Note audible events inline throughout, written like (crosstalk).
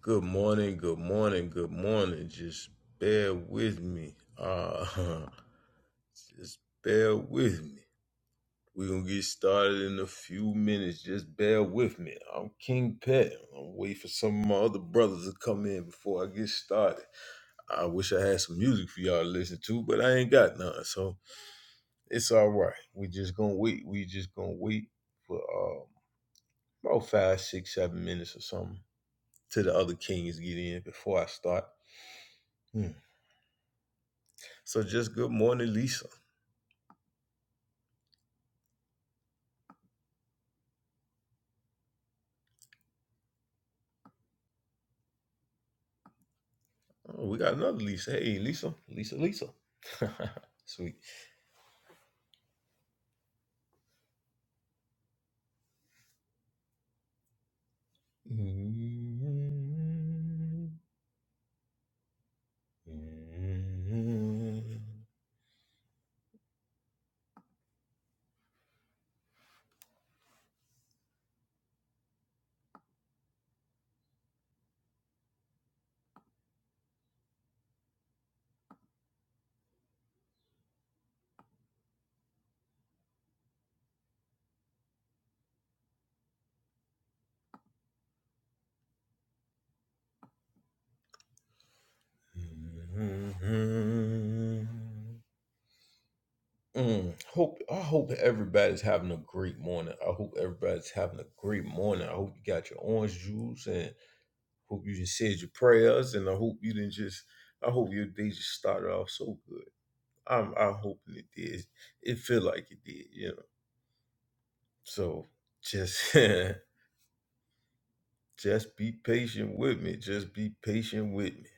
Good morning, good morning, good morning. Just bear with me. Uh, just bear with me. We're going to get started in a few minutes. Just bear with me. I'm King Pet. I'm waiting for some of my other brothers to come in before I get started. I wish I had some music for y'all to listen to, but I ain't got none. So it's all right. We just going to wait. We just going to wait for uh, about five, six, seven minutes or something till the other kings get in before I start. Hmm. So just good morning, Lisa. Oh, we got another Lisa. Hey, Lisa, Lisa, Lisa. (laughs) Sweet. Mm, hope I hope everybody's having a great morning. I hope everybody's having a great morning. I hope you got your orange juice and hope you just said your prayers and I hope you didn't just I hope your day just started off so good. I'm I'm hoping it did. It feel like it did, you know. So just (laughs) just be patient with me. Just be patient with me.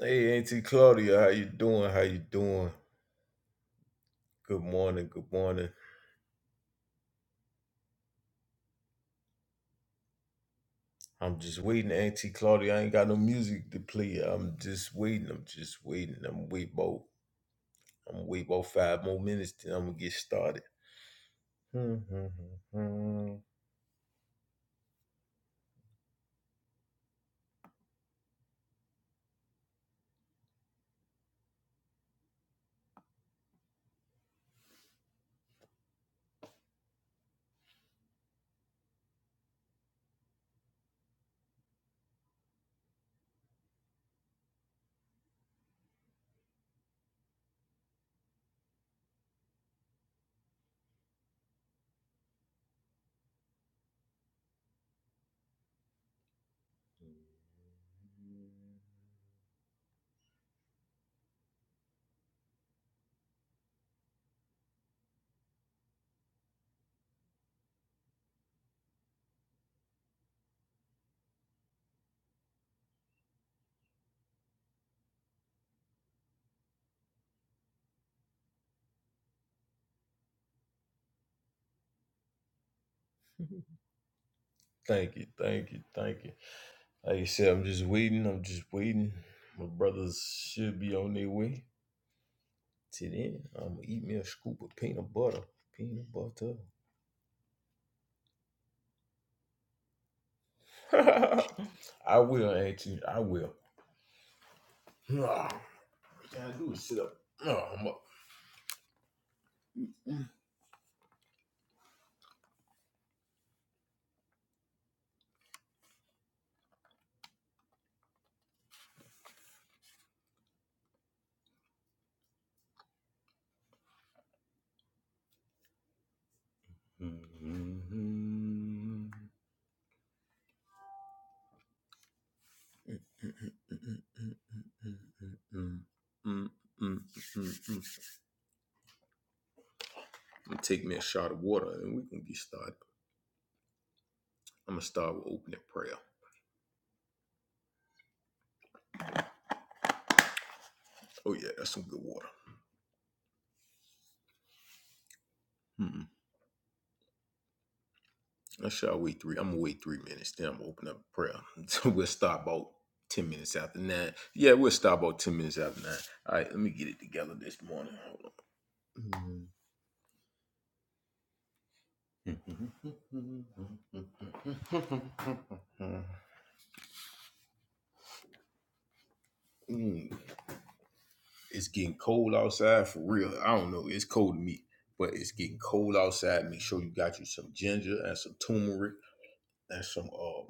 Hey, Auntie Claudia, how you doing? How you doing? Good morning. Good morning. I'm just waiting, Auntie Claudia. I ain't got no music to play. I'm just waiting. I'm just waiting. I'm wait about. I'm wait about five more minutes. Then I'm gonna get started. (laughs) thank you, thank you, thank you. Like I said, I'm just waiting. I'm just waiting. My brothers should be on their way. Till then, I'm gonna eat me a scoop of peanut butter. Peanut butter. (laughs) I will, Auntie. I will. (sighs) All I gotta do is sit up. No, I'm up. Mm-hmm. I'm Take me a shot of water and we can get started. I'm gonna start with opening prayer. Oh yeah, that's some good water. Mm-mm. I shall wait three. I'm gonna wait three minutes. Then I'm gonna open up prayer. (laughs) So we'll start about ten minutes after nine. Yeah, we'll start about ten minutes after nine. All right, let me get it together this morning. Hold on. Mm-hmm. (laughs) Mm. it's getting cold outside for real. I don't know. It's cold to me, but it's getting cold outside. Make sure you got you some ginger and some turmeric and some um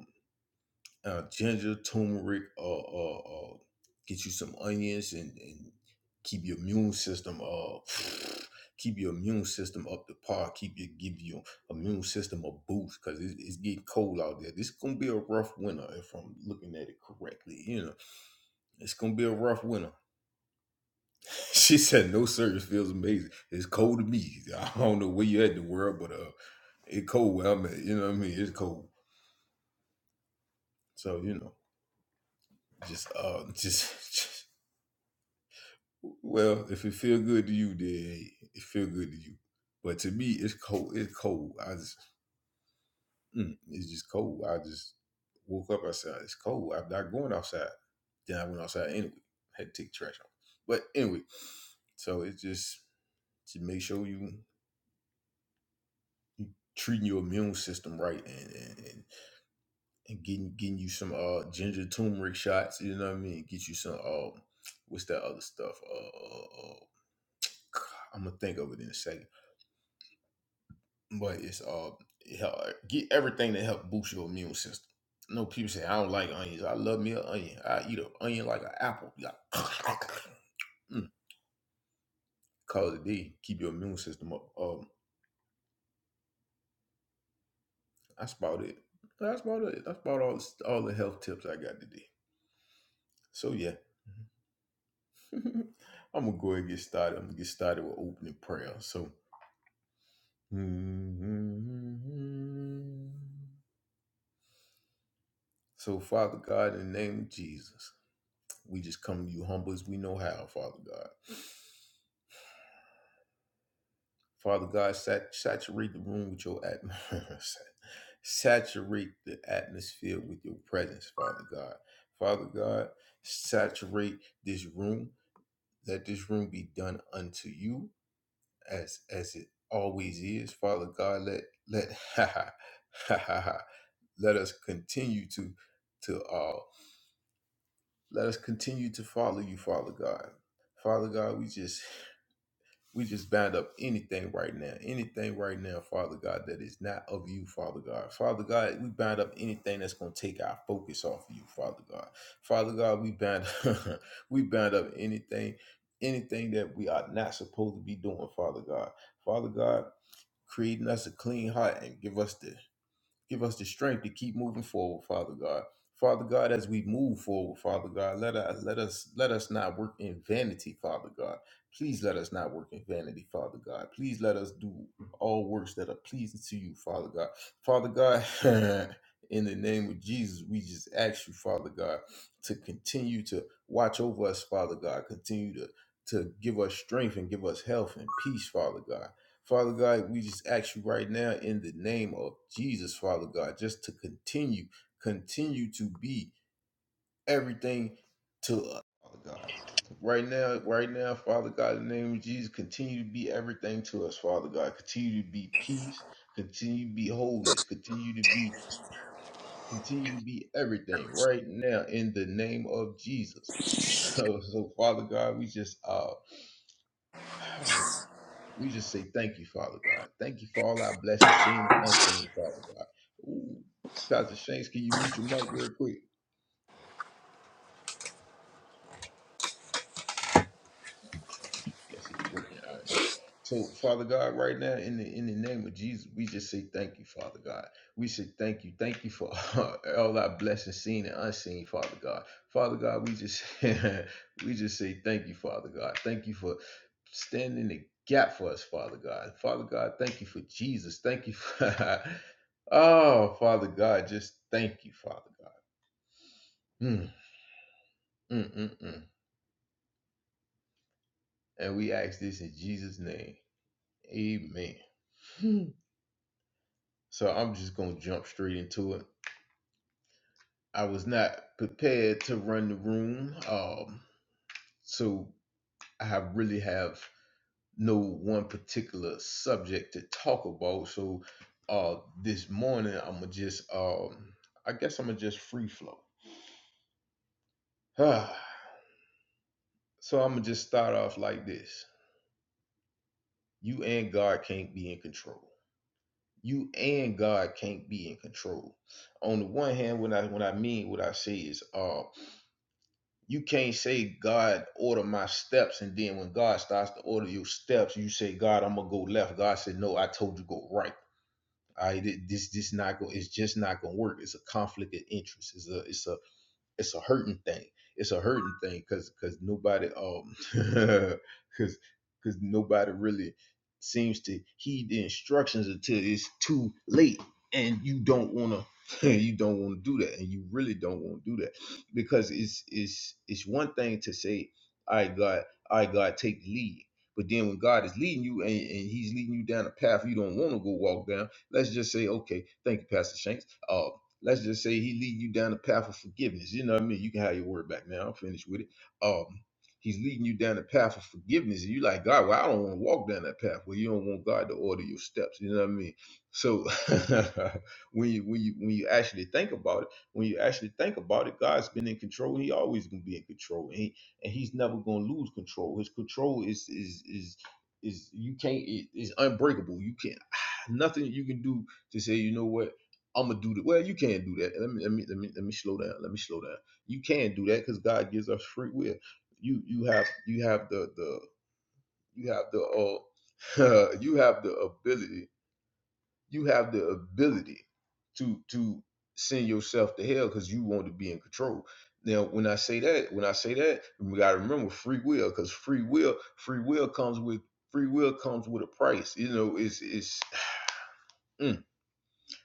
uh, ginger, turmeric, uh, uh, uh, get you some onions and, and keep your immune system uh (sighs) keep your immune system up to par. Keep your give your immune system a boost because it's, it's getting cold out there. This is gonna be a rough winter if I'm looking at it correctly. You know, it's gonna be a rough winter (laughs) She said, "No service feels amazing. It's cold to me. I don't know where you at in the world, but uh, it cold where I'm at. You know what I mean? It's cold. So you know, just uh, just, (laughs) just well, if it feel good to you, then it feel good to you. But to me, it's cold. It's cold. I just, mm, it's just cold. I just woke up. I said, it's cold. I'm not going outside. Then I went outside anyway. had to take trash off. But anyway, so it's just to make sure you treating your immune system right and and and." and getting getting you some uh ginger turmeric shots. You know what I mean? Get you some um what's that other stuff? Uh, uh, uh (sighs) I'm gonna think of it in a second. But it's uh it help, uh, get everything to help boost your immune system. No people say I don't like onions. I love me an onion. I eat an onion like an apple. Yeah. (laughs) (coughs) mm, cause it D. Keep your immune system up. Um, that's about it. That's about it. That's about all all the health tips I got today. So yeah. (laughs) I'm gonna go ahead and get started. I'm gonna get started with opening prayer. So, (laughs) so Father God, in the name of Jesus, we just come to you humble as we know how, Father God. Father God, sat- saturate the room with your atmosphere. (laughs) saturate the atmosphere with your presence, Father God. Father God, saturate this room. Let this room be done unto you as as it always is. Father God, let let (laughs) ha ha ha ha ha. Let us continue to to uh let us continue to follow you, Father God. Father God, we just we just bind up anything right now, anything right now, Father God, that is not of you, Father God. Father God, we bind up anything that's gonna take our focus off of you, Father God. Father God, we bind (laughs) we bind up anything, anything that we are not supposed to be doing, Father God. Father God, Creating us a clean heart and give us the give us the strength to keep moving forward father god father god as we move forward father god let us let us let us not work in vanity father god please let us not work in vanity father god please let us do all works that are pleasing to you father god father god (laughs) in the name of jesus we just ask you father god to continue to watch over us father god continue to to give us strength and give us health and peace father god Father God, we just ask you right now in the name of Jesus, Father God, just to continue, continue to be everything to us, Father God. Right now, right now, Father God, in the name of Jesus, continue to be everything to us, Father God. Continue to be peace, continue to be wholeness, continue to be, continue to be everything right now in the name of Jesus. (laughs) So, so Father God, we just uh (sighs) We just say thank you, Father God. Thank you for all our blessings, seen and unseen, Father God. Ooh, Pastor Shanks, can you mute your mic real quick? Okay. I Guess he's working. it. I don't know. So, Father God, right now, in the in the name of Jesus, we just say thank you, Father God. We say thank you, thank you for (laughs) all our blessings, seen and unseen, Father God. Father God, we just (laughs) we just say thank you, Father God. Thank you for standing the gap for us, Father God. Father God, thank you for Jesus. Thank you for (laughs) oh, Father God, just thank you, Father God. Mm, mm, mm, mm. And we ask this in Jesus' name. Amen. Hmm. So I'm just gonna jump straight into it. I was not prepared to run the room, um, so I really have no one particular subject to talk about. So, uh, this morning I'm gonna just, um, I guess I'm gonna just free flow. (sighs) so I'm gonna just start off like this: You and God can't be in control. You and God can't be in control. On the one hand, when I when I mean what I say is, uh, you can't say God order my steps, and then when God starts to order your steps, you say, God, I'm gonna go left. God said, No, I told you go right. I this this not go. It's just not gonna work. It's a conflict of interest. It's it's a it's a it's a hurting thing. It's a hurting thing because because nobody um (laughs) because because nobody really seems to heed the instructions until it's too late, and you don't want to (laughs) you don't want to do that, and you really don't want to do that because it's it's it's one thing to say, "I God, I God, take the lead." But then when God is leading you and, and He's leading you down a path you don't want to go walk down, let's just say, okay, thank you, Pastor Shanks. Uh, let's just say he leading you down the path of forgiveness. You know what I mean? You can have your word back now. I'm finished with it. Um, he's leading you down the path of forgiveness, and you are like God. Well, I don't want to walk down that path. Well, you don't want God to order your steps. You know what I mean? So (laughs) when you when you when you actually think about it, when you actually think about it, God's been in control. He always gonna be in control, and, he, and he's never gonna lose control. His control is is is is you can't it is unbreakable. You can't (sighs) nothing you can do to say you know what I'm gonna do that. Well, you can not do that. Let me let me let me let me slow down. Let me slow down. You can do that because God gives us free will. You you have you have the the you have the uh (laughs) you have the ability you have the ability to to send yourself to hell because you want to be in control. Now, when I say that, when I say that, we gotta remember free will because free will free will comes with free will comes with a price. You know, it's it's. Mm.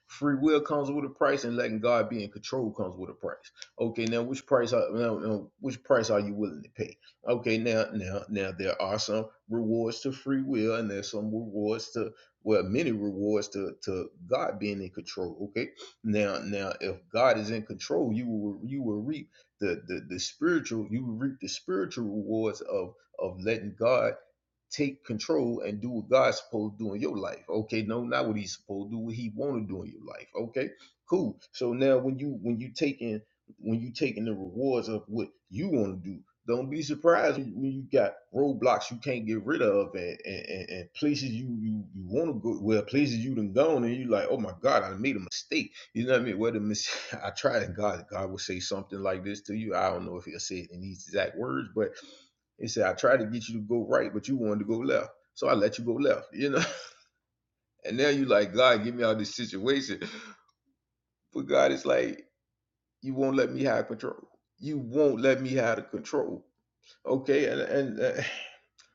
Free will comes with a price, and letting God be in control comes with a price. Okay, now which price are now, now which price are you willing to pay? Okay, now now now there are some rewards to free will, and there's some rewards to well, many rewards to to God being in control. Okay, now now if God is in control, you will you will reap the the, the spiritual you will reap the spiritual rewards of of letting God take control and do what God's supposed to do in your life. Okay, no, not what he's supposed to do, what he want to do in your life. Okay, cool. So now when you when you taking when you taking the rewards of what you want to do, don't be surprised when you got roadblocks you can't get rid of and, and, and places you you, you want to go well places you done gone and you like, oh my God, I made a mistake. You know what I mean? Whether mis- (laughs) I tried and God God will say something like this to you. I don't know if he'll say it in these exact words, but he said, I tried to get you to go right, but you wanted to go left. So I let you go left, you know? (laughs) And now you like, God, get me out of this situation. (laughs) But God is like, you won't let me have control. You won't let me have the control. Okay. And, and (laughs)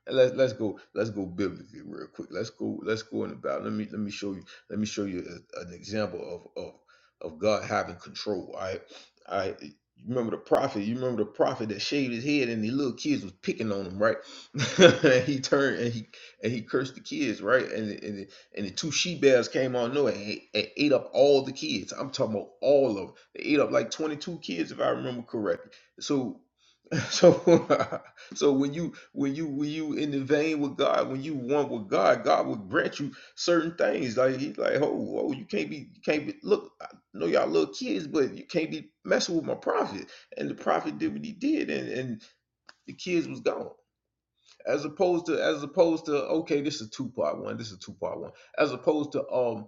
And Let's let's go let's go biblically real quick. Let's go let's go in the Bible. Let me let me show you let me show you a- an example of of of God having control. I I remember the prophet. You remember the prophet that shaved his head and the little kids was picking on him, right? (laughs) and he turned and he and he cursed the kids, right? And the, and the, and the two she bears came on nowhere and, and ate up all the kids. I'm talking about all of them. They ate up like 22 kids if I remember correctly. So so, (laughs) so when you when you when you in the vein with God, when you want with God, God will grant you certain things. Like he's like, oh, oh, you can't be, you can't be. Look, I know y'all little kids, but you can't be messing with my prophet. And the prophet did what he did, and and the kids was gone. As opposed to, as opposed to, okay, this is two part one. This is two part one. As opposed to, um,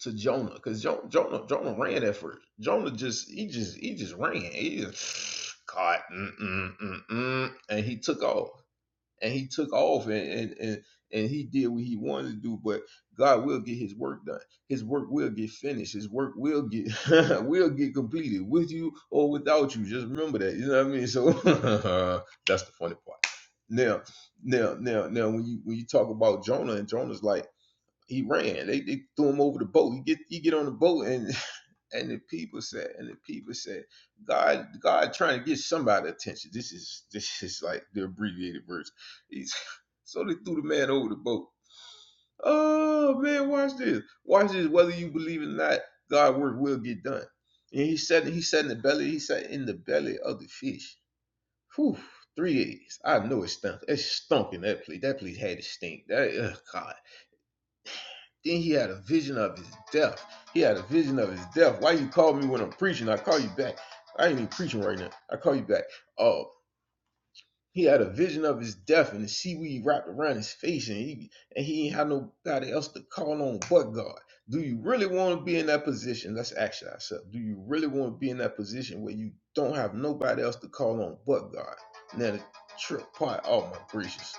to Jonah because Jonah, Jonah Jonah ran at first. Jonah just he just he just ran. He just caught mm, mm, mm, mm, and he took off and he took off and and and, and he did what he wanted to do. But God will get His work done. His work will get finished. His work will get (laughs) will get completed with you or without you. Just remember that. You know what I mean. So (laughs) that's the funny part. Now, now, now, now, when you when you talk about Jonah and Jonah's like he ran. They, they threw him over the boat. You get you get on the boat and (laughs) and the people said and the people said God God trying to get somebody attention. This is this is like the abbreviated verse. He's, (laughs) so they threw the man over the boat. Oh man, watch this. Watch this. Whether you believe it or not, God work will get done. And he said he said in the belly he said in the belly of the fish. Whew, three days. I know it stunk. It stunk in that place. That place had to stink. That ugh, God. Then he had a vision of his death. He had a vision of his death. Why you call me when I'm preaching? I call you back. I ain't even preaching right now. I call you back. Oh, he had a vision of his death and the seaweed wrapped around his face, and he and he ain't had nobody else to call on but God. Do you really want to be in that position? Let's ask ourselves. Do you really want to be in that position where you don't have nobody else to call on but God? Now the trip part. Oh my gracious,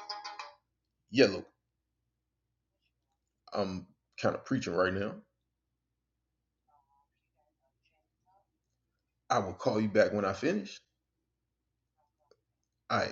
yellow. I'm kind of preaching right now. I will call you back when I finish. I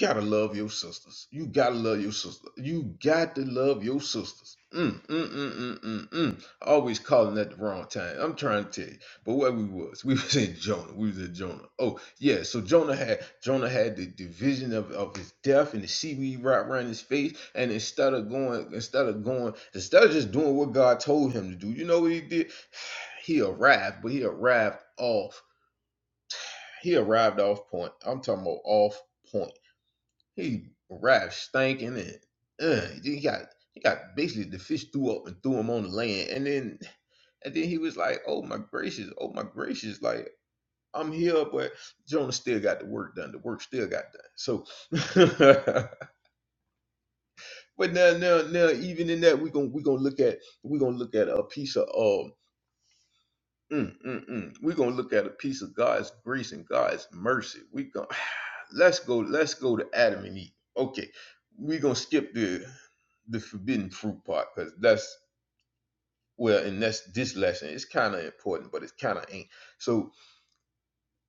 gotta love your sisters. You gotta love your sister. You got to love your sisters. Mm, mm, mm, mm, mm, mm. Always calling at the wrong time. I'm trying to tell you. But where we was, (laughs) we was in Jonah. We was in Jonah. Oh yeah. So Jonah had Jonah had the, the vision of, of his death and the seaweed wrapped around his face. And instead of going, instead of going, instead of just doing what God told him to do, you know what he did? He arrived, but he arrived off. He arrived off point. I'm talking about off point he rash stinking and uh, he got he got basically the fish threw up and threw him on the land, and then and then he was like, "Oh my gracious, oh my gracious!" Like I'm here, but Jonah still got the work done. The work still got done. So, (laughs) but now now now even in that we gonna we gonna look at we gonna look at a piece of um. Mm, mm, mm. We're gonna look at a piece of God's grace and God's mercy. We gonna (laughs) let's go let's go to adam and eve okay we're gonna skip the the forbidden fruit part because that's well and that's this lesson it's kind of important but it kind of ain't so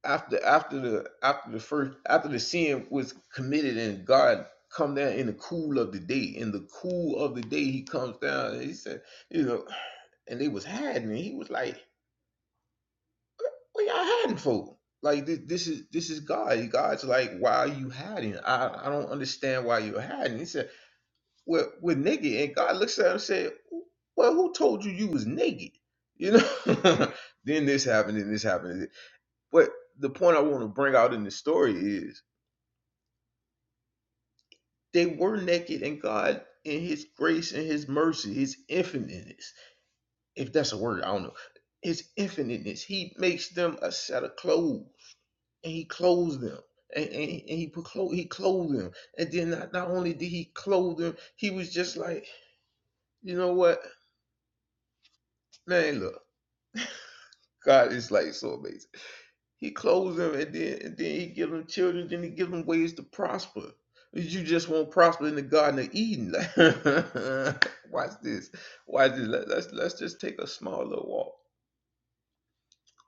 after after the after the first after the sin was committed and god come down in the cool of the day in the cool of the day he comes down and he said you know and they was hiding and he was like what y'all hiding for like this, this is this is god god's like why are you hiding i i don't understand why you're hiding he said with with naked and God looks at him and said, "Well, who told you you was naked?" You know. (laughs) then this happened, and this happened. and this- But the point I want to bring out in the story is they were naked, and God, in His grace and His mercy, His infiniteness, if that's a word, I don't know. His infiniteness, He makes them a set of clothes, and He clothes them. And, and, and he put clo- he clothed them, and then not, not only did he clothe them, he was just like, you know what, man, look. God is like so amazing. He clothes them and then and then he gives them children, then he gives them ways to prosper. You just won't prosper in the Garden of Eden. (laughs) Watch this. Watch this. Let- Let's let's just take a small little walk.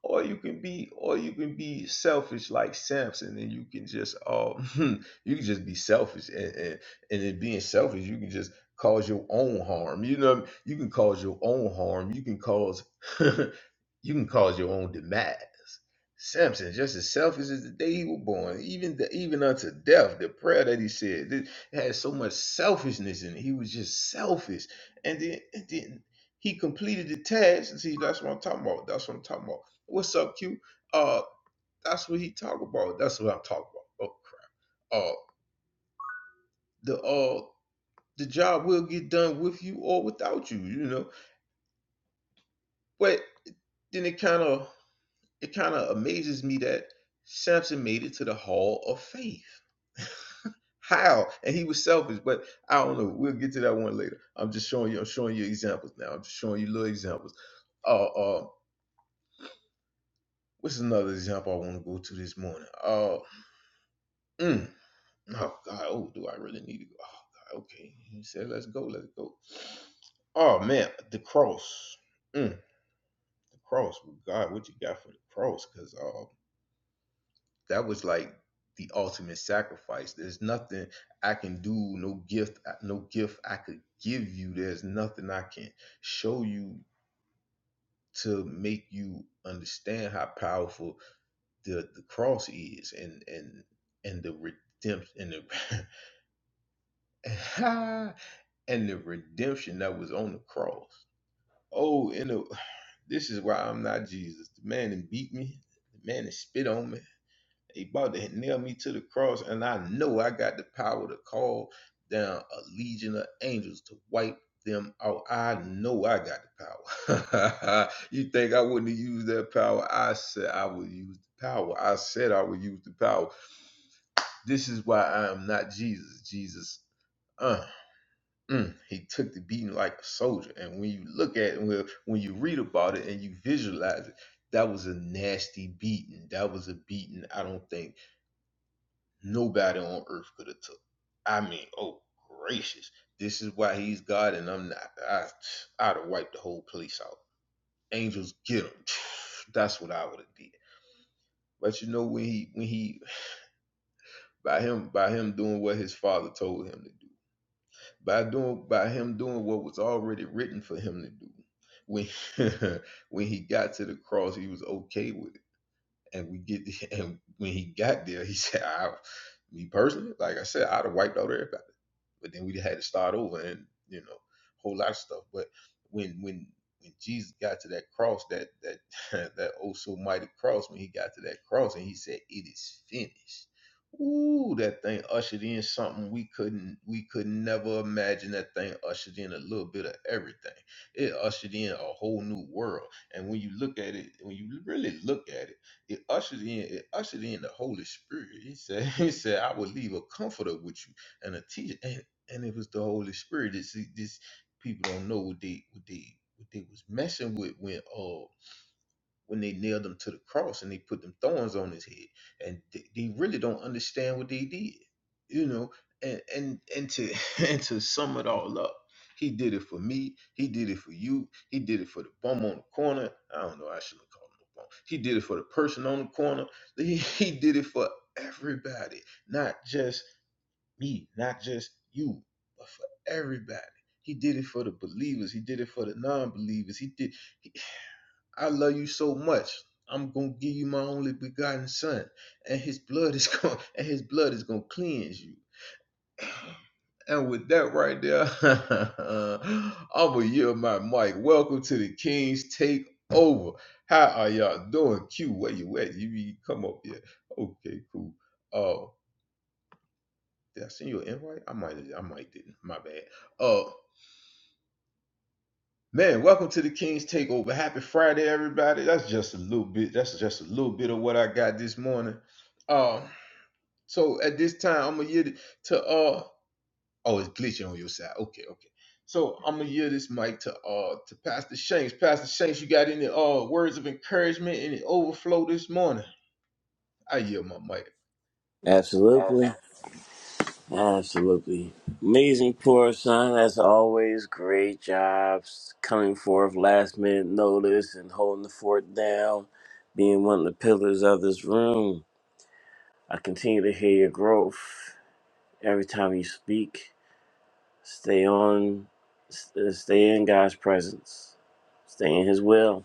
Or you can be, or you can be selfish like Samson, and you can just, uh, (laughs) you can just be selfish, and and, and in being selfish, you can just cause your own harm. You know, what I mean? you can cause your own harm. You can cause (laughs) You can cause your own demise. Samson, just as selfish as the day he was born, even the, even unto death, the prayer that he said, it had so much selfishness in it. He was just selfish, and then and then he completed the task. See, that's what I'm talking about. That's what I'm talking about. What's up, Q? Uh, that's what he talk about. That's what I'm talking about. Uh, uh, the uh, the job will get done with you or without you. You know, but then it kind of it kind of amazes me that Samson made it to the Hall of Faith. How? And he was selfish, but I don't know. We'll get to that one later. I'm just showing you. I'm showing you examples now. I'm just showing you little examples. Uh, uh, what's another example I want to go to this morning? Uh, mm, oh God, oh, do I really need to go? Oh God, okay. He said, "Let's go, let's go." Oh man, the cross. Mm, the cross. Well, God, what you got for the cross? Because uh. that was like the ultimate sacrifice. There's nothing I can do, no gift, uh, no gift I could give you. There's nothing I can show you to make you understand how powerful the, the cross is and and and the redemption and the (laughs) and the redemption that was on the cross. Oh, and the, (sighs) this is why I'm not Jesus. The man that beat me, the man that spit on me They about to nail me to the cross, and I know I got the power to call down a legion of angels to wipe them out. I know I got the power. (laughs) you think I wouldn't have used that power? I said I would use the power. I said I would use the power. This is why I am not Jesus. Jesus, uh, mm, he took the beating like a soldier. And when you look at it, when when you read about it and you visualize it, that was a nasty beating. That was a beating I don't think Nobody on earth could have took. I mean, oh gracious, this is why he's God and I'm not. I, I'd have wiped the whole place out. Angels get him. (sighs) That's what I would have did. But you know when he when he by him by him doing what his father told him to do by doing by him doing what was already written for him to do when (laughs) when he got to the cross he was okay with it and we get (laughs) and when he got there he said I me personally like I said I'd have wiped out everybody but then we had to start over and you know a whole lot of stuff but when when when jesus got to that cross that that (laughs) that oh so mighty cross when he got to that cross and he said it is finished Ooh, that thing ushered in something we couldn't we could never imagine. That thing ushered in a little bit of everything. It ushered in a whole new world. And when you look at it, when you really look at it, it ushered in it ushered in the Holy Spirit. He said, (laughs) He said, I will leave a comforter with you and a teacher. And and it was the Holy Spirit. This these people don't know what they what they what they was messing with when uh when they nailed him to the cross and they put them thorns on his head, and they, they really don't understand what they did, you know. And and and to (laughs) and to sum it all up. He did it for me. He did it for you. He did it for the bum on the corner. I don't know. I shouldn't call him a bum. He did it for the person on the corner. He, (laughs) he did it for everybody, not just me, not just you, but for everybody. He did it for the believers. He did it for the non-believers. He did. I love you so much. I'm gonna give you my only begotten son, and his blood is (laughs) going and his blood is gonna cleanse you. And with that right there, (laughs) I'm gonna yield my mic. Welcome to the King's Takeover. How are y'all doing? Q, where you at? You be- come up here. Okay, cool. Oh, uh, did I send you an invite? I might, I might didn't. My bad. Uh, Man, welcome to the King's Takeover. Happy Friday, everybody. That's just a little bit. That's just a little bit of what I got this morning. Uh, so at this time, I'm gonna yield to uh. Oh, it's glitching on your side. Okay, okay. So I'm gonna yield this mic to uh to Pastor Shanks. Pastor Shanks, you got any uh words of encouragement, any overflow this morning? I yield my mic. Absolutely. Awesome. Absolutely. Amazing poor son, as always. Great jobs coming forth last minute notice and holding the fort down, being one of the pillars of this room. I continue to hear your growth every time you speak. Stay on, s- uh, stay in God's presence, stay in His will,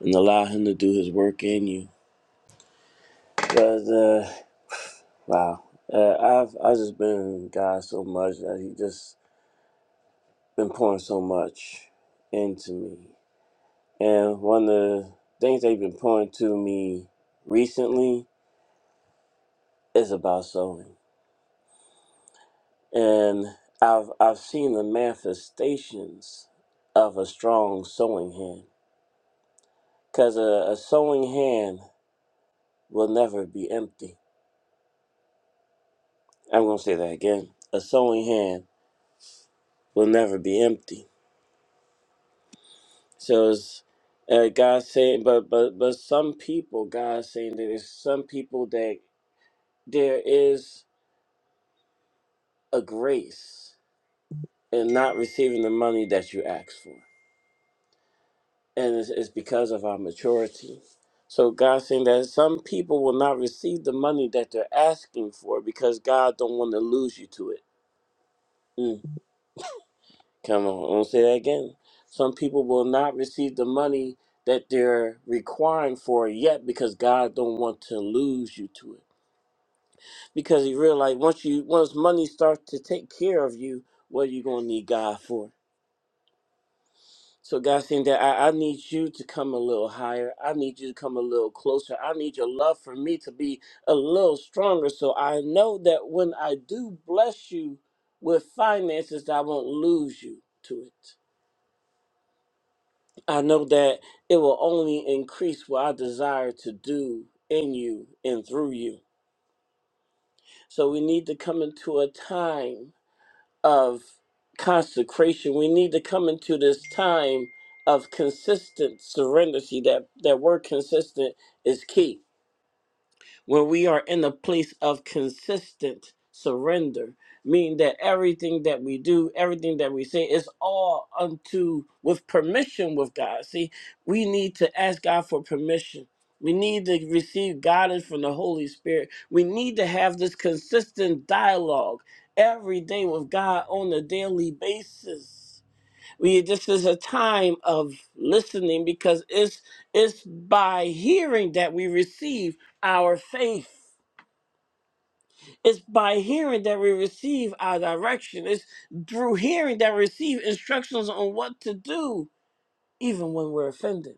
and allow Him to do His work in you. But, uh, wow. Uh, I've, I've just been in God so much that He just been pouring so much into me. And one of the things they've been pouring to me recently is about sewing. And I've I've seen the manifestations of a strong sewing hand. Cause a, a sewing hand will never be empty. I'm gonna say that again. A sewing hand will never be empty. So it's uh, God saying, but but but some people, God's saying that there's some people that there is a grace in not receiving the money that you asked for. And it's, it's because of our maturity. So God's saying that some people will not receive the money that they're asking for because God don't want to lose you to it. Mm. Come on, I won't say that again. Some people will not receive the money that they're requiring for yet because God don't want to lose you to it. Because He realized once you once money starts to take care of you, what are you gonna need God for? So God's saying that I, I need you to come a little higher. I need you to come a little closer. I need your love for me to be a little stronger. So I know that when I do bless you with finances, that I won't lose you to it. I know that it will only increase what I desire to do in you and through you. So we need to come into a time of consecration. We need to come into this time of consistent serenity. That that word consistent is key when we are in a place of consistent surrender, meaning that everything that we do, everything that we say is all unto with permission with God. See, we need to ask God for permission. We need to receive guidance from the Holy Spirit. We need to have this consistent dialogue every day with God on a daily basis. We this is a time of listening because it's it's by hearing that we receive our faith. It's by hearing that we receive our direction. It's through hearing that we receive instructions on what to do, even when we're offended,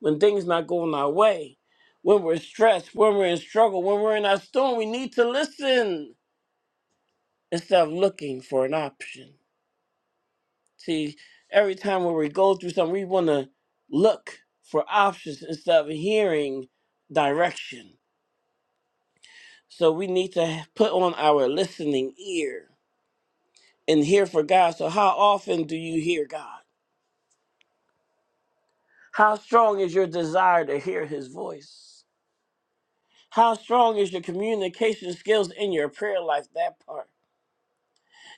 when things not going our way, when we're stressed, when we're in struggle, when we're in our storm. We need to listen instead of looking for an option. See, every time when we go through something, we want to look for options instead of hearing direction. So we need to put on our listening ear and hear for God. So, how often do you hear God? How strong is your desire to hear His voice? How strong is your communication skills in your prayer life? That part.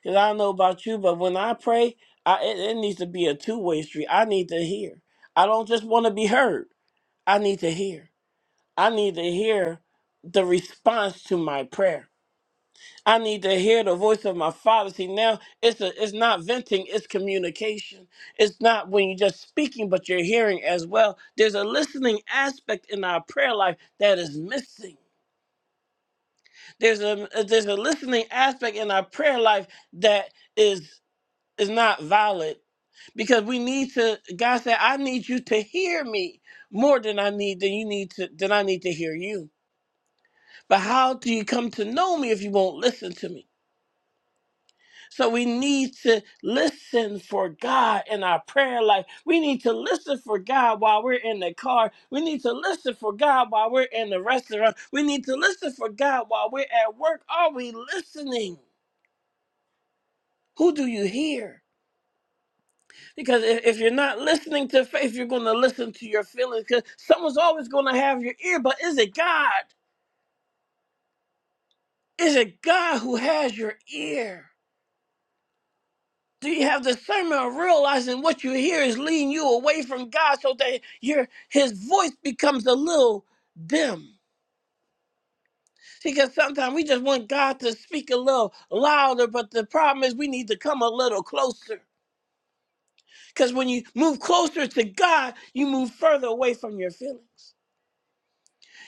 Because I don't know about you, but when I pray, I, it, it needs to be a two way street. I need to hear. I don't just want to be heard, I need to hear. I need to hear the response to my prayer. I need to hear the voice of my father. See, now it's a, it's not venting, it's communication. It's not when you're just speaking, but you're hearing as well. There's a listening aspect in our prayer life that is missing. There's a there's a listening aspect in our prayer life that is is not valid because we need to. God said, "I need you to hear me more than I need than you need to than I need to hear you." But how do you come to know me if you won't listen to me? So we need to listen for God in our prayer life. We need to listen for God while we're in the car. We need to listen for God while we're in the restaurant. We need to listen for God while we're at work. Are we listening? Who do you hear? Because if, if you're not listening to faith, you're going to listen to your feelings. Because someone's always going to have your ear. But is it God? Is it God who has your ear? Do you have discernment of realizing what you hear is leading you away from God so that your his voice becomes a little dim? See, Because sometimes we just want God to speak a little louder, but the problem is we need to come a little closer. Because when you move closer to God, you move further away from your feelings.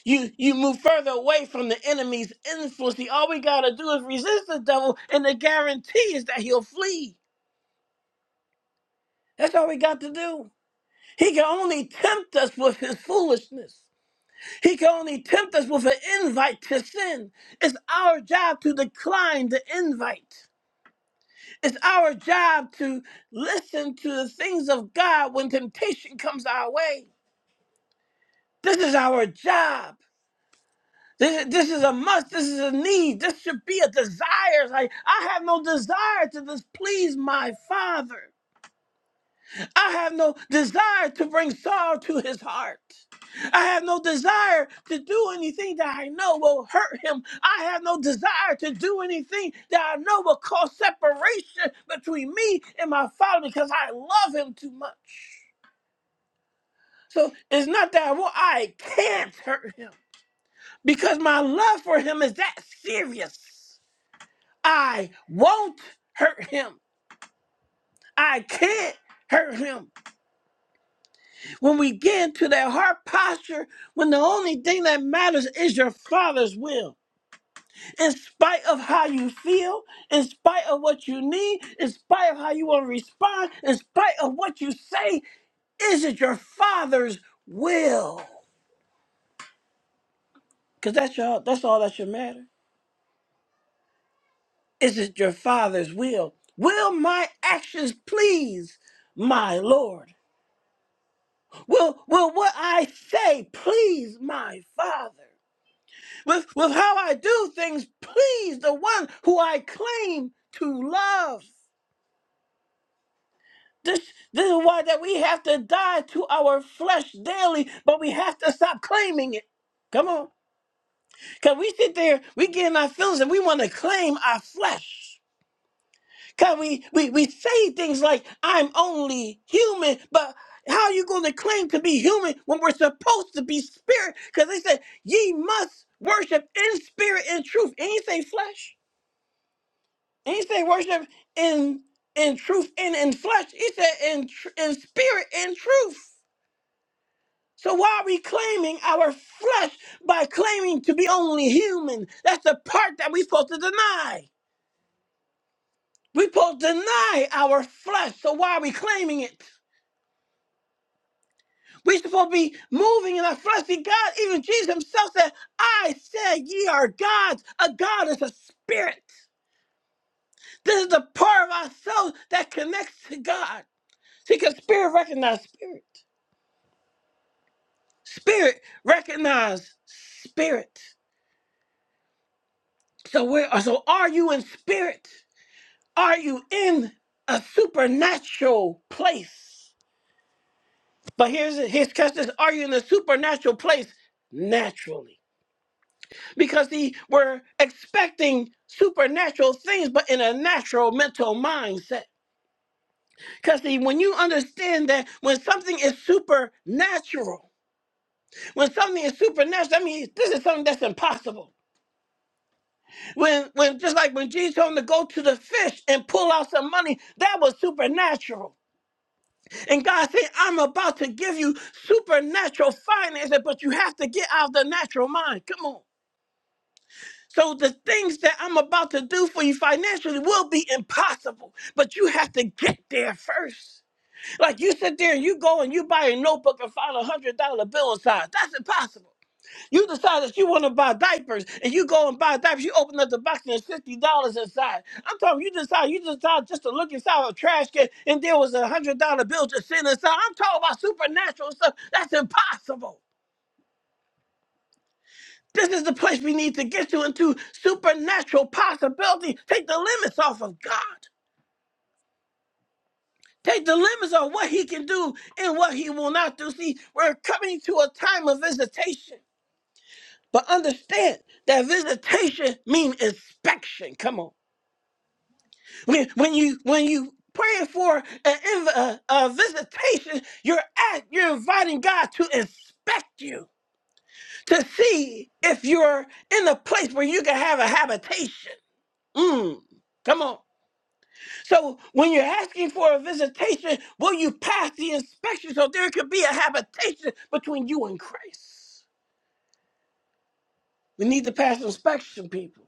You you move further away from the enemy's influence. See, All we gotta do is resist the devil, and the guarantee is that he'll flee. That's all we got to do. He can only tempt us with his foolishness. He can only tempt us with an invite to sin. It's our job to decline the invite. It's our job to listen to the things of God when temptation comes our way. This is our job. This, this is a must. This is a need. This should be a desire. Like, I have no desire to displease my Father. I have no desire to bring sorrow to his heart. I have no desire to do anything that I know will hurt him. I have no desire to do anything that I know will cause separation between me and my father because I love him too much. So it's not that I, will, I can't hurt him because my love for him is that serious. I won't hurt him. I can't hurt him. When we get into that heart posture, when the only thing that matters is your Father's will, in spite of how you feel, in spite of what you need, in spite of how you want to respond, in spite of what you say, is it your Father's will? Because that's your, that's all that should matter. Is it your Father's will? Will my actions please my Lord? Will will what I say please my Father? with, with how I do things please the one who I claim to love. This, this is why that we have to die to our flesh daily, but we have to stop claiming it. Come on. Because we sit there, we get in our feelings and we want to claim our flesh. Because we, we, we say things like, I'm only human, but how are you going to claim to be human when we're supposed to be spirit? Because they said, ye must worship in spirit and truth. Ain't say flesh. And he said, worship in in truth and in flesh. He said, in tr- in spirit and truth. So why are we claiming our flesh by claiming to be only human? That's the part that we're supposed to deny. We're supposed to deny our flesh. So why are we claiming it? We're supposed to be moving in our fleshly God. Even Jesus himself said, I said ye are gods. A God is a spirit. This is the part of ourselves that connects to God. See, because spirit recognizes spirit. Spirit, recognize spirit. So where so are you in spirit? Are you in a supernatural place? But here's his catch this. Are you in a supernatural place naturally? Because see, we're expecting supernatural things, but in a natural mental mindset. Because see, when you understand that when something is supernatural, when something is supernatural, I mean this is something that's impossible. When when just like when Jesus told him to go to the fish and pull out some money, that was supernatural. And God said, I'm about to give you supernatural finances, but you have to get out of the natural mind. Come on. So the things that I'm about to do for you financially will be impossible, but you have to get there first. Like you sit there and you go and you buy a notebook and find a hundred dollar bill inside. That's impossible. You decide that you want to buy diapers, and you go and buy diapers. You open up the box and there's fifty dollars inside. I'm talking. You decide. You decide just to look inside a trash can, and there was a hundred dollar bill just sitting inside. I'm talking about supernatural stuff. That's impossible. This is the place we need to get to into supernatural possibility. Take the limits off of God. Take the limits off what He can do and what He will not do. See, we're coming to a time of visitation, but understand that visitation means inspection. Come on. When, when you when you praying for an inv- a, a visitation, you're at you're inviting God to inspect you to see if you're in a place where you can have a habitation. Mm, come on. So when you're asking for a visitation, will you pass the inspection so there could be a habitation between you and Christ? We need to pass inspection, people.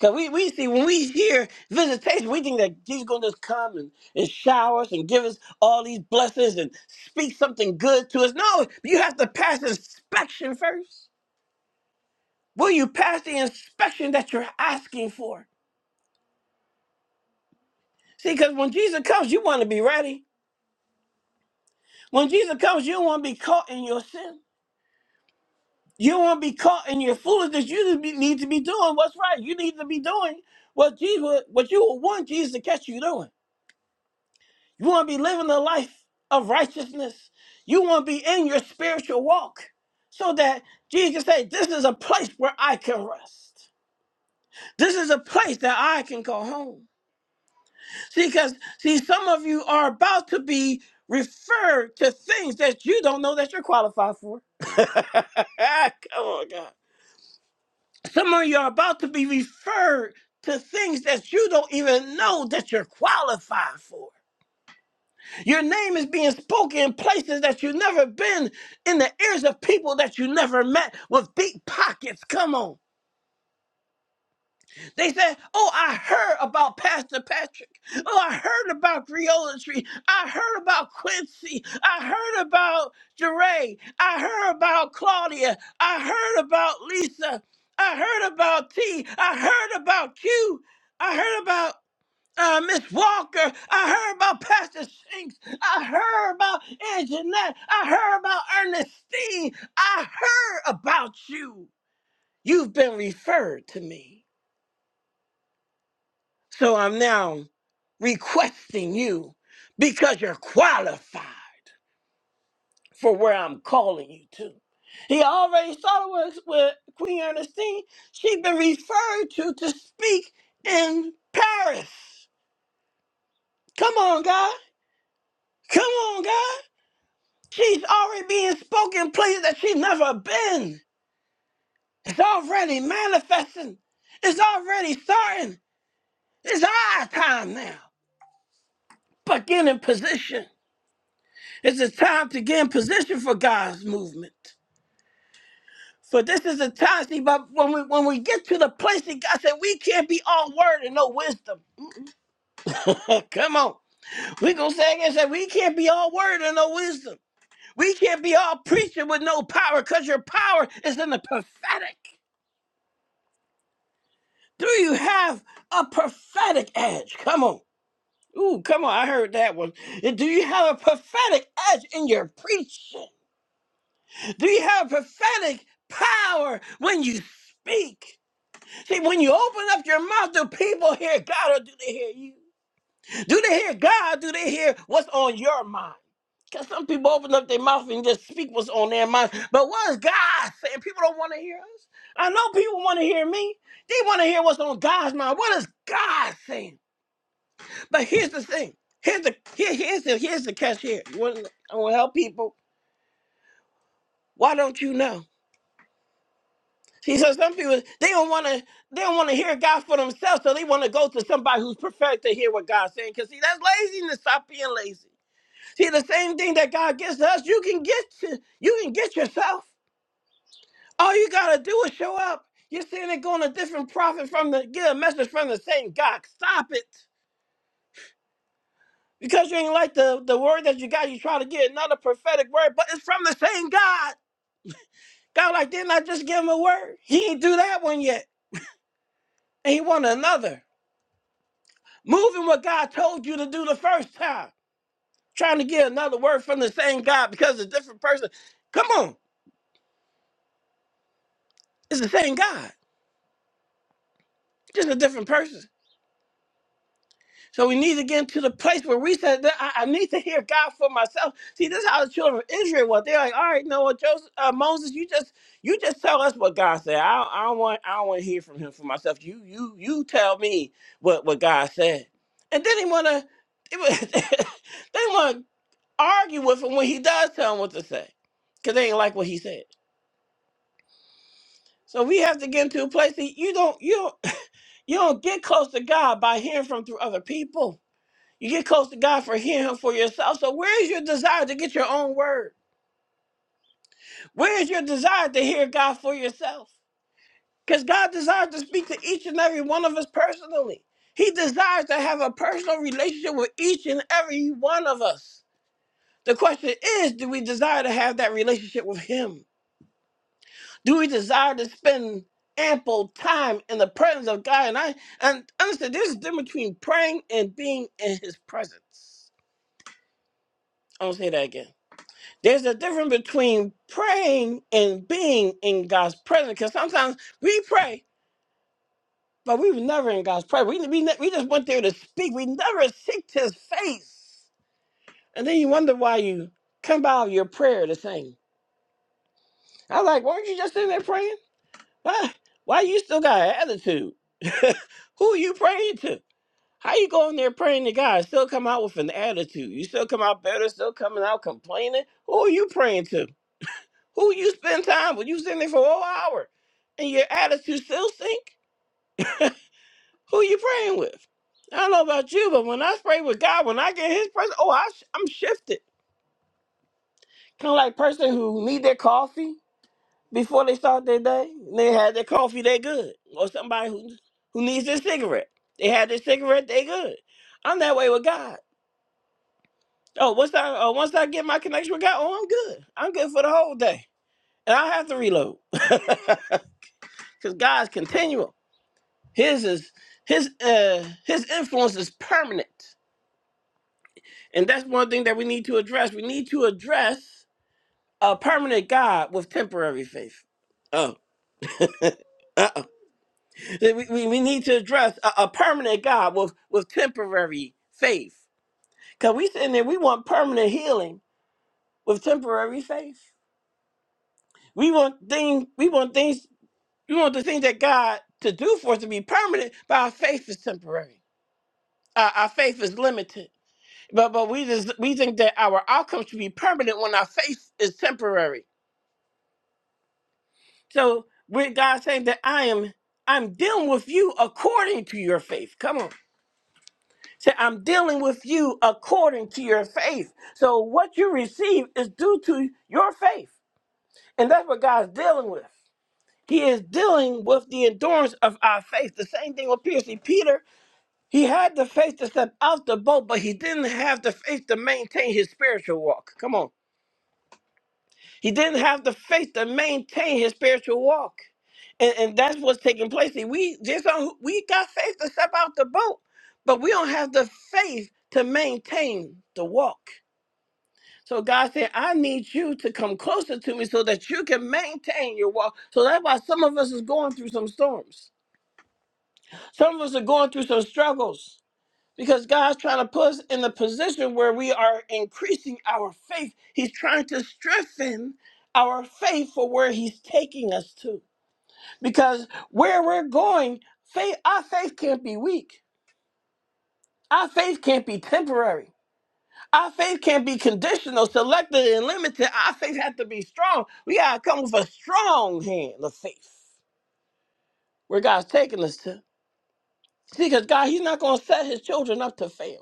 Cause we, we see when we hear visitation, we think that he's gonna just come and, and shower us and give us all these blessings and speak something good to us. No, you have to pass inspection first. Will you pass the inspection that you're asking for? See, because when Jesus comes, you want to be ready. When Jesus comes, you don't want to be caught in your sin. You don't want to be caught in your foolishness. You need to be need to be doing what's right. You need to be doing what Jesus, what you would want Jesus to catch you doing. You want to be living the life of righteousness. You want to be in your spiritual walk so that Jesus can say, This is a place where I can rest. This is a place that I can call home. See, because, see, some of you are about to be referred to things that you don't know that you're qualified for. (laughs) Come on, God. Some of you are about to be referred to things that you don't even know that you're qualified for. Your name is being spoken in places that you've never been, in the ears of people that you never met with deep pockets. Come on. They said, Oh, I heard about Pastor Patrick. Oh, I heard about Tree. I heard about Quincy. I heard about Jeray. I heard about Claudia. I heard about Lisa. I heard about T. I heard about Q. I heard about. Uh, Miss Walker, I heard about Pastor Shanks. I heard about Anjanette. I heard about Ernestine. I heard about you. You've been referred to me. So I'm now requesting you because you're qualified for where I'm calling you to. He already started with, with Queen Ernestine. She's been referred to to speak in Paris. Come on, God. Come on, God. She's already being spoken places that she's never been. It's already manifesting. It's already starting. It's our time now. But get in position. It's a time to get in position for God's movement. For this is a time, see, but when we when we get to the place that God said we can't be all word and no wisdom. (laughs) Come on. We gonna say again, say we can't be all word and no wisdom. We can't be all preaching with no power, because your power is in the prophetic. Do you have a prophetic edge? Come on. Ooh, come on. I heard that one. Do you have a prophetic edge in your preaching? Do you have prophetic power when you speak? See, when you open up your mouth, do people hear God or do they hear you? Do they hear God? Do they hear what's on your mind? Because some people open up their mouth and just speak what's on their mind. But what is God saying? People don't want to hear us. I know people want to hear me. They want to hear what's on God's mind. What is God saying? But here's the thing. Here's the here, here's the here's the catch here. You want I want to help people. Why don't you know? See, so some people they don't want to they don't want to hear God for themselves, so they want to go to somebody who's perfect to hear what God's saying. Cause see, that's laziness. Stop being lazy. See, the same thing that God gives us, you can get to, you can get yourself. All you gotta do is show up. You're sitting there going to different prophet from the get a message from the same God. Stop it. Because you ain't like the, the word that you got, you try to get another prophetic word, but it's from the same God. God, like, didn't I just give him a word? He didn't do that one yet. And he wanted another. Moving what God told you to do the first time. Trying to get another word from the same God because a different person. Come on. It's the same God. Just a different person. So we need to get into the place where we said that I, I need to hear God for myself. See, this is how the children of Israel were. They're like, all right, no, well, Joseph, uh, Moses, you just you just tell us what God said. I don't, I don't want I don't want to hear from him for myself. You you you tell me what what God said. And then they wanna (laughs) they wanna argue with him when he does tell them what to say, cause they ain't like what he said. So we have to get into a place that you don't you don't, (laughs) you don't get close to God by hearing from through other people You get close to God for hearing Him for yourself. So, where is your desire to get your own word? Where is your desire to hear God for yourself? Because God desires to speak to each and every one of us personally. He desires to have a personal relationship with each and every one of us. The question is do we desire to have that relationship with Him? Do we desire to spend ample time in the presence of God? And I and understand there's a difference between praying and being in His presence. I'll say that again There's a difference between praying and being in God's presence. Because sometimes we pray, but we were never in God's presence. We, we, ne- we just went there to speak. We never seeked His face. And then you wonder why you come out of your prayer the same. I was like, weren't you just in there praying? Why? Why you still got an attitude? (laughs) Who you praying to? How you going there praying to God? and Still come out with an attitude. You still come out better. Still coming out complaining. Who are you praying to? Who you spend time with? You sitting there for a whole hour and your attitude still stink? Who you praying with? I don't know about you, but when I pray with God, when I get his presence, oh, I sh- I'm shifted. Kind of like person who need their coffee before they start their day. They had their coffee, they good. Or somebody who, who needs their cigarette. They had their cigarette, they good. I'm that way with God. Oh, once I uh, once I get my connection with God, oh, I'm good. I'm good for the whole day, and I have to reload (laughs) because God's continual. His is his uh his influence is permanent. And that's one thing that we need to address. We need to address a permanent God with temporary faith. Oh. (laughs) uh oh. We, we, we need to address a, a permanent God with, with temporary faith. Cause we sitting there, we want permanent healing with temporary faith. We want things, we want things, we want the things that God to do for us to be permanent, but our faith is temporary. Our, our faith is limited. But but we just we think that our outcome should be permanent when our faith is temporary. So with God saying that I am I'm dealing with you according to your faith. Come on. Say I'm dealing with you according to your faith. So what you receive is due to your faith. And that's what God's dealing with. He is dealing with the endurance of our faith. The same thing with Peter. See, Peter, he had the faith to step out the boat, but he didn't have the faith to maintain his spiritual walk. Come on. He didn't have the faith to maintain his spiritual walk. And, and that's what's taking place. See, we just don't, we got faith to step out the boat, but we don't have the faith to maintain the walk. So God said, I need you to come closer to me so that you can maintain your walk. So that's why some of us is going through some storms. Some of us are going through some struggles because God's trying to put us in a position where we are increasing our faith. He's trying to strengthen our faith for where He's taking us to. Because where we're going, faith, our faith can't be weak. Our faith can't be temporary. Our faith can't be conditional, selected, and limited. Our faith has to be strong. We gotta come with a strong hand of faith where God's taking us to. See, because God, He's not gonna set His children up to fail.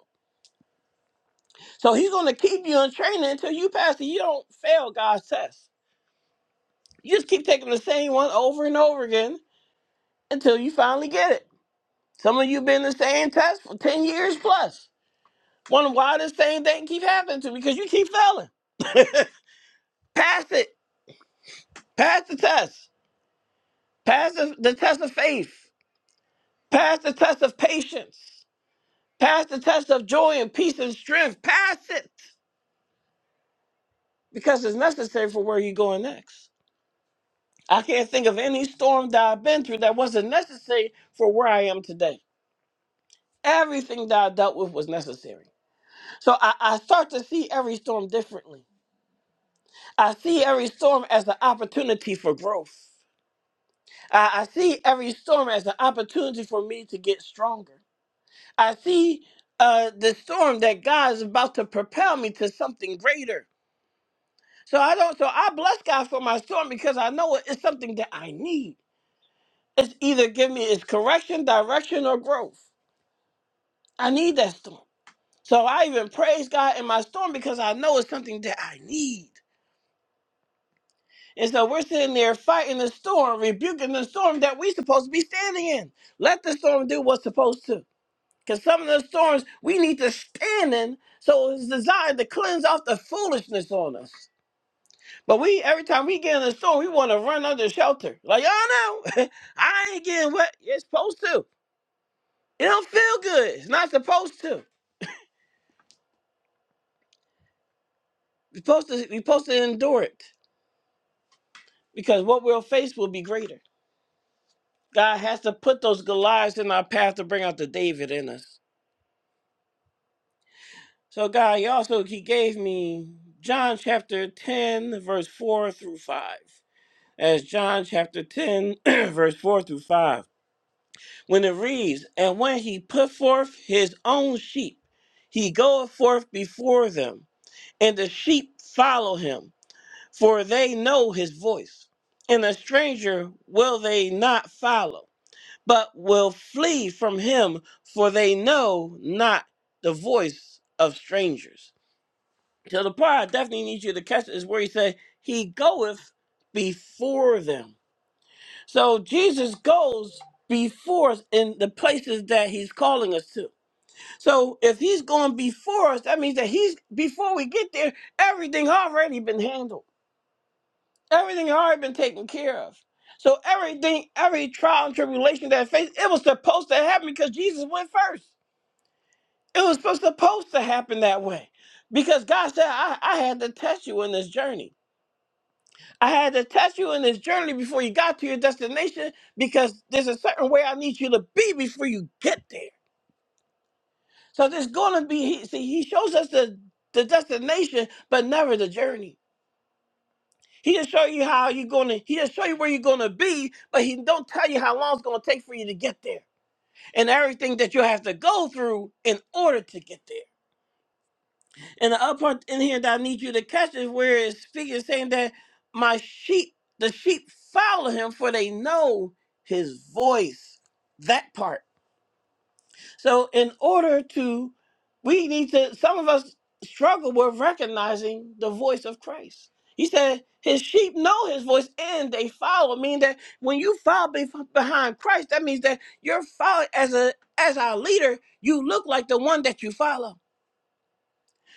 So he's going to keep you in training until you pass it. You don't fail God's test. You just keep taking the same one over and over again until you finally get it. Some of you been in the same test for 10 years plus. Wonder why this same thing keep happening to me because you keep failing. Pass it. Pass the test. Pass the, the test of faith. Pass the test of patience. Pass the test of joy and peace and strength. Pass it because it's necessary for where you're going next. I can't think of any storm that I've been through that wasn't necessary for where I am today. Everything that I dealt with was necessary. So I, I start to see every storm differently. I see every storm as an opportunity for growth. I, I see every storm as an opportunity for me to get stronger. I see uh, the storm that God is about to propel me to something greater. So I don't. So I bless God for my storm because I know it is something that I need. It's either give me it's correction, direction, or growth. I need that storm. So I even praise God in my storm because I know it's something that I need. And so we're sitting there fighting the storm, rebuking the storm that we're supposed to be standing in. Let the storm do what's supposed to. Because some of the storms we need to stand in, so it's designed to cleanse off the foolishness on us. But we every time we get in a storm, we want to run under shelter. Like, y'all know, (laughs) I ain't getting wet. it's supposed to. It don't feel good. It's not supposed to. We're supposed to, we're supposed to endure it. because what we'll face will be greater. God has to put those Goliaths in our path to bring out the David in us. So God, he also he gave me John chapter 10, verse 4 through 5. As John chapter 10, (clears throat) verse 4 through 5. When it reads, And when he put forth his own sheep, he goeth forth before them, and the sheep follow him, for they know his voice. And a stranger will they not follow but will flee from him, for they know not the voice of strangers. So the part I definitely need you to catch is where he said, He goeth before them. So Jesus goes before us in the places that he's calling us to. So if he's going before us, that means that he's before we get there, everything already been handled. Everything had already been taken care of. So everything, every trial and tribulation that I faced, it was supposed to happen because Jesus went first. It was supposed supposed to happen that way. Because God said, I, I had to test you in this journey. I had to test you in this journey before you got to your destination because there's a certain way I need you to be before you get there. So there's going to be, he, see, he shows us the, the destination, but never the journey. He'll show you how you're gonna. He'll show you where you're gonna be, but he don't tell you how long it's gonna take for you to get there, and everything that you have to go through in order to get there. And the other part in here that I need you to catch is where it's speaking, saying that my sheep, the sheep follow him, for they know his voice. That part. So, in order to, we need to, some of us struggle with recognizing the voice of Christ. He said, His sheep know His voice and they follow. Meaning that when you follow be- behind Christ, that means that you're following as a as our leader. You look like the one that you follow.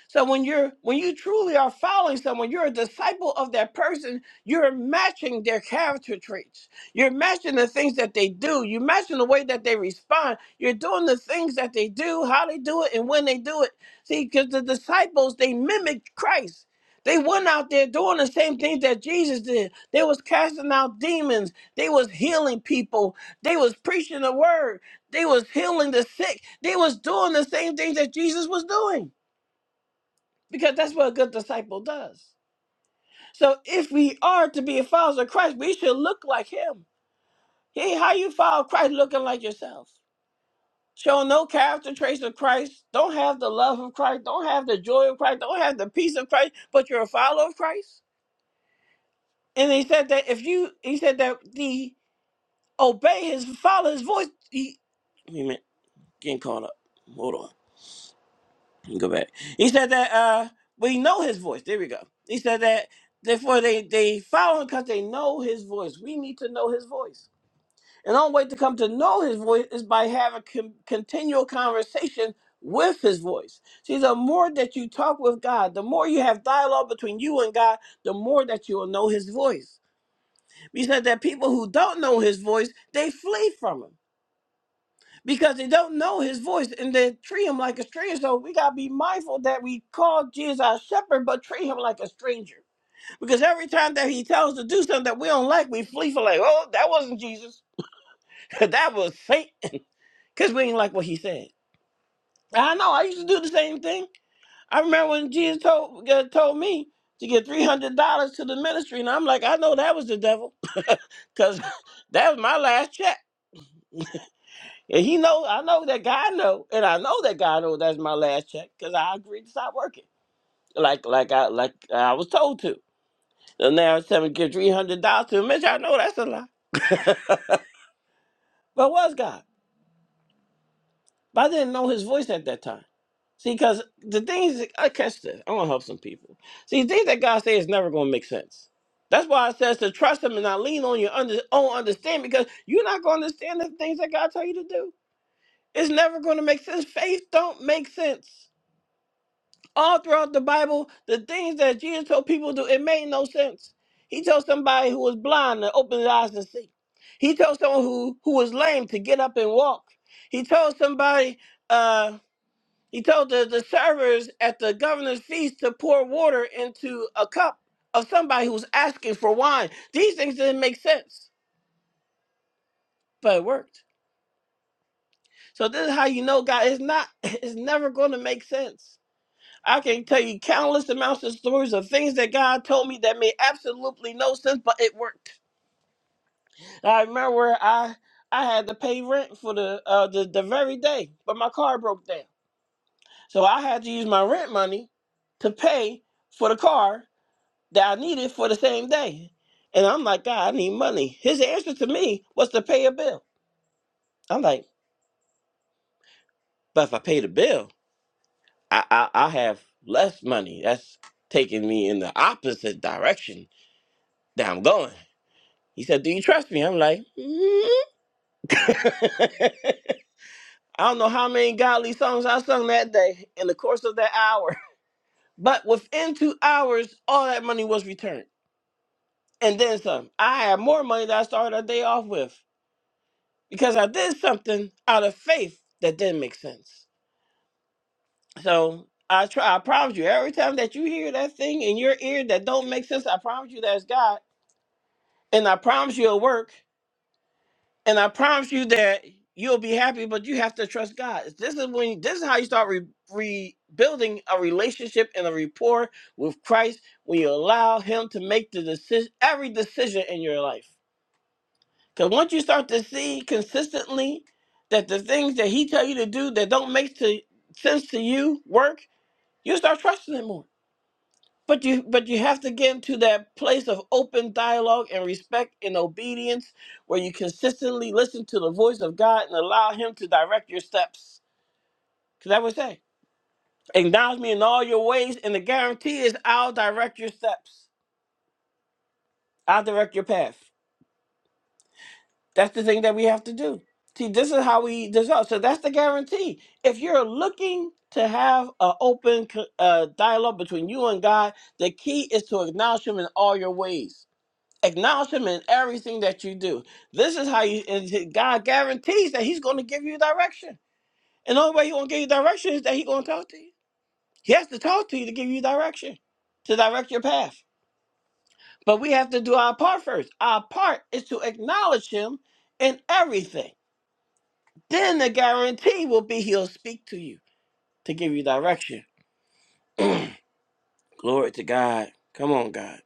So when you're when you truly are following someone, you're a disciple of that person, you're matching their character traits. You're matching the things that they do. You're matching the way that they respond. You're doing the things that they do, how they do it, and when they do it. See, because the disciples, they mimicked Christ. They went out there doing the same things that Jesus did. They was casting out demons. They was healing people. They was preaching the word. They was healing the sick. They was doing the same things that Jesus was doing because that's what a good disciple does. So if we are to be followers of Christ, we should look like him. Hey, how you follow Christ looking like yourself? Show no character traits of Christ, don't have the love of Christ, don't have the joy of Christ, don't have the peace of Christ, but you're a follower of Christ. And he said that if you he said that the obey his follow his voice, he, wait a minute, getting caught up. Hold on. go back. He said that uh we know his voice. There we go. He said that therefore they they follow him because they know his voice. We need to know his voice. And the only way to come to know his voice is by having con- continual conversation with his voice. See, the more that you talk with God, the more you have dialogue between you and God, the more that you will know his voice. He said that people who don't know his voice, they flee from him because they don't know his voice and they treat him like a stranger. So we gotta be mindful that we call Jesus our shepherd, but treat him like a stranger. Because every time that he tells us to do something that we don't like, we flee for like, oh, that wasn't Jesus. (laughs) that was Satan. (laughs) Because we ain't like what he said. I know, I used to do the same thing. I remember when Jesus told uh, told me to give three hundred dollars to the ministry, and I'm like, I know that was the devil. (laughs) Cause (laughs) that was my last check. And he know, I know that God know, and I know that God know that's my last check because I agreed to stop working, like like I like I was told to. So now it's telling me to give three hundred dollars to him. Mitch, I know that's a lie, but it was God? But I didn't know His voice at that time. See, because the things I catch this, I want to help some people. See, things that God say is never going to make sense. That's why it says to trust Him and not lean on your under, own understanding because you're not going to understand the things that God tell you to do. It's never going to make sense. Faith don't make sense. all throughout the Bible, the things that Jesus told people to do, it made no sense. He told somebody who was blind to open his eyes and see. He told someone who, who was lame to get up and walk. He told somebody, uh, he told the, the servers at the governor's feast to pour water into a cup of somebody who was asking for wine. These things didn't make sense, but it worked. So this is how you know God is not, (laughs) it's never going to make sense I can tell you countless amounts of stories of things that God told me that made absolutely no sense, but it worked. I remember I I had to pay rent for the uh, the, the very day, but my car broke down, so I had to use my rent money to pay for the car that I needed for the same day. And I'm like, God, I need money. His answer to me was to pay a bill. I'm like, but if I pay the bill, I I, I have less money. That's taking me in the opposite direction that I'm going. He said, Do you trust me? I'm like, "Mm." (laughs) I don't know how many godly songs I sung that day in the course of that hour. (laughs) But within two hours, all that money was returned. And then some. I had more money that I started our day off with because I did something out of faith that didn't make sense. So I try I promise you, every time that you hear that thing in your ear that don't make sense, I promise you that's God. And I promise you it'll work. And I promise you that you'll be happy, but you have to trust God. This is when this is how you start re- rebuilding a relationship and a rapport with Christ when you allow Him to make the decision, every decision in your life. Because once you start to see consistently that the things that He tell you to do that don't make to, sense to you work, you start trusting Him more. But you but you have to get into that place of open dialogue and respect and obedience where you consistently listen to the voice of God and allow him to direct your steps. Cause that would say, acknowledge me in all your ways, and the guarantee is I'll direct your steps. I'll direct your path. That's the thing that we have to do. See, this is how we dissolve. So that's the guarantee. If you're looking to have an open co- uh, dialogue between you and God, the key is to acknowledge Him in all your ways Acknowledge him in everything that you do. This is how you and God guarantees that he's going to give you direction. And the only way he's going to give you direction is that he's going to talk to you. He has to talk to you to give you direction, to direct your path. But we have to do our part first. Our part is to acknowledge him in everything. Then the guarantee will be he'll speak to you to give you direction. Glory to God. Come on, God.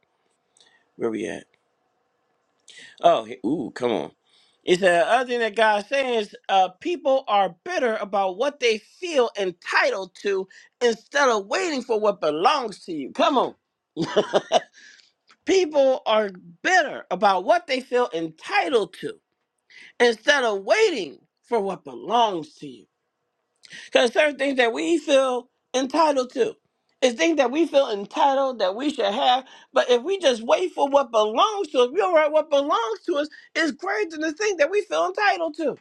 Where we at? Oh, he- ooh, come on. It's the other thing that God's saying is uh, people are bitter about what they feel entitled to instead of waiting for what belongs to you. Come on. (laughs) people are bitter about what they feel entitled to instead of waiting for what belongs to you. Because certain things that we feel entitled to is things that we feel entitled that we should have. But if we just wait for what belongs to us, we don't have what belongs to us is greater than the thing that we feel entitled to.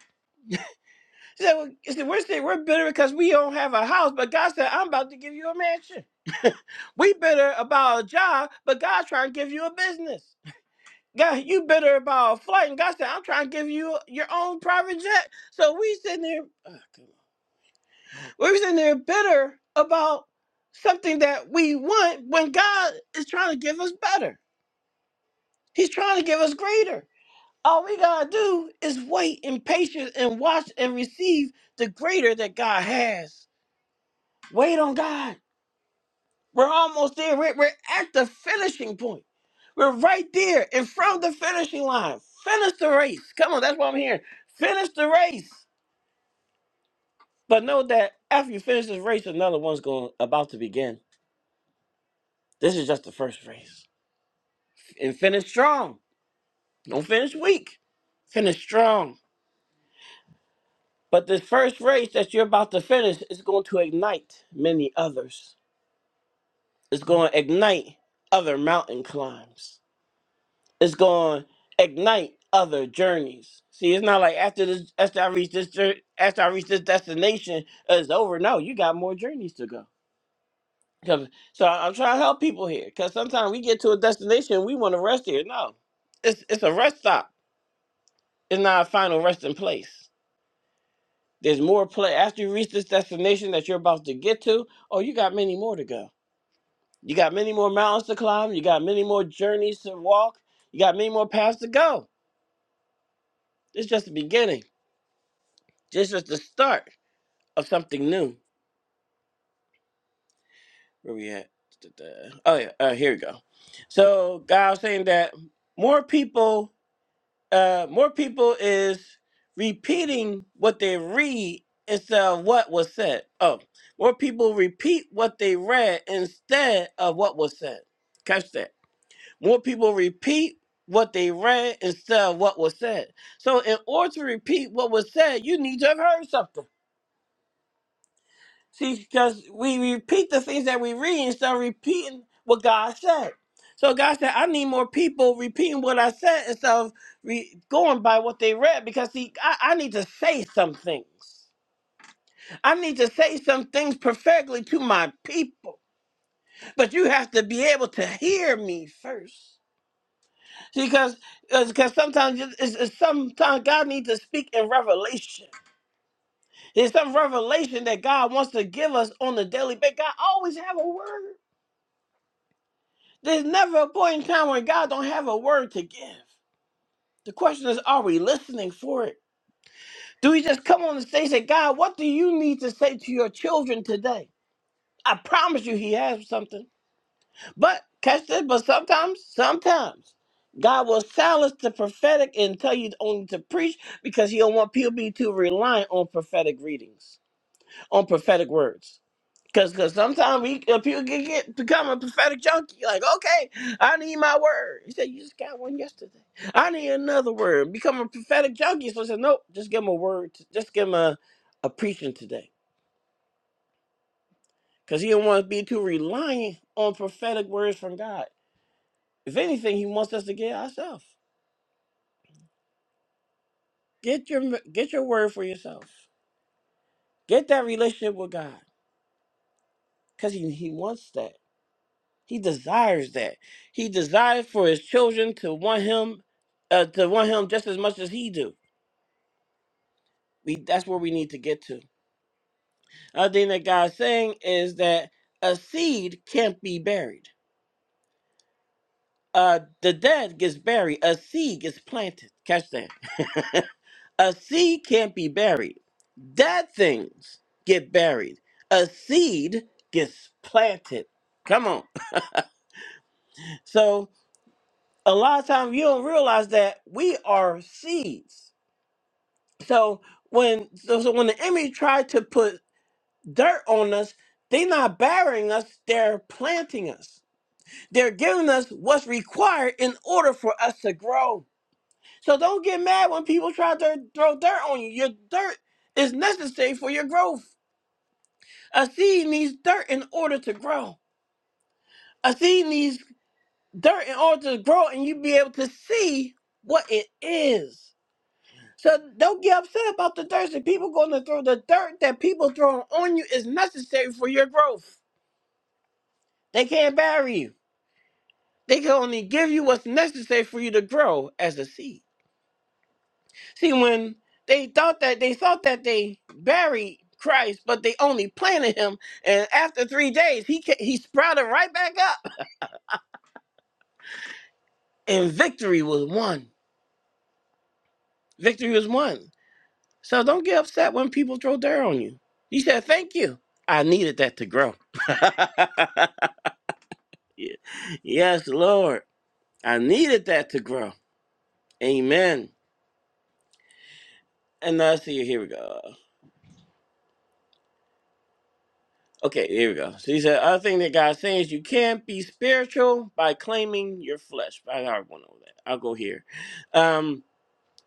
So you we're saying we're bitter because we don't have a house, but God said, I'm about to give you a mansion. We bitter about a job, but God's trying to give you a business. God, you bitter about a flight, and God said, I'm trying to give you your own private jet. So we sitting there. We're sitting there bitter about something that we want when God is trying to give us better. He's trying to give us greater. All we gotta do is wait in patience and watch and receive the greater that God has. Wait on God. We're almost there. We're, we're at the finishing point. We're right there in front of the finishing line. Finish the race. Come on, that's what I'm hearing. Finish the race. But know that after you finish this race, another one's going about to begin. This is just the first race. and finish strong. Don't finish weak. Finish strong. But this first race that you're about to finish is going to ignite many others. It's going to ignite other mountain climbs. It's going to ignite other journeys. See, it's not like after this, after I reach this, jour- after I reach this destination, it's over. No, you got more journeys to go. 'Cause- so I- I'm trying to help people here because sometimes we get to a destination, we want to rest here. No, it's it's a rest stop. It's not a final resting place. There's more play after you reach this destination that you're about to get to. Oh, you got many more to go. You got many more mountains to climb. You got many more journeys to walk. You got many more paths to go. It's just the beginning. This is the start of something new. Where we at? Da-da. Oh yeah, uh, here we go. So God was saying that more people uh, more people is repeating what they read instead of what was said. Oh, more people repeat what they read instead of what was said. Catch that. More people repeat what they read instead of what was said. So, in order to repeat what was said, you need to have heard something. See, because we repeat the things that we read instead of repeating what God said. So God said, I need more people repeating what I said instead of re- going by what they read. Because see, I, I need to say some things. I need to say some things prophetically to my people. But you have to be able to hear me first. See, because because sometimes it's, it's, it's sometimes God needs to speak in revelation. There's some revelation that God wants to give us on the daily basis. God always have a word. There's never a point in time when God don't have a word to give. The question is, are we listening for it? Do we just come on the stage and say, God, what do you need to say to your children today? I promise you he has something. But catch this, but sometimes, sometimes God will silence the prophetic and tell you only to preach because he don't want people to be too reliant on prophetic readings, on prophetic words. Cause, cause sometimes we uh, people can get become a prophetic junkie. Like, okay, I need my word. He said, you just got one yesterday. I need another word. Become a prophetic junkie. So I said, nope, just give him a word. t- Just give him a, a preaching today. Cause he didn't want to be too reliant on prophetic words from God. If anything, he wants us to get ourselves. Get your get your word for yourself. Get that relationship with God. Cause he he wants that. He desires that. He desires for his children to want him, uh, to want him just as much as he do. We, that's where we need to get to. Other thing that God's saying is that a seed can't be buried. Uh, the dead gets buried. A seed gets planted. Catch that. (laughs) a seed can't be buried. Dead things get buried. A seed gets planted. Come on. So a lot of times you don't realize that we are seeds So when so, so when the enemy tried to put dirt on us, they're not burying us, they're planting us. They're giving us what's required in order for us to grow. So don't get mad when people try to throw dirt on you. Your dirt is necessary for your growth. A seed needs dirt in order to grow. A seed needs dirt in order to grow and you be able to see what it is. So don't get upset about the dirt. that People going to throw the dirt that people throwing on you is necessary for your growth. They can't bury you. They can only give you what's necessary for you to grow as a seed. See, when they thought that they thought that they buried Christ, but they only planted him, and after three days, he ca- he sprouted right back up, and victory was won. Victory was won. So don't get upset when people throw dirt on you. You said, "Thank you. I needed that to grow." (laughs) Yeah. Yes, Lord. I needed that to grow. Amen. And let's see, here we go. Okay, here we go. So he said, other thing that God's saying is you can't be spiritual by claiming your flesh. I already went over that. I'll go here. Um,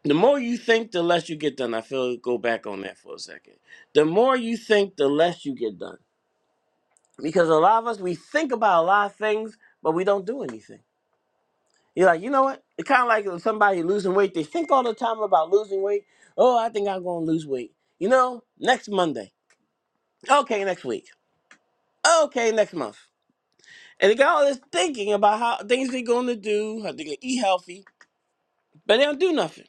the more you think, the less you get done. I feel go back on that for a second. The more you think, the less you get done. Because a lot of us, we think about a lot of things, but we don't do anything. You're like, you know what? It's kind of like somebody losing weight. They think all the time about losing weight. Oh, I think I'm going to lose weight. You know, next Monday. Okay, next week. Okay, next month. And they got all this thinking about how things they're going to do, how they're going to eat healthy, but they don't do nothing.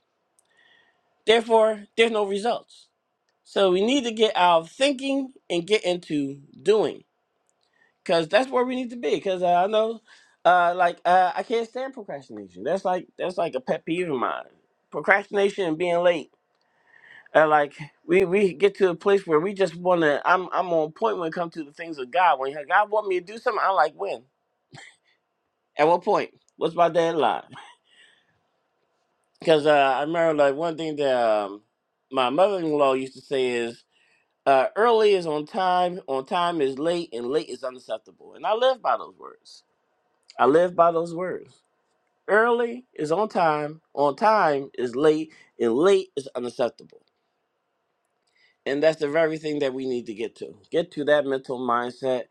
Therefore, there's no results. So we need to get out of thinking and get into doing because that's where we need to be. Because uh, I know, uh, like, uh, I can't stand procrastination. That's like that's like a pet peeve of mine. Procrastination and being late And like we we get to a place where we just want to. I'm I'm on point when it comes to the things of God. When God want me to do something, i like, when? At what point? What's my deadline? Because uh, I remember like one thing that um, my mother-in-law used to say is, uh, "Early is on time, on time is late, and late is unacceptable." And I live by those words. I live by those words. Early is on time, on time is late, and late is unacceptable. And that's the very thing that we need to get to. Get to that mental mindset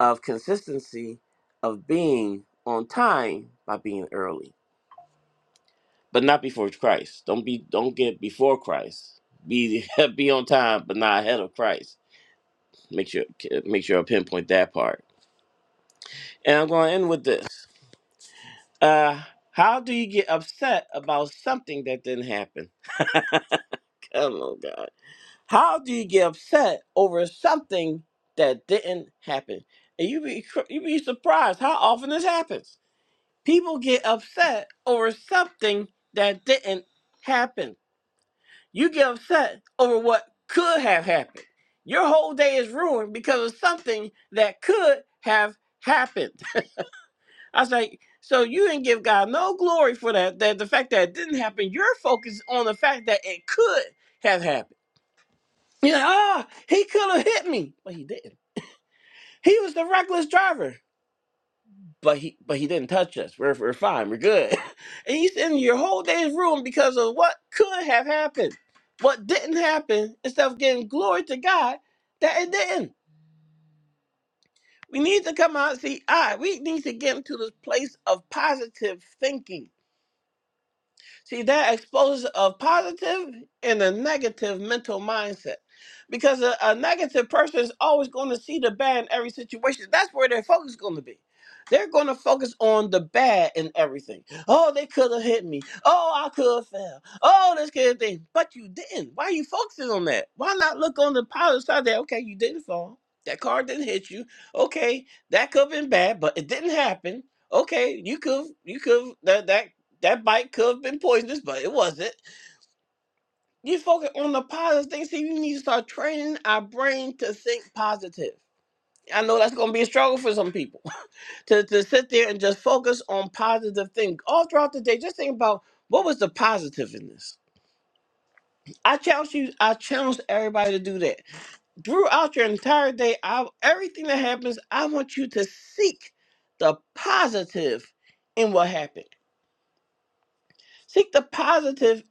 of consistency, of being on time by being early, but not before Christ. Don't be don't get before Christ. Be (laughs) be on time, but not ahead of Christ. Make sure make sure I pinpoint that part. And I'm going to end with this. Uh, how do you get upset about something that didn't happen? (laughs) Come on, God. How do you get upset over something that didn't happen? And you be cr- you be surprised how often this happens. People get upset over something that didn't happen. You get upset over what could have happened. Your whole day is ruined because of something that could have happened. (laughs) I was like, so you didn't give God no glory for that. That the fact that it didn't happen, you're focused on the fact that it could have happened. Yeah, ah, he could have hit me, but he didn't. He was the reckless driver, but he but he didn't touch us. We're we're fine. We're good. (laughs) And he's in your whole day's room because of what could have happened, what didn't happen. Instead of giving glory to God that it didn't. We need to come out. and See, I we need to get into this place of positive thinking See, that exposes a positive and a negative mental mindset. Because a, a negative person is always going to see the bad in every situation. That's where their focus is going to be. They're going to focus on the bad in everything. Oh, they could have hit me. Oh, I could have fell. Oh, this kind of thing. But you didn't. Why are you focusing on that? Why not look on the positive side that, okay, you didn't fall. That car didn't hit you. Okay, that could have been bad, but it didn't happen okay, you could, you could that that that bite could have been poisonous, but it wasn't. You focus on the positive things. See, you need to start training our brain to think positive. I know that's going to be a struggle for some people (laughs) to, to sit there and just focus on positive things all throughout the day. Just think about what was the positive in this. I challenge you. I challenge everybody to do that throughout your entire day. I, everything that happens, I want you to seek the positive in what happened. Seek the positive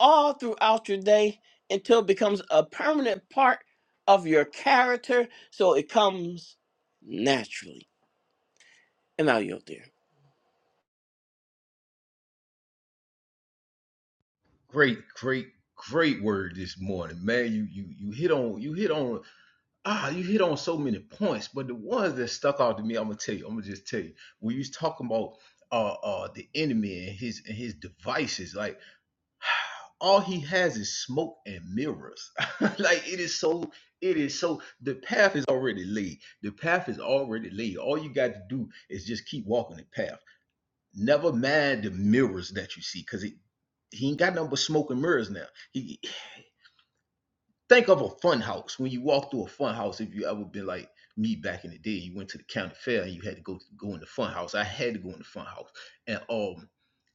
all throughout your day until it becomes a permanent part of your character so it comes naturally. And now you're there. Great, great, great word this morning, man. You you you hit on you hit on ah, you hit on so many points, but the ones that stuck out to me, I'm gonna tell you, I'm gonna just tell you. When you was talking about uh uh the enemy and his and his devices, like (sighs) all he has is smoke and mirrors. (laughs) like it is so it is so the path is already laid. The path is already laid. All you got to do is just keep walking the path. Never mind the mirrors that you see, because it he ain't got nothing but smoke and mirrors now. He Think of a fun house. When you walk through a fun house, if you ever been like me back in the day, you went to the county fair and you had to go go in the fun house. I had to go in the fun house. And um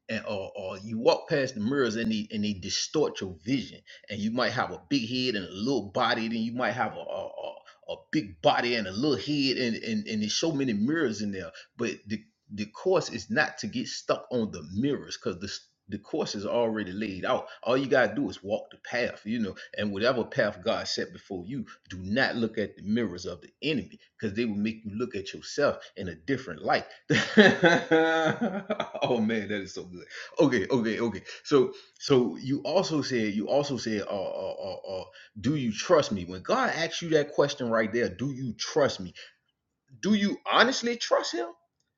and or uh, uh, you walk past the mirrors and they and they distort your vision. And you might have a big head and a little body, then you might have a a, a a big body and a little head and, and and there's so many mirrors in there. But the the course is not to get stuck on the mirrors because the the course is already laid out. All you gotta do is walk the path, you know and whatever path God set before you, do not look at the mirrors of the enemy because they will make you look at yourself in a different light. (laughs) oh man, that is so good. Okay, okay, okay. So, so you also said, you also said, uh, uh, uh, uh, do you trust me? When God asks you that question right there, do you trust me? do you honestly trust him?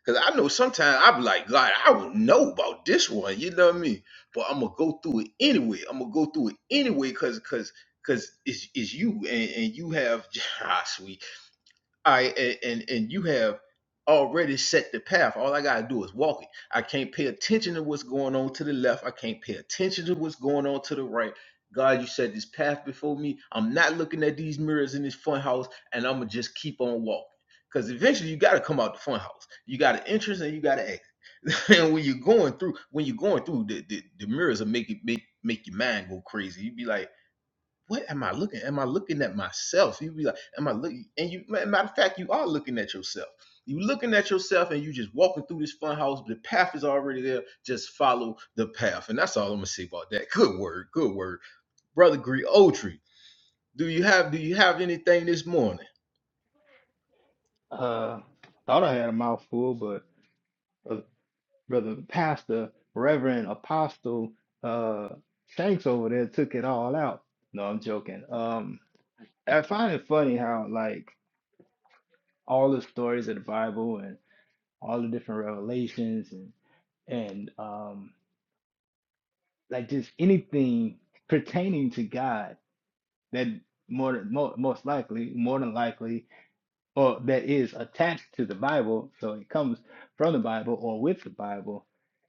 Because I know sometimes I'm like, God, I don't know about this one. You know what I mean? But I'm gonna go through it anyway. I'm gonna go through it anyway because because because it's, it's you and, and you have (laughs) ah, sweet. All right, and, and and you have already set the path. All I gotta do is walk it. I can't pay attention to what's going on to the left. I can't pay attention to what's going on to the right. God, you set this path before me. I'm not looking at these mirrors in this fun house, and I'm gonna just keep on walking. Because eventually you gotta come out the fun house. You got an entrance and you gotta exit. (laughs) and when you're going through, when you're going through, the, the, the mirrors will make it make make your mind go crazy. You'd be like, what am I looking? Am I looking at myself? You be like, am I looking? And you, matter of fact, you are looking at yourself. You looking at yourself, and you just walking through this fun house. The path is already there. Just follow the path, and that's all I'm gonna say about that. Good word, good word, brother. Gree Oldtree, do you have do you have anything this morning? Uh, thought I had a mouthful, but uh, brother pastor, reverend apostle, uh, Shanks over there took it all out. No, I'm joking. Um, I find it funny how like all the stories of the Bible and all the different revelations and and um like just anything pertaining to God that more than mo most likely more than likely or that is attached to the Bible, so it comes from the Bible or with the Bible,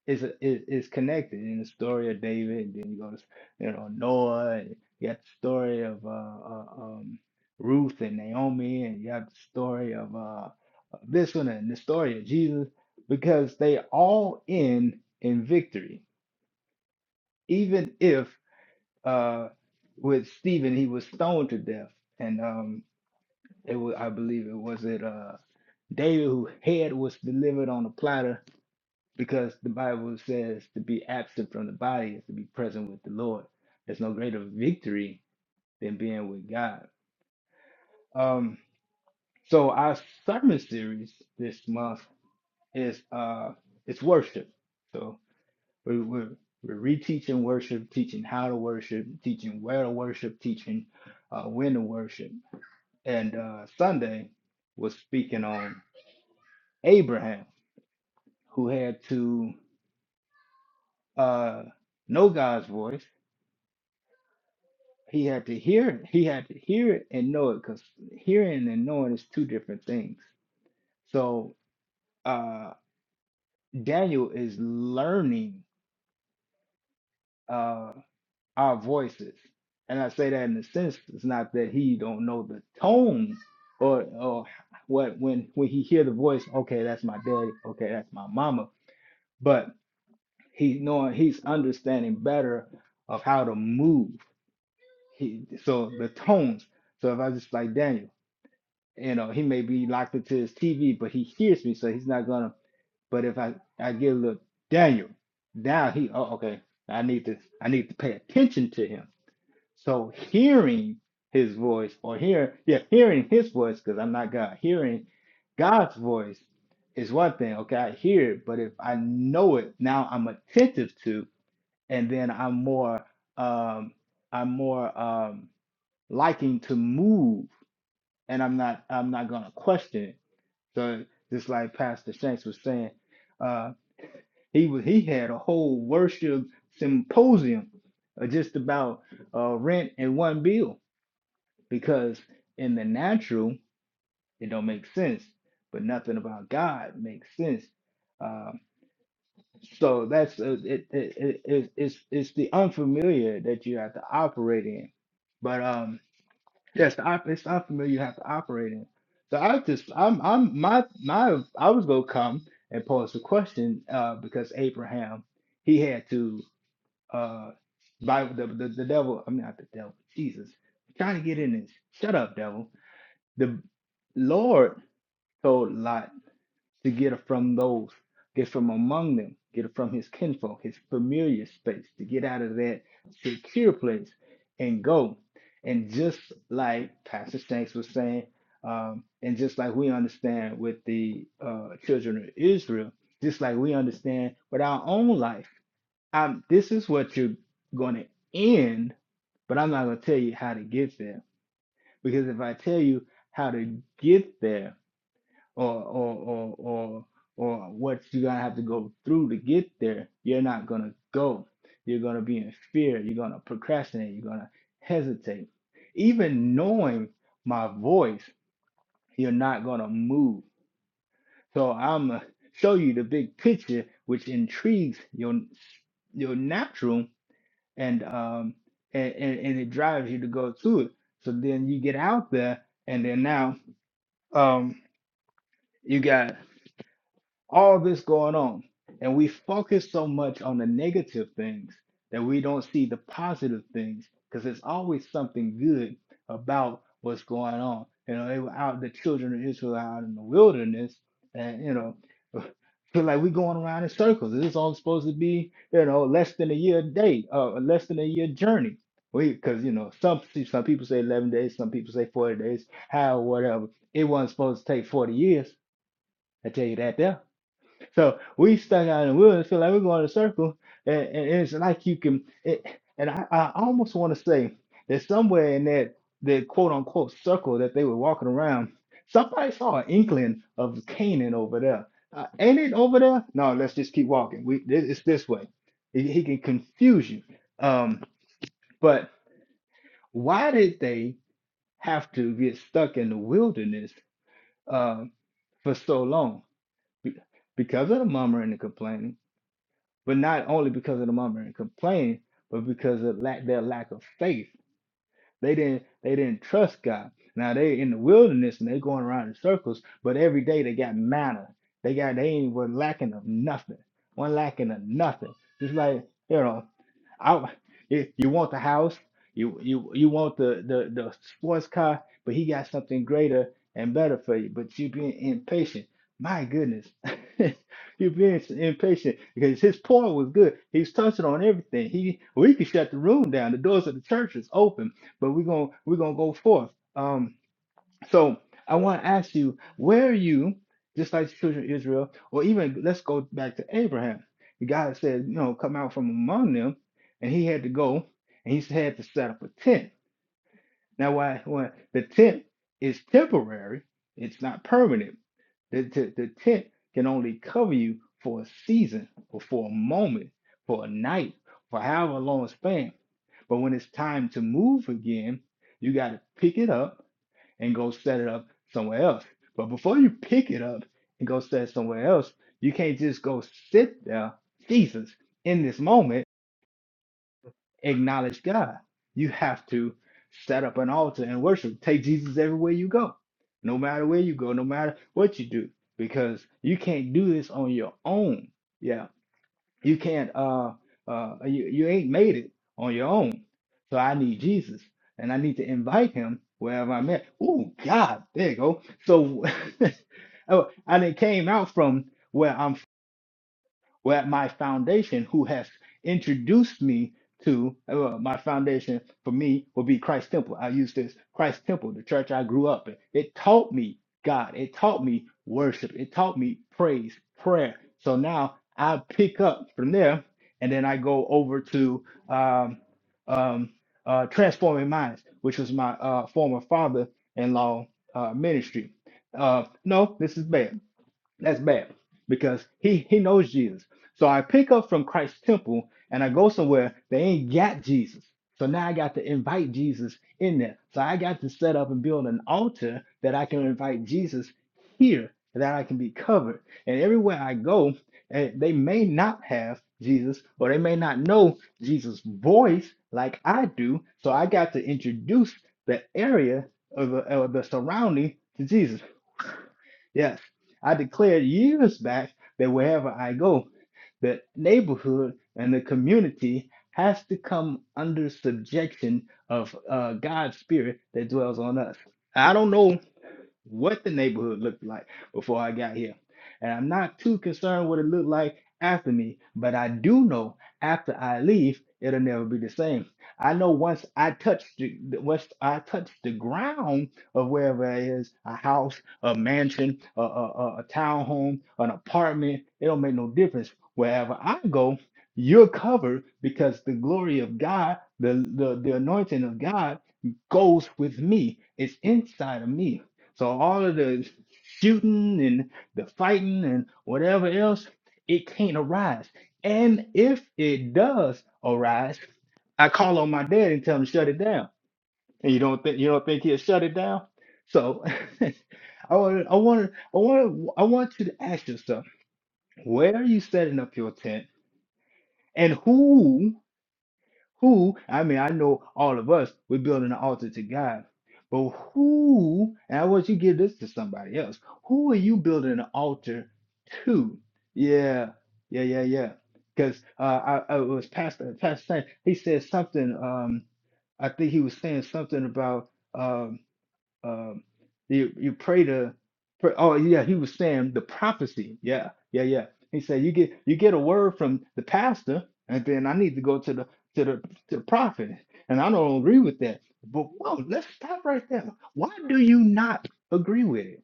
is is, is connected in the story of David, and then you go to you know Noah, and you got the story of uh, uh, um, Ruth and Naomi, and you have the story of uh, uh, this one and the story of Jesus, because they all end in victory, even if uh, with Stephen he was stoned to death, and um, it was, I believe it was it. Uh, David, whose head was delivered on a platter, because the Bible says to be absent from the body is to be present with the Lord. There's no greater victory than being with God. Um, so our sermon series this month is uh it's worship. So we we're, we're reteaching worship, teaching how to worship, teaching where to worship, teaching uh, when to worship. And uh, Sunday was speaking on Abraham, who had to uh, know God's voice. He had to hear it. He had to hear it and know it because hearing and knowing is two different things. So uh, Daniel is learning uh, our voices. And I say that in the sense it's not that he don't know the tone or or what when when he hear the voice, okay, that's my daddy, okay, that's my mama. But he's knowing he's understanding better of how to move He so the tones. So if I just like Daniel, you know, he may be locked into his TV, but he hears me, so he's not gonna. But if I I give a little Daniel, now he oh okay, I need to I need to pay attention to him. So hearing his voice or hear yeah hearing his voice because I'm not God. Hearing God's voice is one thing. Okay, I hear it, but if I know it now, I'm attentive to, and then I'm more um I'm more um liking to move and i'm not i'm not gonna question it so just like pastor shanks was saying uh he was he had a whole worship symposium uh, just about uh rent and one bill because in the natural it don't make sense but nothing about god makes sense um so that's uh, it, it, it, it it's it's the unfamiliar that you have to operate in but um Yes, the op- it's not familiar you have to operate in. So I just, I'm, I'm, my, my, I was gonna come and pose the question, uh, because Abraham, he had to, uh, Bible, the, the, the devil, I'm not the devil, Jesus, I'm trying to get in this. Shut up, devil. The Lord told Lot to get it from those, get from among them, get it from his kinfolk, his familiar space, to get out of that secure place and go. And just like Pastor Shanks was saying, um, and just like we understand with the uh, children of Israel, just like we understand with our own life, um, this is what you're going to end, but I'm not going to tell you how to get there. Because if I tell you how to get there, or or or or or what you're gonna have to go through to get there, you're not gonna go. You're gonna be in fear. You're gonna procrastinate. You're gonna hesitate. Even knowing my voice, you're not gonna move. So I'm gonna show you the big picture, which intrigues your your natural and um and, and, and it drives you to go through it. So then you get out there, and then now um you got all this going on. And we focus so much on the negative things that we don't see the positive things because there's always something good about what's going on. You know, they were out, the children of Israel were out in the wilderness, and you know, (laughs) feel like we're going around in circles. This is all supposed to be, you know, less than a year day, uh, less than a year journey. We, because you know, some some people say 11 days, some people say 40 days, how whatever. It wasn't supposed to take 40 years. I tell you that there so we stuck out in the woods, feel like we're going in a circle, and, and it's like you can. It, and I, I almost want to say that somewhere in that the quote unquote circle that they were walking around, somebody saw an inkling of Canaan over there. Uh, ain't it over there? No, let's just keep walking. We this, it's this way. He, he can confuse you. Um, but why did they have to get stuck in the wilderness uh, for so long? Be- Because of the murmuring and complaining but not only because of the murmuring and complaining, but because of lack, their lack of faith they didn't they didn't trust God. Now they in the wilderness and they going around in circles, but every day they got manna. They got they ain't were lacking of nothing. One lacking of nothing. Just like, you know, I you, you want the house, you you you want the, the the sports car, but he got something greater and better for you. But you being impatient. My goodness. (laughs) you being impatient because his point was good. He's touching on everything. He we could shut the room down. The doors of the church is open but we're going to we're going to go forth. Um, so I want to ask you, where are you, just like the children of Israel, or even let's go back to Abraham. God said, you know, come out from among them, and he had to go, and he had to set up a tent. Now, why, why the tent is temporary, it's not permanent. The, the, the tent can only cover you for a season or for a moment, for a night, for however long span. But when it's time to move again, you got to pick it up and go set it up somewhere else. But before you pick it up and go set it somewhere else, you can't just go sit there, Jesus, in this moment acknowledge God. You have to set up an altar and worship. Take Jesus everywhere you go, no matter where you go, no matter what you do, because you can't do this on your own. Yeah, you can't. Uh, uh, you you ain't made it on your own. So I need Jesus, and I need to invite Him wherever I'm at. Ooh, God, there you go. So, (laughs) oh, I did came out from where I'm well, at my foundation, who has introduced me to uh, my foundation for me will be Christ Temple. I use this Christ Temple, the church I grew up in. It taught me God. It taught me worship. It taught me praise, prayer. So now I pick up from there, and then I go over to um, um, uh, Transforming Minds, which was my uh, former father-in-law uh, ministry. Uh, no, this is bad. That's bad because he he knows Jesus. So I pick up from Christ's temple and I go somewhere they ain't got Jesus. So now I got to invite Jesus in there. So I got to set up and build an altar that I can invite Jesus here that I can be covered. And everywhere I go, and they may not have Jesus or they may not know Jesus' voice like I do. So I got to introduce the area of the, or the surrounding to Jesus. Yes, I declared years back that wherever I go, the neighborhood and the community has to come under subjection of uh, God's spirit that dwells on us. I don't know what the neighborhood looked like before I got here. And I'm not too concerned what it looked like after me, but I do know after I leave, it'll never be the same. I know once I touch the the- once I touch the ground of wherever it is, a house, a mansion, a, a, a a townhome, an apartment, it don't make no difference. Wherever I go, you're covered because the glory of God, the, the, the anointing of God goes with me. It's inside of me. So all of the shooting and the fighting and whatever else, it can't arise. And if it does arise, I call on my dad and tell him to shut it down. And you don't think you don't think he'll shut it down? So (laughs) I want I want I want I want you to ask yourself, where are you setting up your tent? And who? who I mean, I know all of us we're building an altar to God, but who? And I want you to give this to somebody else. Who are you building an altar to? Yeah, yeah, yeah, yeah. Because uh, I, I was pastor, pastor, Sam, he said something. Um, I think he was saying something about. um, um you you pray to pray, oh yeah he was saying the prophecy yeah yeah yeah he said you get you get a word from the pastor and then i need to go to the to the to the prophet and i don't agree with that but whoa let's stop right there why do you not agree with it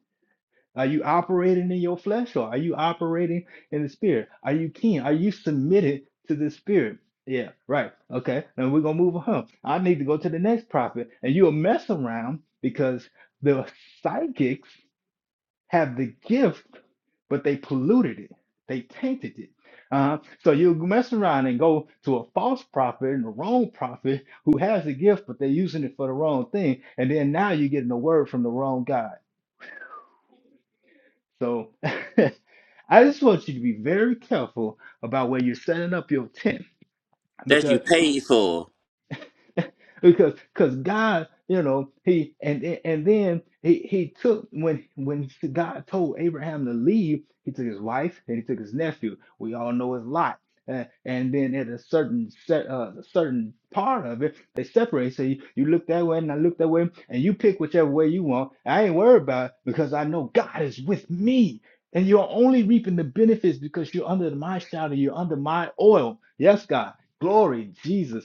are you operating in your flesh or are you operating in the spirit? Are you keen? Are you submitted to the spirit? Yeah, right. Okay. And we're gonna move on. I need to go to the next prophet. And you'll mess around because the psychics have the gift, but they polluted it. They tainted it. Uh, so you mess around and go to a false prophet and a wrong prophet who has the gift, but they're using it for the wrong thing. And then now you're getting a word from the wrong guy. So (laughs) I just want you to be very careful about where you're setting up your tent That you because paid for. (laughs) because because God, you know, he and and then he he took when when God told Abraham to leave, he took his wife and he took his nephew. We all know his lot. Uh, and then at a certain set, uh, certain part of it, they separate. So you, you look that way and I look that way, and you pick whichever way you want. I ain't worried about it because I know God is with me. And you're only reaping the benefits because you're under my shadow, you're under my oil. Yes, God. Glory, Jesus.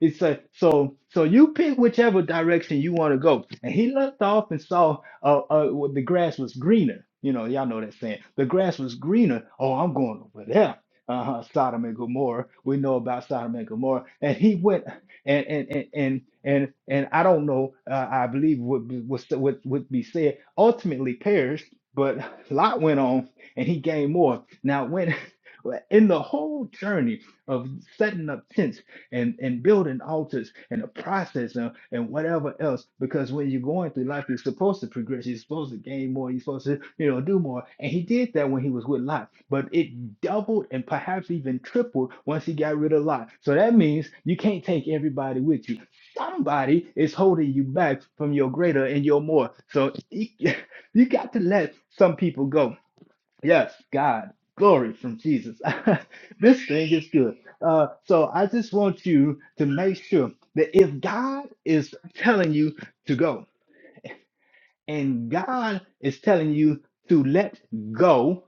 He said, "So, so you pick whichever direction you want to go." And he looked off and saw uh, uh, well, the grass was greener. You know, y'all know that saying. The grass was greener. Oh, I'm going over there. Uh huh. Sodom and Gomorrah. We know about Sodom and Gomorrah. And he went, and and and and and, and I don't know. Uh, I believe would be, would would would be said ultimately perished. But Lot went on, and he gained more. Now, when (laughs) in the whole journey of setting up tents and, and building altars and the process and, and whatever else. Because when you're going through life, you're supposed to progress. You're supposed to gain more. You're supposed to, you know, do more. And he did that when he was with Lot. But it doubled and perhaps even tripled once he got rid of Lot. So that means you can't take everybody with you. Somebody is holding you back from your greater and your more. So (laughs) you got to let some people go Yes, God, glory from Jesus. (laughs) this thing is good. Uh, so I just want you to make sure that if God is telling you to go and God is telling you to let go,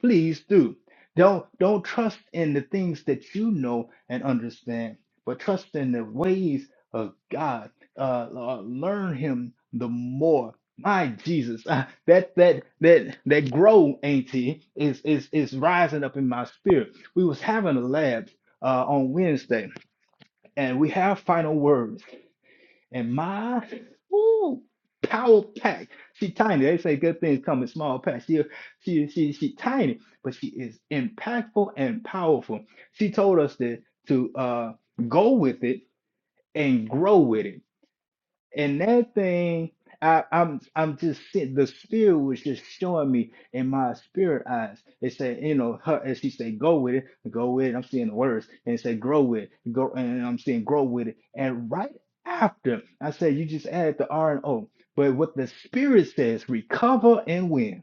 Please do. Don't don't trust in the things that you know and understand, but trust in the ways of God. Uh, uh, learn Him the more. My Jesus, (laughs) uh, that that that that grow, auntie, is is is rising up in my spirit. We was having a lab uh, on Wednesday, and we have final words. And my ooh, power pack. She tiny. They say good things come in small packs. She she she she tiny, but she is impactful and powerful. She told us that to uh go with it and grow with it. And that thing, I, I'm I'm just seeing the spirit was just showing me in my spirit eyes. It said, you know, her as she said, go with it, go with it. I'm seeing the words, and it said, grow with it, go, and I'm seeing grow with it. And right after, I said, you just add the R and O. But what the spirit says, recover and win.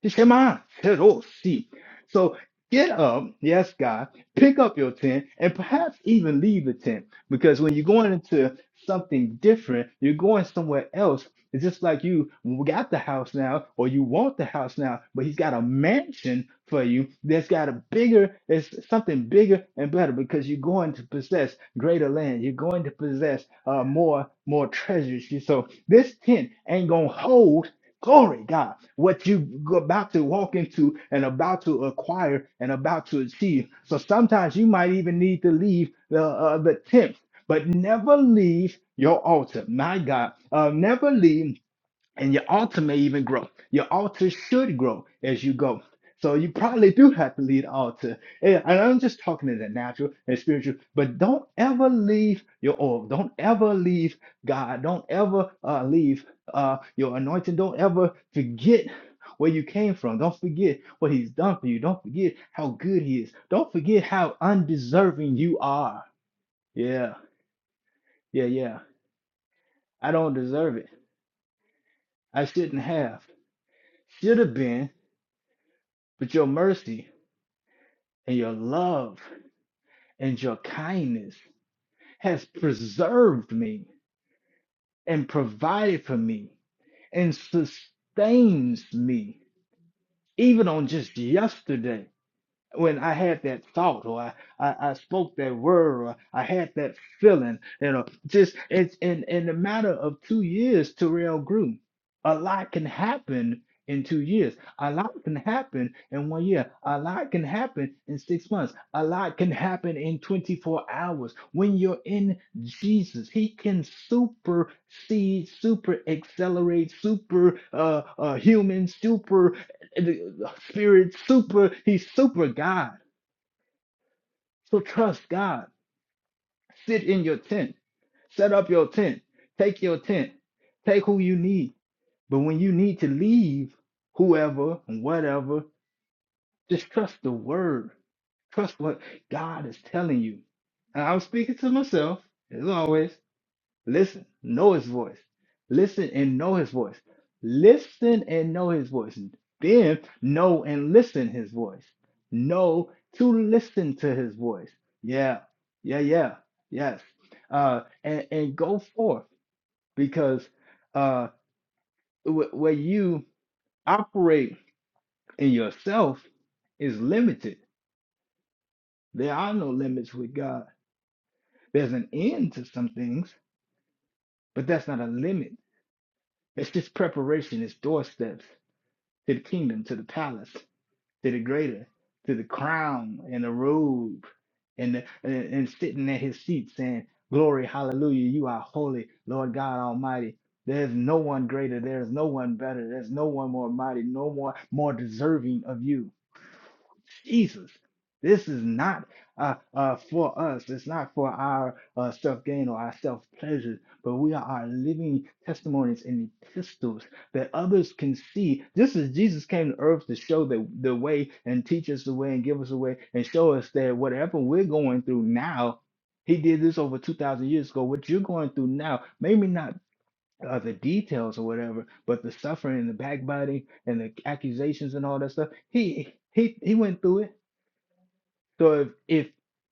He shema, shero, see. So get up, yes, God, pick up your tent and perhaps even leave the tent because when you're going into something different, you're going somewhere else. It's just like you got the house now or you want the house now, but he's got a mansion for you that's got a bigger, it's something bigger and better because you're going to possess greater land. You're going to possess uh, more, more treasures. So this tent ain't going to hold Glory God. What you're about to walk into and about to acquire and about to achieve. So sometimes you might even need to leave the, uh, the tent, but never leave your altar. My God, uh, never leave and your altar may even grow. Your altar should grow as you go. So you probably do have to lead altar. And I'm just talking in the natural and spiritual, but don't ever leave your oil. Don't ever leave God. Don't ever uh, leave uh, your anointing. Don't ever forget where you came from. Don't forget what he's done for you. Don't forget how good he is. Don't forget how undeserving you are. Yeah, yeah, yeah. I don't deserve it. I shouldn't have. Should have been. But your mercy and your love and your kindness has preserved me and provided for me and sustains me, even on just yesterday. when I had that thought or I, I, I spoke that word or I had that feeling, you know, just it's in in a matter of two years, Terrell grew. A lot can happen in two years. A lot can happen in one year. A lot can happen in six months. A lot can happen in 24 hours. When you're in Jesus, He can supersede, super accelerate, super uh, uh, human, super Spirit super, he's super God. So trust God. Sit in your tent. Set up your tent. Take your tent. Take who you need. But when you need to leave, whoever and whatever, just trust the word. Trust what God is telling you. And I'm speaking to myself, as always. Listen, know his voice. Listen and know his voice. Listen and know his voice. Then know and listen his voice. Know to listen to his voice. Yeah, yeah, yeah, yes. Uh, and, and go forth because uh, wh- where you operate in yourself is limited. There are no limits with God. There's an end to some things, but that's not a limit. It's just preparation, it's doorsteps. to the kingdom, to the palace, to the greater, to the crown and the robe, and the, and, and sitting at his seat saying, "Glory, hallelujah! You are holy, Lord God Almighty." There's no one greater. There's no one better. There's no one more mighty. No more more deserving of you. Jesus, this is not uh, uh, for us. It's not for our uh, self gain or our self pleasure, but we are our living testimonies and epistles that others can see. Just as Jesus came to earth to show the, the way and teach us the way and give us the way and show us that whatever we're going through now, he did this over 2,000 years ago. What you're going through now, maybe not uh, the details or whatever, but the suffering and the backbiting and the accusations and all that stuff, he he he went through it. So if if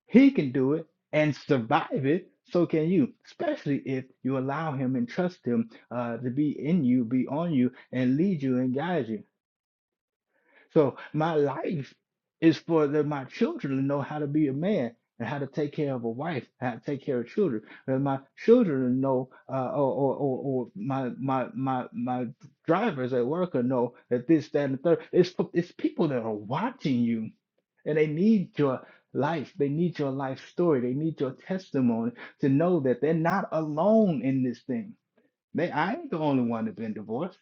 he can do it and survive it, so can you. Especially if you allow him and trust him uh, to be in you, be on you, and lead you and guide you. So my life is for the, my children to know how to be a man and how to take care of a wife, how to take care of children. And my children to know, uh, or, or, or, or my my my my drivers at work will know that this, that, and the third. It's it's people that are watching you and they need your life. They need your life story. They need your testimony to know that they're not alone in this thing. They, I ain't the only one that's been divorced.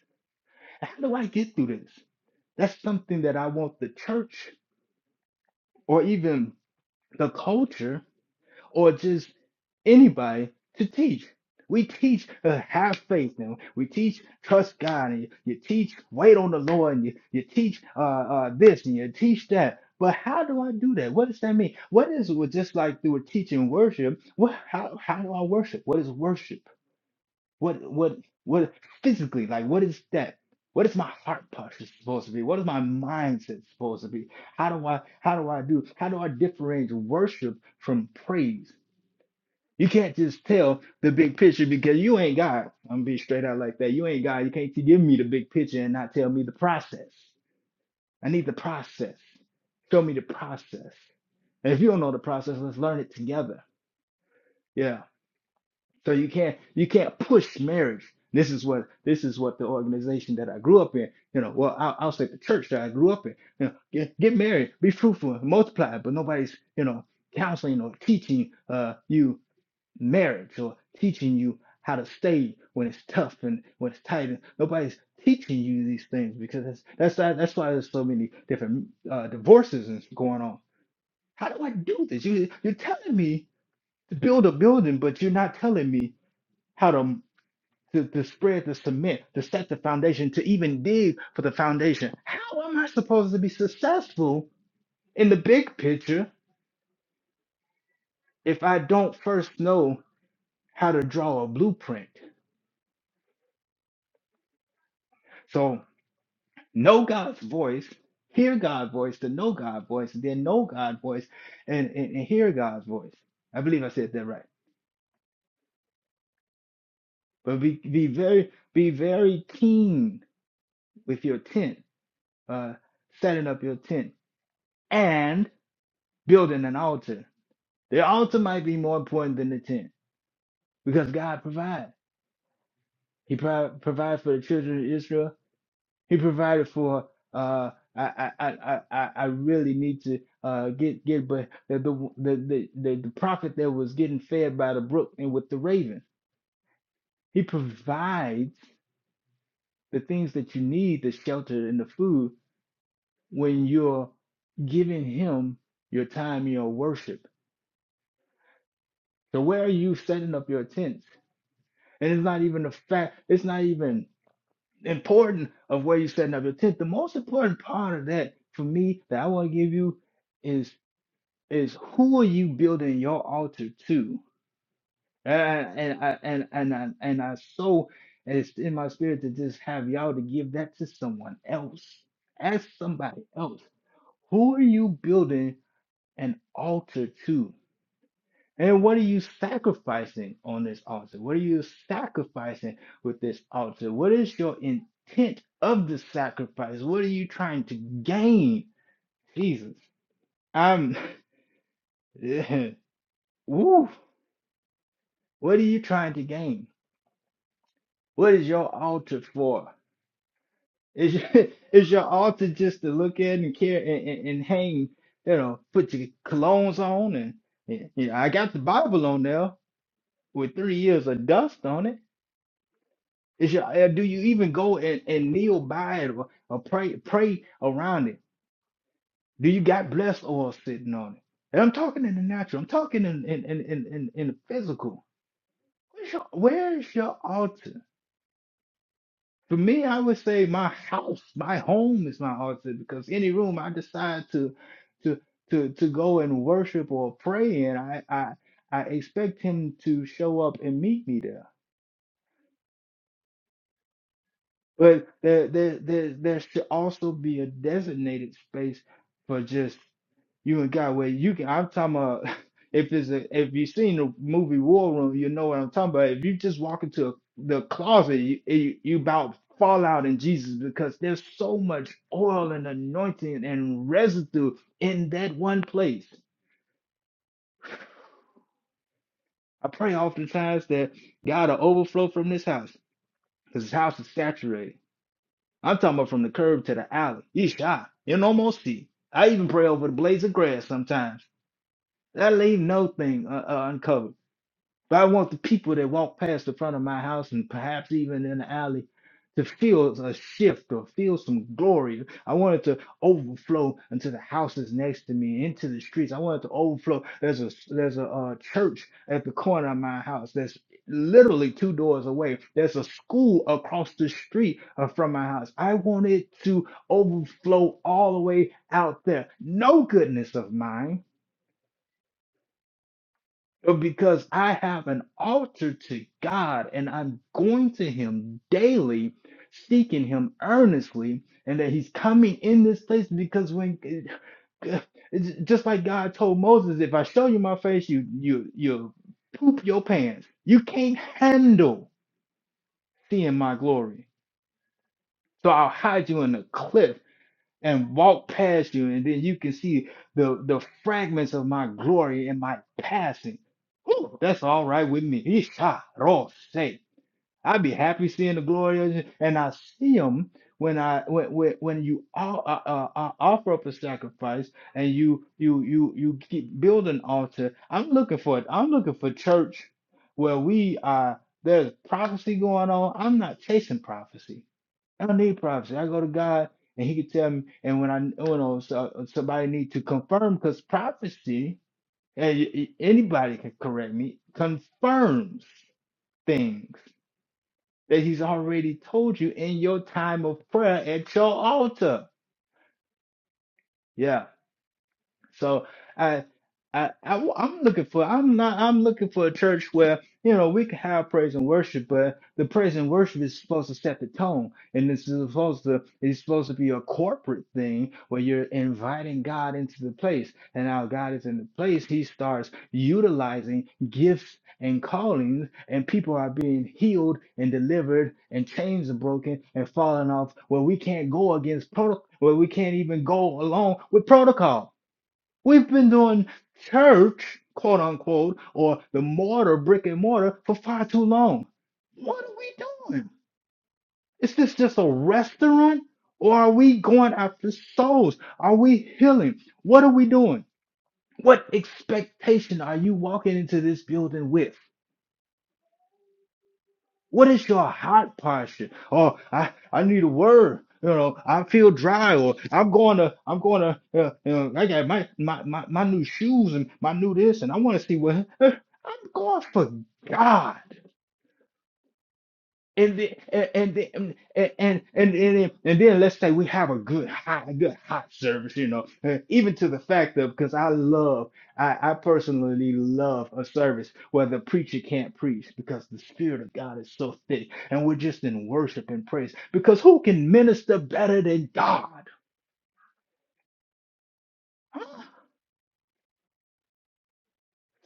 How do I get through this? That's something that I want the church or even the culture or just anybody to teach. We teach uh, have faith now. We teach trust God and you, you teach wait on the Lord and you, you teach uh, uh, this and you teach that. But how do I do that? What does that mean? What is with just like through teaching worship? What how how do I worship? What is worship? What what what physically like what is that? What is my heart posture supposed to be? What is my mindset supposed to be? How do I how do I do how do I differentiate worship from praise? You can't just tell the big picture because you ain't God. I'm gonna be straight out like that. You ain't God. You can't give me the big picture and not tell me the process. I need the process. Show me the process. And if you don't know the process, let's learn it together. Yeah. So you can't you can't push marriage. This is what this is what the organization that I grew up in. You know, well, I'll, I'll say the church that I grew up in. You know, get, get married, be fruitful, multiply. But nobody's you know counseling or teaching uh, you marriage or teaching you how to stay when it's tough and when it's tight. And nobody's teaching you these things because that's that's why- that's why there's so many different uh, divorces and going on. How do I do this? You you're telling me to build a building, but you're not telling me how to to, to spread the cement, to set the foundation, to even dig for the foundation. How am I supposed to be successful in the big picture if I don't first know how to draw a blueprint? So know God's voice, hear God's voice, to know God's voice, and then know God's voice and, and, and hear God's voice. I believe I said that right. But be, be very be very keen with your tent, uh, setting up your tent and building an altar. The altar might be more important than the tent because God provides. He pro- provides for the children of Israel He provided for. Uh, I, I I I I really need to uh get get but the the the the, the prophet that was getting fed by the brook and with the raven. He provides the things that you need, the shelter and the food, when you're giving him your time, your worship. So where are you setting up your tents? And it's not even a fact. It's not even important of where you're setting up your tent. The most important part of that for me that I want to give you is is who are you building your altar to? And and I and and I and I so it's in my spirit to just have y'all to give that to someone else. Ask somebody else. Who are you building an altar to? And what are you sacrificing on this altar? What are you sacrificing with this altar? What is your intent of the sacrifice? What are you trying to gain? Jesus. I'm (laughs) Woo. What are you trying to gain? What is your altar for? Is your, (laughs) is your altar just to look at and care and, and, and hang, you know, put your colognes on and, and you know, I got the Bible on there with three years of dust on it. Is your uh, do you even go and, and kneel by it or, or pray pray around it? Do you got blessed oil sitting on it? And I'm talking in the natural. I'm talking in in in in, in in the physical. Where's your, where's your altar? For me, I would say my house, my home is my altar because any room I decide to to to to go and worship or pray in, I I I expect him to show up and meet me there. But there there there, there should also be a designated space for just You and God, where you can. I'm talking about. (laughs) If it's a, if you've seen the movie War Room, you know what I'm talking about. If you just walk into a, the closet, you, you you about fall out in Jesus because there's so much oil and anointing and residue in that one place. I pray oftentimes that God will overflow from this house because this house is saturated. I'm talking about from the curb to the alley. You shot. You can almost see. I even pray over the blades of grass sometimes. That leave no thing uh, uh, uncovered. But I want the people that walk past the front of my house and perhaps even in the alley to feel a shift or feel some glory. I want it to overflow into the houses next to me, into the streets. I want it to overflow. There's a there's a uh, church at the corner of my house that's literally two doors away. There's a school across the street uh, from my house. I want it to overflow all the way out there. No goodness of mine because I have an altar to God and I'm going to Him daily, seeking Him earnestly, and that He's coming in this place because when (sighs) it's just like God told Moses, if I show you my face, you you you poop your pants. You can't handle seeing my glory. So I'll hide you in a cliff and walk past you, and then you can see the the fragments of my glory in my passing. Whew, that's all right with me. Isha say I'd be happy seeing the glory of you, and I see them when I when when, when you all, uh, uh, uh, offer up a sacrifice and you you you you keep build an altar. I'm looking for it. I'm looking for church where we are. There's prophecy going on. I'm not chasing prophecy. I don't need prophecy. I go to God and He can tell me. And when I you know so, somebody need to confirm, because prophecy, and y- y- anybody can correct me, confirms things that He's already told you in your time of prayer at your altar. Yeah. So I, I, I, am looking for. I'm not. I'm looking for a church where you know we can have praise and worship, but the praise and worship is supposed to set the tone, and this is supposed to. It's supposed to be a corporate thing where you're inviting God into the place, and now God is in the place. He starts utilizing gifts and callings, and people are being healed and delivered, and chains are broken and falling off. Where we can't go against protocol. Where we can't even go along with protocol We've been doing church, quote unquote, or the mortar, brick and mortar, for far too long. What are we doing? Is this just a restaurant? Or are we going after souls? Are we healing? What are we doing? What expectation are you walking into this building with? What is your heart posture? Oh, I, I need a word. You know, I feel dry, or I'm going to, I'm going to, uh, you know, I got my, my, my, my new shoes and my new this, and I want to see what (laughs) I'm going for God. And then, and and then, and and and then, and then let's say we have a good hot, a good hot service, you know, uh, even to the fact of because I love, I, I personally love a service where the preacher can't preach because the spirit of God is so thick, and we're just in worship and praise because who can minister better than God? Huh?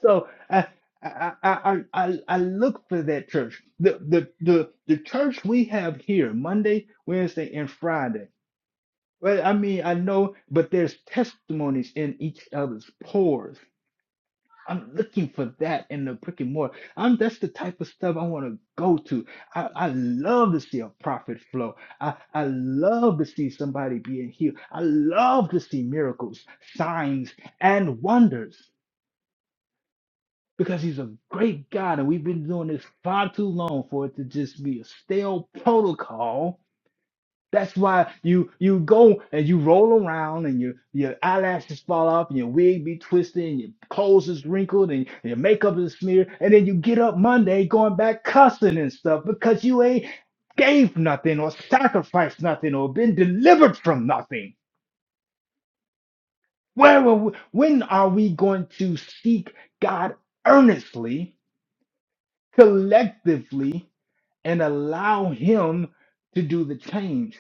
So I, I, I, I, I I look for that church. The, the, the, the church we have here, Monday, Wednesday, and Friday. Well, I mean, I know, but there's testimonies in each other's pores. I'm looking for that in the brick and mortar. I'm that's the type of stuff I want to go to. I, I love to see a profit flow. I, I love to see somebody being healed. I love to see miracles, signs, and wonders because he's a great God and we've been doing this far too long for it to just be a stale protocol That's why you you go and you roll around and your your eyelashes fall off and your wig be twisted and your clothes is wrinkled and your makeup is smeared and then you get up Monday going back cussing and stuff because you ain't gave nothing or sacrificed nothing or been delivered from nothing. Where are we, when are we going to seek God earnestly, collectively, and allow Him to do the change?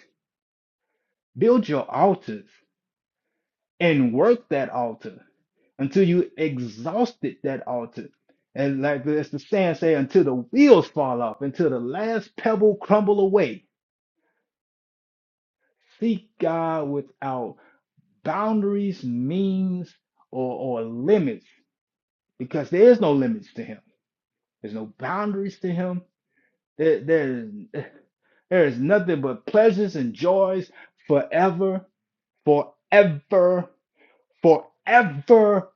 Build your altars and work that altar until you exhausted that altar. And like as the saying say, until the wheels fall off, until the last pebble crumble away. Seek God without boundaries, means, or, or limits, because there is no limits to Him. There's no boundaries to Him. There, there, there is nothing but pleasures and joys forever, forever forever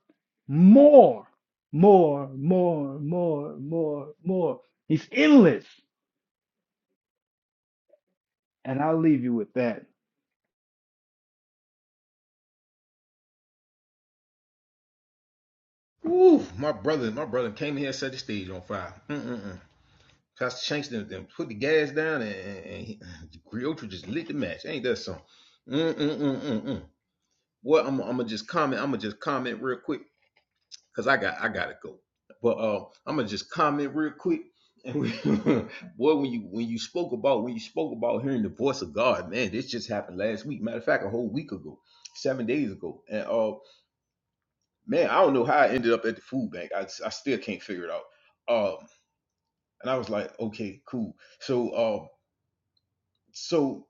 more, more, more, more, more, more. He's endless. And I'll leave you with that. Ooh, my brother, my brother came in here and set the stage on fire. Mm-mm-mm. Pastor Shanks then, then put the gas down, and, and, and Gree Oldtree just lit the match. Ain't that something? Mm-mm-mm-mm-mm. Well, I'm, I'm gonna just comment. I'm gonna just comment real quick because I got I gotta go. But uh, I'm gonna just comment real quick. And we, (laughs) boy, when you when you spoke about when you spoke about hearing the voice of God, man, this just happened last week. Matter of fact, a whole week ago, seven days ago. And uh, man, I don't know how I ended up at the food bank. I I still can't figure it out. Um, and I was like, okay, cool. So um, so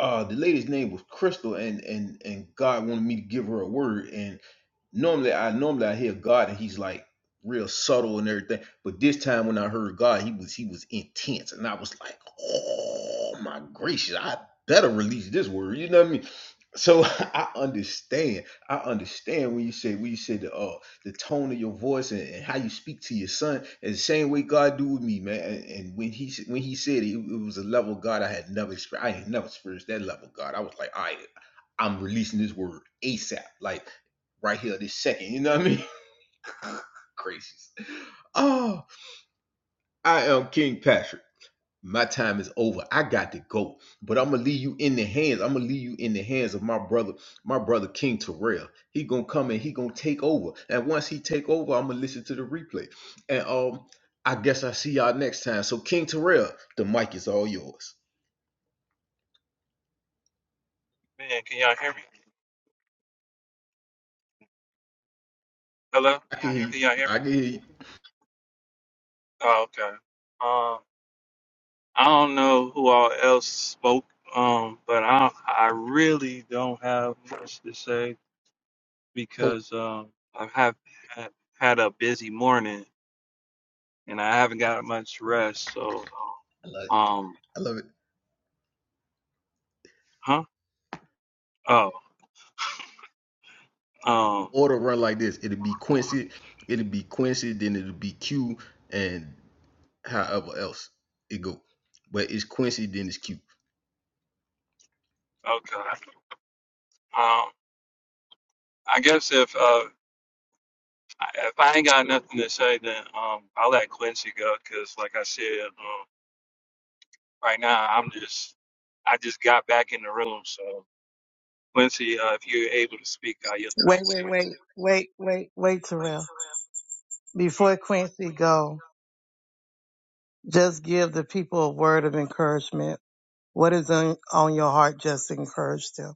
uh, the lady's name was Crystal, and and and God wanted me to give her a word, and. normally I normally I hear God and he's like real subtle and everything. But this time when I heard God, he was he was intense and I was like, oh my gracious, I better release this word. You know what I mean? So (laughs) I understand. I understand when you say when you said the uh, the tone of your voice and, and how you speak to your son. And the same way God do with me, man. And, and when he s- when he said it, it was a level of God I had never experienced. I had never experienced that level of God. I was like, all right, I'm releasing this word ASAP, like right here, this second. You know what I mean? (laughs) Crazy. Oh, I am King Patrick my time is over. I got to go. But I'm gonna leave you in the hands. I'm gonna leave you in the hands of my brother, my brother King Terrell. He gonna come and he gonna take over. And once he take over, I'm gonna listen to the replay. And um, I guess I see y'all next time. So King Terrell, the mic is all yours. Man, can y'all hear me? Hello? I can hear you. Can y'all hear me? I can hear you. Oh, okay. Um, I don't know who all else spoke, um, but I I really don't have much to say Ho- because um I have had had a busy morning and I haven't got much rest. So I love it. um, I love it. huh? Oh, um, Order run like this. It'll be Quincy. It'll be Quincy. Then it'll be Q. And however else it go. But it's Quincy. Then it's Q. okay. Um, I guess if uh if I ain't got nothing to say, then um I'll let Quincy go because, like I said, um, Right now, I'm just, I just got back in the room. So, Quincy, uh, if you're able to speak, I yield the mic Wait, to wait, you. wait, wait, wait, wait, Terrell. Before Quincy go, just give the people a word of encouragement. What is on, on your heart? Just encourage them.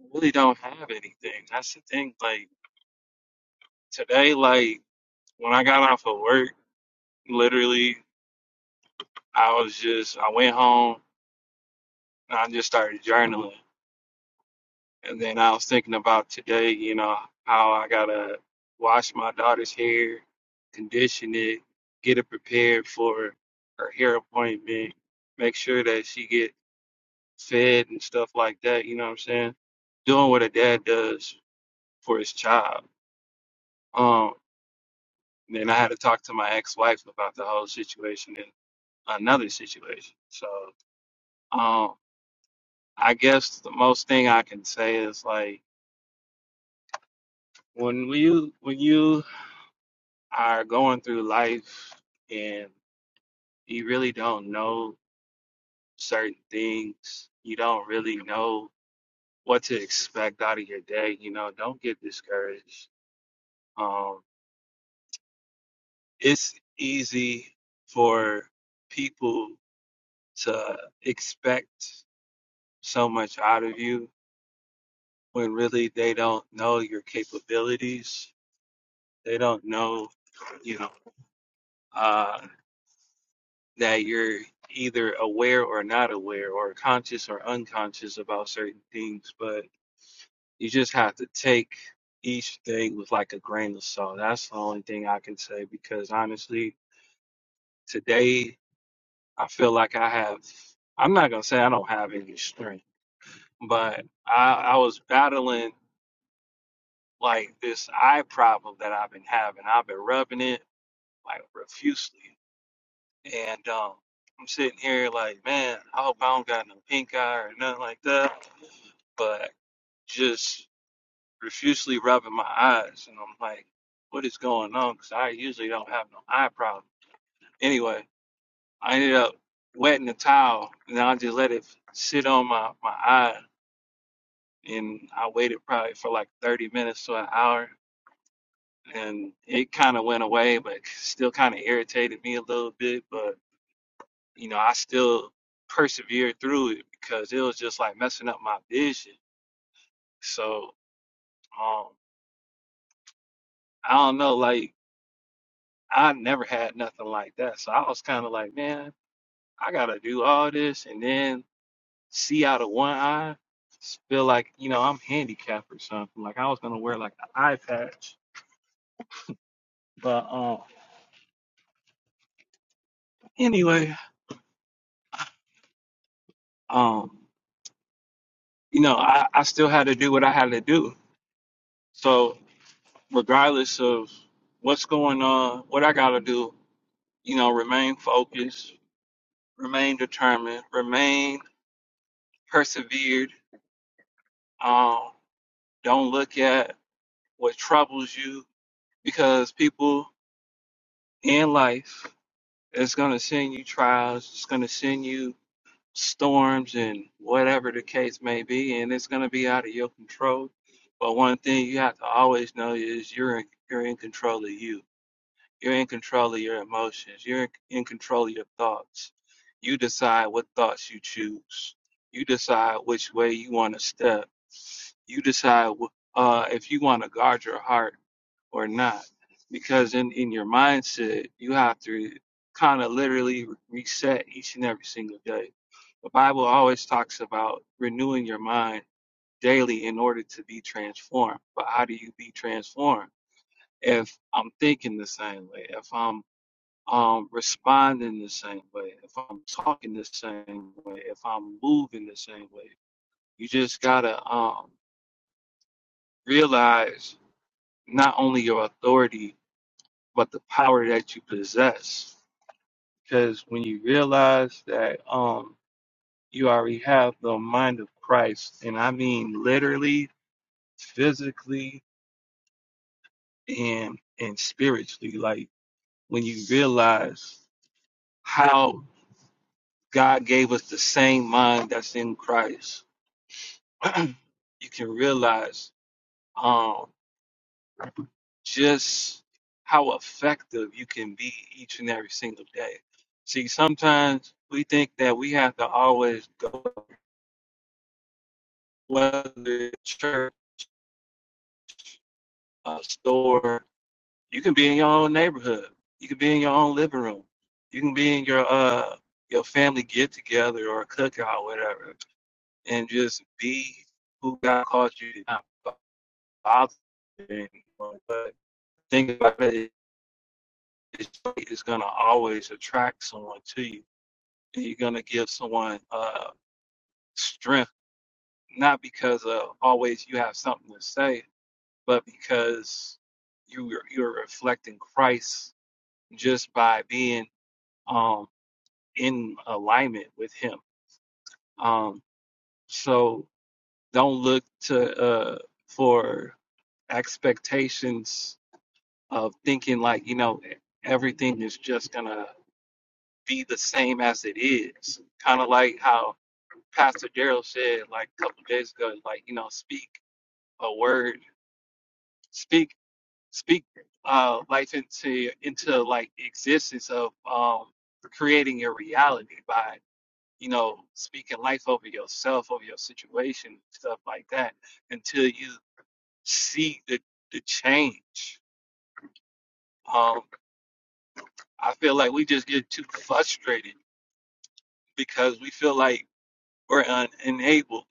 I really don't have anything. That's the thing. Like today, like when I got off of work, literally, I was just, I went home and I just started journaling. And then I was thinking about today, you know, how I gotta wash my daughter's hair, condition it, get it prepared for her hair appointment, make sure that she get fed and stuff like that. You know what I'm saying? Doing what a dad does for his child. Um, and then I had to talk to my ex-wife about the whole situation and another situation. So, um, I guess the most thing I can say is like when you when you are going through life and you really don't know certain things, you don't really know what to expect out of your day. You know, don't get discouraged. Um. it's easy for people to expect so much out of you when really they don't know your capabilities. They don't know, you know, uh, that you're either aware or not aware or conscious or unconscious about certain things, but you just have to take each thing with like a grain of salt. That's the only thing I can say because honestly, today I feel like I have. I'm not gonna say I don't have any strength, but I I was battling like this eye problem that I've been having. I've been rubbing it like profusely, and um, I'm sitting here like, man, I hope I don't got no pink eye or nothing like that. But just profusely rubbing my eyes, and I'm like, what is going on? Because I usually don't have no eye problem. Anyway, I ended up wetting the towel, and I just let it sit on my my eye and I waited probably for like 30 minutes to an hour, and it kind of went away, but still kind of irritated me a little bit. But you know, I still persevered through it because it was just like messing up my vision. So um, I don't know, like I never had nothing like that, so I was kind of like, man, I gotta do all this and then see out of one eye. Feel like you know I'm handicapped or something. Like I was gonna wear like an eye patch, but um, anyway, um, you know, I, I still had to do what I had to do. So regardless of what's going on, what I gotta do, you know, remain focused, remain determined, remain persevered. Um, don't look at what troubles you because people in life is gonna send you trials, it's gonna send you storms and whatever the case may be, and it's going to be out of your control. But one thing you have to always know is you're in, you're in control of you. You're in control of your emotions. You're in, in control of your thoughts. You decide what thoughts you choose. You decide which way you want to step. You decide uh, if you want to guard your heart or not, because in in your mindset you have to kind of literally reset each and every single day. The Bible always talks about renewing your mind daily in order to be transformed. But how do you be transformed? If I'm thinking the same way, if I'm um, responding the same way, if I'm talking the same way, if I'm moving the same way, you just gotta um, realize not only your authority but the power that you possess because when you realize that um you already have the mind of Christ and I mean literally physically and and spiritually like when you realize how God gave us the same mind that's in Christ (clears throat) you can realize um just how effective you can be each and every single day. See, sometimes we think that we have to always go whether it's church, a store. You can be in your own neighborhood. You can be in your own living room. You can be in your uh your family get together or cookout, whatever, and just be who God calls you to be. Not bother anyone, But think about it, it's, it's gonna always attract someone to you you're going to give someone uh, strength, not because of always you have something to say, but because you are- you're reflecting Christ just by being um, in alignment with Him. Um, so don't look to uh, for expectations of thinking like you know everything is just gonna be the same as it is. Kind of like how Pastor Daryl said like a couple days ago, like you know, speak a word, speak speak uh life into into like existence of um creating your reality by you know speaking life over yourself, over your situation, stuff like that, until you see the the change. Um, I feel like we just get too frustrated because we feel like we're un- enabled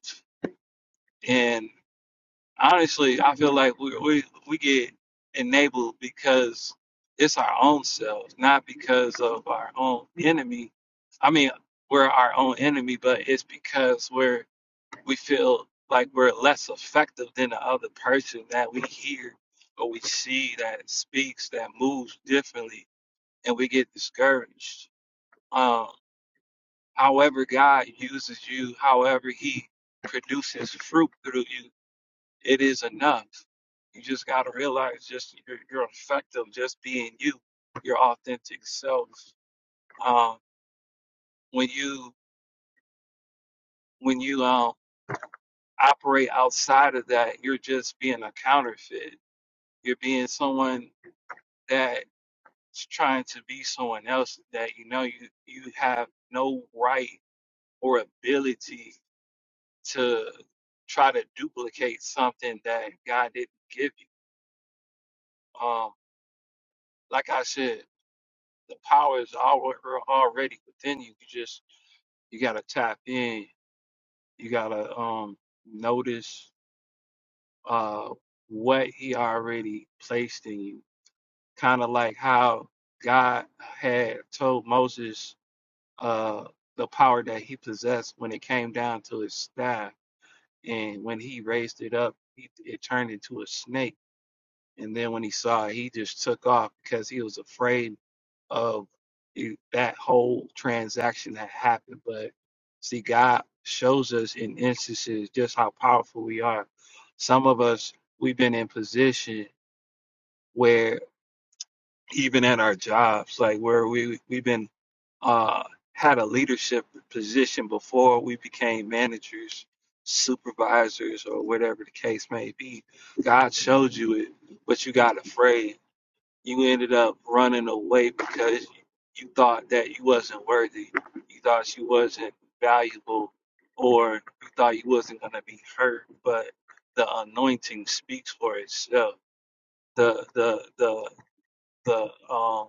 and honestly, I feel like we we, we get enabled because it's our own selves, not because of our own enemy. I mean, we're our own enemy, but it's because we're we feel like we're less effective than the other person that we hear or we see that speaks that moves differently, and we get discouraged. Um, however, God uses you, however He produces fruit through you it is enough. You just got to realize just you're, you're effective just being you, your authentic self. Um, when you when you um, operate outside of that, you're just being a counterfeit. You're being someone that's trying to be someone else that you know you you have no right or ability to try to duplicate something that God didn't give you. Um, like I said. the power is al- already within you. You just you gotta tap in. You gotta um notice uh what he already placed in you. Kind of like how God had told Moses uh the power that he possessed when it came down to his staff, and when he raised it up, he, it turned into a snake And then when he saw it, he just took off because he was afraid of it- that whole transaction that happened. But see, God shows us in instances just how powerful we are. Some of us, we've been in position where even at our jobs, like where we we've been uh, had a leadership position before we became managers, supervisors, or whatever the case may be. God showed you it, but you got afraid you ended up running away because you thought that you wasn't worthy. You thought you wasn't valuable or you thought you wasn't going to be hurt, but the anointing speaks for itself. The the the the um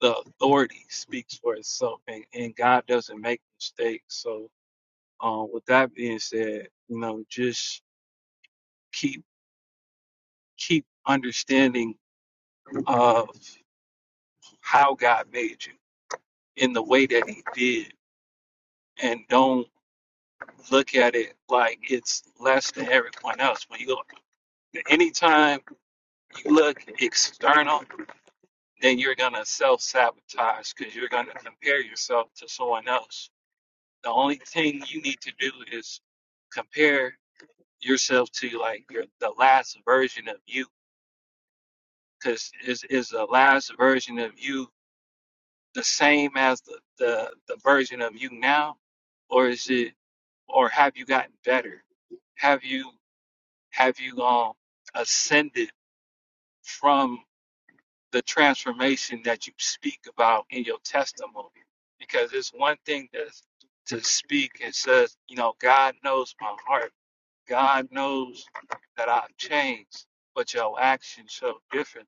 the authority speaks for itself and, and God doesn't make mistakes. So um with that being said, you know, just keep keep understanding of how God made you in the way that he did and don't look at it like it's less than everyone else. When you look, anytime you look external, then you're gonna self sabotage because you're gonna compare yourself to someone else. The only thing you need to do is compare yourself to like your the last version of you, because is is the last version of you the same as the, the the version of you now, or is it or have you gotten better? Have you? have you um ascended from the transformation that you speak about in your testimony? Because it's one thing to to speak and says, you know, God knows my heart. God knows that I've changed, but your actions show different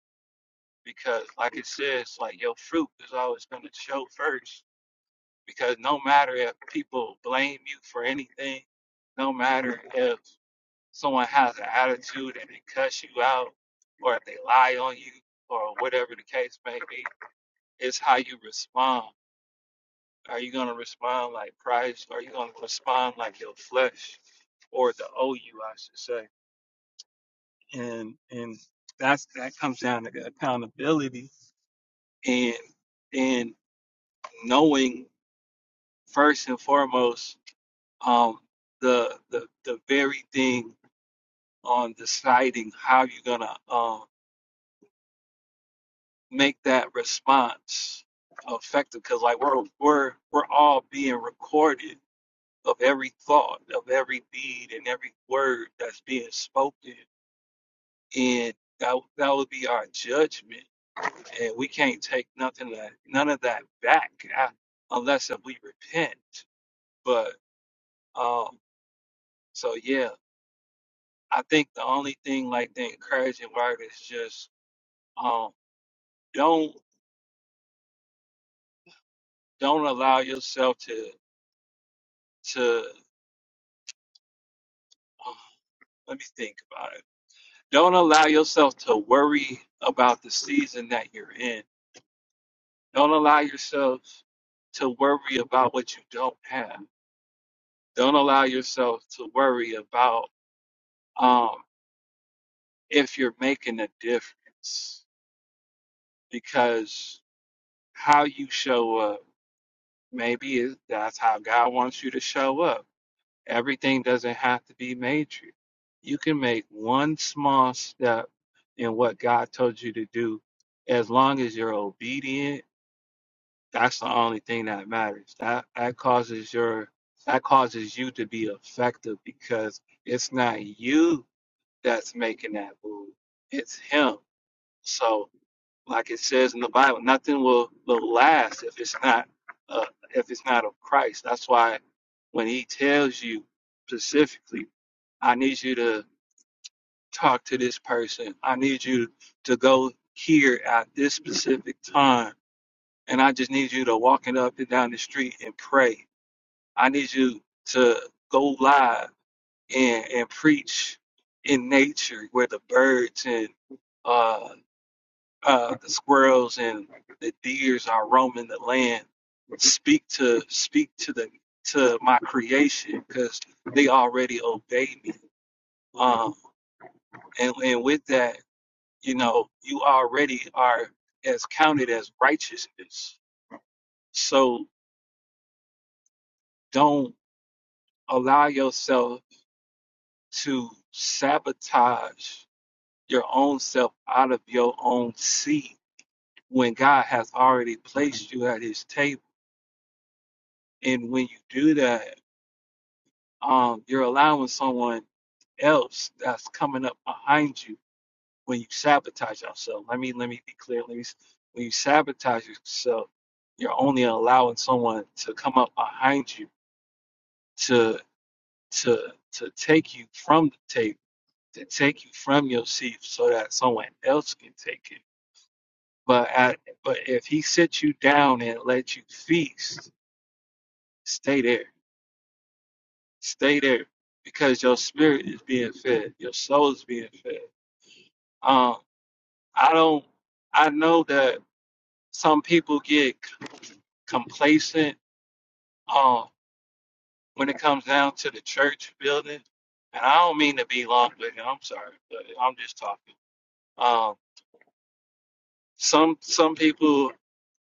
because like it says, like your fruit is always gonna show first. Because no matter if people blame you for anything, no matter if someone has an attitude and it cuts you out, or if they lie on you, or whatever the case may be, it's how you respond. Are you going to respond like Christ? Are you going to respond like your flesh or the OU, I should say? And and that's that comes down to accountability and and knowing first and foremost um, the the the very thing on deciding how you're gonna um, make that response effective because like we're we're we're all being recorded of every thought of every deed and every word that's being spoken and that, that would be our judgment and we can't take nothing that none of that back uh, unless if we repent but um so yeah i think the only thing like the encouraging word is just um don't don't allow yourself to to um, Let me think about it. Don't allow yourself to worry about the season that you're in. Don't allow yourself to worry about what you don't have. Don't allow yourself to worry about um, if you're making a difference because how you show up, maybe it- that's how God wants you to show up Everything doesn't have to be major. You can make one small step in what God told you to do as long as you're obedient. That's the only thing that matters. That that causes your that causes you to be effective because it's not you that's making that move. It's him. So like it says in the Bible, nothing will, will last if it's not uh, if it's not of Christ. That's why when He tells you specifically, I need you to talk to this person. I need you to go here at this specific time, and I just need you to walking up and down the street and pray. I need you to go live and and preach in nature where the birds and uh, uh, the squirrels and the deers are roaming the land. Speak to speak to the to my creation because they already obey me. Um, and and with that, you know, you already are as counted as righteousness. So don't allow yourself to sabotage your own self out of your own seat when God has already placed you at His table. And when you do that Um, you're allowing someone else that's coming up behind you when you sabotage yourself. Let me let me be clear. Let me, s- when you sabotage yourself, you're only allowing someone to come up behind you to to to take you from the table, to take you from your seat, so that someone else can take it. But at, but if he sits you down and lets you feast, stay there, stay there, because your spirit is being fed, your soul is being fed Um, I don't. I know that some people get c- complacent um, when it comes down to the church building, and I don't mean to be long-winded. I'm sorry, but I'm just talking. Um, some some people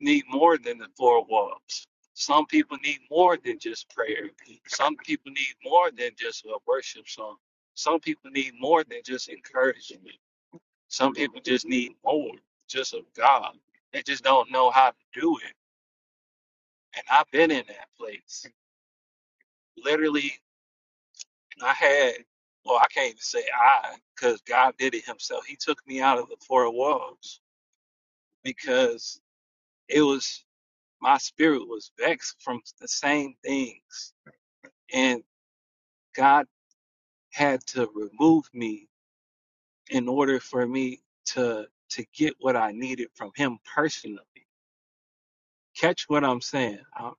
need more than the four walls. Some people need more than just prayer. Some people need more than just a worship song. Some people need more than just encouragement. Some people just need more, just of God. They just don't know how to do it And I've been in that place. Literally, I had, well, I can't even say I, because God did it himself. He took me out of the four walls because it was, my spirit was vexed from the same things. And God had to remove me in order for me to to get what I needed from him personally. Catch what I'm saying. I,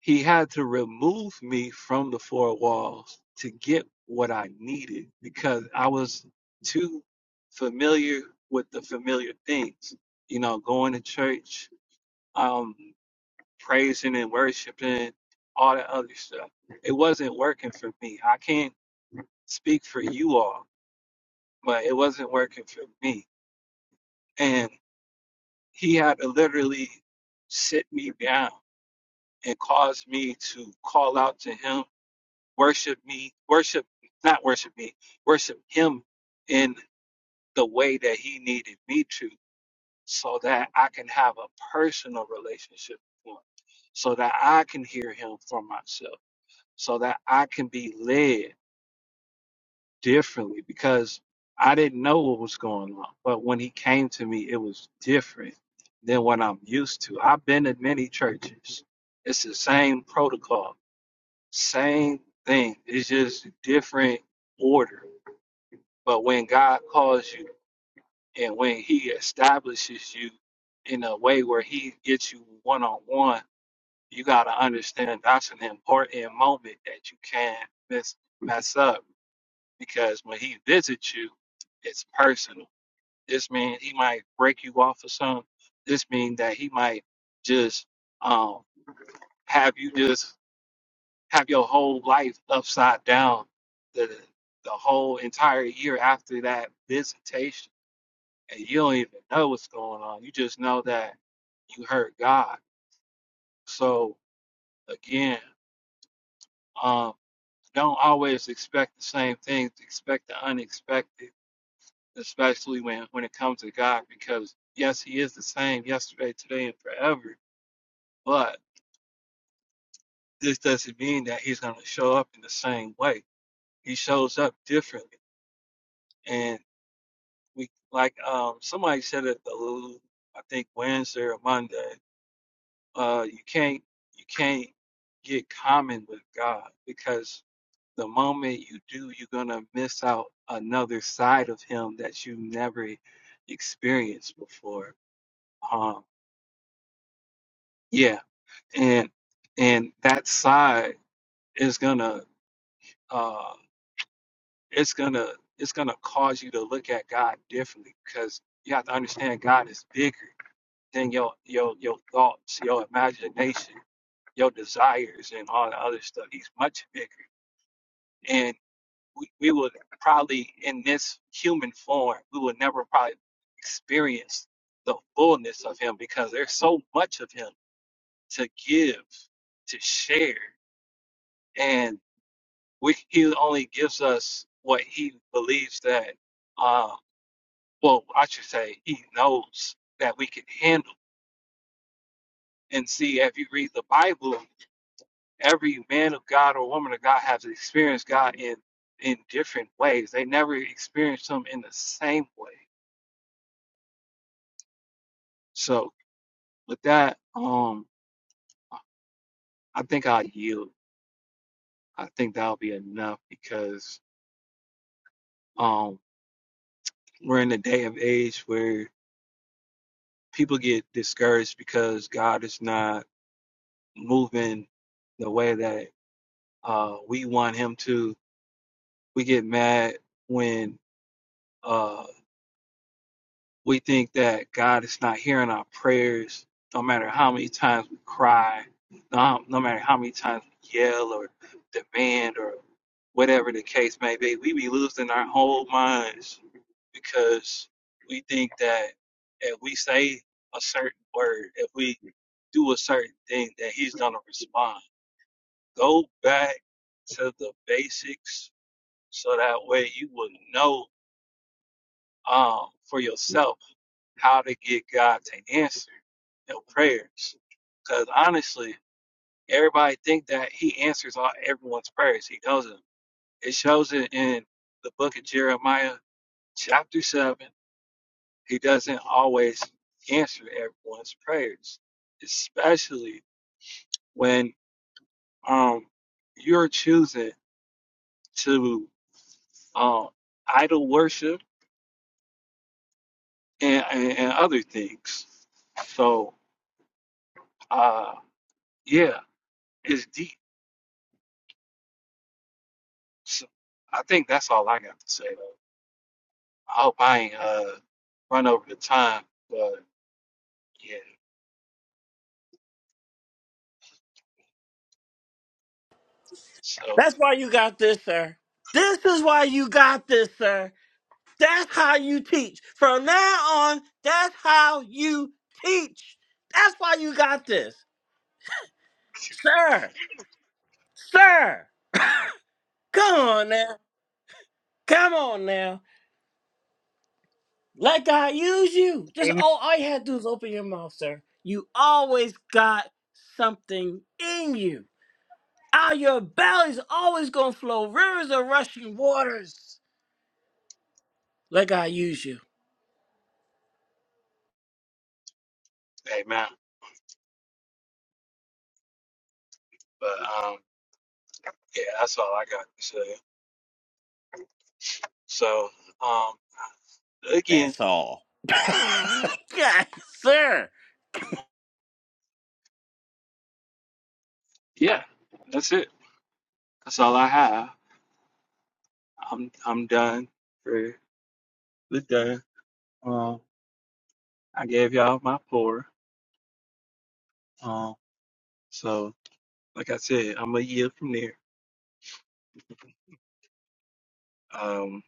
He had to remove me from the four walls to get what I needed because I was too familiar with the familiar things. You know, going to church, um, praising and worshiping, all that other stuff. It wasn't working for me. I can't speak for you all, but it wasn't working for me. And he had to literally sit me down and cause me to call out to him worship me, worship, not worship me, worship him in the way that he needed me to, so that I can have a personal relationship with him, so that I can hear him for myself, so that I can be led differently because I didn't know what was going on. But when he came to me, it was different than what I'm used to. I've been in many churches. It's the same protocol, same thing. It's just different order But when God calls you and when He establishes you in a way where He gets you one on one, you got to understand that's an important moment that you can't miss, mess up because when He visits you, it's personal. This means He might break you off of something. This means that He might just um, have you just have your whole life upside down the the whole entire year after that visitation and you don't even know what's going on. You just know that you hurt God. So again, um, don't always expect the same things. Expect the unexpected, especially when when it comes to God, because yes, He is the same yesterday, today, and forever. But this doesn't mean that He's going to show up in the same way. He shows up differently, and we like um somebody said it. The I think Wednesday or Monday. Uh, you can't you can't get common with God because the moment you do, you're gonna miss out another side of Him that you never experienced before. Um, yeah, and and that side is gonna uh, it's gonna it's gonna cause you to look at God differently because you have to understand God is bigger than your your your thoughts, your imagination, your desires, and all the other stuff. He's much bigger. and we, we would probably in this human form we will never probably experience the fullness of him because there's so much of him to give to share and we he only gives us what he believes that uh well i should say he knows that we can handle and see if you read the bible every man of god or woman of god has experienced god in in different ways they never experienced him in the same way So with that, um, I I think I'll yield. I think that'll be enough because um, we're in a day of age where people get discouraged because God is not moving the way that uh, we want Him to. We get mad when uh, we think that God is not hearing our prayers, no matter how many times we cry, no, no matter how many times we yell or demand or whatever the case may be, we be losing our whole minds because we think that if we say a certain word, if we do a certain thing, that He's gonna respond. Go back to the basics, so that way you will know um, for yourself how to get God to answer your prayers. Because honestly, everybody think that he answers all everyone's prayers. He doesn't. It shows it in the book of Jeremiah, chapter seven. He doesn't always answer everyone's prayers, especially when um you're choosing to um idol worship and, and, and other things. So uh yeah, it's deep. So I think that's all I got to say. though. I hope I ain't uh run over the time, but yeah. So That's why you got this, sir. This is why you got this, sir. That's how you teach. From now on, that's how you teach. That's why you got this, sir. Sir, come on now. Come on now. Let God use you. Just Amen. all, all you had to do is open your mouth, sir. You always got something in you. Out of your belly's always gonna flow rivers of rushing waters. Let God use you. amen. But um yeah, that's all I got to say. So um again, That's all. (laughs) yes, sir. yeah, that's it. That's all I have. I'm I'm done for the day. Um I gave y'all my pour. Um so like I said, I'm a year from there. Um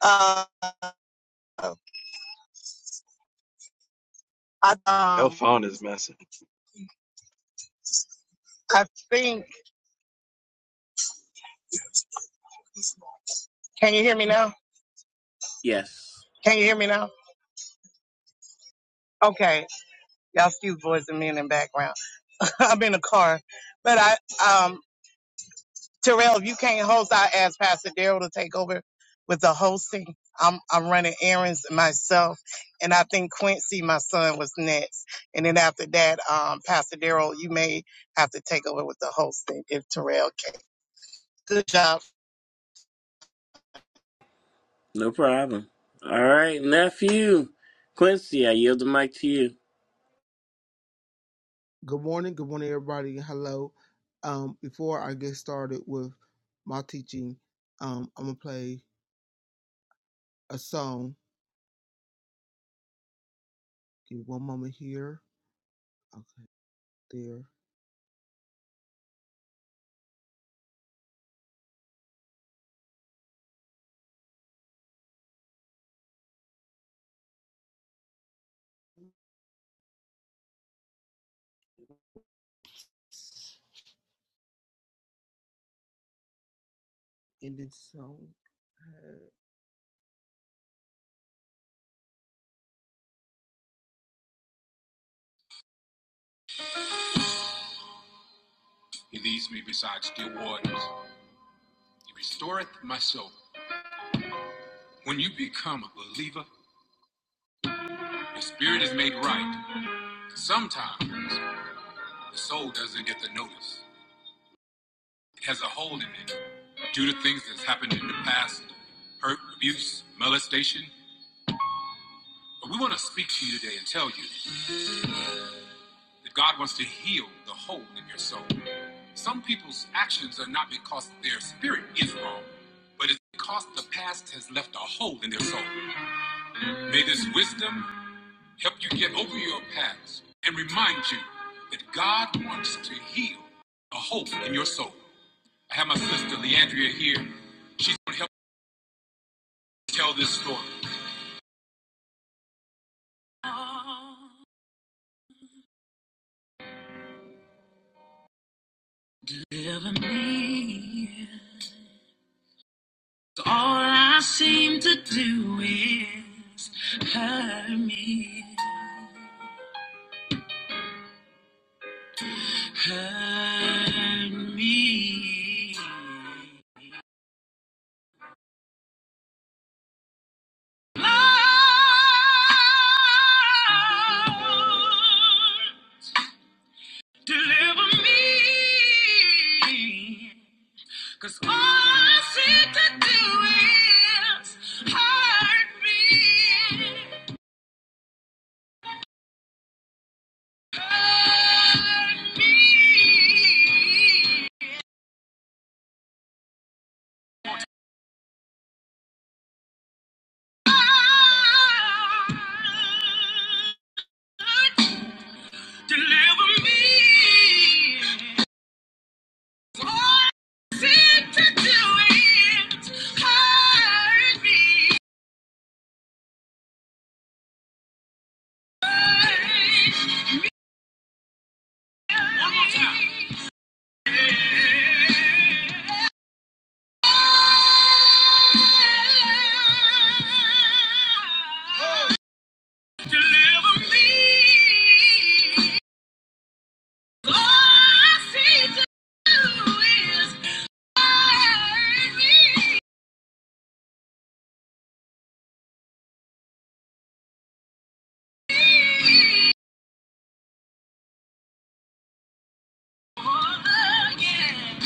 Uh, I, your um, phone is messing. I think. Can you hear me now? Yes. Can you hear me now? Okay, y'all excuse boys and men in the background. (laughs) I'm in the car, but I um Terrell, if you can't host, I ask Pastor Daryl to take over with the hosting. I'm I'm running errands myself, and I think Quincy, my son, was next. And then after that, um, Pastor Daryl, you may have to take over with the hosting if Terrell can. Good job. No problem. All right, nephew. Quincy, I yield the mic to you. Hurt me. Lord, deliver me. 'Cause all I seek to do is hurt me, hurt me. Lord, Deliver me. Oh, seem to do it. Hurt me. One more time. Oh. Deliver me. All I seem to do is hurt me. Oh, yeah.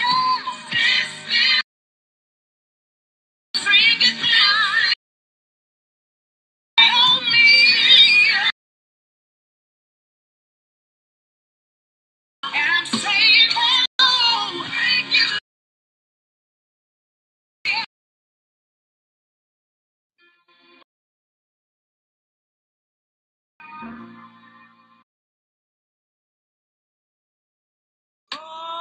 Thank you.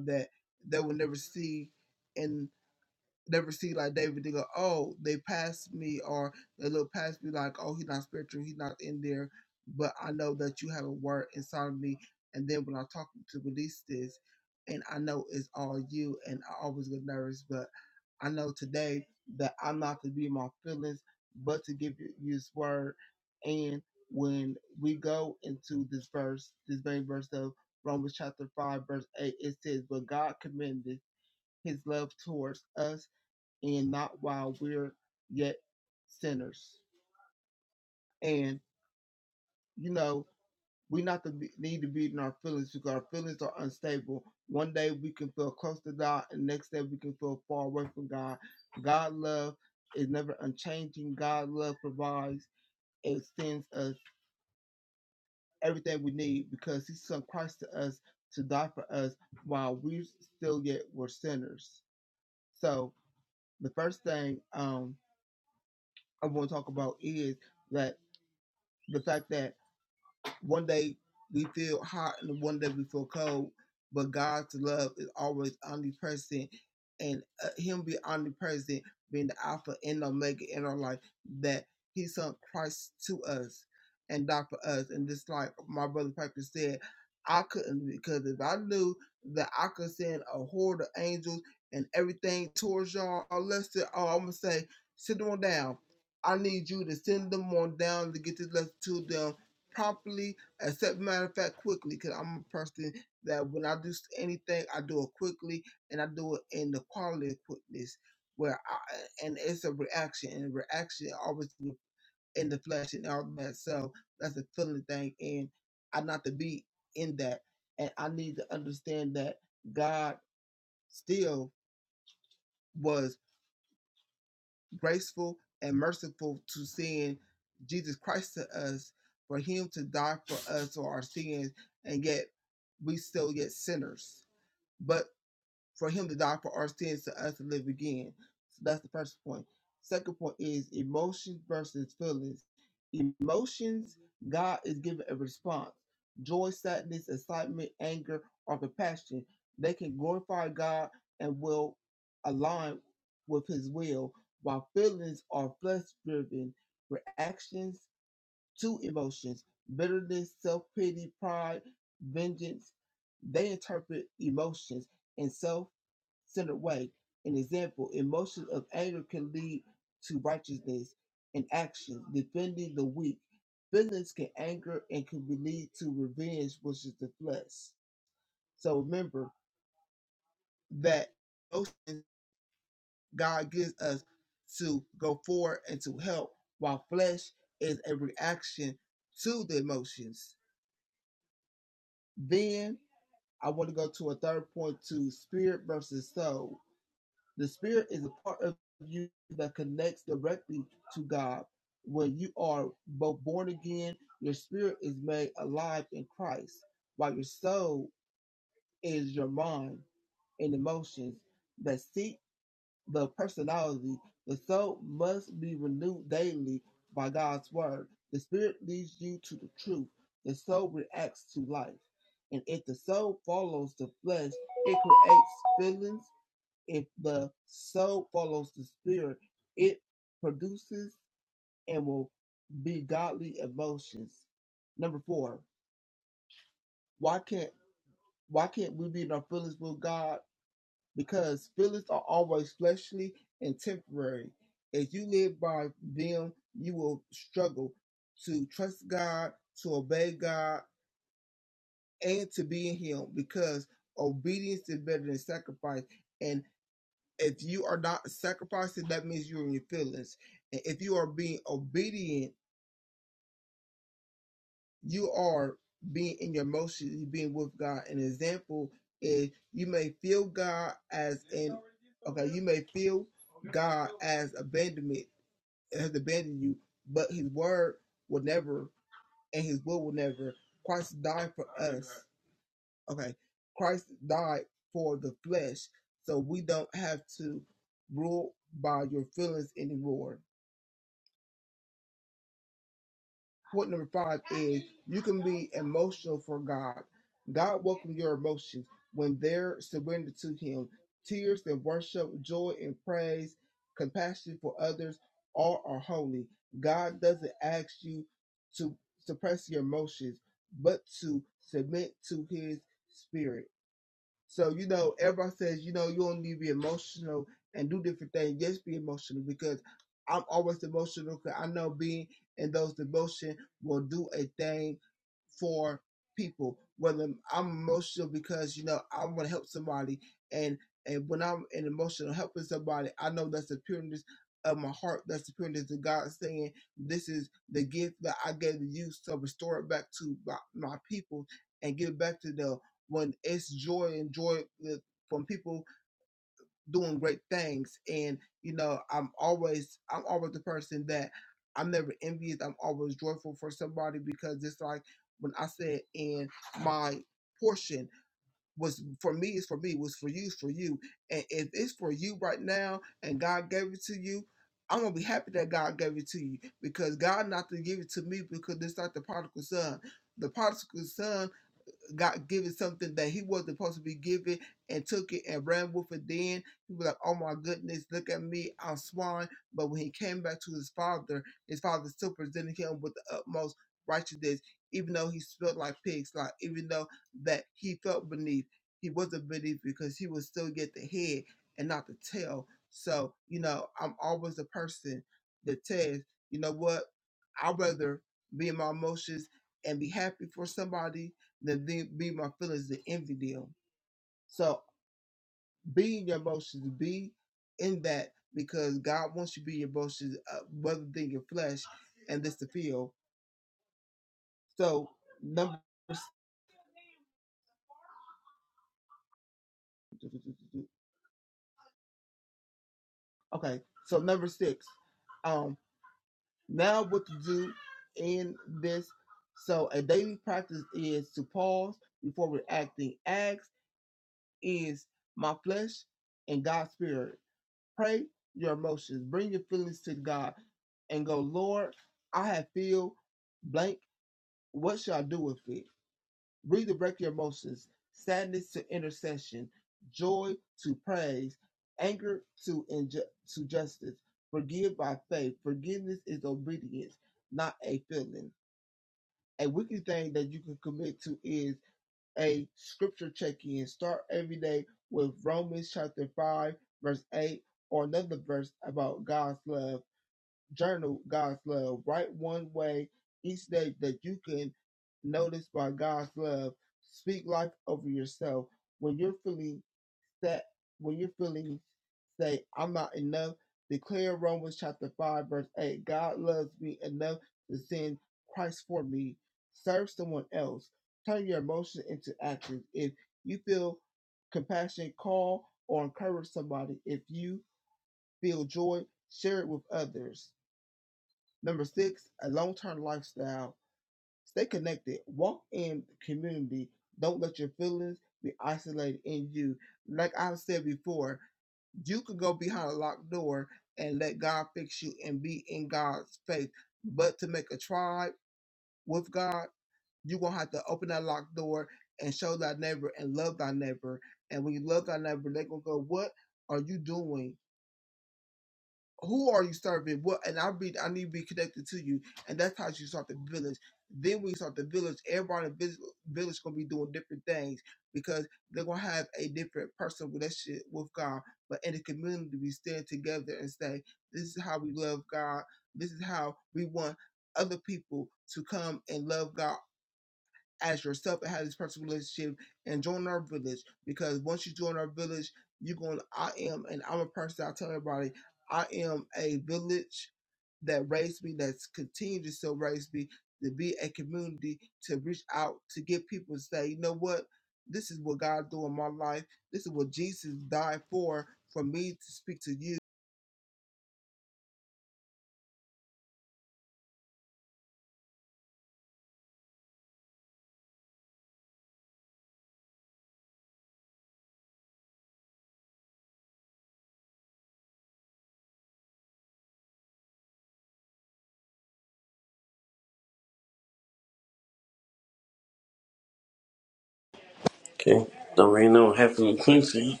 Okay. Don't really know what happened with Quincy.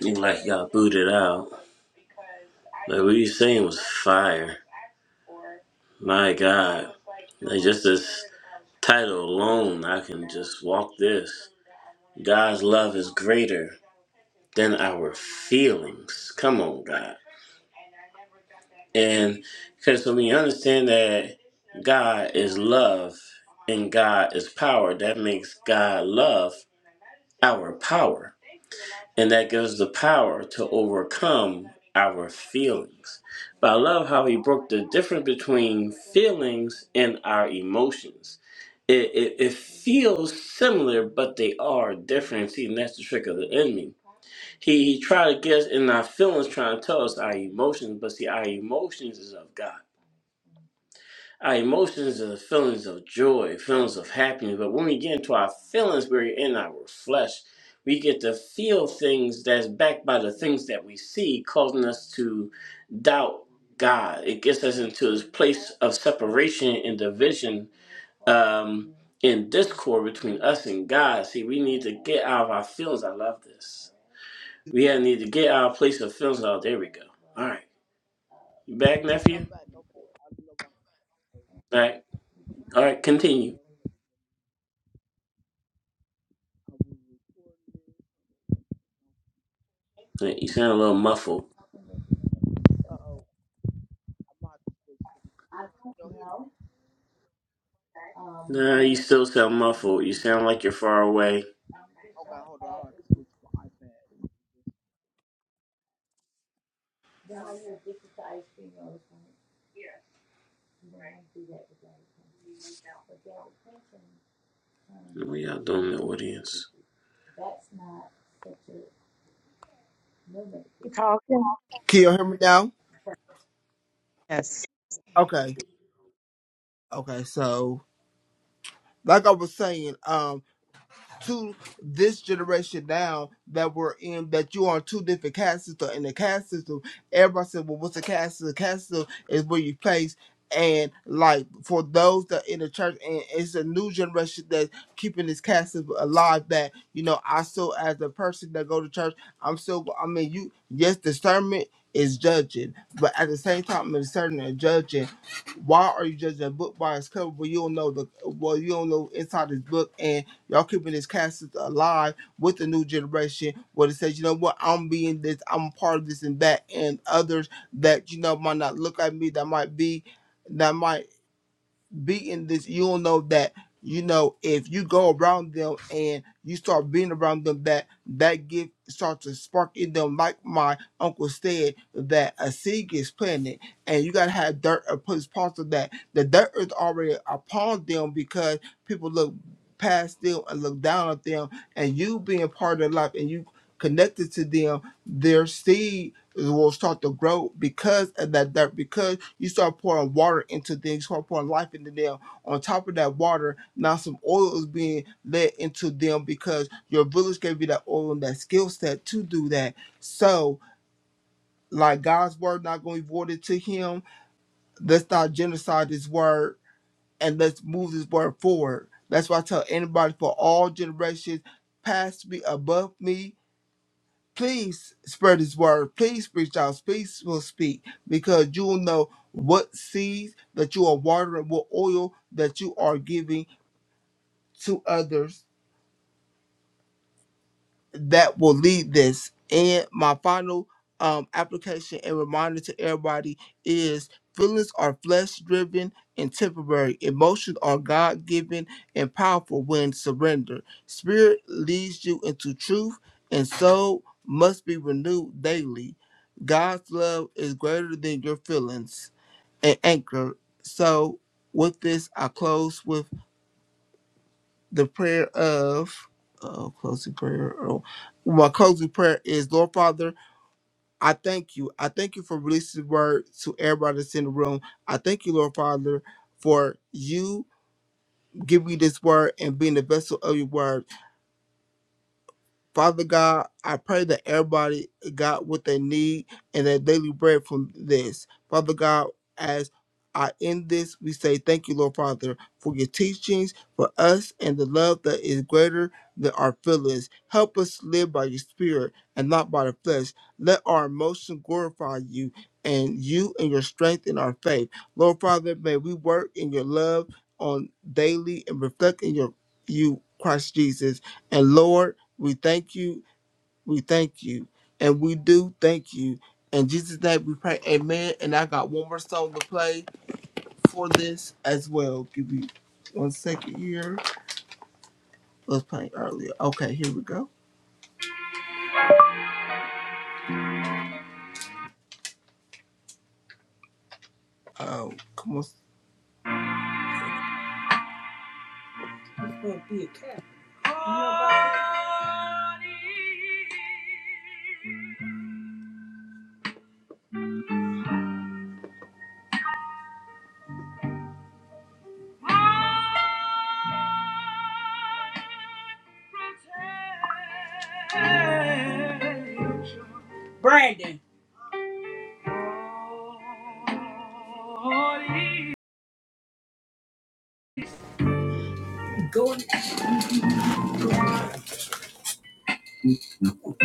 He like got booted out. Like what you saying was fire. My God. Like just this title alone, I can just walk this. God's love is greater than our feelings. Come on, God. And because when we understand that God is love and God is power, that makes God love our power. and that gives the power to overcome our feelings. But I love how he broke the difference between feelings and our emotions. It, it, it feels similar, but they are different. See, and that's the trick of the enemy. He, he tried to get us in our feelings, trying to tell us our emotions, but see, our emotions is of God. Our emotions are feelings of joy, feelings of happiness. But when we get into our feelings, we're in our flesh. We get to feel things that's backed by the things that we see, causing us to doubt God. It gets us into this place of separation and division um, and discord between us and God. See, we need to get out of our feelings. I love this. We had- need to get out of place of feelings. Oh, there we go. All right. You back, nephew? All right. All right, continue. You sound a little muffled. Nah, you still sound muffled. You sound like you're far away. We out doing the audience. You talking? Can you hear me now? Yes. Okay. Okay. So, like I was saying, um, to this generation now that we're in that you are on two different caste system in the caste system everybody said well what's a caste system? caste system is where you place and like for those that in the church and it's a new generation that's keeping this caste system alive that you know i still as a person that go to church i'm still i mean you yes discernment is judging but at the same time discerning and judging why are you judging a book by its cover? Well, you don't know the well, you don't know inside this book, and. Y'all keeping this cast alive with the new generation where it says, you know what, I'm being this, I'm a part of this and that, and others that, you know, might not look at me, that might be. that might beating this, you'll know that you know if you go around them and you start being around them, that that gift starts to spark in them. Like my uncle said, that a seed gets planted, and you gotta have dirt or put parts of that. The dirt is already upon them because people look past them and look down at them, and you being part of their life and you connected to them, their seed it will start to grow because of that dirt. Because you start pouring water into things, start pouring life into them. On top of that water, now some oil is being let into them because your village gave you that oil and that skill set to do that. So, like God's word not going to be voided to Him. Let's not genocide His word and let's move this word forward. That's why I tell anybody for all generations, past me, above me please spread his word. Please preach out. Please will speak because you will know what seeds that you are watering, what oil that you are giving to others that will lead this. And my final um, application and reminder to everybody is feelings are flesh driven and temporary. Emotions are God given and powerful when surrendered. Spirit leads you into truth, and soul must be renewed daily. God's love is greater than your feelings and anchor. So, with this, I close with the prayer of uh, closing prayer. Oh, my closing prayer is Lord Father, I thank you. I thank you for releasing the word to everybody that's in the room. I thank you, Lord Father, for you giving me this word and being the vessel of your word. Father God, I pray that everybody got what they need and their daily bread from this. Father God, as I end this, we say thank you, Lord Father, for your teachings, for us, and the love that is greater than our feelings. Help us live by your spirit and not by the flesh. Let our emotions glorify you and you and your strength in our faith. Lord Father, may we work in your love on daily and reflect in your you, Christ Jesus. And Lord, we thank you. We thank you. And we do thank you. In Jesus' name we pray. Amen. And I got one more song to play for this as well. Give me one second here. It was playing earlier. Okay, here we go. Oh, come on. Nobody.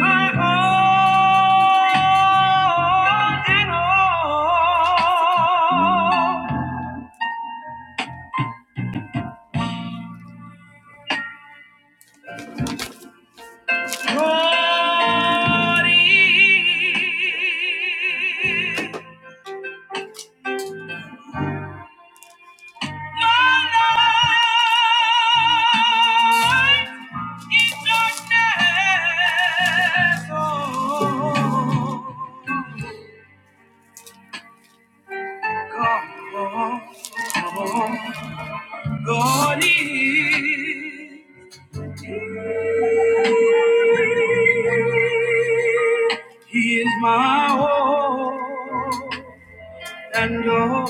My all in all, Lord my light in darkness. Oh, God is. He is my all and all.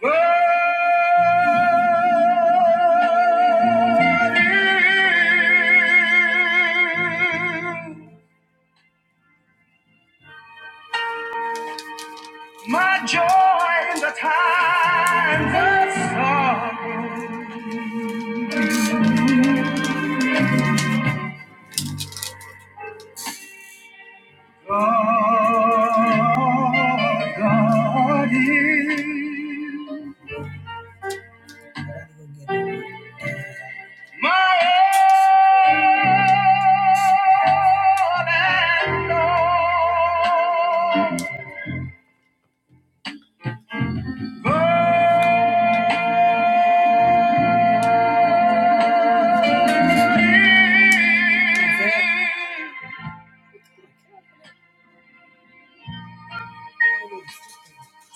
Burning, My joy in the times of sorrow. God, God is. My all and all.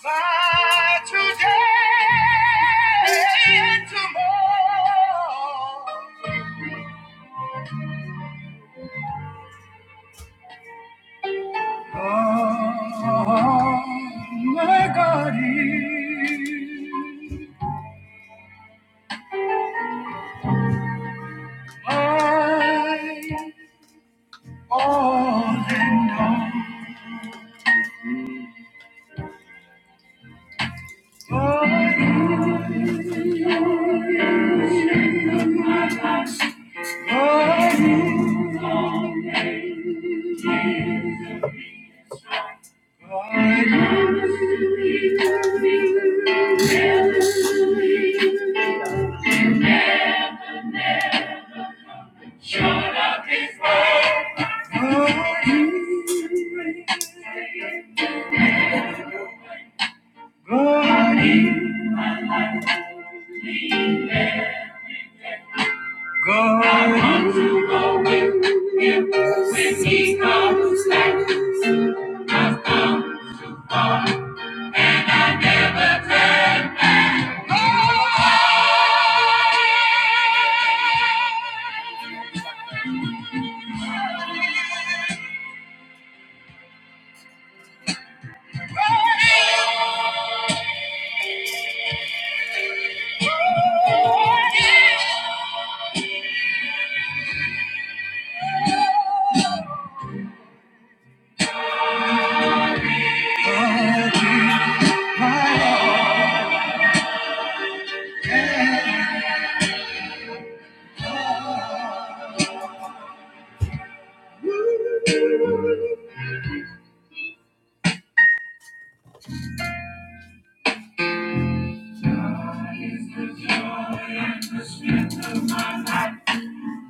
My today and tomorrow. Oh, my God my all and all. Pardon, pardon. Shut up is love. Pardon, pardon, God comes to him when he comes like a flood.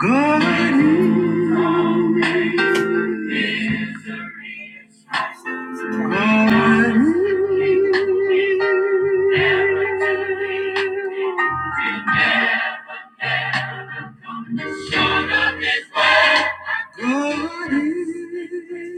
God is the reason. God is. God is.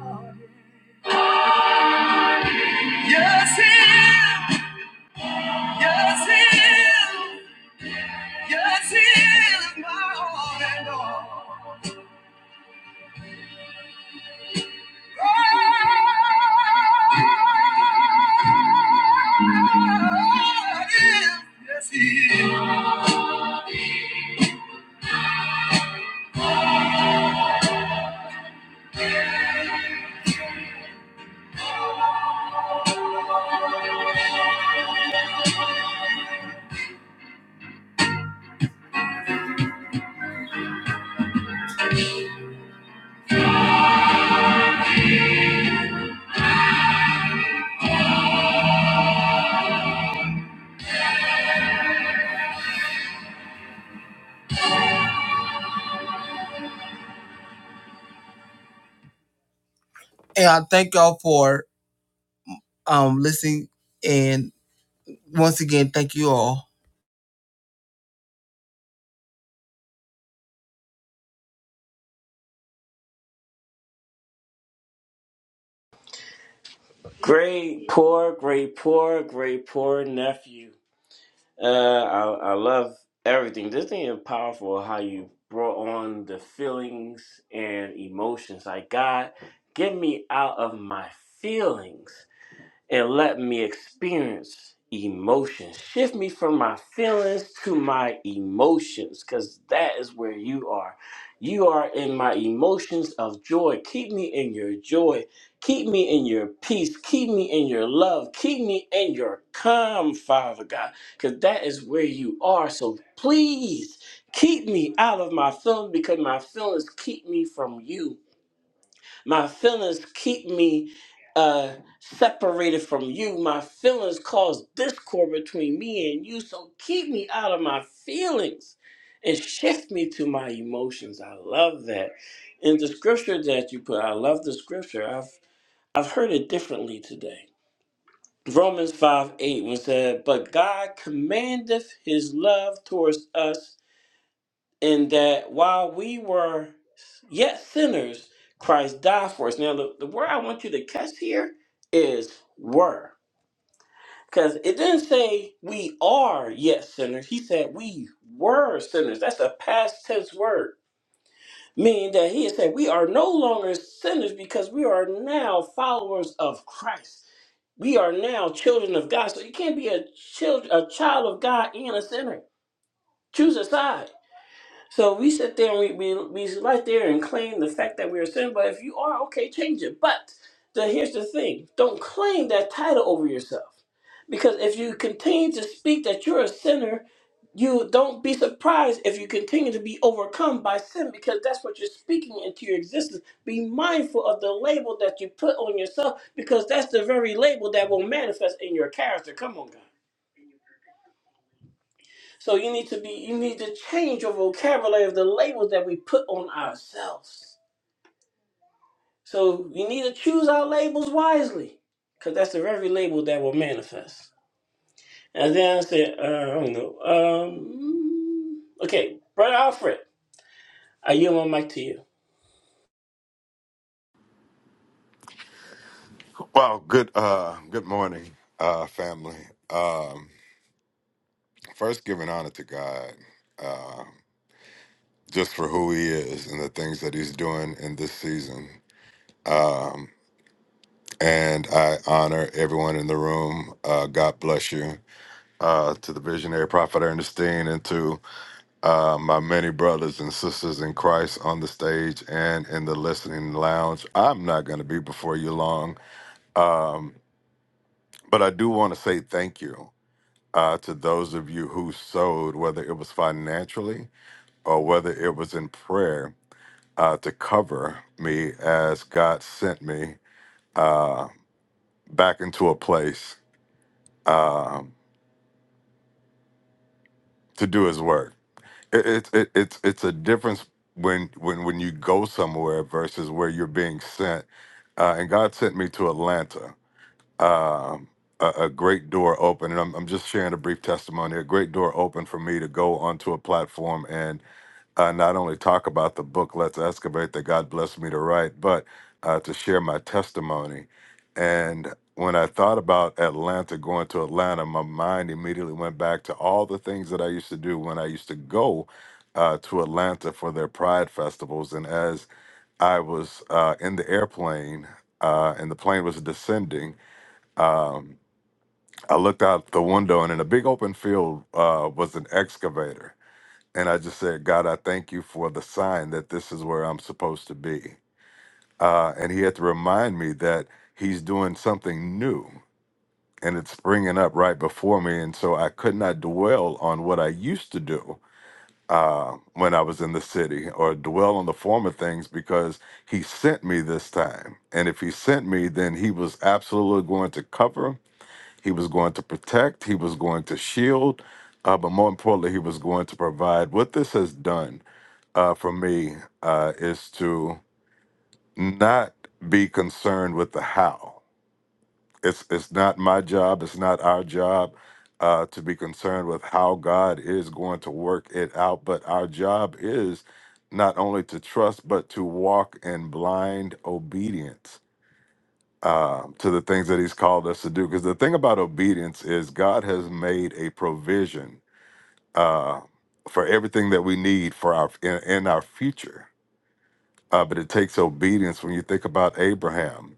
Yeah. Yes, he is. Yes, he is. Yes, he is my all and all. God is. Yes, he is. And I thank y'all for um listening. And once again, thank you all. Great poor, great poor, great poor nephew. Uh, I, I love everything. This thing is powerful. How you brought on the feelings and emotions I got. Get me out of my feelings. and let me experience emotions. Shift me from my feelings to my emotions, because that is where you are. You are in my emotions of joy. Keep me in your joy. Keep me in your peace. Keep me in your love. Keep me in your calm, Father God, because that is where you are. So please keep me out of my feelings because my feelings keep me from you. My feelings keep me uh, separated from you. My feelings cause discord between me and you. So keep me out of my feelings and shift me to my emotions. I love that. And the scripture that you put, I love the scripture. I've I've heard it differently today. Romans 5 8 was said, But God commandeth his love towards us in that while we were yet sinners, Christ died for us. Now, the, the word I want you to catch here is were. Because it didn't say we are yet sinners. He said we were sinners. That's a past tense word, meaning that he had said we are no longer sinners because we are now followers of Christ. We are now children of God. So you can't be a child, a child of God and a sinner. Choose a side. So we sit there and we, we, we right there and claim the fact that we're sin, but if you are, okay, change it. But the, here's the thing don't claim that title over yourself. Because if you continue to speak that you're a sinner, you don't be surprised if you continue to be overcome by sin because that's what you're speaking into your existence. Be mindful of the label that you put on yourself because that's the very label that will manifest in your character. Come on, God. So you need to be you need to change your vocabulary of the labels that we put on ourselves. So we need to choose our labels wisely, because that's the very label that will manifest. And then I said, uh, I don't know. Um, okay, brother Alfred, I yield my mic to you. Well, good uh good morning, uh family. Um first giving honor to God uh, just for who he is and the things that he's doing in this season. Um and I honor everyone in the room. Uh God bless you. Uh to the visionary prophet Ernestine and to uh my many brothers and sisters in Christ on the stage and in the listening lounge. I'm not gonna be before you long. Um but I do want to say thank you. uh, to those of you who sowed, whether it was financially or whether it was in prayer, uh, to cover me as God sent me uh, back into a place um to do His work. It, it, it, it's it's a difference when when when you go somewhere versus where you're being sent. Uh, and God sent me to Atlanta. Um, a, a great door opened, and I'm, I'm just sharing a brief testimony. A great door opened for me to go onto a platform and. uh, not only talk about the book Let's Excavate that God blessed me to write, but uh, to share my testimony. And when I thought about Atlanta, going to Atlanta, my mind immediately went back to all the things that I used to do when I used to go uh, to Atlanta for their Pride festivals. And as I was uh, in the airplane uh, and the plane was descending, um, I looked out the window, and in a big open field uh, was an excavator and I just said, God, I thank you for the sign that this is where I'm supposed to be. Uh, and he had to remind me that he's doing something new and it's springing up right before me. And so I could not dwell on what I used to do uh, when I was in the city or dwell on the former things because he sent me this time. And if he sent me, then he was absolutely going to cover, he was going to protect, he was going to shield, uh, but more importantly, he was going to provide. What this has done uh, for me uh, is to not be concerned with the how. It's it's not my job. It's not our job uh, to be concerned with how God is going to work it out. But our job is not only to trust, but to walk in blind obedience uh, to the things that He's called us to do. Because the thing about obedience is God has made a provision uh, for everything that we need for our in, in our future Uh, but it takes obedience when you think about Abraham.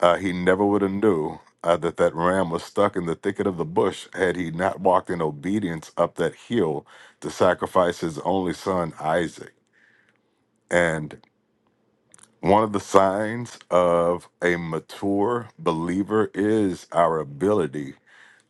Uh, he never would have knew uh, that that ram was stuck in the thicket of the bush had he not walked in obedience up that hill to sacrifice his only son, Isaac. And one of the signs of a mature believer is our ability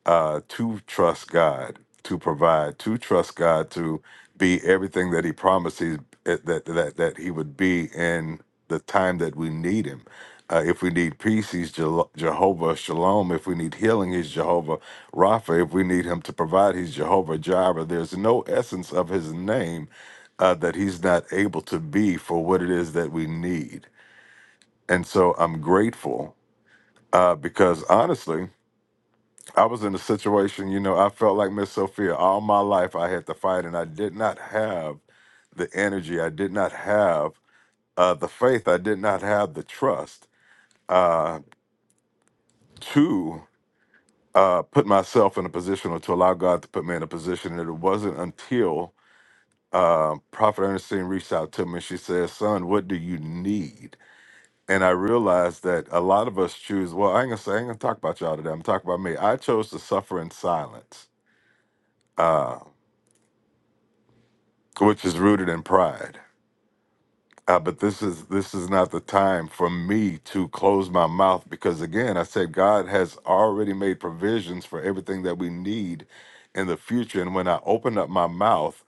uh, to trust God to provide, to trust God to be everything that He promised he, that that that He would be in the time that we need Him. Uh, if we need peace, He's Jel- Jehovah Shalom. If we need healing, He's Jehovah Rapha. If we need Him to provide, He's Jehovah Jireh. There's no essence of His name uh, that He's not able to be for what it is that we need. And so I'm grateful uh, because honestly. I was in a situation, you know, I felt like Miss Sophia all my life. I had to fight, and I did not have the energy. I did not have uh, the faith. I did not have the trust uh, to uh, put myself in a position or to allow God to put me in a position. And it wasn't until uh, Prophet Ernestine reached out to me and she said, Son, what do you need? And I realized that a lot of us choose, well, I ain't gonna say, I ain't gonna talk about y'all today. I'm talking about me. I chose to suffer in silence, which is rooted in pride uh, but this is this is not the time for me to close my mouth because again i said god has already made provisions for everything that we need in the future and when i opened up my mouth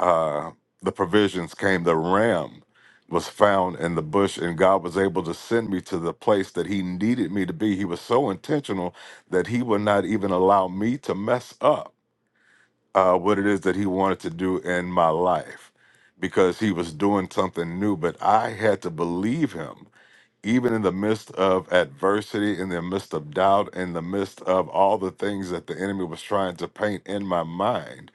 uh, the provisions came the ram was found in the bush and god was able to send me to the place that he needed me to be he was so intentional that he would not even allow me to mess up uh, what it is that he wanted to do in my life because he was doing something new. But I had to believe him, even in the midst of adversity, in the midst of doubt, in the midst of all the things that the enemy was trying to paint in my mind.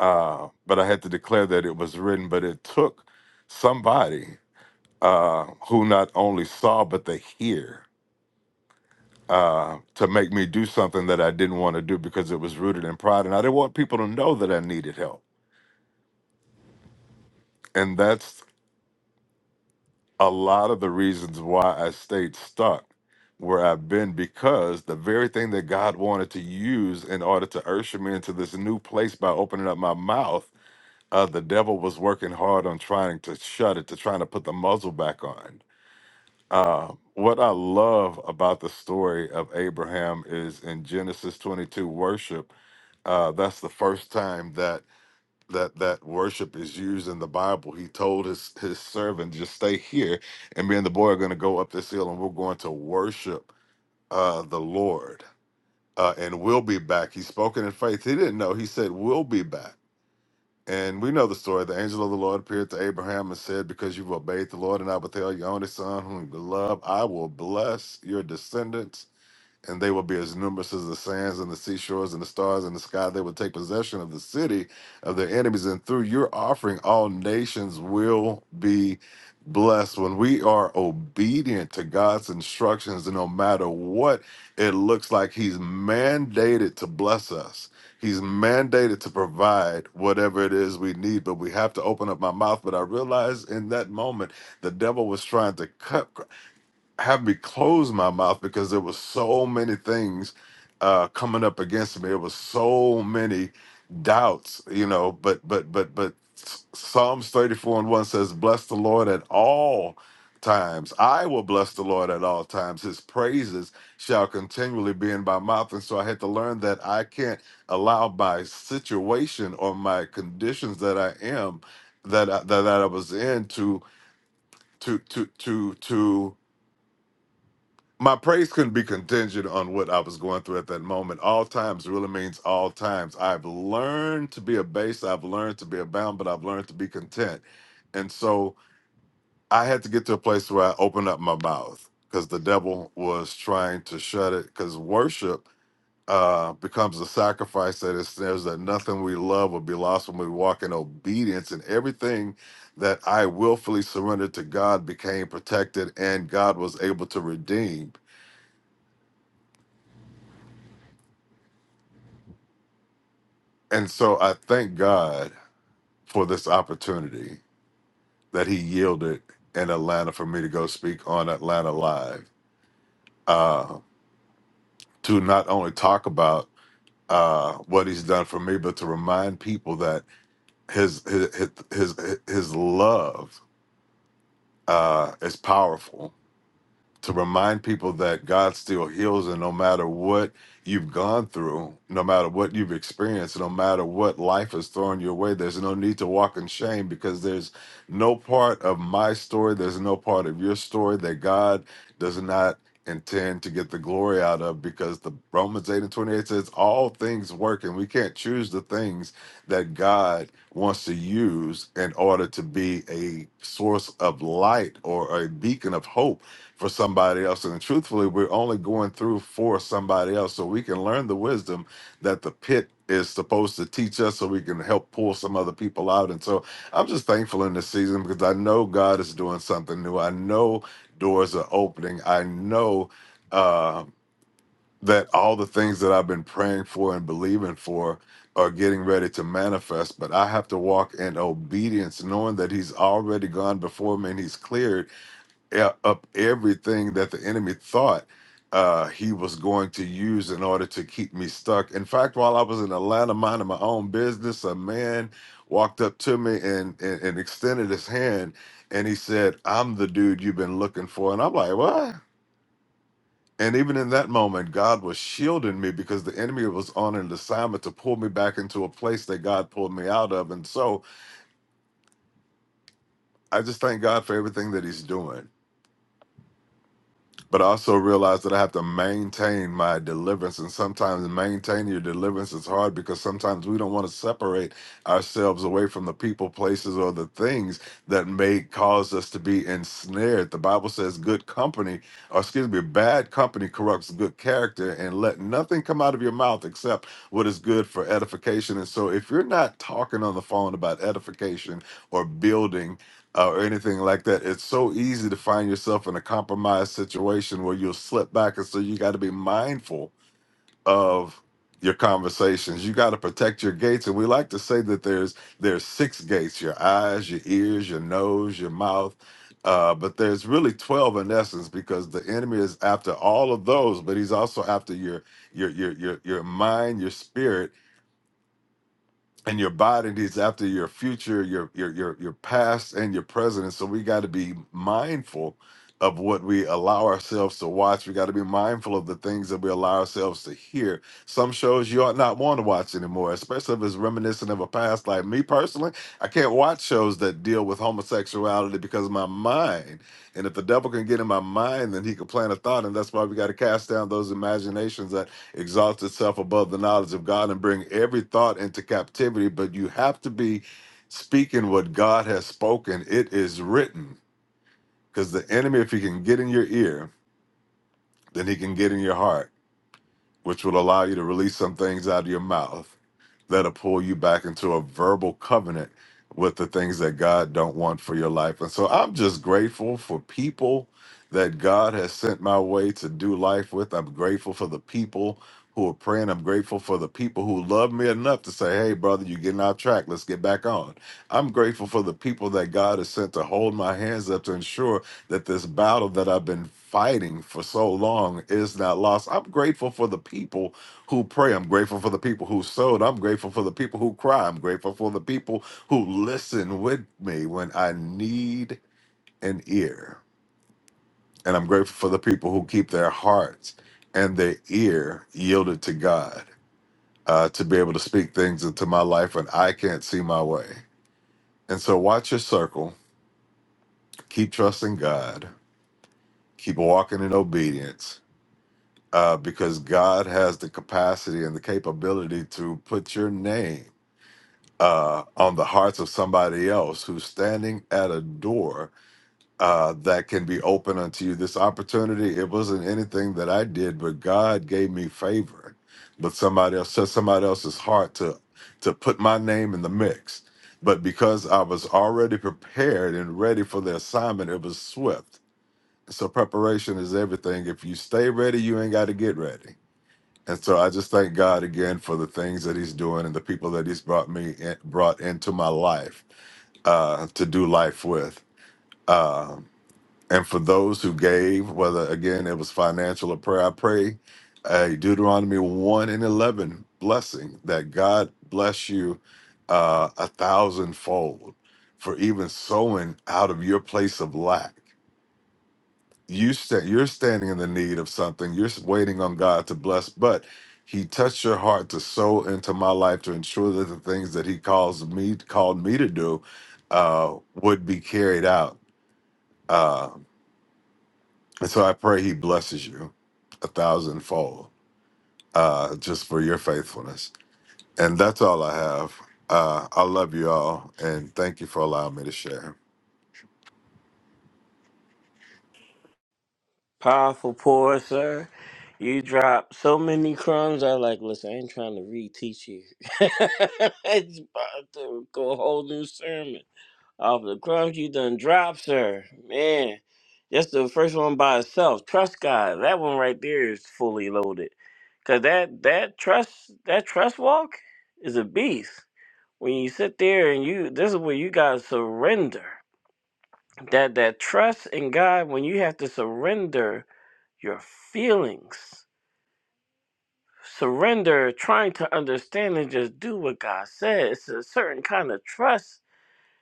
Uh, but I had to declare that it was written, but it took somebody uh, who not only saw, but they hear. Uh, to make me do something that I didn't want to do because it was rooted in pride, and I didn't want people to know that I needed help and that's a lot of the reasons why I stayed stuck where I've been because the very thing that God wanted to use in order to usher me into this new place by opening up my mouth, uh, the devil was working hard on trying to shut it, to trying to put the muzzle back on. Uh, what I love about the story of Abraham is in Genesis 22 worship, uh, that's the first time that that that worship is used in the Bible. He told his his servant, just stay here, and me and the boy are going to go up this hill, and we're going to worship uh, the Lord, uh, and we'll be back. He spoken in faith. He didn't know. He said, "We'll be back." And we know the story. The angel of the Lord appeared to Abraham and said, "Because you've obeyed the Lord, and I will tell your only son, whom you love, I will bless your descendants." and they will be as numerous as the sands and the seashores and the stars in the sky. They will take possession of the city of their enemies, and through your offering, all nations will be blessed. When we are obedient to God's instructions, and no matter what it looks like, He's mandated to bless us. He's mandated to provide whatever it is we need, but we have to open up my mouth. But I realized in that moment, the devil was trying to cut have me close my mouth because there was so many things uh, coming up against me. It was so many doubts, you know. But but but but Psalms thirty four and one says, "Bless the Lord at all times. I will bless the Lord at all times. His praises shall continually be in my mouth." And so I had to learn that I can't allow my situation or my conditions that I am that I, that, that I was in to to to to to my praise couldn't be contingent on what I was going through at that moment. All times really means all times. I've learned to be a base, I've learned to be abound, but I've learned to be content. And so I had to get to a place where I opened up my mouth because the devil was trying to shut it. Because worship uh, becomes a sacrifice that ensnares that nothing we love will be lost when we walk in obedience, and everything that I willfully surrendered to God became protected, and God was able to redeem. And so I thank God for this opportunity that He yielded in Atlanta for me to go speak on Atlanta Live uh, to not only talk about uh, what He's done for me, but to remind people that His His His His his love uh, is powerful to remind people that God still heals, and no matter what you've gone through, no matter what you've experienced, no matter what life is throwing your way, there's no need to walk in shame because there's no part of my story, there's no part of your story that God does not intend to get the glory out of because the Romans 8 and 28 says all things work and we can't choose the things that God wants to use in order to be a source of light or a beacon of hope for somebody else. And truthfully, we're only going through for somebody else so we can learn the wisdom that the pit is supposed to teach us so we can help pull some other people out. And so I'm just thankful in this season because I know God is doing something new. I know doors are opening. I know uh, that all the things that I've been praying for and believing for are getting ready to manifest, but I have to walk in obedience, knowing that He's already gone before me and He's cleared e- up everything that the enemy thought uh, he was going to use in order to keep me stuck. In fact, while I was in Atlanta minding my own business, a man walked up to me and, and, and extended his hand and he said, I'm the dude you've been looking for. And I'm like, what? And even in that moment, God was shielding me because the enemy was on an assignment to pull me back into a place that God pulled me out of. And so I just thank God for everything that he's doing. but I also realize that I have to maintain my deliverance. And sometimes maintaining your deliverance is hard because sometimes we don't want to separate ourselves away from the people, places, or the things that may cause us to be ensnared. The Bible says, good company, or excuse me, bad company corrupts good character, and let nothing come out of your mouth except what is good for edification. And so if you're not talking on the phone about edification or building, uh, or anything like that. It's so easy to find yourself in a compromised situation where you'll slip back. And so you got to be mindful of your conversations. You got to protect your gates. And we like to say that there's there's six gates: your eyes, your ears, your nose, your mouth. Uh, but there's really 12 in essence because the enemy is after all of those, but he's also after your your your your your mind, your spirit, and your body needs after your future, your your your your past and your present. And so we got to be mindful of what we allow ourselves to watch. We got to be mindful of the things that we allow ourselves to hear. Some shows you ought not want to watch anymore, especially if it's reminiscent of a past. Like me personally, I can't watch shows that deal with homosexuality because of my mind. And if the devil can get in my mind, then he can plant a thought. And that's why we got to cast down those imaginations that exalt itself above the knowledge of God and bring every thought into captivity, but you have to be speaking what God has spoken. It is written. Because the enemy, if he can get in your ear, then he can get in your heart which will allow you to release some things out of your mouth that'll pull you back into a verbal covenant with the things that God don't want for your life. And so I'm just grateful for people that God has sent my way to do life with. I'm grateful for the people who are praying. I'm grateful for the people who love me enough to say, hey, brother, you're getting off track. Let's get back on. I'm grateful for the people that God has sent to hold my hands up to ensure that this battle that I've been fighting for so long is not lost. I'm grateful for the people who pray. I'm grateful for the people who sowed. I'm grateful for the people who cry. I'm grateful for the people who listen with me when I need an ear. And I'm grateful for the people who keep their hearts and their ear yielded to God uh, to be able to speak things into my life when I can't see my way. And so, watch your circle, keep trusting God, keep walking in obedience uh, because God has the capacity and the capability to put your name uh, on the hearts of somebody else who's standing at a door uh, that can be open unto you. This opportunity, it wasn't anything that I did, but God gave me favor. But somebody else set somebody else's heart to to put my name in the mix. But because I was already prepared and ready for the assignment, it was swift. So preparation is everything. If you stay ready, you ain't got to get ready and so I just thank God again for the things that He's doing and the people that He's brought me in, brought into my life uh, to do life with. Um, and for those who gave, whether again it was financial or prayer, I pray a Deuteronomy one and eleven blessing that God bless you uh, a thousandfold for even sowing out of your place of lack you sta- you're standing in the need of something you're s- waiting on god to bless but he touched your heart to sow into my life to ensure that the things that he calls me called me to do uh, would be carried out uh, and so i pray he blesses you a thousandfold uh, just for your faithfulness and that's all i have uh, i love you all and thank you for allowing me to share Powerful poor sir. You drop so many crumbs. I like. Listen, I ain't trying to reteach you. (laughs) it's about to go a whole new sermon. off the crumbs you done dropped, sir. Man, that's the first one by itself. Trust God. That one right there is fully loaded. Cause that that trust that trust walk is a beast. When you sit there and you this is where you gotta surrender. That that trust in God when you have to surrender your feelings. Surrender trying to understand and just do what God says. It's a certain kind of trust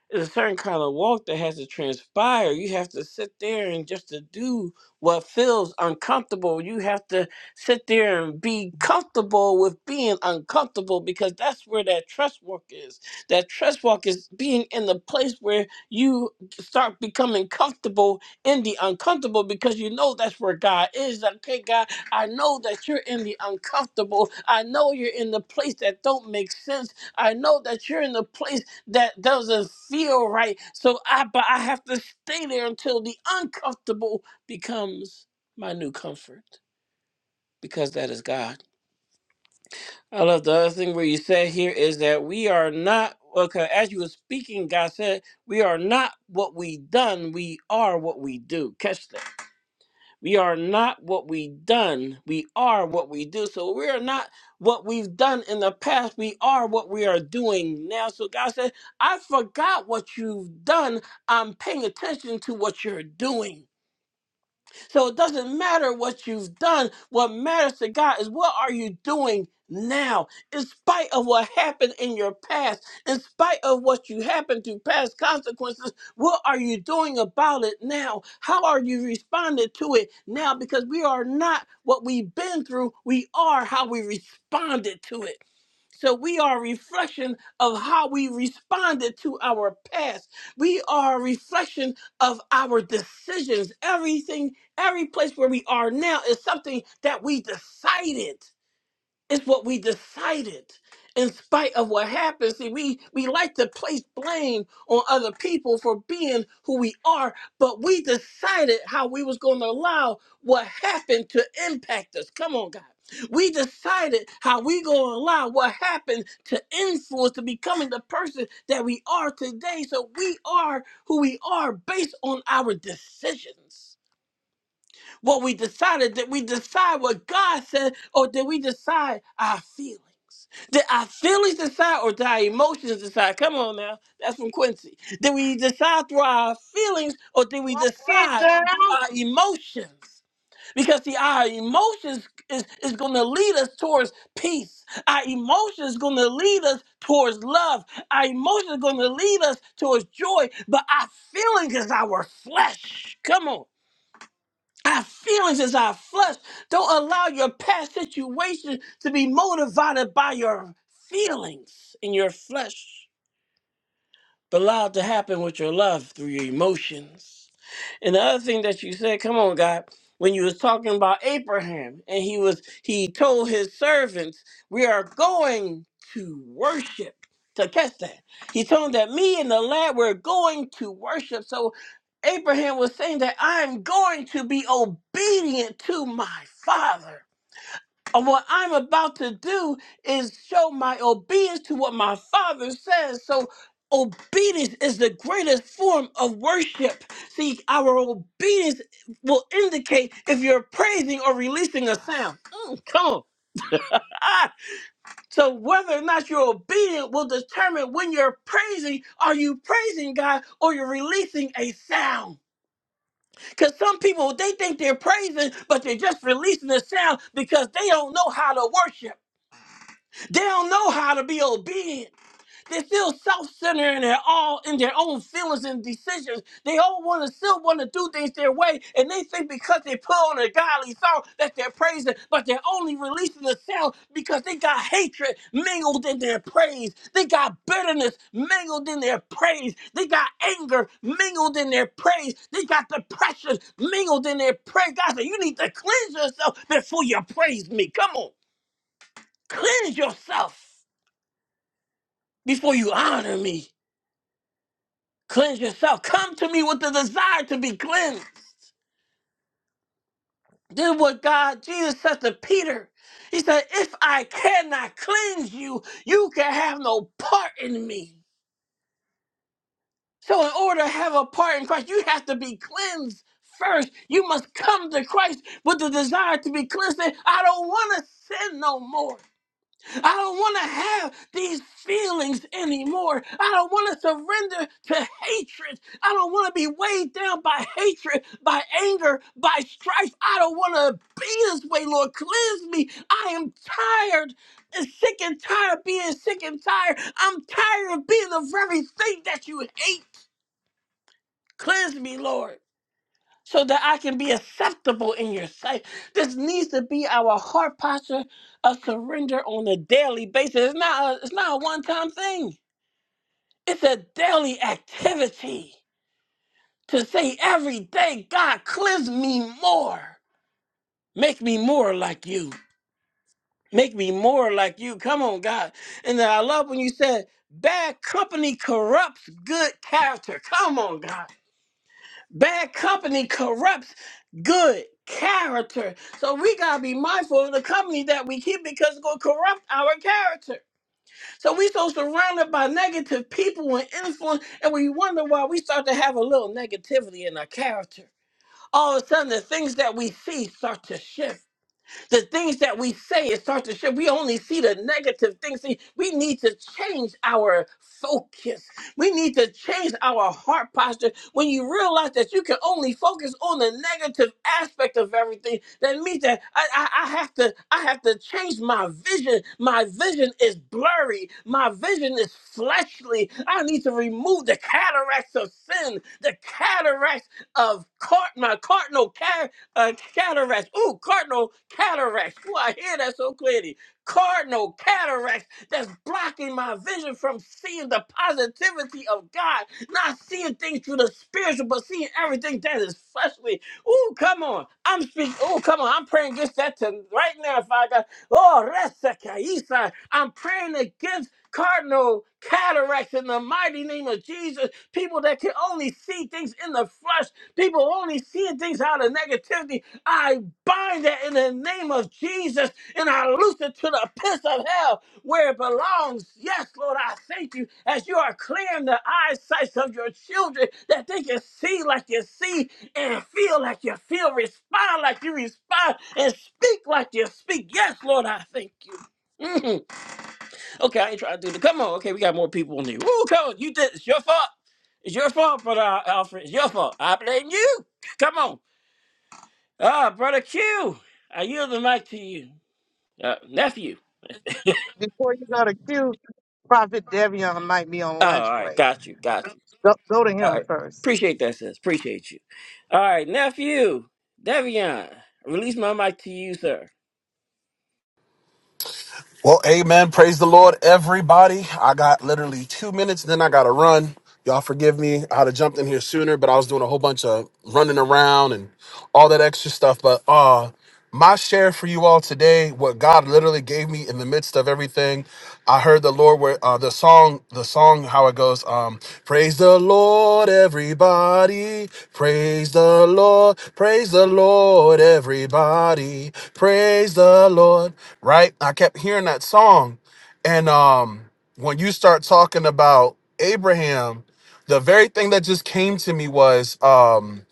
It's a certain kind of walk that has to transpire. You have to sit there and just to do what feels uncomfortable. You have to sit there and be comfortable with being uncomfortable because that's where that trust walk is. That trust walk is being in the place where you start becoming comfortable in the uncomfortable because you know that's where God is. Like, Okay, God, I know that you're in the uncomfortable. I know you're in the place that don't make sense. I know that you're in the place that doesn't feel right. So I but I have to stay there until the uncomfortable becomes my new comfort because that is God. I love the other thing where you said here is that we are not okay, as you were speaking, God said, we are not what we done, we are what we do. Catch that. We are not what we done. We are what we do. So we are not what we've done in the past. We are what we are doing now. So God said, I forgot what you've done. I'm paying attention to what you're doing. So it doesn't matter what you've done. What matters to God is what are you doing now, in spite of what happened in your past, in spite of what you happened to past consequences. What are you doing about it now? How are you responding to it now? Because we are not what we've been through, we are how we responded to it. So we are a reflection of how we responded to our past. We are a reflection of our decisions. Everything Every place where we are now is something that we decided. It's what we decided. In spite of what happens, see, we, we like to place blame on other people for being who we are, but we decided how we was going to allow what happened to impact us. Come on, God. We decided how we going to allow what happened to influence to becoming the person that we are today. So we are who we are based on our decisions. What we decided, did we decide what God said, or did we decide our feelings? Did our feelings decide or did our emotions decide? Come on now. That's from Quincy. Did we decide through our feelings or did we Walk it decide down. through our emotions? Because see, our emotions is, is gonna lead us towards peace. Our emotions is gonna lead us towards love. Our emotions is gonna lead us towards joy, but our feelings is our flesh. Come on. Our feelings is our flesh. Don't allow your past situation to be motivated by your feelings and your flesh but allow it to happen with your love through your emotions. And the other thing that you said, come on, God, when you was talking about Abraham and he was he told his servants, We are going to worship. To catch that. He told them that me and the lad were going to worship. So Abraham was saying that I'm going to be obedient to my father. And what I'm about to do is show my obedience to what my father says. So obedience is the greatest form of worship. See, our obedience will indicate if you're praising or releasing a sound. Mm, come on. Ah. So whether or not you're obedient will determine when you're praising. Are you praising God or you're releasing a sound? Because some people they think they're praising, but they're just releasing a sound because they don't know how to worship. They don't know how to be obedient. They're still self-centered and they're all in their own feelings and decisions. They all want to still want to do things their way, and they think because they put on a godly song that they're praising, but they're only releasing the sound because they got hatred mingled in their praise. They got bitterness mingled in their praise. They got anger mingled in their praise. They got depression mingled in their praise. God said, "You need to cleanse yourself before you praise me." Come on, cleanse yourself. Before you honor me, cleanse yourself. Come to me with the desire to be cleansed. Then what God, Jesus said to Peter, He said, If I cannot cleanse you, you can have no part in me. So, in order to have a part in Christ, you have to be cleansed first. You must come to Christ with the desire to be cleansed. Say, I don't want to sin no more. I don't want to have these feelings anymore. I don't want to surrender to hatred. I don't want to be weighed down by hatred, by anger, by strife. I don't want to be this way, Lord. Cleanse me. I am tired and sick and tired of being sick and tired. I'm tired of being the very thing that you hate. Cleanse me, Lord so that I can be acceptable in your sight. This needs to be our heart posture of surrender on a daily basis. It's not a, it's not a one-time thing. It's a daily activity to say every day, God, cleanse me more. Make me more like you. Make me more like you. Come on, God. And then I love when you said, bad company corrupts good character. Come on, God. Bad company corrupts good character. So we gotta be mindful of the company that we keep because it's gonna corrupt our character. So we so surrounded by negative people and influence, and we wonder why we start to have a little negativity in our character. All of a sudden, the things that we see start to shift. The things that we say, it starts to shift. We only see the negative things. See, we need to change our focus. We need to change our heart posture. When you realize that you can only focus on the negative aspect of everything, that means that I, I, I have to I have to change my vision. My vision is blurry. My vision is fleshly. I need to remove the cataracts of sin, the cataracts of cart my cardinal car- uh, cataracts. Ooh, cardinal cataracts. Ooh, I hear that so clearly. Cardinal cataracts that's blocking my vision from seeing the positivity of God, not seeing things through the spiritual, but seeing everything that is fleshly. Ooh, come on. I'm speaking. Ooh, come on. I'm praying against that to right now, Father. Oh, Resa Kaisa. I'm praying against cardinal cataracts in the mighty name of Jesus. People that can only see things in the flesh, people only seeing things out of negativity. I bind that in the name of Jesus and I loose it to the pits of hell where it belongs. Yes, Lord, I thank you as you are clearing the eyesight of your children that they can see like you see and feel like you feel, respond like you respond, and speak like you speak. Yes, Lord, I thank you. Mhm. Okay, I ain't trying to do the. Come on, okay, we got more people on here. Woo, come on, you did. It's your fault. It's your fault, brother Al- Alfred. It's your fault. I blame you. Come on, ah, brother Q. I yield the mic to you, uh, nephew. Before you go to Q, Prophet Devion might be on Oh, all lunch right, break. got you, got you. Go, go to All him right, first. appreciate that, sis. Appreciate you. All right, nephew, Devion. Release my mic to you, sir. Well, amen. Praise the Lord, everybody. I got literally two minutes, then I got to run. Y'all forgive me. I had to jump in here sooner, but I was doing a whole bunch of running around and all that extra stuff. But uh, my share for you all today, what God literally gave me in the midst of everything everything. I heard the Lord where uh, the song, the song, how it goes. Um, praise the Lord, everybody. Praise the Lord. Praise the Lord, everybody. Praise the Lord. Right? I kept hearing that song, and um, when you start talking about Abraham, the very thing that just came to me was um.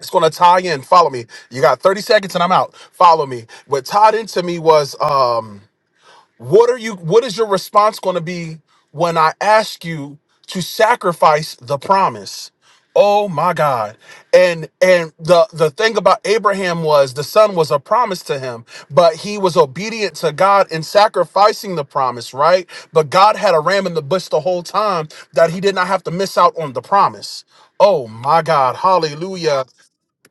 It's gonna tie in. Follow me. You got 30 seconds and I'm out. Follow me. What tied into me was um what are you what is your response going to be when I ask you to sacrifice the promise? Oh my God. And and the the thing about Abraham was the son was a promise to him, but he was obedient to God in sacrificing the promise, right? But God had a ram in the bush the whole time that he did not have to miss out on the promise. Oh my God. Hallelujah.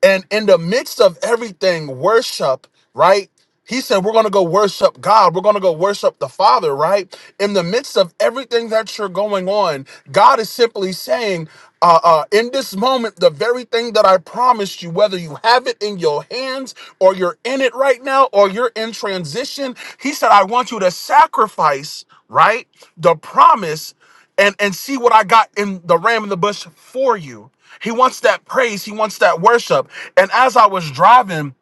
And in the midst of everything, worship, right? He said, We're going to go worship God. We're going to go worship the Father, right? In the midst of everything that you're going on, God is simply saying, uh, uh, In this moment, the very thing that I promised you, whether you have it in your hands or you're in it right now or you're in transition, He said, I want you to sacrifice, right? The promise and and see what I got in the ram in the bush for you. He wants that praise. He wants that worship. And as I was driving,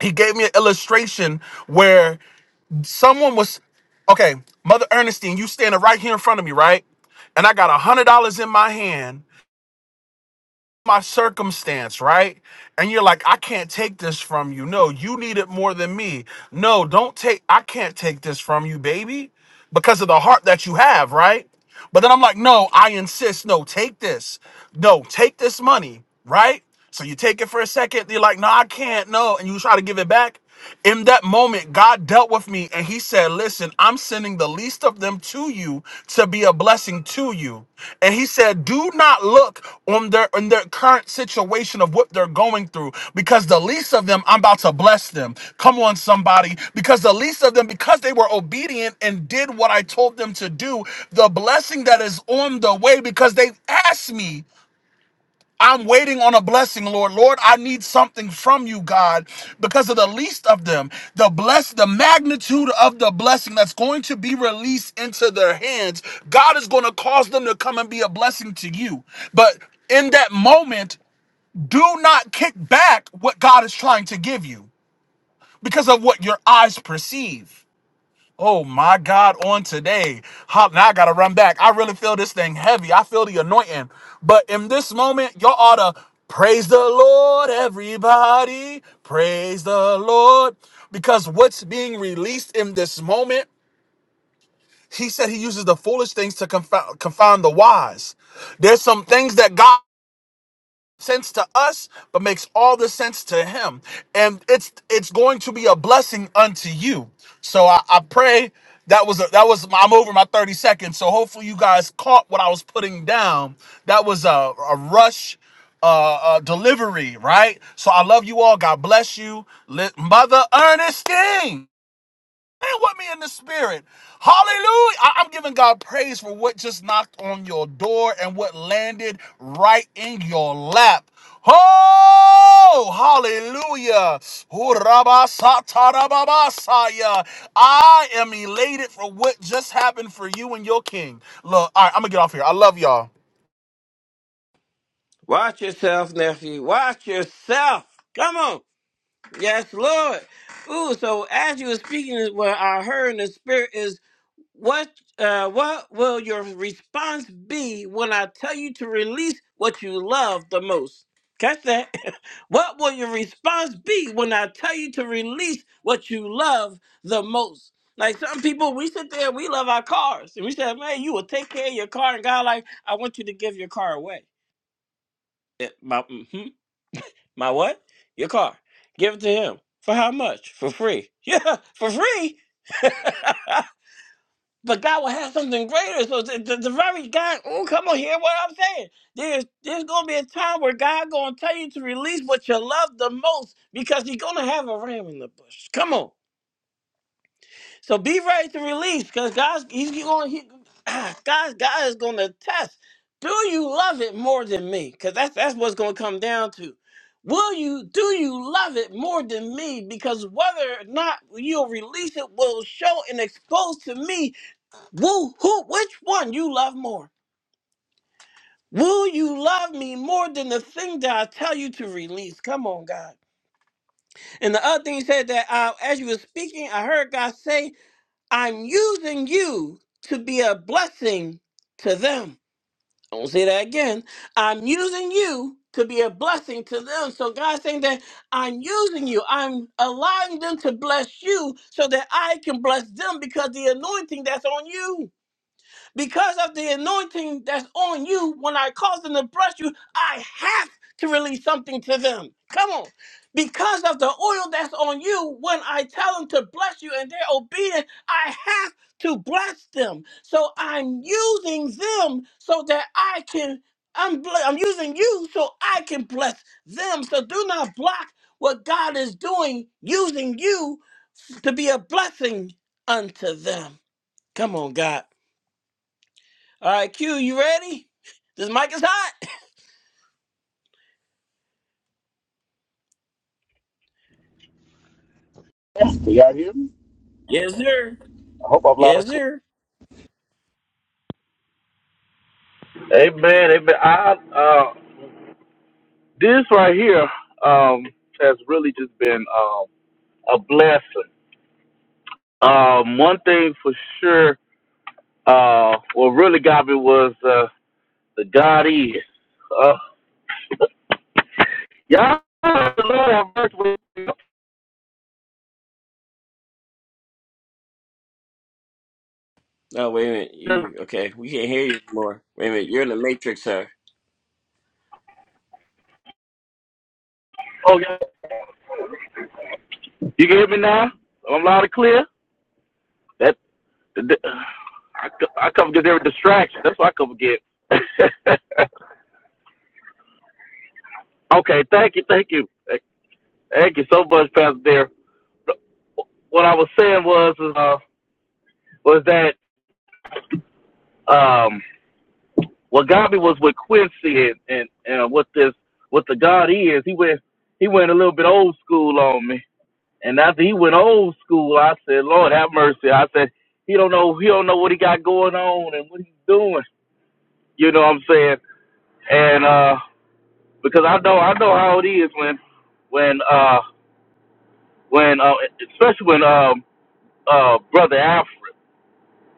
he gave me an illustration where someone was, okay, Mother Ernestine, you standing right here in front of me, right? And I got a hundred dollars in my hand, my circumstance, right? And you're like, I can't take this from you. No, you need it more than me. No, don't take, I can't take this from you, baby, because of the heart that you have, right? But then I'm like, no, I insist. No, take this. No, take this money, right? So you take it for a second, you're like, no, I can't, no, and you try to give it back. In that moment, God dealt with me and He said, Listen, I'm sending the least of them to you to be a blessing to you. And He said, Do not look on their on their current situation of what they're going through, because the least of them, I'm about to bless them. Come on, somebody. Because the least of them, because they were obedient and did what I told them to do, the blessing that is on the way, because they asked me. I'm waiting on a blessing, Lord. Lord, I need something from you, God, because of the least of them. The bless, the magnitude of the blessing that's going to be released into their hands. God is going to cause them to come and be a blessing to you. But in that moment, do not kick back what God is trying to give you because of what your eyes perceive. Oh my God, on today. Hop, now I gotta run back. I really feel this thing heavy. I feel the anointing. But in this moment, y'all ought to praise the Lord, everybody. Praise the Lord. Because what's being released in this moment, he said he uses the foolish things to confound, confound the wise. There's some things that God sense to us but makes all the sense to him and it's it's going to be a blessing unto you so i, I pray that was a, that was i'm over my 30 seconds so hopefully you guys caught what i was putting down that was a, a rush uh, uh delivery right so i love you all god bless you Li- mother ernestine Man with me in the spirit. Hallelujah. I- am giving God praise for what just knocked on your door and what landed right in your lap. Oh, hallelujah. Oh, rabba sa ta da ba ba sa ya. I am elated for what just happened for you and your king. Look, all right, I'm going to get off here. I love y'all. Watch yourself, nephew. Watch yourself. Come on. Yes, Lord. Ooh, so as you were speaking, what I heard in the spirit is What uh, what will your response be when I tell you to release what you love the most? Catch that. (laughs) what will your response be when I tell you to release what you love the most? Like some people, we sit there, we love our cars, and we say, "Man, you will take care of your car." And God, like, I want you to give your car away. Eh, My mhm. my what? Your car. Give it to him for how much? For free. (laughs) Yeah, for free. (laughs) But God will have something greater. So the, the, the very God, oh, come on, hear what I'm saying. There's there's gonna be a time where God gonna tell you to release what you love the most because He's gonna have a ram in the bush. Come on. So be ready to release because God's He's gonna he, (clears throat) God God is gonna test. Do you love it more than me? Because that's that's what's gonna come down to. Will you do you love it more than me? Because whether or not you'll release it will show and expose to me Woo, who, which one you love more? Will you love me more than the thing that I tell you to release? Come on, God. And the other thing he said that uh, as you were speaking, I heard God say, I'm using you to be a blessing to them. I won't say that again. I'm using you to be a blessing to them. So God's saying that I'm using you. I'm allowing them to bless you so that I can bless them because the anointing that's on you. Because of the anointing that's on you, when I cause them to bless you, I have to release something to them. Come on. Because of the oil that's on you, when I tell them to bless you and they're obedient, I have to bless them. So I'm using them so that I can, I'm, bl- I'm using you so I can bless them. So do not block what God is doing, using you to be a blessing unto them. Come on, God. All right, Q, you ready? This mic is hot. Can y'all hear me? Yes, sir. I hope I'm loud Yes, and clear. sir. Amen. Amen. I uh, this right here um has really just been um a blessing. Um, one thing for sure, uh, what really got me was uh the God is. Uh, y'all, Lord have mercy with me. No, wait a minute. You okay? We can't hear you anymore. Wait a minute. You're in the matrix, sir. Oh yeah, you can hear me now. I'm loud and clear. That the, I, I come get every distraction. That's what I come get. (laughs) okay, thank you, thank you. Thank you so much, Pastor Dear. What I was saying was uh, was that um, what got me was with Quincy and, and, and what this what the God is. He went he went a little bit old school on me, and after he went old school, I said, Lord have mercy. I said he don't know he don't know what he got going on and what he's doing. You know what I'm saying? And uh, because I know I know how it is when when uh, when uh, especially when um, uh, brother Alfred.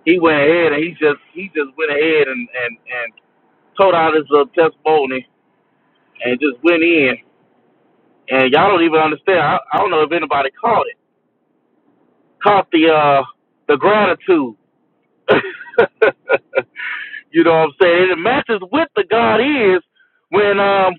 he went ahead and he just he just went ahead and and and told out his little testimony and just went in. And y'all don't even understand. I, I don't know if anybody caught it. Caught the uh the gratitude. (laughs) You know what I'm saying? It matches with the God is when um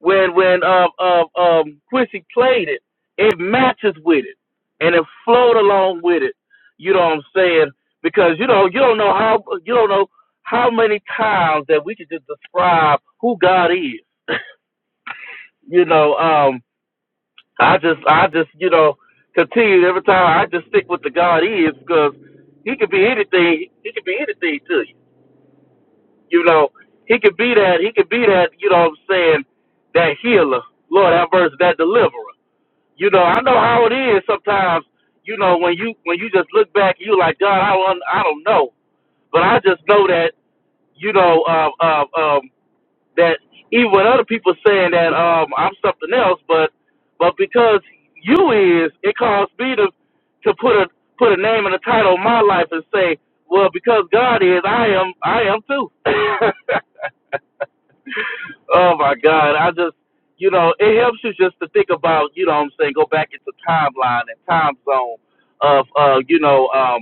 when when um um, um Quincy played it, it matches with it and it flowed along with it. You know what I'm saying? Because you know you don't know how you don't know how many times that we could just describe who God is. You know, um I just I just you know continue every time I just stick with the God is because he could be anything. He could be anything to you. You know, he could be that, he could be that, you know what I'm saying, that healer. Lord have mercy, that deliverer. You know, I know how it is sometimes, you know, when you when you just look back, you like, God, I don't I don't know. But I just know that, you know, um um um that even with other people saying that um I'm something else, but but because you is, it caused me to to put a put a name and a title on my life and say, well, because God is, I am I am too. (laughs) Oh my God. I just you know, it helps you just to think about, you know what I'm saying, go back into timeline and time zone of uh, you know, um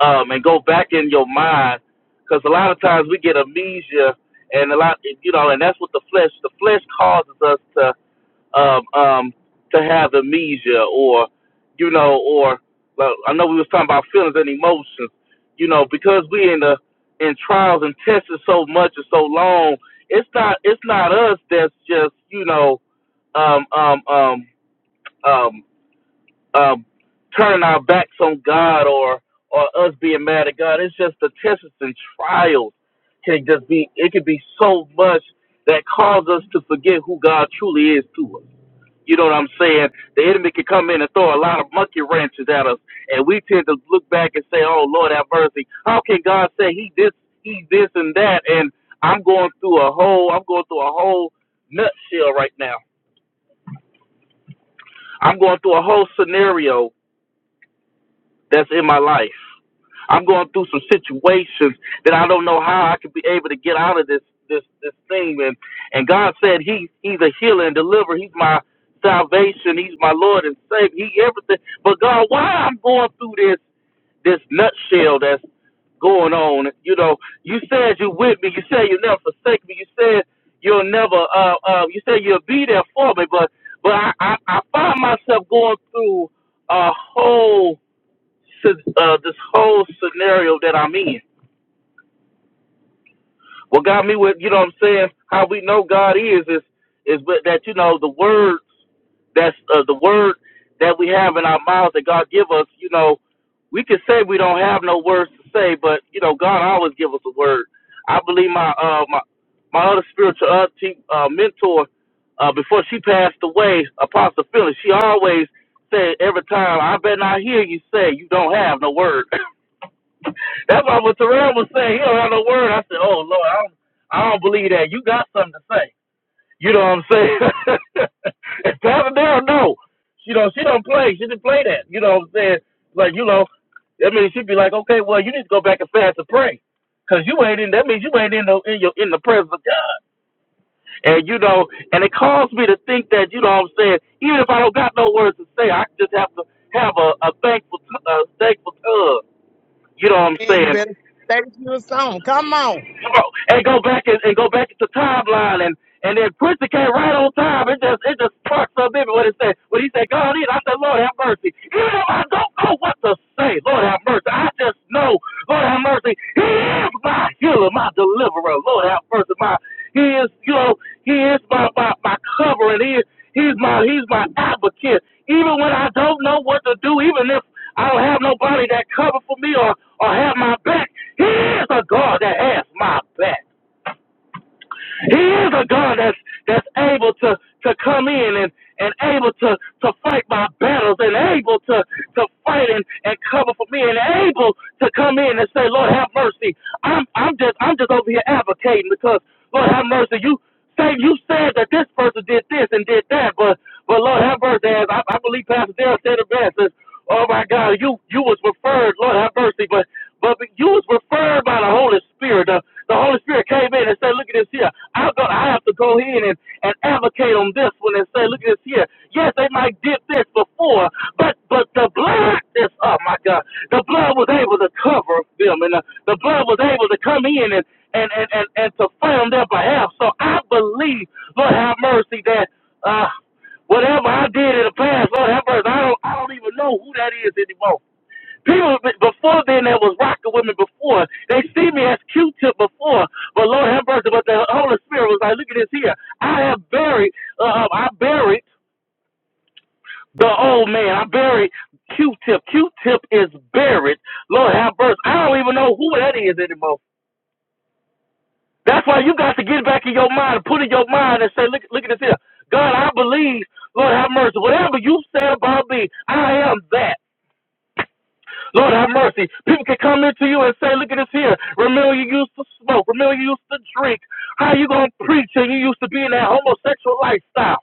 um and go back in your mind because a lot of times we get amnesia and a lot you know, and that's what the flesh the flesh causes us to um, um, to have amnesia or, you know, or like, I know we was talking about feelings and emotions, you know, because we in the in trials and tested so much and so long, it's not it's not us that's just you know, um, um, um, um, um, turning our backs on God or or us being mad at God. It's just the tests and trials can just be it can be so much that cause us to forget who God truly is to us you know what I'm saying? The enemy can come in and throw a lot of monkey wrenches at us, and we tend to look back and say, "Oh Lord, have mercy." How can God say He this, He this, and that? And I'm going through a whole, I'm going through a whole nutshell right now. I'm going through a whole scenario that's in my life. I'm going through some situations that I don't know how I could be able to get out of this this this thing. And and God said He He's a healer and deliverer. He's my salvation. He's my Lord and Savior. He everything. But God, why I'm going through this this nutshell that's going on? You know, you said you with me. You said you'll never forsake me. You said you'll never. Uh, uh, you said you'll be there for me. But but I I, I find myself going through a whole si- uh, this whole scenario that I'm in. What got me with, you know what I'm saying, how we know God is, is, is with that, you know, the words, that's uh, the word that we have in our mouths that God give us, you know, we can say we don't have no words to say, but, you know, God always give us a word. I believe my, uh, my, my other spiritual uh, te- uh, mentor, uh, before she passed away, Apostle Phyllis, she always said every time, I better not hear you say you don't have no word. (laughs) That's why what Terrell was saying. He don't have no word. I said, "Oh Lord, I don't, I don't believe that. You got something to say." You know what I'm saying? (laughs) and Pastor Darrell, no, she don't. She don't play. She didn't play that. You know what I'm saying? Like you know, I mean, she'd be like, "Okay, well, you need to go back and fast and pray, cause you ain't in. That means you ain't in the in your in the presence of God." And you know, and it caused me to think that you know what I'm saying. Even if I don't got no words to say, I just have to have a, a thankful, t- a thankful tongue. You know what I'm Man, you saying? better stay you your song. Come on. Come on, and go back and, and go back to timeline and and then Quincy came right on time. It just it just sparked something in me when it said when he said God in. I said Lord have mercy. Even though I don't know what to say, Lord have mercy. I just know Lord have mercy. He is my healer, my deliverer. Lord have mercy. My he is you know he is my my, my covering. He is he's my he's my advocate. Even when I don't know what to do, even if I don't have nobody that cover for me or or have my back. He is a God that has my back. He is a God that's that's able to to come in and and able to to fight my battles and able to to fight and, and cover for me and able to come in and say, Lord have mercy. I'm I'm just I'm just over here advocating because Lord have mercy, you say you said that this person did this and did that, but but Lord have mercy, as I, I believe Pastor Dale said it best. As Oh my God, you you was referred, Lord have mercy, but but you was referred by the Holy Spirit. The, the Holy Spirit came in and said, Look at this here. I'm going I have to go in and, and advocate on this one and say, Look at this here. Yes, they might did this before, but but the blood this up, my God. The blood was able to cover them and the, the blood was able to come in and, and, and, and, and to fight on their behalf. So I believe, Lord have mercy, that uh whatever I did in the past, Lord have mercy, I don't I don't even know who that is anymore. People before then that was rocking with me before. They see me as Q-tip before, but Lord have mercy. But the Holy Spirit was like, look at this here. I have buried. Uh, um, I buried. The old man, I buried Q-Tip. Q-Tip is buried. Lord have mercy. I don't even know who that is anymore. That's why you got to get back in your mind, put in your mind, and say, look, look at this here. God, I believe. Lord have mercy. Whatever you said about me, I am that. Lord have mercy. People can come into you and say, Look at this here. Remember you used to smoke. Remember you used to drink. How you gonna preach and you used to be in that homosexual lifestyle?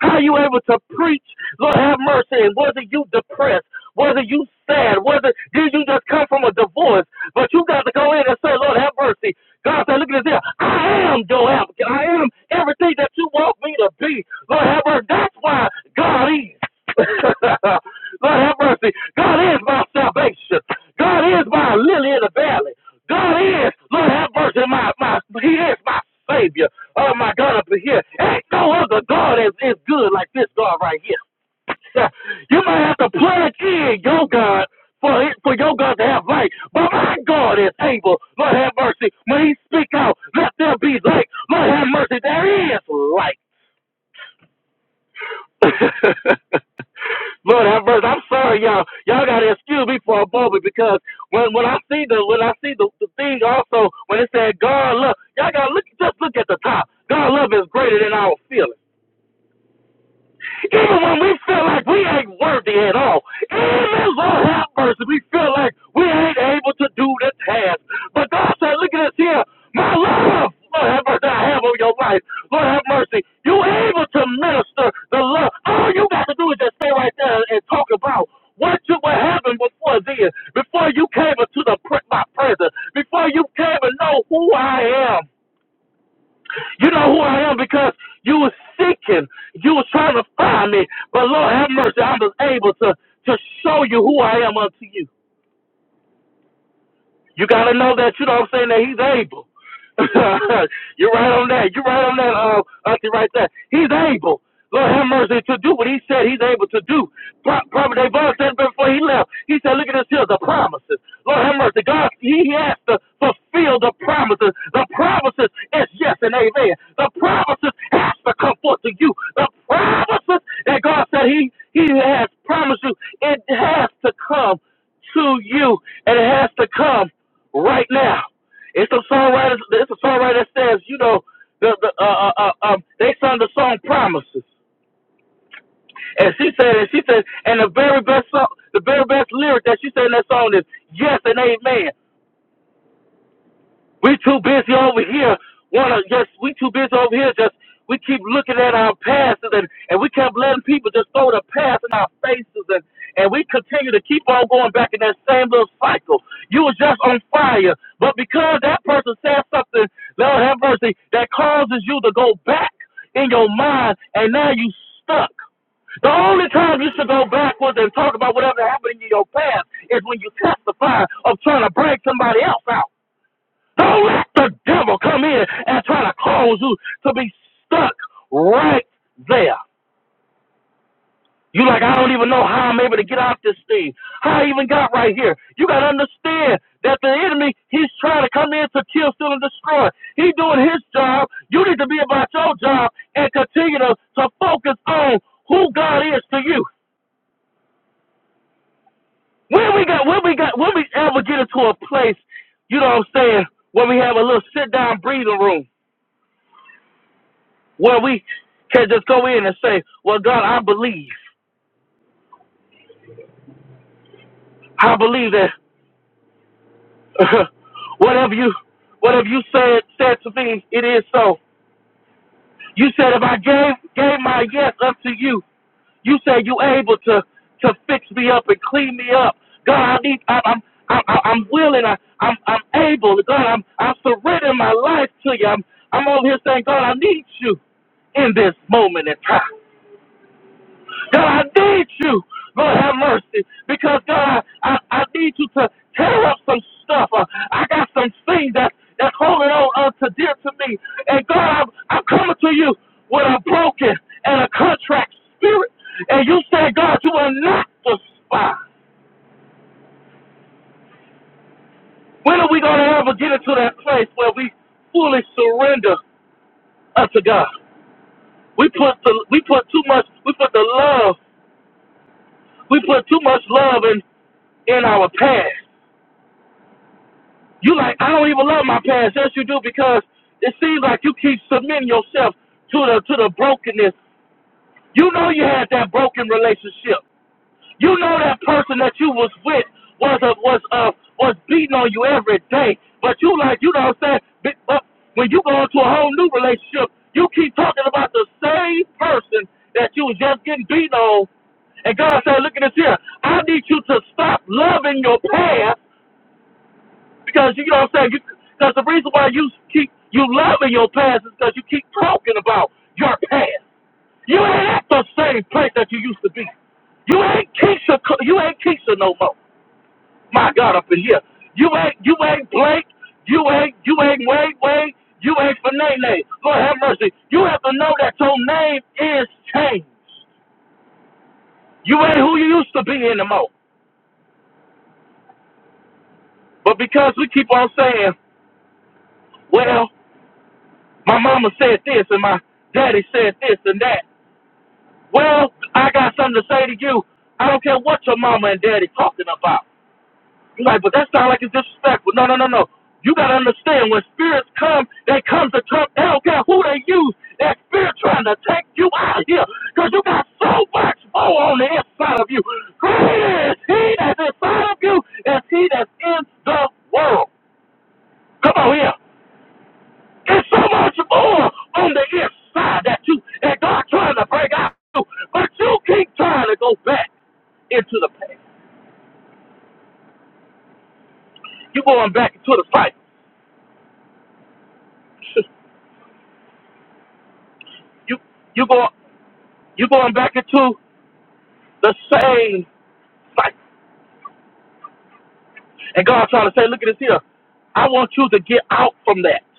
How you able to preach? Lord have mercy. And whether you depressed, whether you sad, whether did you just come from a divorce, but you got to go in and say, Lord have mercy. God said, look at this here. I am your advocate. I am everything that you want me to be. Lord have mercy. That's why God is. (laughs) Lord have mercy. God is my salvation. God is my lily in the valley. God is, Lord have mercy, my, my He is my Savior. Oh my God, up in here. Ain't no other God is, is good like this God right here. (laughs) You might have to plug in your God for it, for your God to have light. But my God is able. Lord have mercy. When he speak out, let there be light. Lord have mercy. There is light. (laughs) Lord have mercy. I'm sorry, y'all. Y'all gotta excuse me for a moment because when when I see the when I see the, the thing also when it said God love, y'all gotta look just look at the top. God love is greater than our feelings. Even when we feel like we ain't worthy at all, even Lord have mercy, we feel like we ain't able to do the task. But God said, look at this here. My love, Lord have mercy, I have on your life. Lord have mercy. You able to minister the love. All you got to do is just stay right there and talk about what you were having before then, before you came into the my presence, before you came and know who I am. You know who I am because you were seeking, you were trying to find me. But Lord have mercy, I was able to to show you who I am unto you. You gotta know that, you know what I'm saying, that he's able. (laughs) You're right on that. You're right on that, uh, Auntie, right there. He's able. Lord have mercy to do what he said he's able to do. Pro- Prophet Devon said before he left, he said, Look at this here, the promises. Lord have mercy. God, he has to fulfill the promises. The promises is yes and amen. The promises has to come forth to you. The promises that God said he, he has promised you, it has to come to you, and it has to come right now. It's a songwriter. It's a songwriter that says, you know, the the uh, uh, uh, um, they sung the song "Promises," and she said, and she said, and the very best song, the very best lyric that she said in that song is "Yes and Amen." We too busy over here. Wanna just we too busy over here. Just we keep looking at our passes and and we kept letting people just throw the past in our faces and and we continue to keep on going back in that same little cycle. You was just on fire, but because that person said something, Lord have mercy, that causes you to go back in your mind, and now you stuck. The only time you should go backwards and talk about whatever happened in your past is when you testify of trying to break somebody else out. Don't let the devil come in and try to cause you to be stuck right there. You like, I don't even know how I'm able to get out this thing. How I even got right here. You gotta understand that the enemy, he's trying to come in to kill, steal, and destroy. He doing his job. You need to be about your job and continue to, to focus on who God is to you. When we got when we got when we ever get into a place, you know what I'm saying, When we have a little sit down breathing room Where we can just go in and say, "Well, God, I believe. I believe that (laughs) uh, whatever you whatever you said said to me, it is so." You said, "If I gave gave my yes unto you, you said you able to to fix me up and clean me up. God, I need. I, I'm I, I- I'm willing. I, I'm I'm able. God, I'm I'm surrendering my life to you. I'm I'm over here saying, God, I need you in this moment in time. God, I need you. Lord, have mercy. Because, God, I, I, I need you to tear up some stuff. Uh, I got some things that, that's holding on uh, to dear to me. And, God, I'm, I'm coming to you with a broken and a contract spirit. And you said, God, you are not the spy. When are we going to ever get into that place where we fully surrender unto God? We put the, we put too much, we put the love, we put too much love in, in our past. You like, I don't even love my past. Yes, you do because it seems like you keep submitting yourself to the to the brokenness. You know you had that broken relationship. You know that person that you was with was a, was uh was beating on you every day. But you like, you know what I'm saying? But when you go into a whole new relationship, you keep talking about the same person that you was just getting beat on. And God said, look at this here. I need you to stop loving your past because you know what I'm saying. Because the reason why you keep you loving your past is because you keep talking about your past. You ain't at the same place that you used to be. You ain't Keisha. You ain't Keisha no more. My God, up in here. You ain't you ain't Blake. You ain't you ain't Wade Wade. You ain't Fanene. Lord have mercy. You have to know that your name is changed. You ain't who you used to be anymore. But because we keep on saying, well, my mama said this and my daddy said this and that, Well, I got something to say to you. I don't care what your mama and daddy talking about. You are like, but that sounds like it's disrespectful. No, no, no, no. You gotta understand when spirits come, they come to Trump. They don't care who they use. That spirit trying to take you out of here. Cause you got so much more on the inside of you. Greater is he that's inside of you as he that's in the world. Come on here. It's so much more on the inside that you that God trying to break out, you, but you keep trying to go back into the past. You going back into the cycle. (laughs) You you go you going back into the same cycle. And God trying to say, look at this here. I want you to get out from that.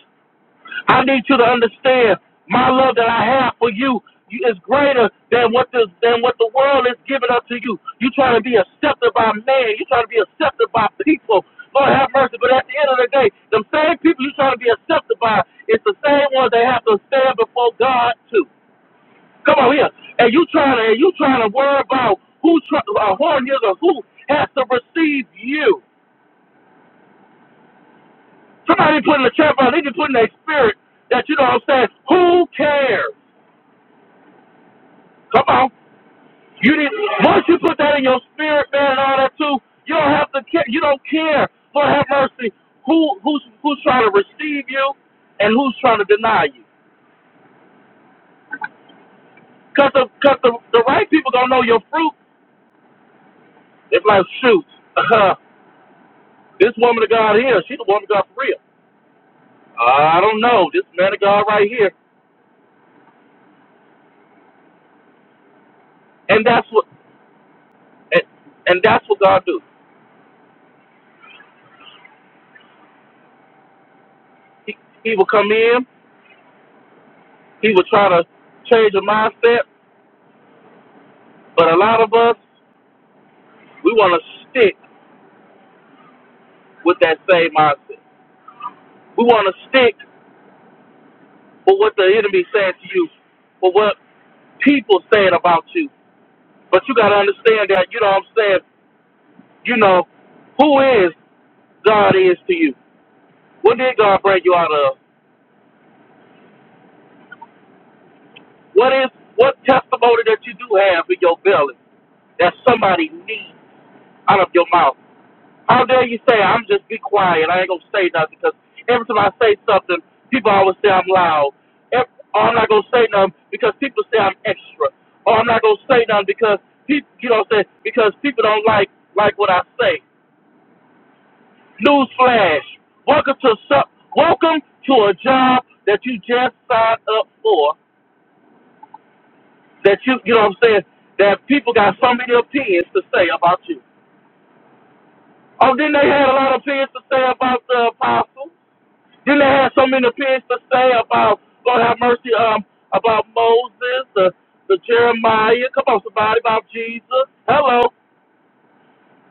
I need you to understand my love that I have for you, you is greater than what this than what the world is giving up to you. You trying to be accepted by man, you trying to be accepted by people. Lord have mercy, but at the end of the day, them same people you trying to be accepted by, it's the same ones they have to stand before God too. Come on here, and you trying to and you trying to worry about who try, uh, who is or who has to receive you. Somebody put in the chat box, they just put in their spirit that you know what I'm saying. Who cares? Come on. You didn't. Once you put that in your spirit, man, and all that too, you don't have to care. You don't care. Lord have mercy. Who who's who's trying to receive you, and who's trying to deny you? Cause the cause the, the right people don't know your fruit. It's like shoot, uh, this woman of God here, she's the woman of God for real. I don't know this man of God right here, and that's what and, and that's what God do. He he will come in. He will try to change your mindset. But a lot of us, we want to stick. with that same mindset. We want to stick with what the enemy saying to you, for what people saying about you. But you got to understand that, you know what I'm saying, you know, who is God is to you? What did God bring you out of? What is what testimony that you do have in your belly that somebody needs out of your mouth? How dare you say I'm just be quiet. I ain't gonna say nothing because every time I say something, people always say I'm loud. Ev- Or I'm not gonna say nothing because people say I'm extra. Or oh, I'm not gonna say nothing because people, you know, what I'm saying because people don't like like what I say. Newsflash: Welcome to some, welcome to a job that you just signed up for. That you, you know, what I'm saying that people got so many opinions to say about you. Oh, didn't they had a lot of opinions to say about the apostle? Then they had so many things to say about Lord have mercy, um, about Moses, the, the Jeremiah. Come on, somebody about Jesus. Hello.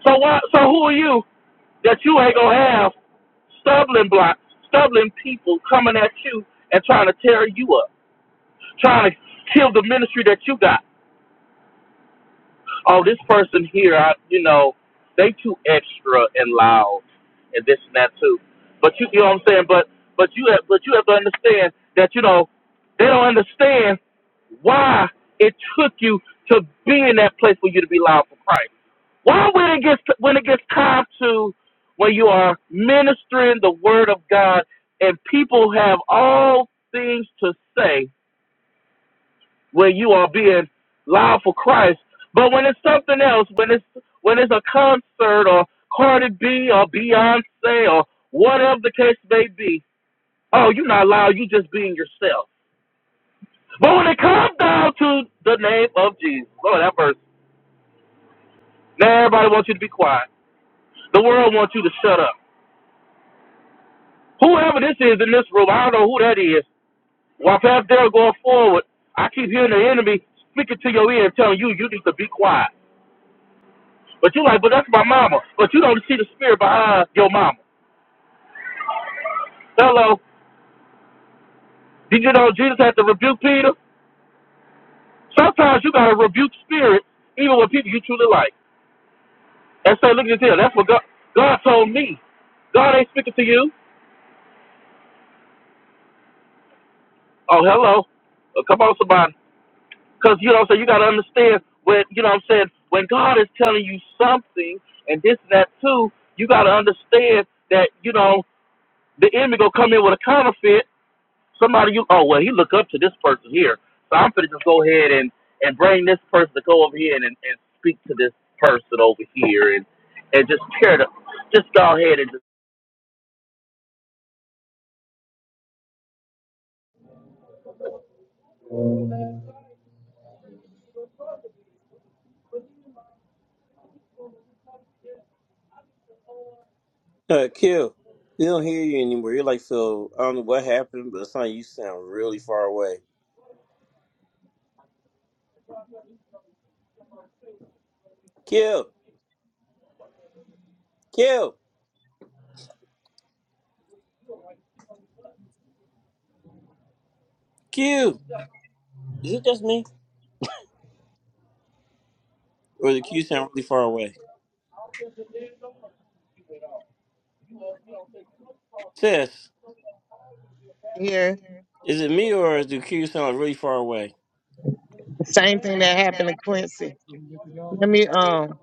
So why? So who are you that you ain't gonna have stumbling blocks, stumbling people coming at you and trying to tear you up, trying to kill the ministry that you got? oh, this person here, I, you know, they too extra and loud and this and that too. But you, you know what I'm saying? But but you have but you have to understand that you know they don't understand why it took you to be in that place for you to be loud for Christ. Why when it gets to, when it gets time to when you are ministering the word of God and people have all things to say where you are being loud for Christ. But when it's something else, when it's when it's a concert or Cardi B or Beyonce or whatever the case may be, oh, you're not loud. You just being yourself. But when it comes down to the name of Jesus, Lord that verse. Now everybody wants you to be quiet. The world wants you to shut up. Whoever this is in this room, I don't know who that is. While Pastor Dale going forward, I keep hearing the enemy speaking to your ear and telling you you need to be quiet. But you like, but that's my mama. But you don't see the spirit behind your mama. Hello. Did you know Jesus had to rebuke Peter? Sometimes you gotta rebuke spirit, even with people you truly like. And say, look at this here. That's what God God told me. God ain't speaking to you. Oh, hello. Oh, come on, somebody. Because, you know what I'm saying, you got to understand when, you know what I'm saying, when God is telling you something and this and that too, you got to understand that, you know, the enemy going to come in with a counterfeit Somebody you oh well he look up to this person here. So I'm gonna just go ahead and, and bring this person to go over here and, and, and speak to this person over here and and just tear the just go ahead and just Uh, Q, we don't hear you anymore. You're like so. I don't know what happened, but it's like you sound really far away. Q, Q, Q. Is it just me, or does Q sound really far away? Sis, Here, is it me, or does Q sound really far away? the same thing that happened to Quincy. Let me, um,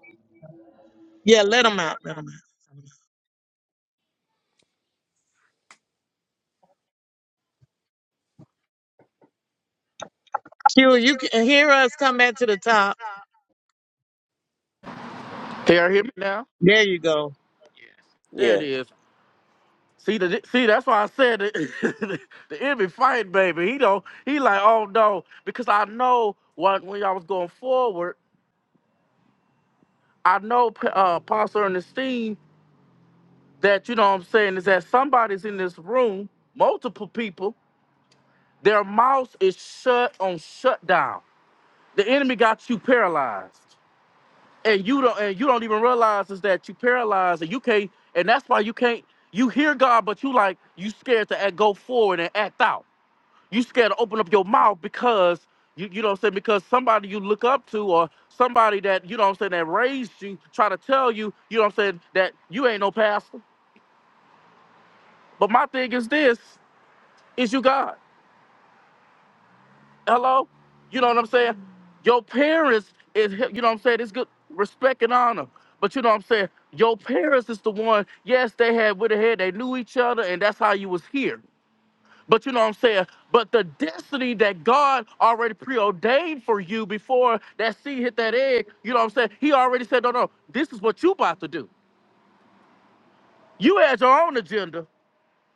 yeah, let him out. Let him out. Q, you can hear us come back to the top. Can you hear me now? There you go. There it Yeah. is. See the see that's why I said it. (laughs) the enemy fight, baby. He don't he like, oh no, because I know what when y'all was going forward, I know P- uh Pastor Ernestine that you know what I'm saying is that somebody's in this room, multiple people Their mouth is shut on shutdown. The enemy got you paralyzed, and you don't and you don't even realize is that you paralyzed, and you can't. And that's why you can't. You hear God, but you like you scared to act, go forward and act out. You scared to open up your mouth because you you know what I'm saying because somebody you look up to or somebody that you know what I'm saying that raised you try to tell you you know what I'm saying that you ain't no pastor. But my thing is this: is you God? Hello? You know what I'm saying? Your parents is you know what I'm saying, it's good respect and honor. But you know what I'm saying? Your parents is the one, yes, they had with a head, they knew each other, and that's how you was here. But you know what I'm saying? But the destiny that God already preordained for you before that seed hit that egg, you know what I'm saying? He already said, No, no, this is what you about to do. You had your own agenda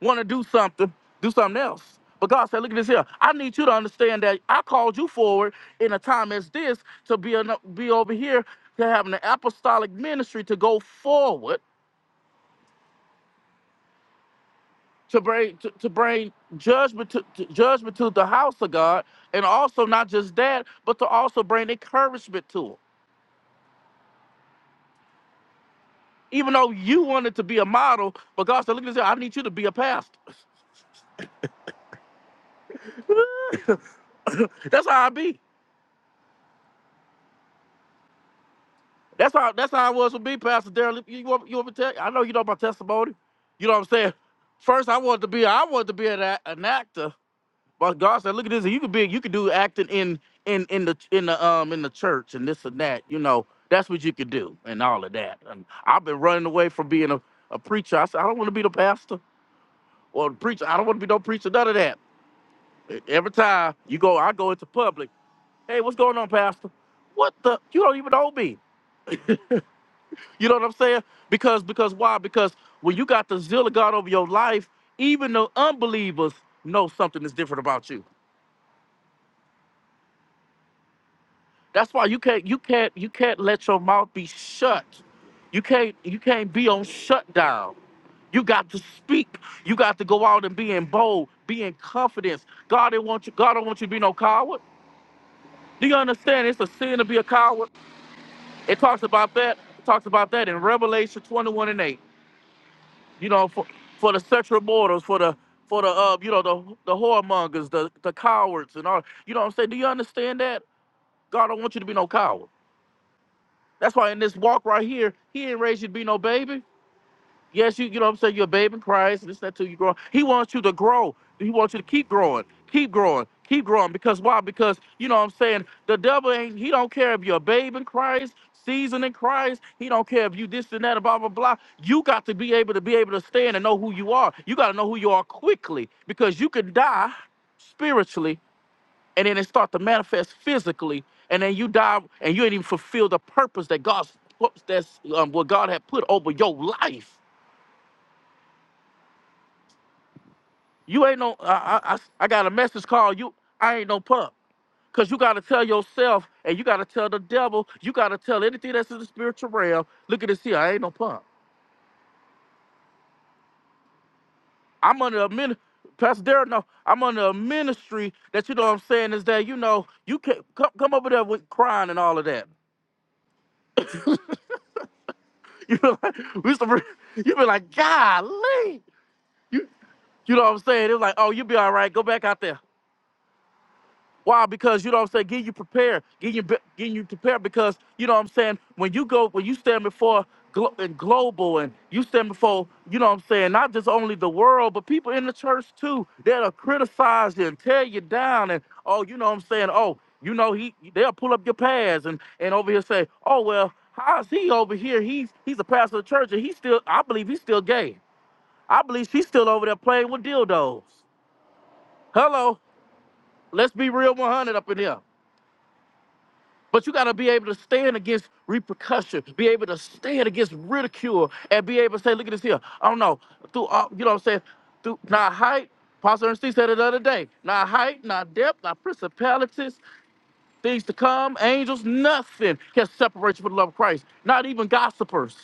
want to do something, do something else. But God said, look at this here. I need you to understand that I called you forward in a time as this to be, an, be over here to have an apostolic ministry to go forward to bring to, to bring judgment to, to judgment to the house of God, and also not just that, but to also bring encouragement to them. Even though you wanted to be a model, but God said, look at this here. I need you to be a pastor. (laughs) That's how I be. That's how that's how it was with me, Pastor Darrell. You, you want you want me to tell you? I know you know my testimony. You know what I'm saying? First I wanted to be I wanted to be an, act- an actor, but God said, look at this, you could be you could do acting in in in the in the um in the church and this and that, you know. That's what you could do and all of that. And I've been running away from being a, a preacher. I said, I don't want to be the pastor or the preacher. I don't want to be no preacher, none of that. E, Every time you go, I go into public. Hey, what's going on, Pastor? What the? You don't even know me. You know what I'm saying? Because because why? Because when you got the zeal of God over your life, even the unbelievers know something is different about you. That's why you can't you can't you can't let your mouth be shut. You can't you can't be on shutdown. You got to speak. You got to go out and be in bold, be in confidence. God didn't want you. God don't want you to be no coward. Do you understand? It's a sin to be a coward. It talks about that. It talks about that in Revelation 21 and 8. you know, for, for the sexual mortals, for the for the uh, you know, the the whoremongers, the the cowards and all. You know what I'm saying? Do you understand that? God don't want you to be no coward. That's why in this walk right here, he ain't raised you to be no baby. Yes, you, you know what I'm saying? You're a babe in Christ, this, that, too. You grow. He wants you to grow. He wants you to keep growing, keep growing, keep growing. Because why? Because, you know what I'm saying? The devil ain't, he don't care if you're a babe in Christ, seasoned in Christ. He don't care if you this and that, and blah, blah, blah. You got to be able to be able to stand and know who you are. You got to know who you are quickly because you can die spiritually and then it start to manifest physically. And then you die and you ain't even fulfill the purpose that God's, that's um, what God had put over your life. You ain't no. I, I I I got a message call. You I ain't no pup. Cause you gotta tell yourself, and you gotta tell the devil. You gotta tell anything that's in the spiritual realm. Look at this here. I ain't no pup. I'm under a min. Pastor Derek, no, I'm under a ministry that you know what I'm saying is that you know you can come come over there with crying and all of that. (laughs) we used to, re- (laughs) you be like, golly, you know what I'm saying? It was like, oh, you be all right. Go back out there. Why? Because you know what I'm saying. getting you prepared. getting you be- get you prepared because you know what I'm saying. When you go, when you stand before glo- and global, and you stand before you know what I'm saying. Not just only the world, but people in the church too. That'll criticize you and tear you down. And oh, you know what I'm saying. Oh, you know he they'll pull up your past and and over here say, oh well, how's he over here? He's he's a pastor of the church and he's still. I believe he's still gay. I believe she's still over there playing with dildos. Hello, let's be real 100 up in here. But you got to be able to stand against repercussion, be able to stand against ridicule, and be able to say, look at this here. I don't know. Through all, you know what I'm saying? Through not height, Pastor Ernestine said it the other day. Not height, not depth, not principalities, things to come, angels, nothing can separate you from the love of Christ. Not even gossipers.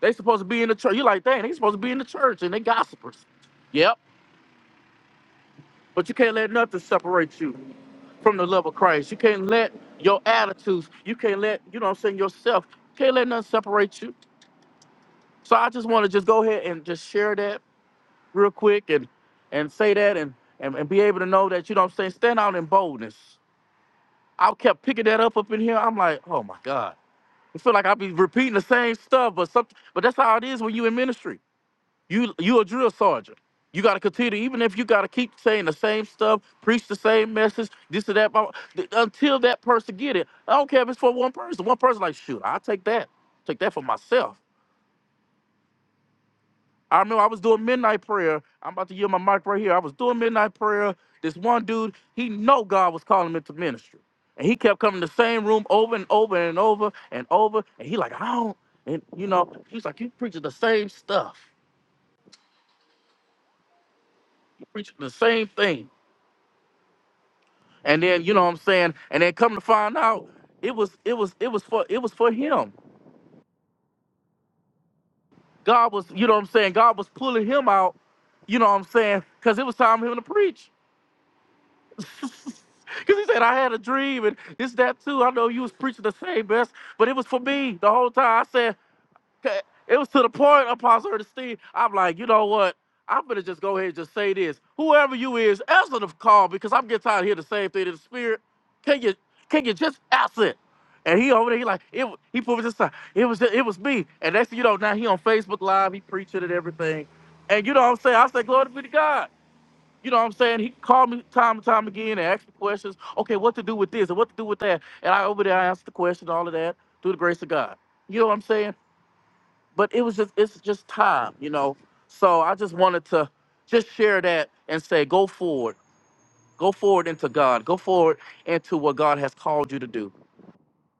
They supposed to be in the church. You're like, dang, they supposed to be in the church and they gossipers. Yep. But you can't let nothing separate you from the love of Christ. You can't let your You can't let, you know what I'm saying, yourself, can't let nothing separate you. So I just want to just go ahead and just share that real quick and and say that and, and and be able to know that, you know what I'm saying, stand out in boldness. I kept picking that up up in here. I'm like, oh my God. I feel like I be repeating the same stuff, but something, but that's how it is when you in ministry. You you a drill sergeant. You got to continue, even if you got to keep saying the same stuff, preach the same message, this or that, blah, blah, until that person get it. I don't care if it's for one person. One person like, shoot, I will take that, take that for myself. I remember I was doing midnight prayer. I'm about to yield my mic right here. I was doing midnight prayer. This one dude, he know God was calling him into ministry, and he kept coming to the same room over and over and over and over. And he like, I don't, and you know, he's like, you preaching the same stuff, you preaching the same thing. And then you know what I'm saying. And then come to find out, it was it was it was for it was for him. God was you know what I'm saying. God was pulling him out. You know what I'm saying? Because it was time for him to preach. (laughs) Because he said, I had a dream and this, that, too. I know you was preaching the same best, but it was for me the whole time. I said. 'Kay, It was to the point, Apostle Ernestine, I'm like, you know what? I'm gonna just go ahead and just say this. Whoever you is, answer the call because I'm getting tired of hearing the same thing in the spirit. Can you can you just answer it? And he over there, he like, it, he put me this time. It was just, it was me. And next thing you know, now he on Facebook Live, he preaching and everything. And you know what I'm saying? I say, glory be to God. You know what I'm saying? He called me time and time again and asked me questions. Okay, what to do with this and what to do with that? And I over there, I answered the question, all of that, through the grace of God. You know what I'm saying? but it was just it's just time, you know. So I just wanted to just share that and say, go forward, go forward into God, go forward into what God has called you to do.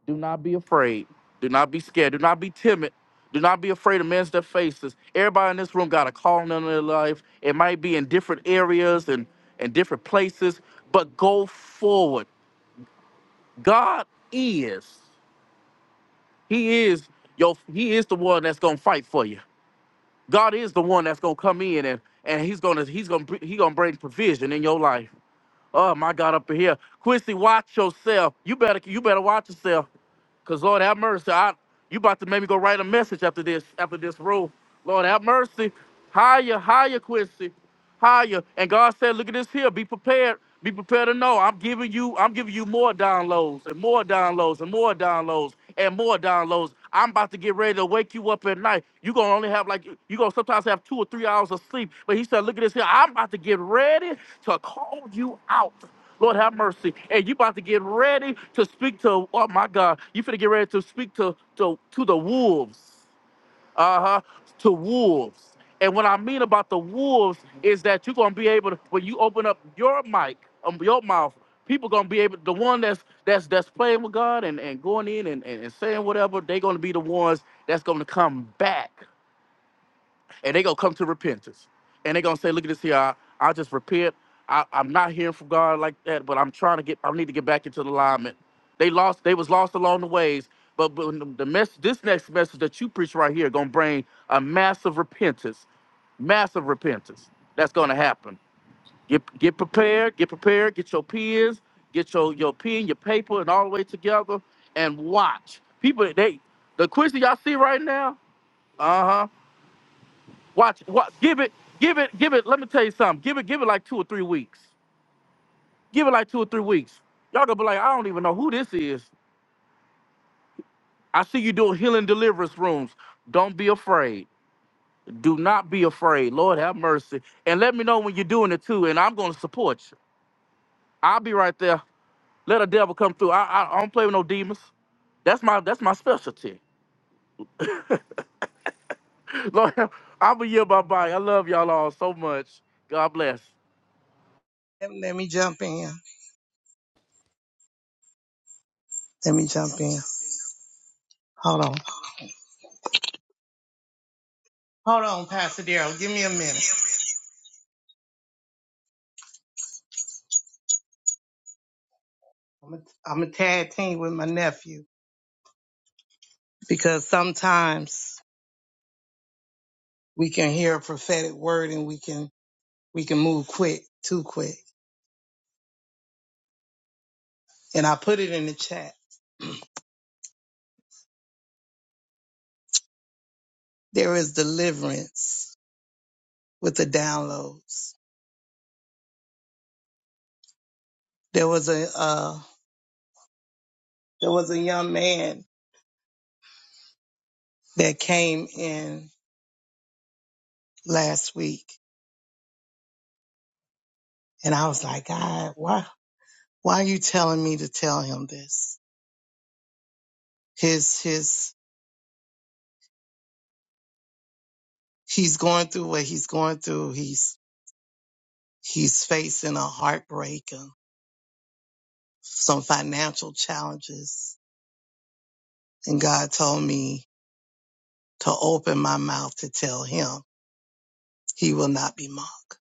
Do not be afraid. Do not be scared. Do not be timid. Do not be afraid of men's their faces. Everybody in this room got a calling in their life. It might be in different areas and and different places, but go forward. God is. He is your. He is the one that's gonna fight for you. God is the one that's gonna come in and and he's gonna he's gonna br- he gonna bring provision in your life. Oh my God, up in here, Quincy, watch yourself. You better you better watch yourself. Cause Lord have mercy. I you about to make me go write a message after this, after this rule. Lord have mercy. Higher, higher, Quincy. Higher. And God said, look at this here. Be prepared. Be prepared to know. I'm giving you, I'm giving you more downloads and more downloads and more downloads and more downloads. I'm about to get ready to wake you up at night. You're gonna only have like you're gonna sometimes have two or three hours of sleep. But he said, look at this here. I'm about to get ready to call you out. Lord have mercy. And you about to get ready to speak to, oh my God, you finna get ready to speak to, to, to the wolves. Uh-huh. To wolves. And what I mean about the wolves is that you're gonna be able to, when you open up your mic, um, your mouth, people gonna be able, the one that's that's that's playing with God and, and going in and, and, and saying whatever, they gonna be the ones that's gonna come back and they gonna come to repentance, and they gonna say, "Look at this here. I, I just repent. I, I'm not hearing from God like that, but I'm trying to get. I need to get back into the alignment. They lost. They was lost along the ways, but, but when the mess. This next message that you preach right here gonna bring a massive repentance. Massive repentance. That's gonna happen. Get get prepared. Get prepared. Get your pens. Get your your pen, your paper, and all the way together, and watch people. They the quiz that y'all see right now. Uh huh. Watch, what give it, give it, give it. Let me tell you something. Give it, give it like two or three weeks. Give it like two or three weeks. Y'all gonna be like, I don't even know who this is. I see you doing healing deliverance rooms. Don't be afraid. Do not be afraid. Lord have mercy. And let me know when you're doing it too. And I'm gonna support you. I'll be right there. Let a devil come through. I, I, I don't play with no demons. That's my that's my specialty. (laughs) Lord, I'm a year by bye. I love y'all all so much. God bless. Let let me jump in. Let me jump in. Hold on. Hold on, Pastor Daryl. Give me a minute. I'm a, I'm a tag team with my nephew because sometimes we can hear a prophetic word and we can we can move quick, too quick. and I put it in the chat. There is deliverance with the downloads. There was a uh, there was a young man that came in last week, and I was like, God, why why are you telling me to tell him this? His his he's going through what he's going through. He's he's facing a heartbreak and some financial challenges, and God told me to open my mouth to tell him he will not be mocked.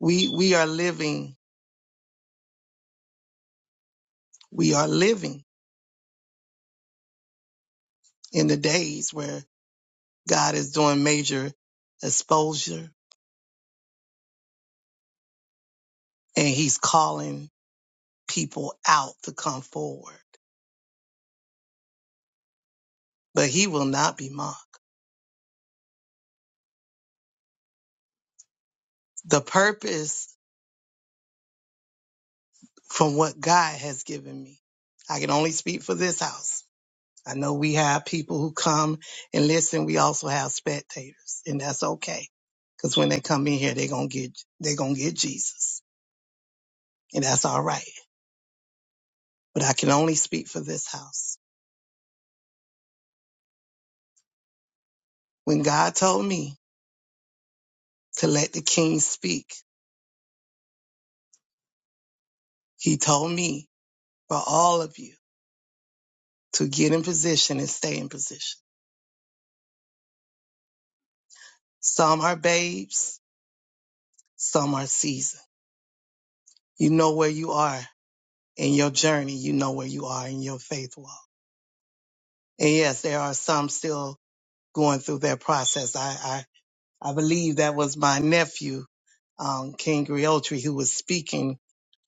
we we are living we are living in the days where God is doing major exposure and he's calling people out to come forward but he will not be mocked the purpose from what God has given me I can only speak for this house I know we have people who come and listen we also have spectators and that's okay cuz when they come in here they're going to get they're going to get Jesus and that's all right but I can only speak for this house When God told me to let the king speak, he told me for all of you to get in position and stay in position. Some are babes, some are seasoned. You know where you are in your journey. You know where you are in your faith walk. And yes, there are some still going through their process. I, I, I believe that was my nephew, um, King Griotri, who was speaking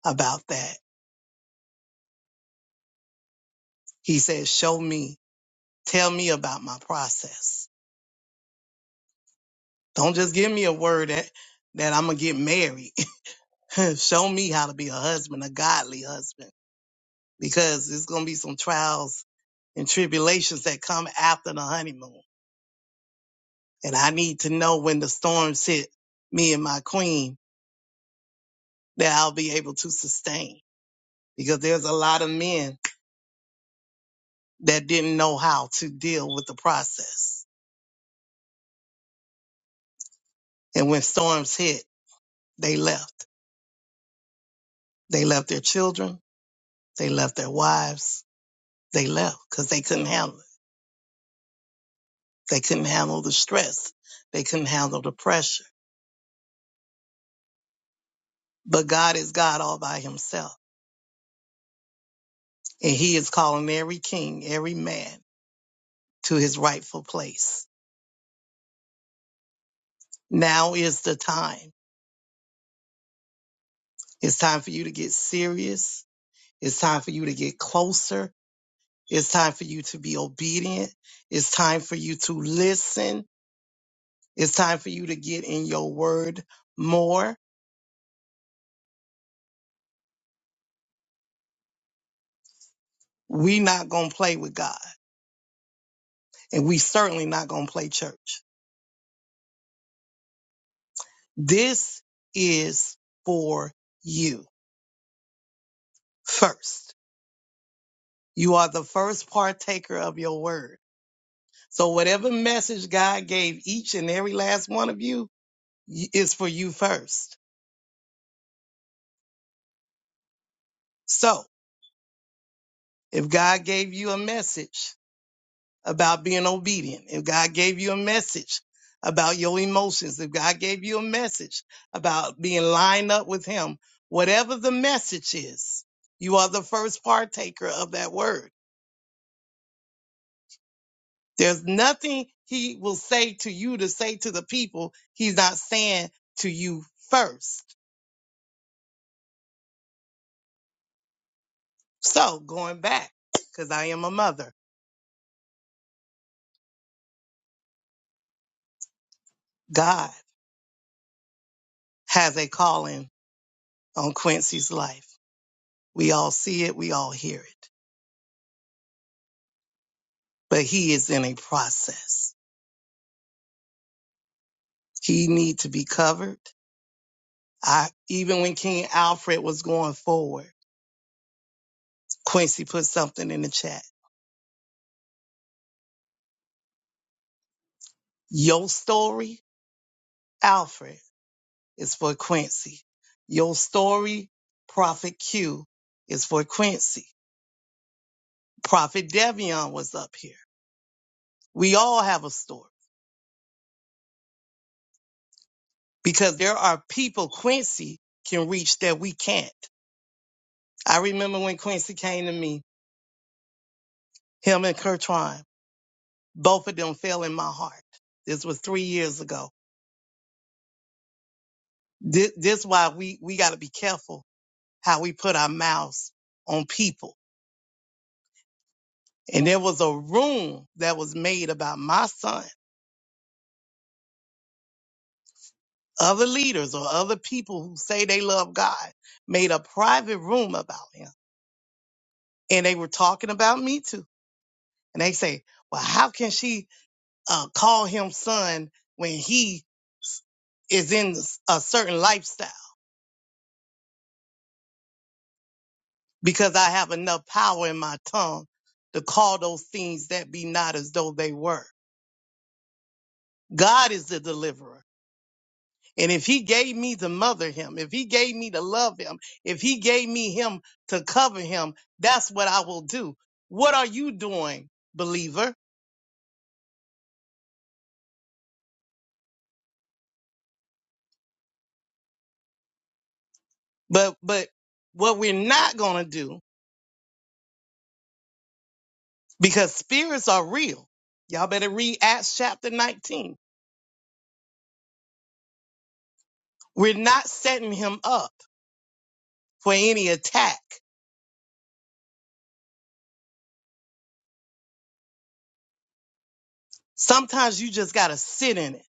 about that. He said, show me, tell me about my process Don't just give me a word that, that I'm going to get married. (laughs) Show me how to be a husband, a godly husband, because there's going to be some trials and tribulations that come after the honeymoon. And I need to know when the storms hit me and my queen that I'll be able to sustain because there's a lot of men that didn't know how to deal with the process. And when storms hit, they left. They left their children. They left their wives. They left because they couldn't handle it. They couldn't handle the stress. They couldn't handle the pressure. But God is God all by himself. And he is calling every king, every man to his rightful place. Now is the time. It's time for you to get serious. It's time for you to get closer. It's time for you to be obedient. It's time for you to listen. It's time for you to get in your word more. We not going to play with God and we certainly not going to play church. This is for you first. You are the first partaker of your word. So whatever message God gave each and every last one of you y- is for you first. So if God gave you a message about being obedient, if God gave you a message about your emotions, if God gave you a message about being lined up with him, whatever the message is, you are the first partaker of that word. There's nothing he will say to you to say to the people he's not saying to you first. So going back, because I am a mother, God has a calling on Quincy's life. We all see it, we all hear it, but he is in a process. He need to be covered. I even when King Alfred was going forward, Quincy put something in the chat. Your story, Alfred is for Quincy. Your story, Prophet Q, is for Quincy. Prophet Devion was up here. We all have a story because there are people Quincy can reach that we can't. I remember when Quincy came to me, him and Kertwine, both of them fell in my heart. This was three years ago. This, this is why we, we got to be careful how we put our mouths on people. And there was a room that was made about my son Other leaders or other people who say they love God made a private room about him. And they were talking about me too. And they say, well, how can she uh, call him son when he s- is in a certain lifestyle? Because I have enough power in my tongue to call those things that be not as though they were. God is the deliverer. And if he gave me to mother him, if he gave me to love him, if he gave me him to cover him, that's what I will do. What are you doing, believer? But but what we're not going to do because spirits are real. Y'all better read Acts chapter 19. We're not setting him up for any attack. Sometimes you just got to sit in it.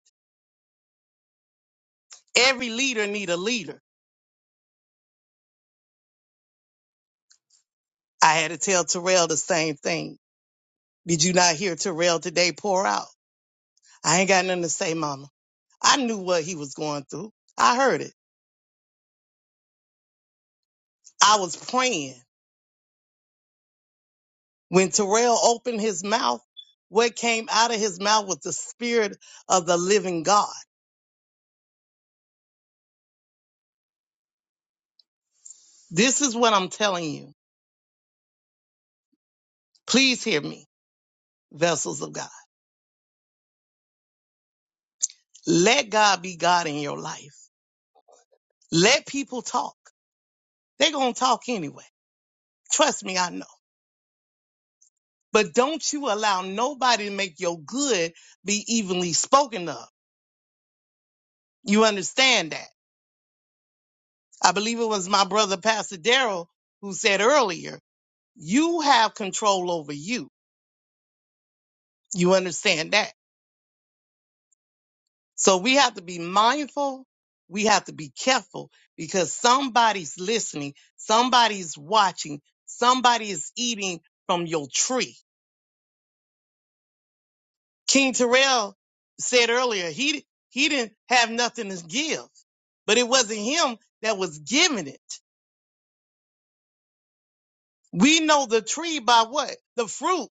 Every leader need a leader. I had to tell Terrell the same thing. Did you not hear Terrell today pour out? I ain't got nothing to say, mama. I knew what he was going through. I heard it. I was praying. When Terrell opened his mouth, what came out of his mouth was the spirit of the living God. This is what I'm telling you. Please hear me, vessels of God. Let God be God in your life. Let people talk. They're going to talk anyway. Trust me, I know. But don't you allow nobody to make your good be evenly spoken of. You understand that? I believe it was my brother, Pastor Daryl, who said earlier, you have control over you. You understand that? So we have to be mindful. We have to be careful because somebody's listening. Somebody's watching. Somebody is eating from your tree. King Terrell said earlier, he, he didn't have nothing to give, but it wasn't him that was giving it. We know the tree by what? The fruit.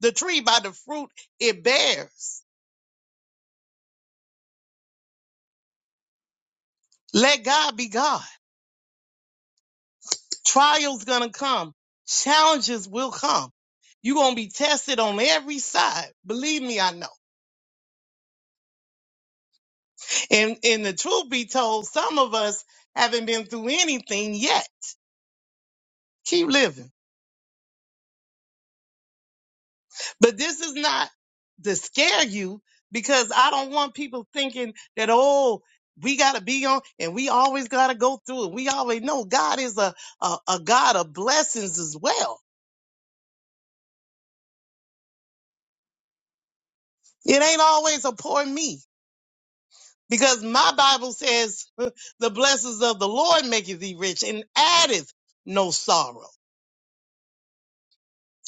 The tree by the fruit it bears. Let God be God. Trials gonna come. Challenges will come. You're gonna be tested on every side. Believe me, I know. And and the truth be told, some of us haven't been through anything yet. Keep living. But this is not to scare you because I don't want people thinking that, oh, we got to be on and we always got to go through it. We always know God is a, a, a God of blessings as well. It ain't always a poor me because my Bible says (laughs) the blessings of the Lord maketh thee rich and addeth no sorrow.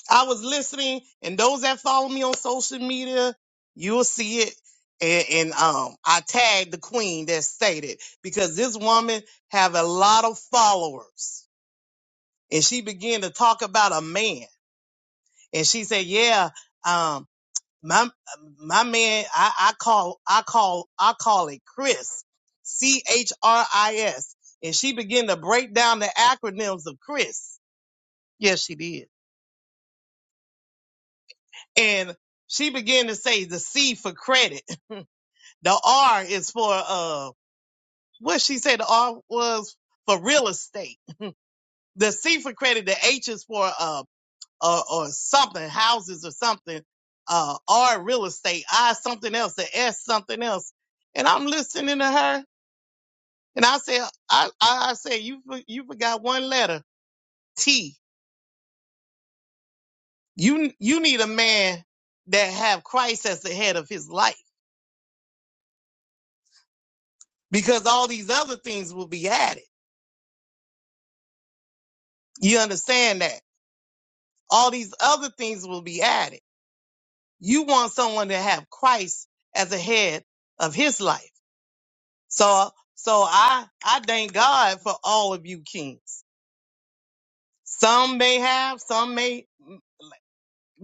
I was listening, and those that follow me on social media, you'll see it. And, and um, I tagged the queen that stated because this woman have a lot of followers, and she began to talk about a man, and she said, "Yeah, um, my my man, I, I call I call I call it Chris, C H R I S," and she began to break down the acronyms of Chris. Yes, she did, and she began to say the C for credit. The R is for uh what she said the R was for real estate. The C for credit, the H is for uh or, or something, houses or something. Uh R real estate, I something else, the S something else. And I'm listening to her and I said I I, I said you for- you forgot one letter, T. You you need a man that have Christ as the head of his life because all these other things will be added. You understand that? All these other things will be added You want someone to have Christ as a head of his life. So, so I, I thank God for all of you kings. Some may have, some may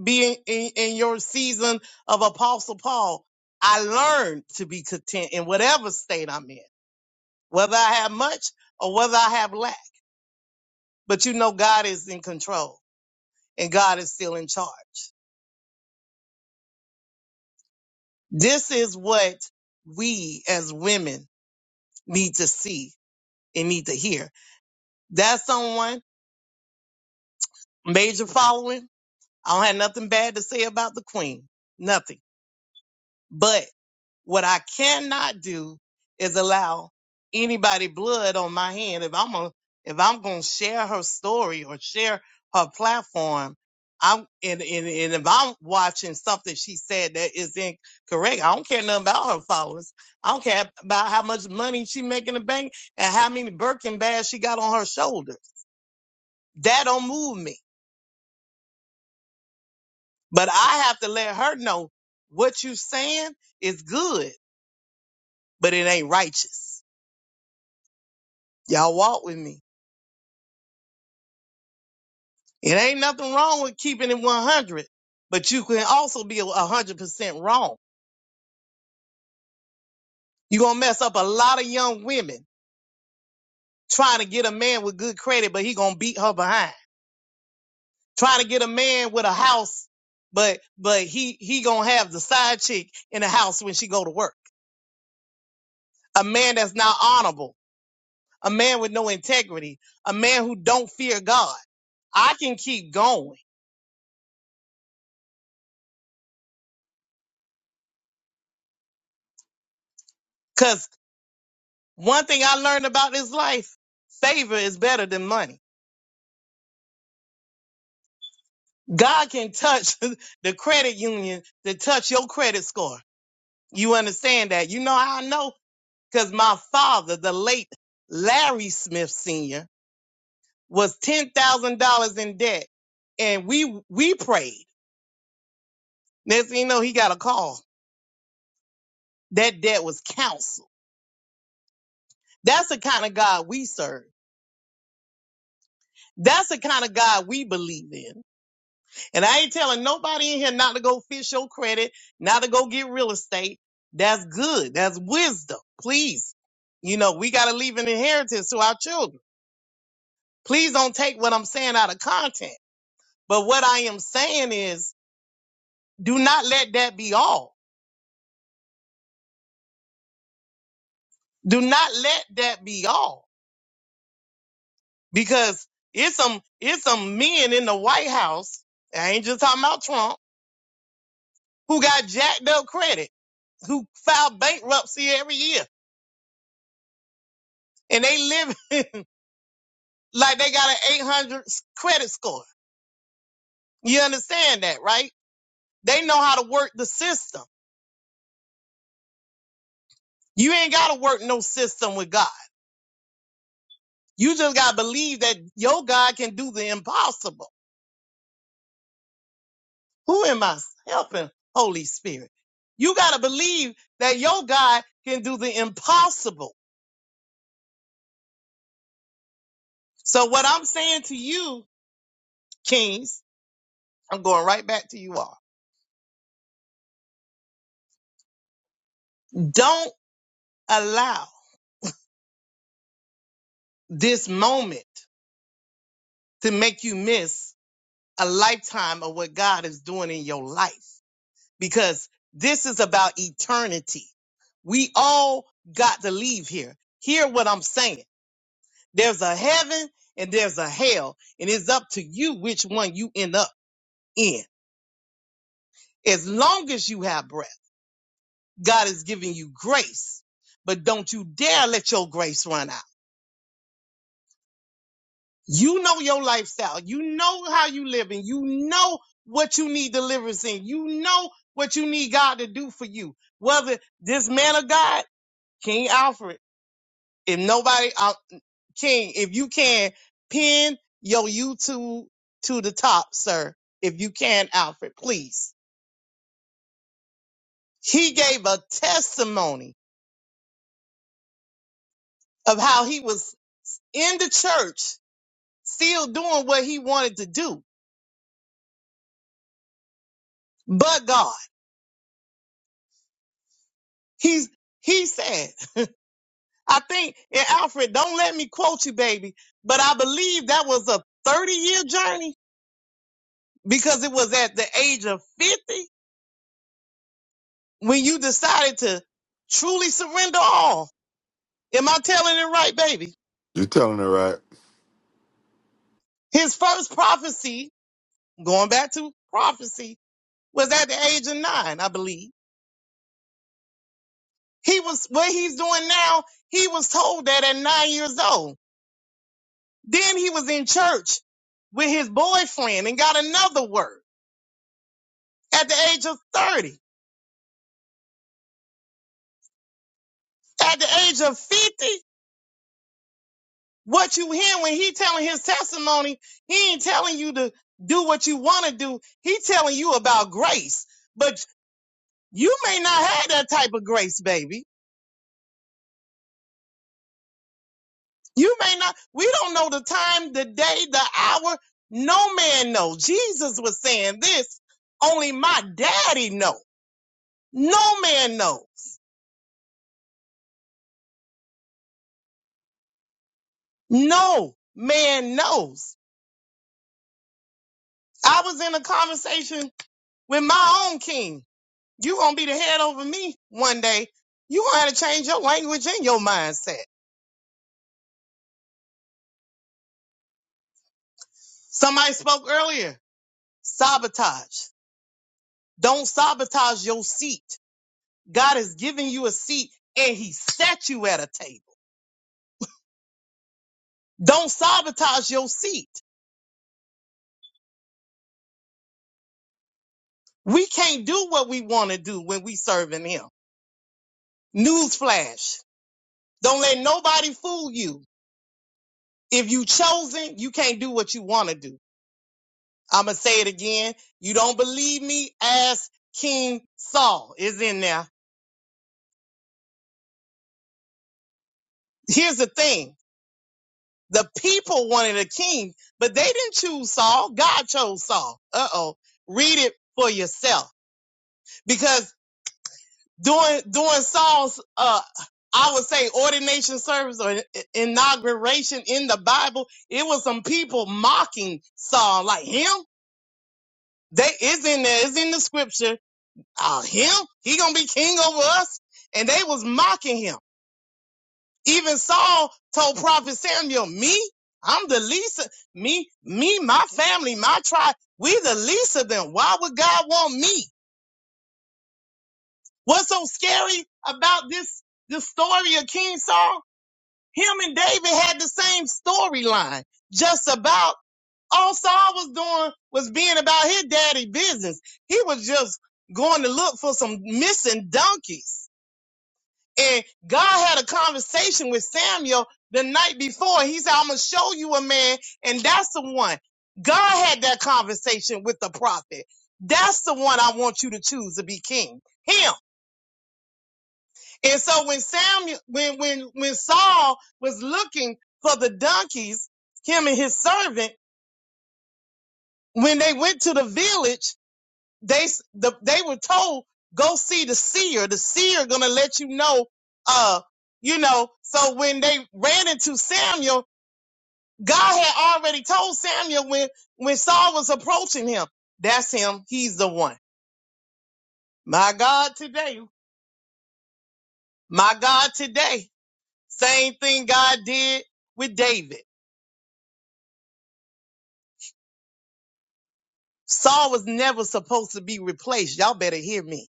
be in, in, in your season of Apostle Paul. I learned to be content in whatever state I'm in, whether I have much or whether I have lack. But you know, God is in control and God is still in charge. This is what we as women need to see and need to hear. That's someone major following. I don't have nothing bad to say about the queen. Nothing. But what I cannot do is allow anybody blood on my hand. If I'm a, if I'm gonna share her story or share her platform, I'm and, and and if I'm watching something she said that is incorrect, I don't care nothing about her followers. I don't care about how much money she make in the bank and how many Birkin bags she got on her shoulders. That don't move me. But I have to let her know what you saying is good, but it ain't righteous. Y'all walk with me. It ain't nothing wrong with keeping it 100, but you can also be 100% wrong. you going to mess up a lot of young women trying to get a man with good credit, but he going to beat her behind. Trying to get a man with a house, but but he he going to have the side chick in the house when she go to work. A man that's not honorable, a man with no integrity, a man who don't fear God. I can keep going. Cause one thing I learned about this life, favor is better than money. God can touch (laughs) the credit union to touch your credit score. You understand that? You know how I know? Cause my father, the late Larry Smith Sr., was $10,000 in debt. And we, we prayed. Next thing you know, he got a call. That debt was canceled. That's the kind of God we serve. That's the kind of God we believe in. And I ain't telling nobody in here not to go fish your credit, not to go get real estate. That's good. That's wisdom. Please. You know, we got to leave an inheritance to our children. Please don't take what I'm saying out of context. But what I am saying is do not let that be all. Do not let that be all because it's some, it's some men in the White House. I ain't just talking about Trump who got jacked up credit, who filed bankruptcy every year and they live. like they got an 800 credit score. You understand that, right? They know how to work the system. You ain't got to work no system with God. You just got to believe that your God can do the impossible. Who am I helping, Holy Spirit? You got to believe that your God can do the impossible. So, what I'm saying to you, kings, I'm going right back to you all. Don't allow this moment to make you miss a lifetime of what God is doing in your life because this is about eternity. We all got to leave here. Hear what I'm saying. There's a heaven and there's a hell, and it's up to you which one you end up in. As long as you have breath, God is giving you grace, but don't you dare let your grace run out. You know your lifestyle. You know how you living. You know what you need deliverance in. You know what you need God to do for you. Whether this man of God, King Alfred, if nobody, uh, King, if you can pin your YouTube to the top, sir, if you can, Alfred, please. He gave a testimony of how he was in the church, still doing what he wanted to do, but God. He's he said. I think, and Alfred, don't let me quote you, baby, but I believe that was a 30 year journey because it was at the age of 50 when you decided to truly surrender all. Am I telling it right, baby? you're telling it right His first prophecy, going back to prophecy, was at the age of nine, I believe. He was, what he's doing now, he was told that at nine years old. Then he was in church with his boyfriend and got another word at the age of 30. at the age of 50, what you hear when he telling his testimony, he ain't telling you to do what you want to do. He telling you about grace. But you may not have that type of grace, baby. You may not. We don't know the time, the day, the hour. No man know. Jesus was saying this. Only my daddy know. No man knows. No man knows. I was in a conversation with my own king You gonna be the head over me one day. You gonna have to change your language and your mindset. Somebody spoke earlier. Sabotage. Don't sabotage your seat. God has given you a seat and he set you at a table. Don't sabotage your seat. We can't do what we want to do when we serving him. Newsflash. Don't let nobody fool you. If you chosen, you can't do what you want to do. I'm going to say it again. You don't believe me? Ask King Saul is in there. Here's the thing. The people wanted a king, but they didn't choose Saul. God chose Saul. Uh-oh. Read it for yourself. Because during, during Saul's, uh, I would say ordination service or inauguration in the Bible, it was some people mocking Saul like him. They, it's in there. It's in the scripture uh, him? He gonna be king over us? And they was mocking him. Even Saul told Prophet Samuel, me, I'm the least of, me, me, my family, my tribe, we the least of them. Why would God want me? What's so scary about this, this story of King Saul? Him and David had the same storyline, just about all Saul was doing was being about his daddy business. He was just going to look for some missing donkeys And God had a conversation with Samuel the night before. He said, I'm going to show you a man, and that's the one. God had that conversation with the prophet. That's the one I want you to choose to be king. Him. And so when Samuel, when, when, when Saul was looking for the donkeys, him and his servant, when they went to the village, they the, they were told go see the seer. The seer gonna let you know. Uh, you know. So when they ran into Samuel, God had already told Samuel when when Saul was approaching him. That's him. He's the one. My God today. My God today. Same thing God did with David. Saul was never supposed to be replaced. Y'all better hear me.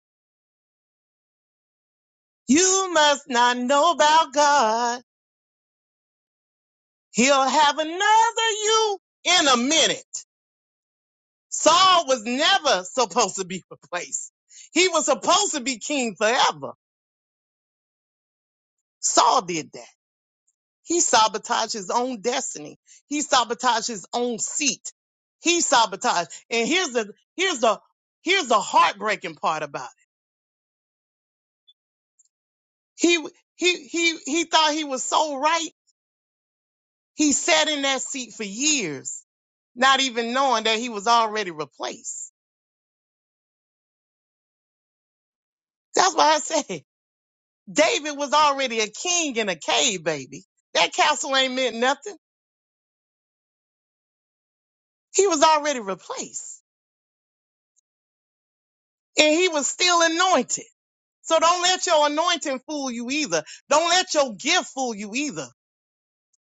You must not know about God He'll have another you in a minute. Saul was never supposed to be (laughs) replaced. He was supposed to be king forever. Saul did that. He sabotaged his own destiny. He sabotaged his own seat. He sabotaged. And here's the here's the here's the heartbreaking part about it. He he he he thought he was so right. He sat in that seat for years, not even knowing that he was already replaced. That's why I said David was already a king in a cave, baby. That castle ain't meant nothing. He was already replaced and he was still anointed. So don't let your anointing fool you either. Don't let your gift fool you either.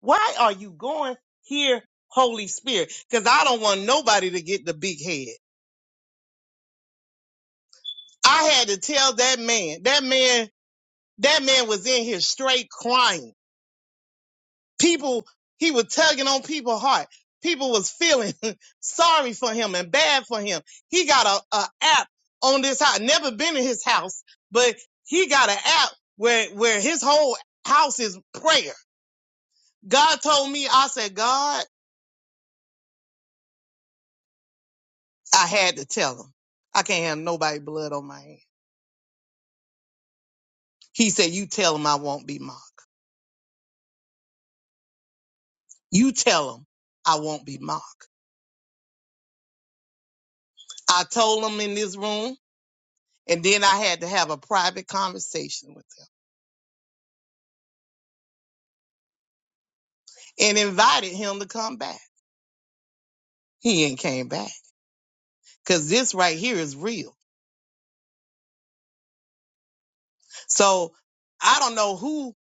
Why are you going here, Holy Spirit? Cause I don't want nobody to get the big head. I had to tell that man, that man, that man was in here straight crying people he was tugging on people's heart people was feeling (laughs) sorry for him and bad for him he got a, a app on this house never been in his house but he got an app where where his whole house is prayer god told me i said god i had to tell him i can't have nobody blood on my hand he said you tell him i won't be mocked you tell him i won't be mocked i told him in this room and then i had to have a private conversation with him and invited him to come back. He ain't came back because this right here is real. So I don't know who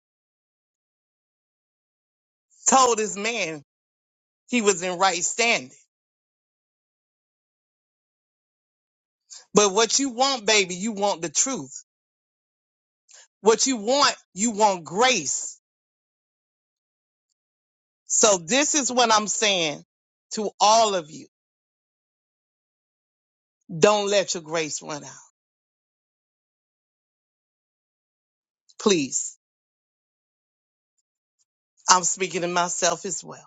told this man he was in right standing, but what you want, baby, you want the truth. What you want, you want grace. So this is what I'm saying to all of you. Don't let your grace run out. Please. I'm speaking to myself as well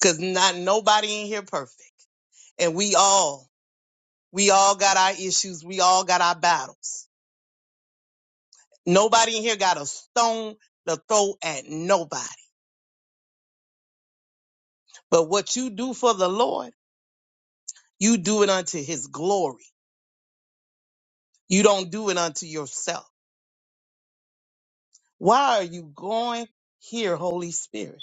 because not nobody in here perfect. And we all, we all got our issues. We all got our battles Nobody in here got a stone to throw at nobody. But what you do for the Lord, you do it unto his glory. You don't do it unto yourself. Why are you going here, Holy Spirit?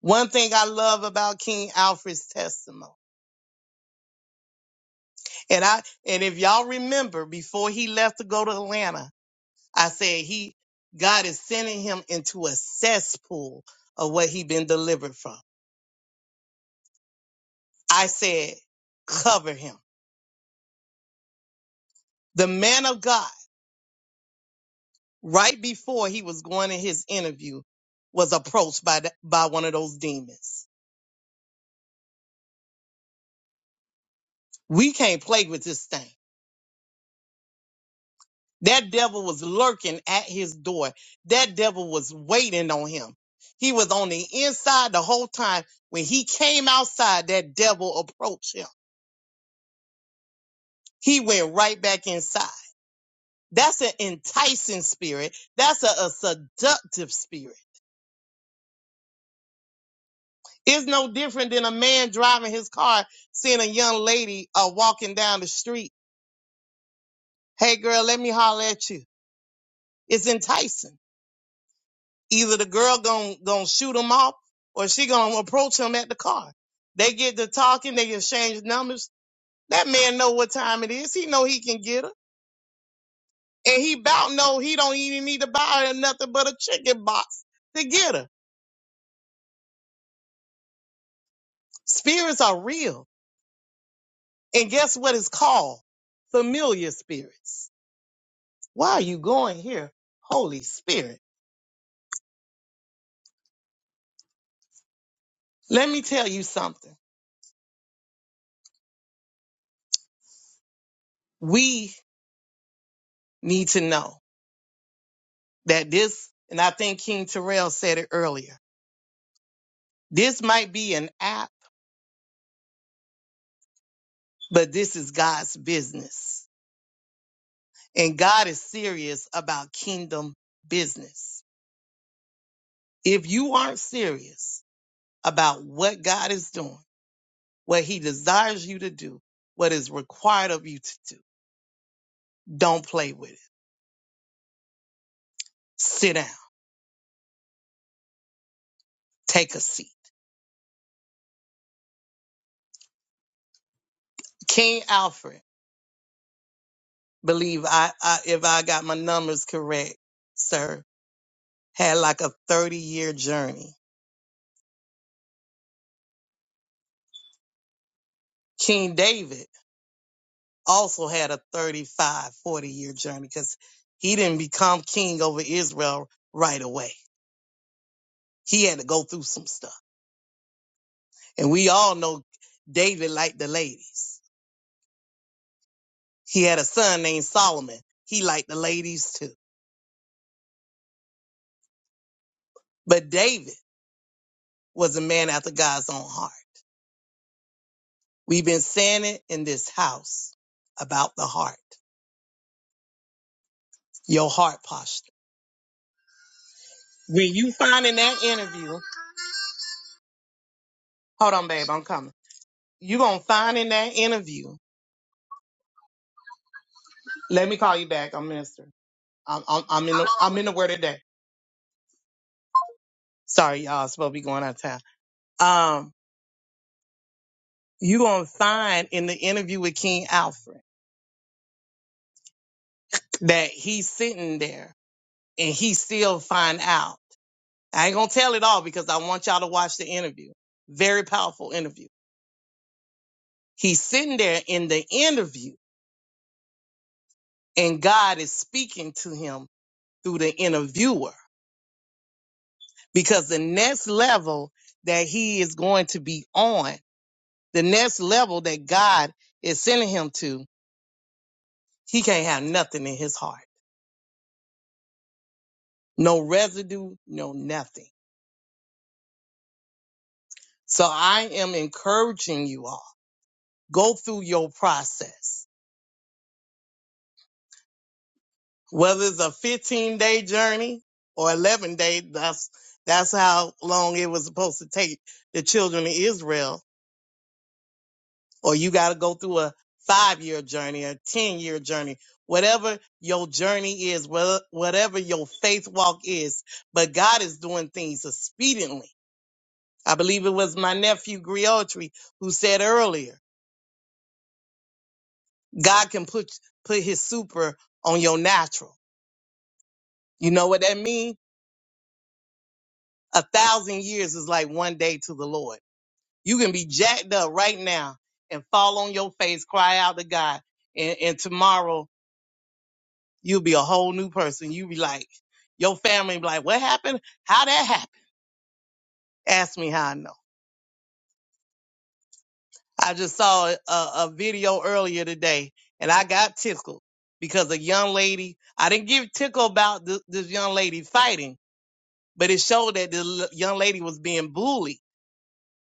One thing I love about King Alfred's testimony. And I and if y'all remember before he left to go to Atlanta, I said he God is sending him into a cesspool of what he been delivered from. I said, cover him. The man of God. right before he was going in his interview, was approached by the, by one of those demons. We can't play with this thing. That devil was lurking at his door. That devil was waiting on him. He was on the inside the whole time. When he came outside, that devil approached him. He went right back inside. That's an enticing spirit. That's a, a seductive spirit. It's no different than a man driving his car, seeing a young lady uh, walking down the street Hey girl, let me holler at you. It's enticing. Either the girl gon' gon' shoot him off or she gonna approach him at the car. They get to talking, they exchange numbers. That man know what time it is. He know he can get her. And he bout know he don't even need to buy her nothing but a chicken box to get her. Spirits are real. And guess what it's called? Familiar spirits. Why are you going here? Holy Spirit. Let me tell you something. We need to know. that this, and I think King Terrell said it earlier, this might be an app, but this is God's business. And God is serious about kingdom business. If you aren't serious about what God is doing, what he desires you to do, what is required of you to do, don't play with it. Sit down. Take a seat. King Alfred, believe I, I if I got my numbers correct, sir, had like a 30 year journey. King David also had a thirty-five, forty year journey because he didn't become king over Israel right away. He had to go through some stuff. And we all know David liked the ladies. He had a son named Solomon. He liked the ladies too. But David was a man after God's own heart. We've been saying it in this house about the heart, your heart posture. When you find in that interview, hold on, babe, I'm coming. you going to find in that interview. Let me call you back. I'm minister. I'm I'm, I'm in the, I'm in the word today. Sorry, y'all. supposed to be going out of town. Um, you gonna find in the interview with King Alfred that he's sitting there and he still find out. I ain't gonna tell it all because I want y'all to watch the interview. Very powerful interview. He's sitting there in the interview and God is speaking to him through the interviewer because the next level that he is going to be on, the next level that God is sending him to He can't have nothing in his heart. No residue, no nothing. So I am encouraging you all, go through your process. Whether it's a 15 day journey or 11 day, that's, that's how long it was supposed to take the children of Israel. Or you got to go through a five year journey, a 10 year journey, whatever your journey is, whether- whatever your faith walk is. But God is doing things expediently I believe it was my nephew Griotri who said earlier, God can put put his super on your natural. You know what that means? A thousand years is like one day to the Lord. You can be jacked up right now and fall on your face, cry out to God, and, and tomorrow you'll be a whole new person. You be like, your family be like, what happened? How that happened? Ask me how I know. I just saw a, a video earlier today and I got tickled because a young lady, I didn't give tickle about th- this young lady fighting, but it showed that the l- young lady was being bullied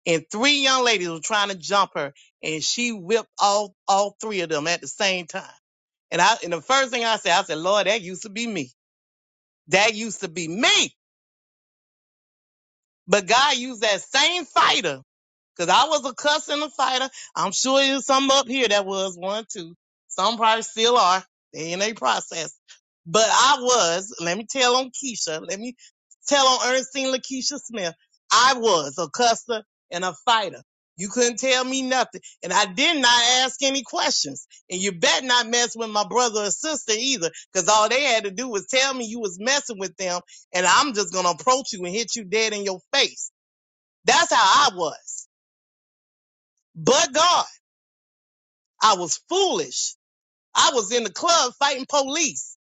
and three young ladies were trying to jump her and she whipped all, all three of them at the same time. And I, and the first thing I said, I said, Lord, that used to be me. That used to be me. But God used that same fighter, because I was a cuss and a fighter. I'm sure there's some up here that was one too. Some probably still are. They in a process. But I was, let me tell on Keisha, let me tell on Ernestine Lakeisha Smith, I was a cusser and a fighter. You couldn't tell me nothing. And I did not ask any questions. And you bet not mess with my brother or sister either, because all they had to do was tell me you was messing with them and I'm just going to approach you and hit you dead in your face. That's how I was. But God, I was foolish. I was in the club fighting police.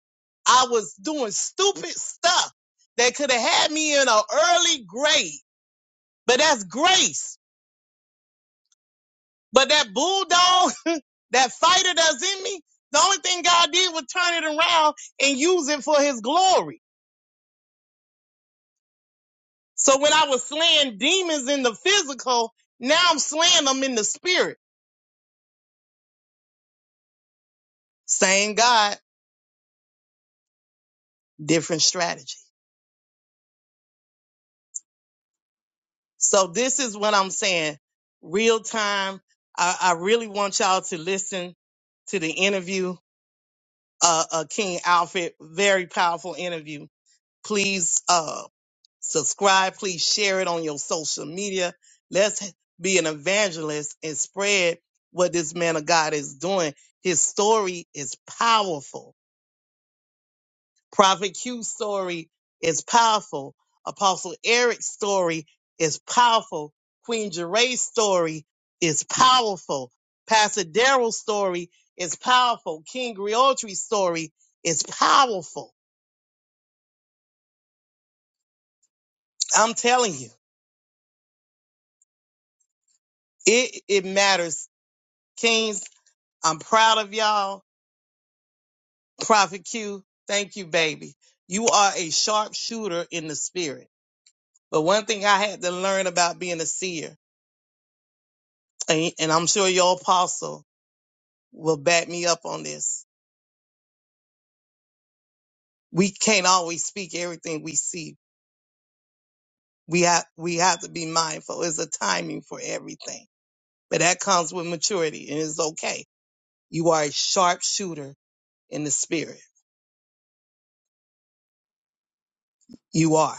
I was doing stupid stuff that could have had me in an early grave, but that's grace. But that bulldog, (laughs) that fighter that's in me, the only thing God did was turn it around and use it for his glory. So when I was slaying demons in the physical, now I'm slaying them in the spirit. Same God different strategy. So this is what I'm saying. Real time. I, I really want y'all to listen to the interview, uh, uh, King Alfred. Very powerful interview. Please, uh, subscribe. Please share it on your social media. Let's be an evangelist and spread what this man of God is doing. His story is powerful Prophet Q's story is powerful. Apostle Eric's story is powerful. Queen Jeray's story is powerful. Pastor Daryl's story is powerful. King Griotry's story is powerful. I'm telling you, it, it matters. Kings, I'm proud of y'all. Prophet Q, thank you, baby. You are a sharpshooter in the spirit. But one thing I had to learn about being a seer, and, and I'm sure your apostle will back me up on this. We can't always speak everything we see. We have we have to be mindful. It's a timing for everything. But that comes with maturity and it's okay. You are a sharp shooter in the spirit. You are.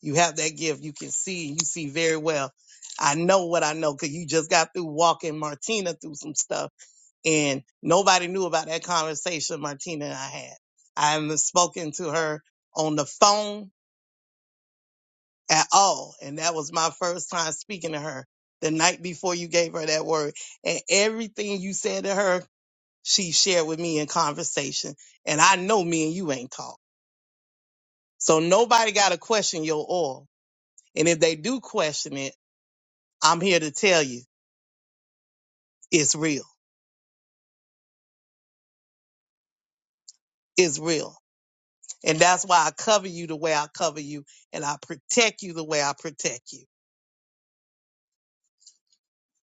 You have that gift. You can see and you see very well. I know what I know because you just got through walking Martina through some stuff and nobody knew about that conversation Martina and I had. I haven't spoken to her on the phone at all. And that was my first time speaking to her the night before you gave her that word. And everything you said to her, she shared with me in conversation. And I know me and you ain't talk. So nobody got to question your oil. And if they do question it, I'm here to tell you it's real. It's real. And that's why I cover you the way I cover you and I protect you the way I protect you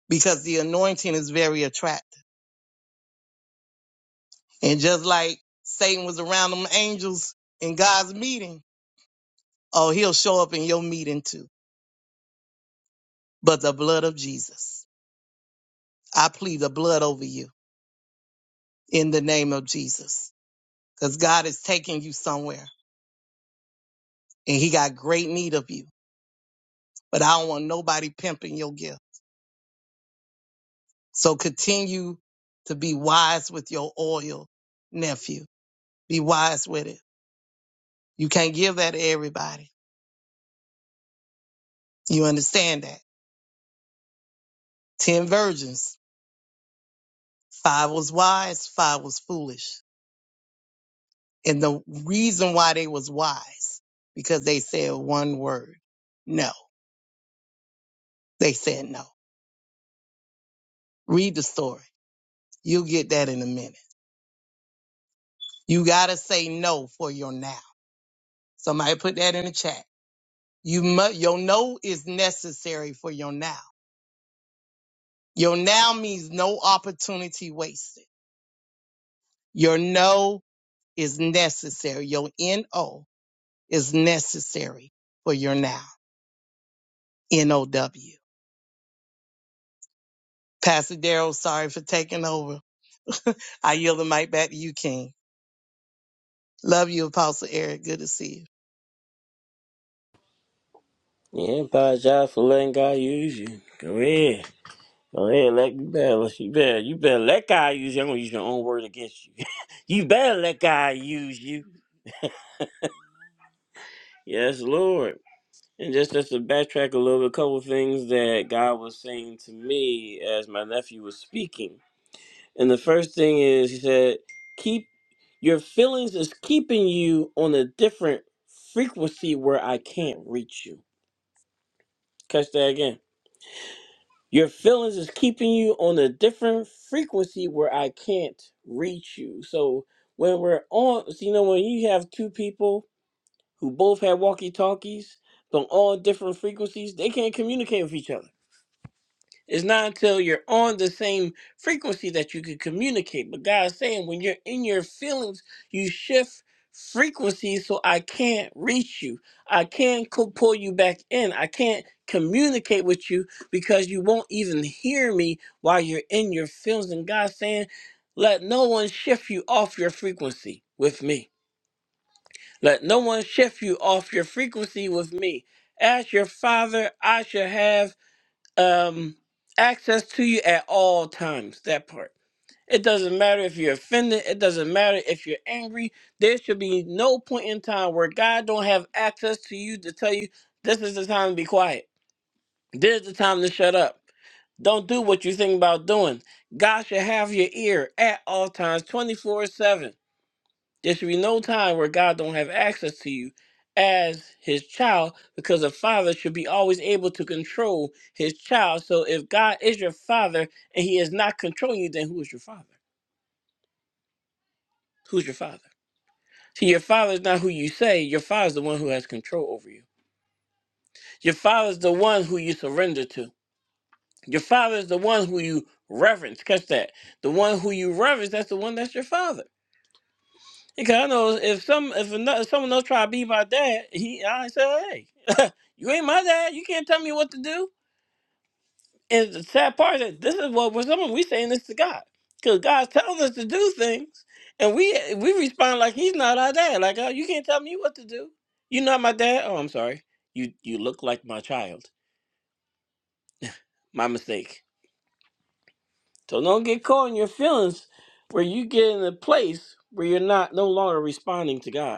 because the anointing is very attractive. And just like Satan was around them angels in God's meeting, Oh, he'll show up in your meeting too. But the blood of Jesus, I plead the blood over you in the name of Jesus. Because God is taking you somewhere and he got great need of you. But I don't want nobody pimping your gift. So continue to be wise with your oil, nephew. Be wise with it. You can't give that to everybody. You understand that? Ten virgins. Five was wise, five was foolish. And the reason why they was wise, because they said one word. No. They said no. Read the story. You'll get that in a minute. You gotta say no for your now. Somebody put that in the chat. You must, your no is necessary for your now. Your now means no opportunity wasted. Your no is necessary. Your N-O is necessary for your now. N-O-W. Pastor Daryl, sorry for taking over. I yield the mic back to you, King. Love you, Apostle Eric. Good to see you. Yeah. Apologize for letting God use you. Go ahead. Go ahead, let you better, you better, you better let God use you. I'm gonna use your own word against you. (laughs) you better let God use you. Yes, Lord. And just just to backtrack a little bit, a couple things that God was saying to me as my nephew was speaking. And the first thing is, He said, "Keep your feelings is keeping you on a different frequency where I can't reach you." Catch that again Your feelings is keeping you on a different frequency where I can't reach you. So when we're on, so, you know, when you have two people who both have walkie talkies but on different frequencies, they can't communicate with each other. It's not until you're on the same frequency that you can communicate. But God's saying when you're in your feelings, you shift frequencies, so I can't reach you. I can't co- pull you back in. I can't communicate with you because you won't even hear me while you're in your feelings. And God's saying, let no one shift you off your frequency with me. Let no one shift you off your frequency with me. As your father, I shall have um, access to you at all times. That part. It doesn't matter if you're offended. It doesn't matter if you're angry. There should be no point in time where God don't have access to you to tell you this is the time to be quiet. This is the time to shut up. Don't do what you think about doing. God should have your ear at all times, 24 7. There should be no time where God don't have access to you as his child because a father should be always able to control his child. So if God is your father and he is not controlling you, then who is your father? Who's your father? See, your father is not who you say. Your father is the one who has control over you. Your father is the one who you surrender to. Your father is the one who you reverence. Catch that. The one who you reverence, that's the one that's your father. Because I know if some if, another, if someone else try to be my dad, he I say, hey. You ain't my dad. You can't tell me what to do. And the sad part is this is what we're saying. we saying this to God. Because God's telling us to do things. And we we respond like he's not our dad. Like, oh, you can't tell me what to do. You're not my dad. Oh, I'm sorry. You you look like my child. My mistake. So don't get caught in your feelings where you get in a place where you're not no longer responding to God.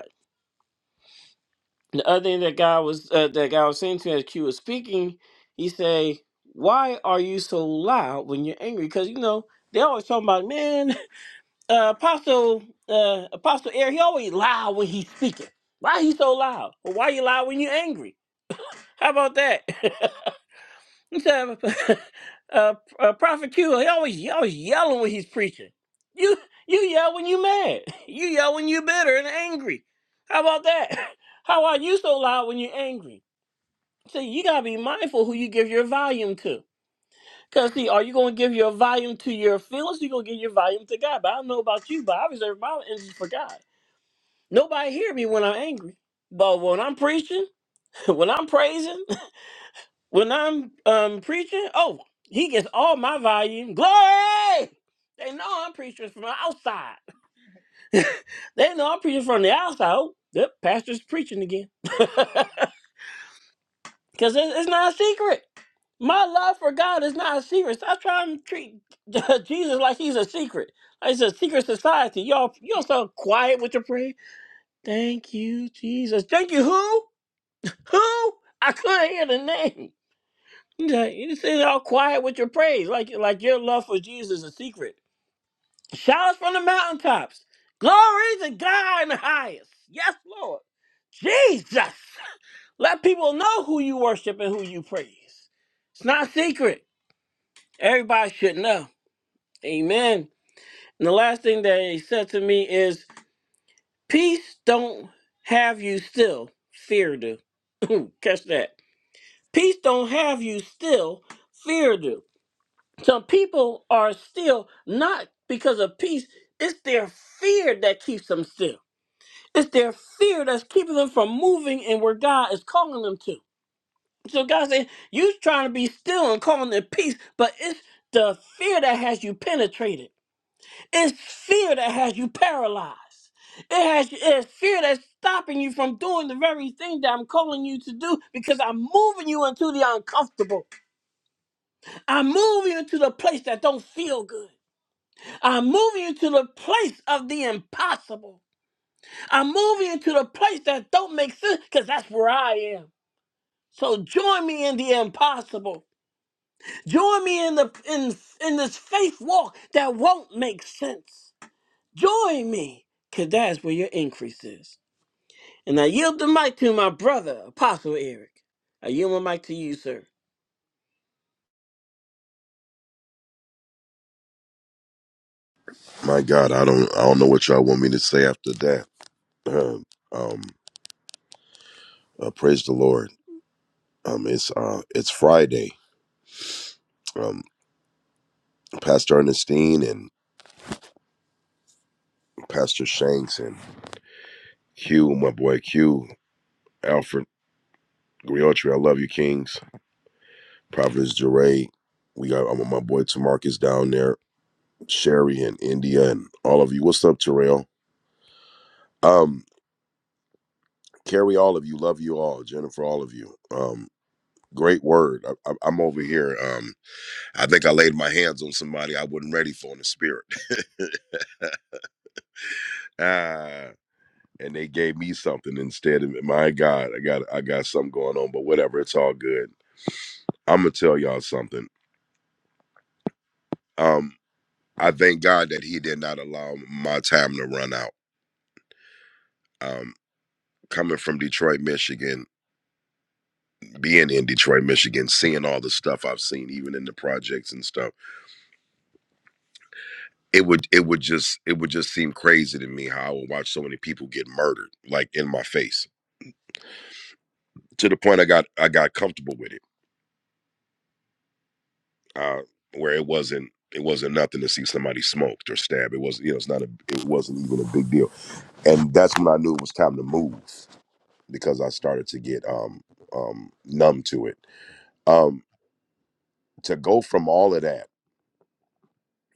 the other thing that God was uh, that God was saying to me as Q was speaking, he say, "Why are you so loud when you're angry?" Because you know they always talking about man, (laughs) uh, Apostle uh, Apostle Air. He always loud when he's speaking. Why he so loud? Or why you loud when you're angry? How about that? (laughs) He said, (laughs) uh, uh, Prophet Q, he always he always yelling when he's preaching. You you yell when you mad. (laughs) You yell when you bitter and angry. How about that? (laughs) How are you so loud when you're angry? So you gotta be mindful who you give your volume to. Cause see, are you gonna give your volume to your feelings? Or You gonna give your volume to God. But I don't know about you, but I reserve my energy for God. Nobody hear me when I'm angry. But when I'm preaching, (laughs) when I'm praising, (laughs) when I'm um preaching, oh, he gets all my volume. Glory! They know I'm preaching from the outside. (laughs) They know I'm preaching from the outside. Oh, yep, pastor's preaching again. (laughs) Because it's not a secret. My love for God is not a secret. Stop trying to treat (laughs) Jesus like he's a secret. Like It's a secret society. Y'all, y'all so quiet with your prayer. Thank you, Jesus. Thank you, who? Who? I couldn't hear the name. (laughs) You know, you sit all quiet with your praise, like like your love for Jesus is a secret. Shouts from the mountaintops. Glory to God in the highest. Yes, Lord. Jesus. Let people know who you worship and who you praise. It's not secret. Everybody should know. Amen. And the last thing that he said to me is, peace don't have you still, fear do. (laughs) Catch that. Peace don't have you still, fear do. Some people are still not because of peace. It's their fear that keeps them still. It's their fear that's keeping them from moving and where God is calling them to. So God said, you trying to be still and calling it peace, but it's the fear that has you penetrated. It's fear that has you paralyzed. It has it's fear that's stopping you from doing the very thing that I'm calling you to do because I'm moving you into the uncomfortable. I'm moving you into the place that don't feel good. I'm moving you to the place of the impossible. I'm moving you to the place that don't make sense because that's where I am. So join me in the impossible. Join me in the in in this faith walk that won't make sense. Join me, cause that's where your increase is. And I yield the mic to my brother, Apostle Eric. I yield my mic to you, sir. My God, I don't I don't know what y'all want me to say after that. (clears throat) Um, um uh, praise the Lord. Um, it's uh it's Friday. Um, Pastor Ernestine and Pastor Shanks and Hugh, my boy Q, Alfred Griotri, I love you, Kings. Providence Duray. We got um, my boy Tamarcus down there, Sherry and India and all of you. What's up, Terrell? Um, Carrie, all of you, love you all, Jennifer, all of you. Um, great word. I, I, I'm over here. Um, I think I laid my hands on somebody I wasn't ready for in the spirit. (laughs) ah, and they gave me something instead of my God, I got I got something going on, but whatever, it's all good. I'm gonna tell y'all something. Um, I thank God that he did not allow my time to run out. Um, coming from Detroit, Michigan, being in Detroit, Michigan, seeing all the stuff I've seen, even in the projects and stuff, it would it would just it would just seem crazy to me how I would watch so many people get murdered, like in my face to the point I got I got comfortable with it, uh, where it wasn't it wasn't nothing to see somebody smoked or stabbed. It wasn't you know it's not a it wasn't even a big deal, and that's when I knew it was time to move because I started to get um um numb to it. Um, to go from all of that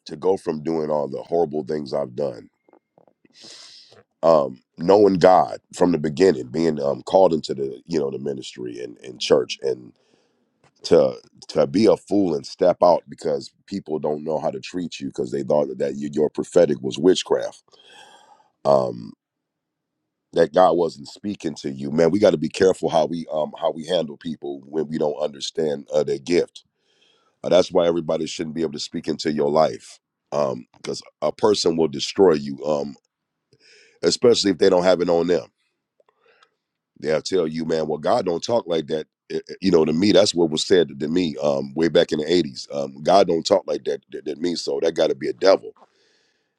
to go from doing all the horrible things I've done. Um, knowing God from the beginning, being um, called into the you know the ministry and, and church, and. to to be a fool and step out because people don't know how to treat you because they thought that you, your prophetic was witchcraft um that god wasn't speaking to you man we got to be careful how we um how we handle people when we don't understand uh, their gift uh, that's why everybody shouldn't be able to speak into your life um because a person will destroy you um especially if they don't have it on them they'll tell you, man, well, God don't talk like that. Eh, eh, You know, to me, that's what was said to me um, way back in the '80s. Um, God don't talk like that. That, that means so. That got to be a devil.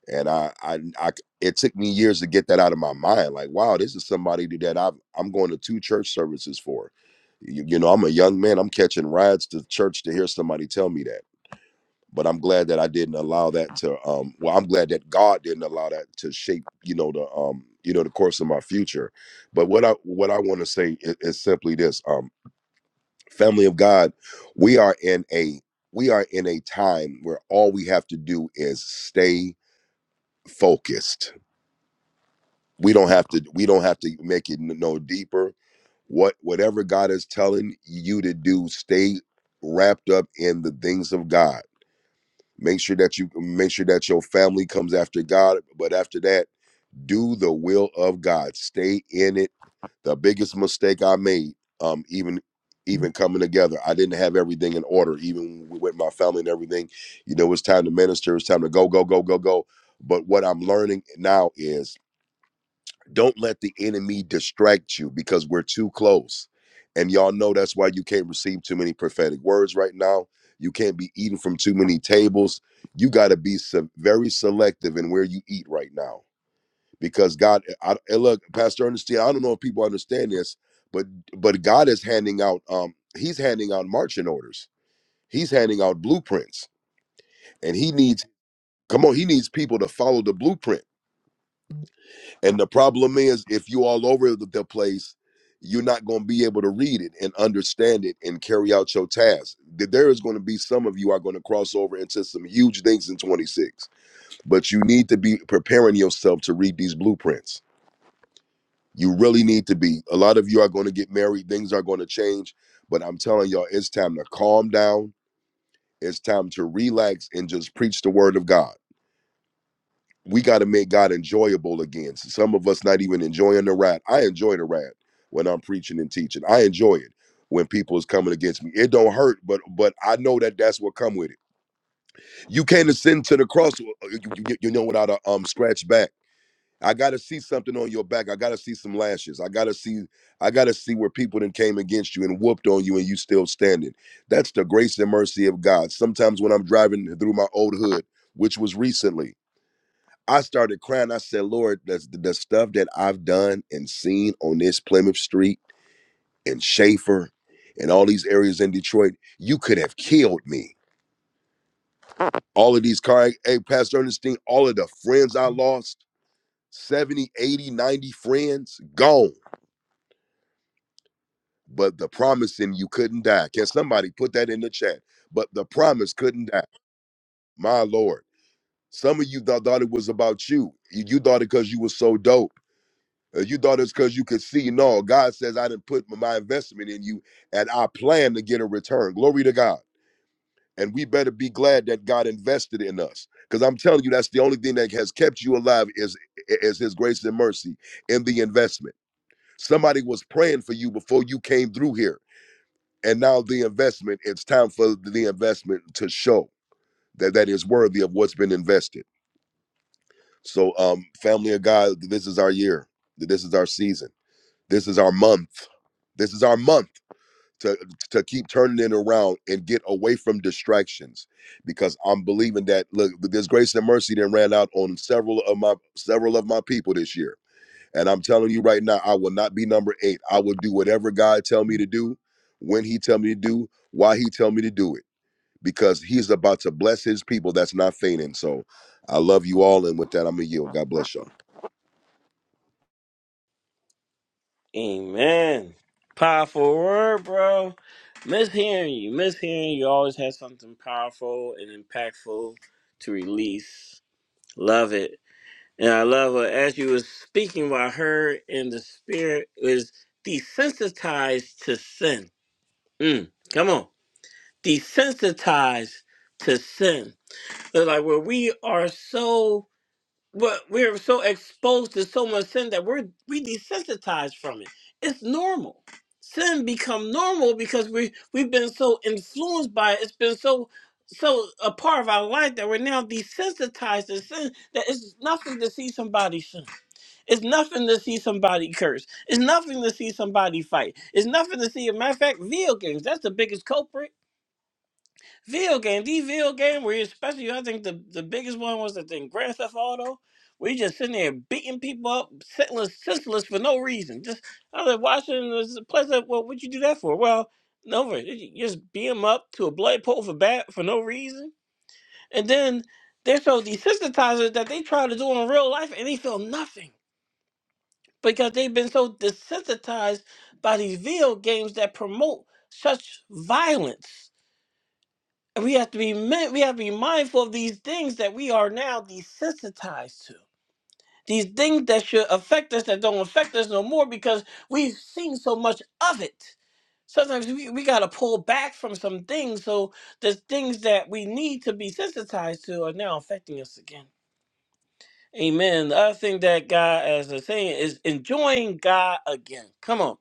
And I, I, I, it took me years to get that out of my mind. Like, wow, this is somebody that I've, I'm going to two church services for. You, you know, I'm a young man. I'm catching rides to church to hear somebody tell me that but I'm glad that I didn't allow that to um well I'm glad that God didn't allow that to shape you know the um you know the course of my future but what I what I want to say is, is simply this um family of God we are in a we are in a time where all we have to do is stay focused we don't have to we don't have to make it n- no deeper what whatever God is telling you to do stay wrapped up in the things of God Make sure that you make sure that your family comes after God. But after that, do the will of God. Stay in it. The biggest mistake I made, um, even even coming together, I didn't have everything in order, even with my family and everything. You know, it's time to minister. It's time to go, go, go, go, go. But what I'm learning now is don't let the enemy distract you because we're too close. And y'all know that's why you can't receive too many prophetic words right now. You can't be eating from too many tables. You got to be se- very selective in where you eat right now because God, I, and look, Pastor Ernestine, I don't know if people understand this, but but God is handing out, um, He's handing out marching orders. He's handing out blueprints, and He needs, come on, He needs people to follow the blueprint And the problem is, if you all over the, the place, you're not going to be able to read it and understand it and carry out your task. Th- There is going to be some of you are going to cross over into some huge things in 26, but you need to be preparing yourself to read these blueprints. You really need to be. A lot of you are going to get married, things are going to change, but I'm telling y'all, it's time to calm down. It's time to relax and just preach the word of God we got to make God enjoyable again. So some of us not even enjoying the ride. I enjoy the ride when I'm preaching and teaching. I enjoy it when people is coming against me. It don't hurt, but but I know that that's what come with it. You can't ascend to the cross, uh, uh, you, you- you know, without a um scratch back. I gotta see something on your back. I gotta see some lashes. I gotta see. I gotta see where people then came against you and whooped on you, and you still standing. That's the grace and mercy of God. Sometimes when I'm driving through my old hood, which was recently. I started crying. I said, Lord, the, the stuff that I've done and seen on this Plymouth Street and Schaefer and all these areas in Detroit, you could have killed me. All of these car, hey, Pastor Ernestine, all of the friends I lost, 70, 80, 90 friends, gone. But the promise in you couldn't die. Can somebody put that in the chat? But the promise couldn't die. My Lord. Some of you thought thought it was about you. You you thought it because you were so dope. Uh, you thought it's because you could see. No, God says, I didn't put my investment in you and I plan to get a return. Glory to God. And we better be glad that God invested in us. Because I'm telling you, that's the only thing that has kept you alive is, is his grace and mercy in the investment. Somebody was praying for you before you came through here. And now the investment, it's time for the investment to show that that is worthy of what's been invested. So, um, family of God, this is our year. This is our season This is our month. This is our month to to keep turning it around and get away from distractions, because I'm believing that look, this grace and mercy then ran out on several of my several of my people this year, and I'm telling you right now, I will not be number eight. I will do whatever God tell me to do, when He tell me to do, why He tell me to do it, because He's about to bless His people. That's not fainting. So, I love you all, and with that, I'm gonna yield. God bless y'all. Amen. Powerful word, bro. Miss hearing you. Miss hearing you always has something powerful and impactful to release. Love it. And I love her. As you was speaking, what I heard in the spirit is desensitized to sin Mm, come on. Desensitized to sin. It's like where we are so but we're so exposed to so much sin that we're we desensitized from it. It's normal. Sin become normal because we we've been so influenced by it. It's been so so a part of our life that we're now desensitized to sin that it's nothing to see somebody sin. It's nothing to see somebody curse. It's nothing to see somebody fight. It's nothing to see. a matter of fact, video games, that's the biggest culprit Video game, the video game where you- especially I think the, the biggest one was the thing Grand Theft Auto, where you just sitting there beating people up, senseless, senseless for no reason. Just I was like watching this place like, well, what'd you do that for? Well, no, you just beat them up to a blood pool for bat for no reason, and then they're so desensitized that they try to do in real life and they feel nothing because they've been so desensitized by these video games that promote such violence and we have to be mi- we have to be mindful of these things that we are now desensitized to. These things that should affect us that don't affect us no more because we've seen so much of it. Sometimes we, we gotta pull back from some things so the things that we need to be sensitized to are now affecting us again. Amen. The other thing that God as a saying is enjoying God again. Come on.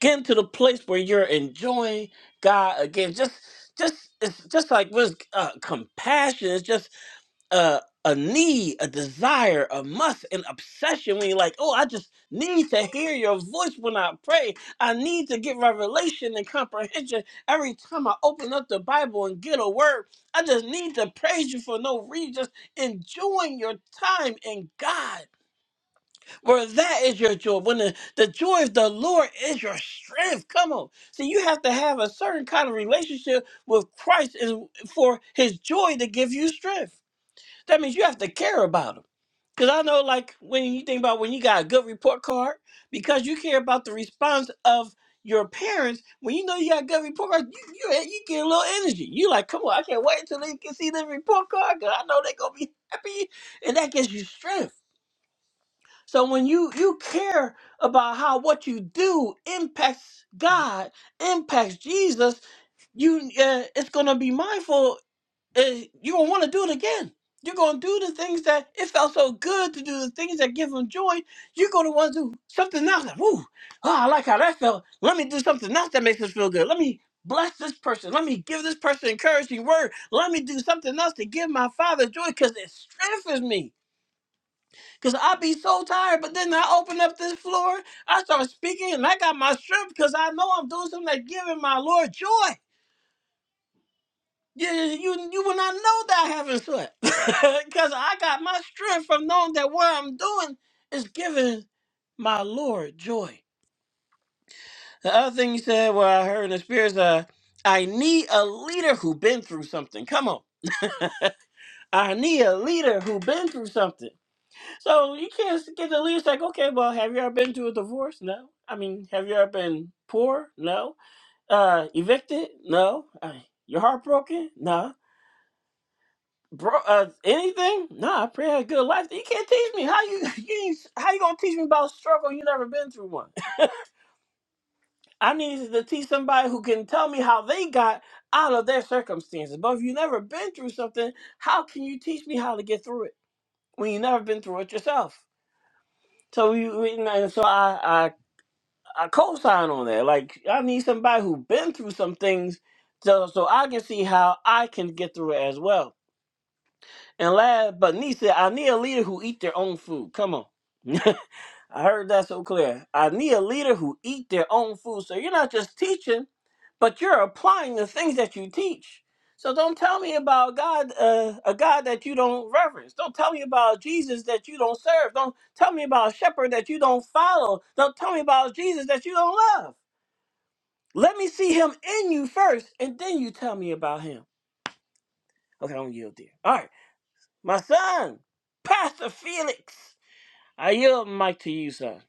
Get to the place where you're enjoying God again. Just, just it's just like with uh, compassion. It's just uh, a need, a desire, a must, an obsession. When you're like, oh, I just need to hear your voice when I pray. I need to get revelation and comprehension every time I open up the Bible and get a word. I just need to praise you for no reason. Just enjoying your time in God. For that is your joy. When the, the joy of the Lord is your strength. Come on. See, you have to have a certain kind of relationship with Christ and for his joy to give you strength. That means you have to care about him. Because I know, like, when you think about when you got a good report card, because you care about the response of your parents, when you know you got a good report card, you, you, you get a little energy. You like, come on, I can't wait until they can see the report card because I know they're going to be happy. And that gives you strength. So when you you care about how what you do impacts God, impacts Jesus, you uh, it's gonna be mindful. Uh, you're gonna want to do it again. You're gonna do the things that it felt so good to do, the things that give them joy. You're gonna want to do something else. That, Woo! Oh, I like how that felt. Let me do something else that makes us feel good. Let me bless this person. Let me give this person encouraging word. Let me do something else to give my father joy because it strengthens me. Cause I be so tired, but then I open up this floor, I start speaking, and I got my strength because I know I'm doing something that giving my Lord joy. You, you, you will not know that I haven't slept. (laughs) Because I got my strength from knowing that what I'm doing is giving my Lord joy. The other thing you said, what I heard in the spirit is, uh, I need a leader who been through something. Come on. I need a leader who been through something. So you can't get the leads like, okay, well, have you ever been to a divorce? No. I mean, have you ever been poor? No. Uh, evicted? No. Uh, you're heartbroken? No. Bro, uh, anything? Nah, I pray I had a good life. You can't teach me how you, (laughs) you ain't- how you gonna teach me about struggle? You never been through one. (laughs) I need to teach somebody who can tell me how they got out of their circumstances. But if you never been through something, how can you teach me how to get through it when you never been through it yourself? So you, you know, so I, I co-sign on that. Like I need somebody who been through some things, so so I can see how I can get through it as well. And last but not least, I need a leader who eat their own food. Come on, (laughs) I heard that so clear. I need a leader who eat their own food. So you're not just teaching, but you're applying the things that you teach. So don't tell me about God, uh, a God that you don't reverence. Don't tell me about Jesus that you don't serve. Don't tell me about a shepherd that you don't follow. Don't tell me about Jesus that you don't love. Let me see him in you first, and then you tell me about him. Okay, I'm gonna yield there. All right, my son, Pastor Felix. I yield the mic to you, son.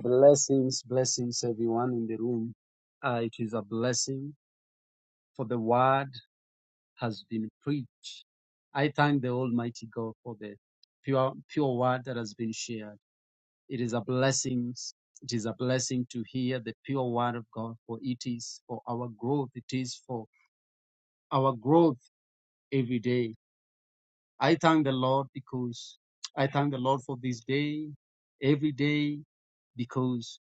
Blessings, blessings, everyone in the room. Uh, it is a blessing for the word has been preached. I thank the Almighty God for the pure, pure word that has been shared. It is a blessing. It is a blessing to hear the pure word of God, for it is for our growth. It is for our growth every day. I thank the Lord because I thank the Lord for this day, every day, because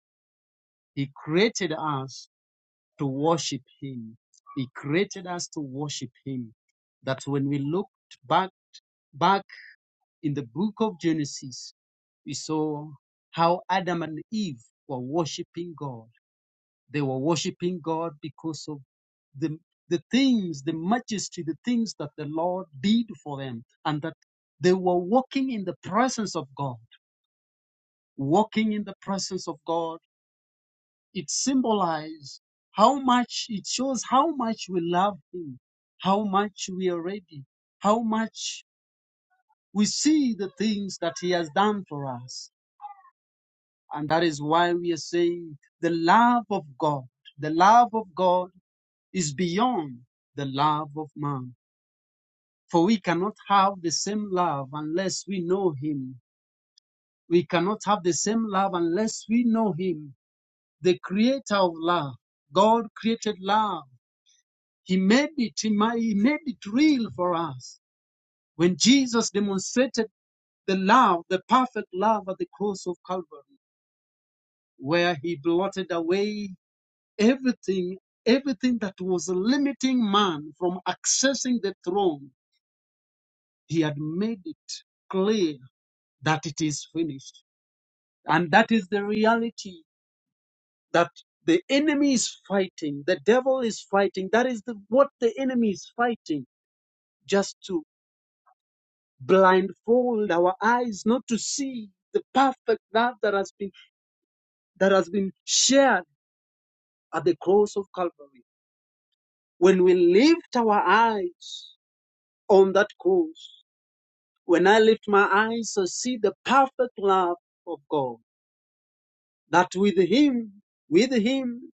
He created us to worship Him. He created us to worship Him. That when we looked back back in the book of Genesis, we saw how Adam and Eve were worshiping God. They were worshiping God because of the the things, the majesty, the things that the Lord did for them, and that they were walking in the presence of God, walking in the presence of God it symbolizes how much it shows how much we love him how much we are ready how much we see the things that he has done for us and that is why we are saying the love of god the love of god is beyond the love of man for we cannot have the same love unless we know him we cannot have the same love unless we know him the creator of love god created love He made it, he ma- he made it real for us when Jesus demonstrated the love, the perfect love at the cross of Calvary, where he blotted away everything, everything that was limiting man from accessing the throne. He had made it clear that it is finished. And that is the reality that the enemy is fighting, the devil is fighting. That is the, what the enemy is fighting just to blindfold our eyes not to see the perfect love that has been that has been shared at the cross of Calvary. When we lift our eyes on that cross, when I lift my eyes to see the perfect love of God, that with Him, with Him,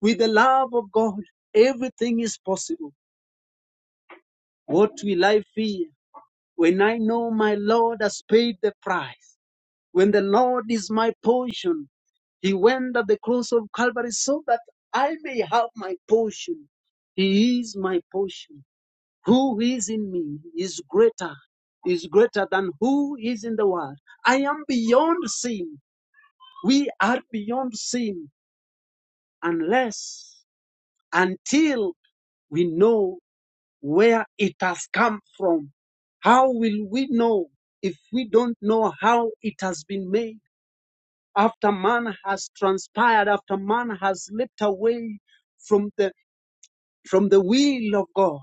with the love of God, everything is possible. What will I fear when I know my Lord has paid the price? When the Lord is my portion, He went at the cross of Calvary so that I may have my portion. He is my portion. Who is in me is greater, is greater than who is in the world. I am beyond sin. We are beyond sin unless, until we know where it has come from. How will we know if we don't know how it has been made? after man has transpired, after man has slipped away from the from the will of God,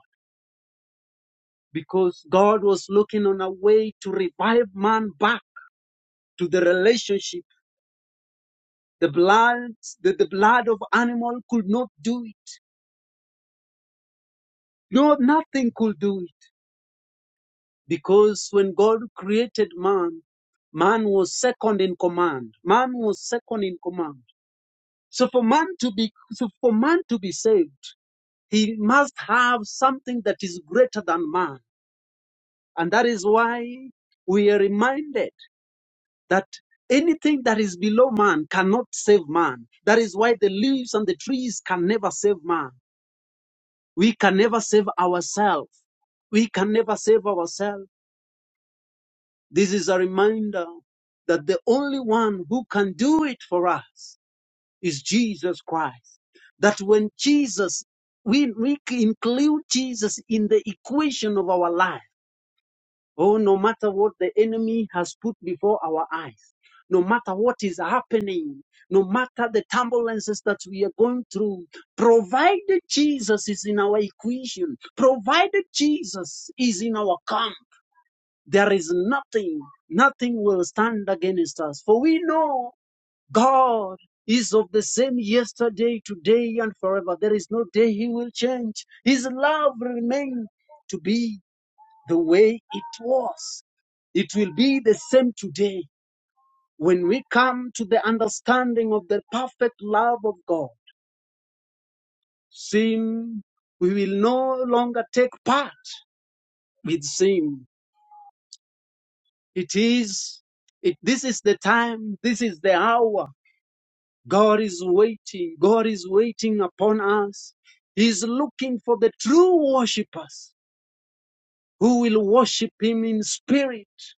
because God was looking on a way to revive man back to the relationship. The blood, the, the blood of animal could not do it. No, nothing could do it. Because when God created man, man was second in command. Man was second in command. So for man to be, so for man to be saved, He must have something that is greater than man. And that is why we are reminded that anything that is below man cannot save man. That is why the leaves and the trees can never save man. We can never save ourselves. We can never save ourselves. This is a reminder that the only one who can do it for us is Jesus Christ. That when Jesus, we, we include Jesus in the equation of our life Oh, no matter what the enemy has put before our eyes, no matter what is happening, no matter the turbulences that we are going through, provided Jesus is in our equation, provided Jesus is in our camp, there is nothing, nothing will stand against us. For we know God is of the same yesterday, today, and forever. There is no day he will change. His love remains to be the way it was. It will be the same today when we come to the understanding of the perfect love of God. Sin, we will no longer take part with sin. It is, it, this is the time, this is the hour. God is waiting. God is waiting upon us. He is looking for the true worshippers who will worship Him in spirit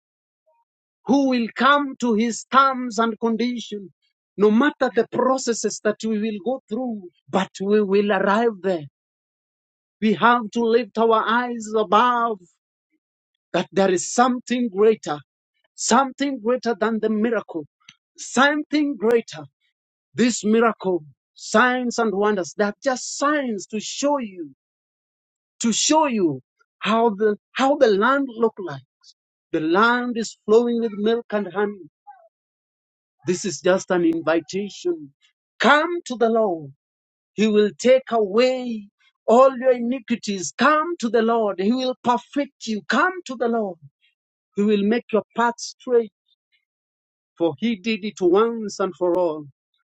who will come to his terms and condition, no matter the processes that we will go through, but we will arrive there. We have to lift our eyes above that there is something greater, something greater than the miracle, something greater. This miracle, signs and wonders, they're just signs to show you, to show you how the, how the land look like. The land is flowing with milk and honey This is just an invitation. Come to the Lord. He will take away all your iniquities. Come to the Lord. He will perfect you. Come to the Lord. He will make your path straight, for He did it once and for all.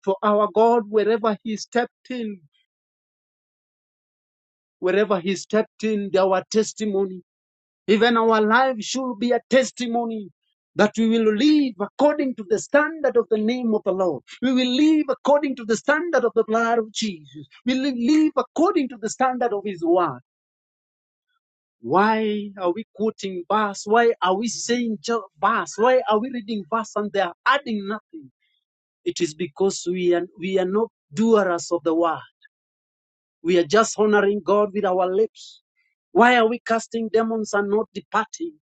For our God, wherever He stepped in, wherever He stepped in, our testimony Even our life should be a testimony that we will live according to the standard of the name of the Lord. We will live according to the standard of the blood of Jesus. We will live according to the standard of His word. Why are we quoting verse? Why are we saying ju- verse? Why are we reading verse and they are adding nothing? It is because we are, we are not doers of the word. We are just honoring God with our lips. Why are we casting demons and not departing?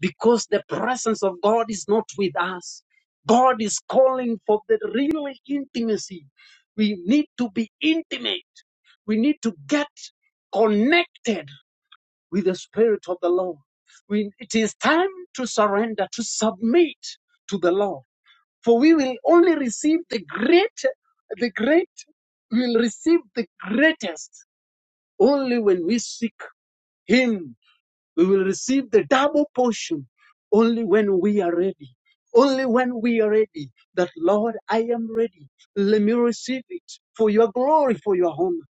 Because the presence of God is not with us. God is calling for the real intimacy. We need to be intimate. We need to get connected with the Spirit of the Lord. We, it is time to surrender, to submit to the Lord. For we will only receive the great, the great, we will receive the greatest only when we seek Him, we will receive the double portion. Only when we are ready. Only when we are ready. That Lord, I am ready. Let me receive it for your glory, for your honor.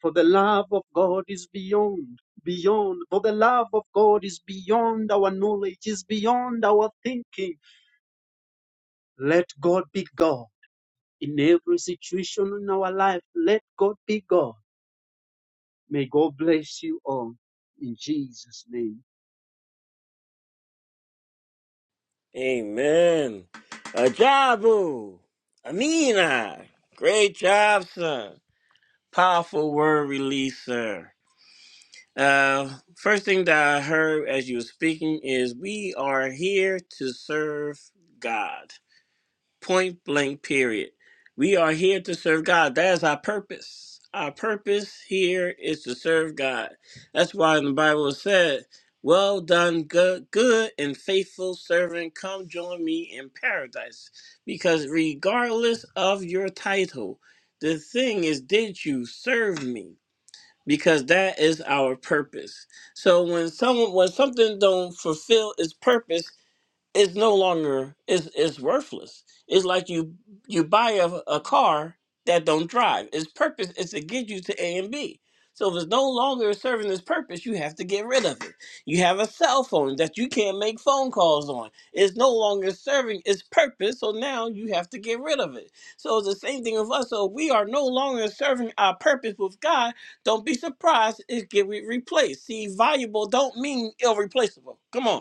For the love of God is beyond, beyond. For the love of God is beyond our knowledge, is beyond our thinking. Let God be God in every situation in our life. Let God be God. May God bless you all in Jesus' name. Amen. Ajabu. Amina. Great job, son. Powerful word release, sir. Uh, first thing that I heard as you were speaking is we are here to serve God. point blank period we are here to serve god that is our purpose our purpose here is to serve god that's why in the bible it said well done good, good and faithful servant come join me in paradise because regardless of your title the thing is did you serve me because that is our purpose so when someone when something don't fulfill its purpose it's no longer it's it's worthless. It's like you you buy a, a car that don't drive. Its purpose is to get you to A and B. So if it's no longer serving its purpose, you have to get rid of it. You have a cell phone that you can't make phone calls on. It's no longer serving its purpose, so now you have to get rid of it. So it's the same thing with us. So if we are no longer serving our purpose with God, don't be surprised it get re- replaced. See, valuable don't mean irreplaceable. Come on.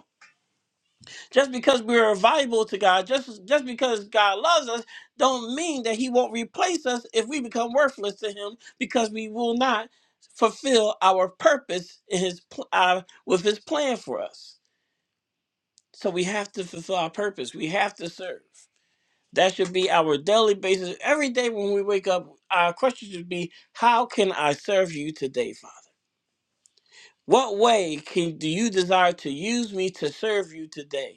Just because we're valuable to God, just just because God loves us, don't mean that He won't replace us if we become worthless to Him, because we will not fulfill our purpose in His pl- uh, with His plan for us. So we have to fulfill our purpose. We have to serve. That should be our daily basis. Every day when we wake up, our question should be, "How can I serve you today, Father? What way can do you desire to use me to serve you today?"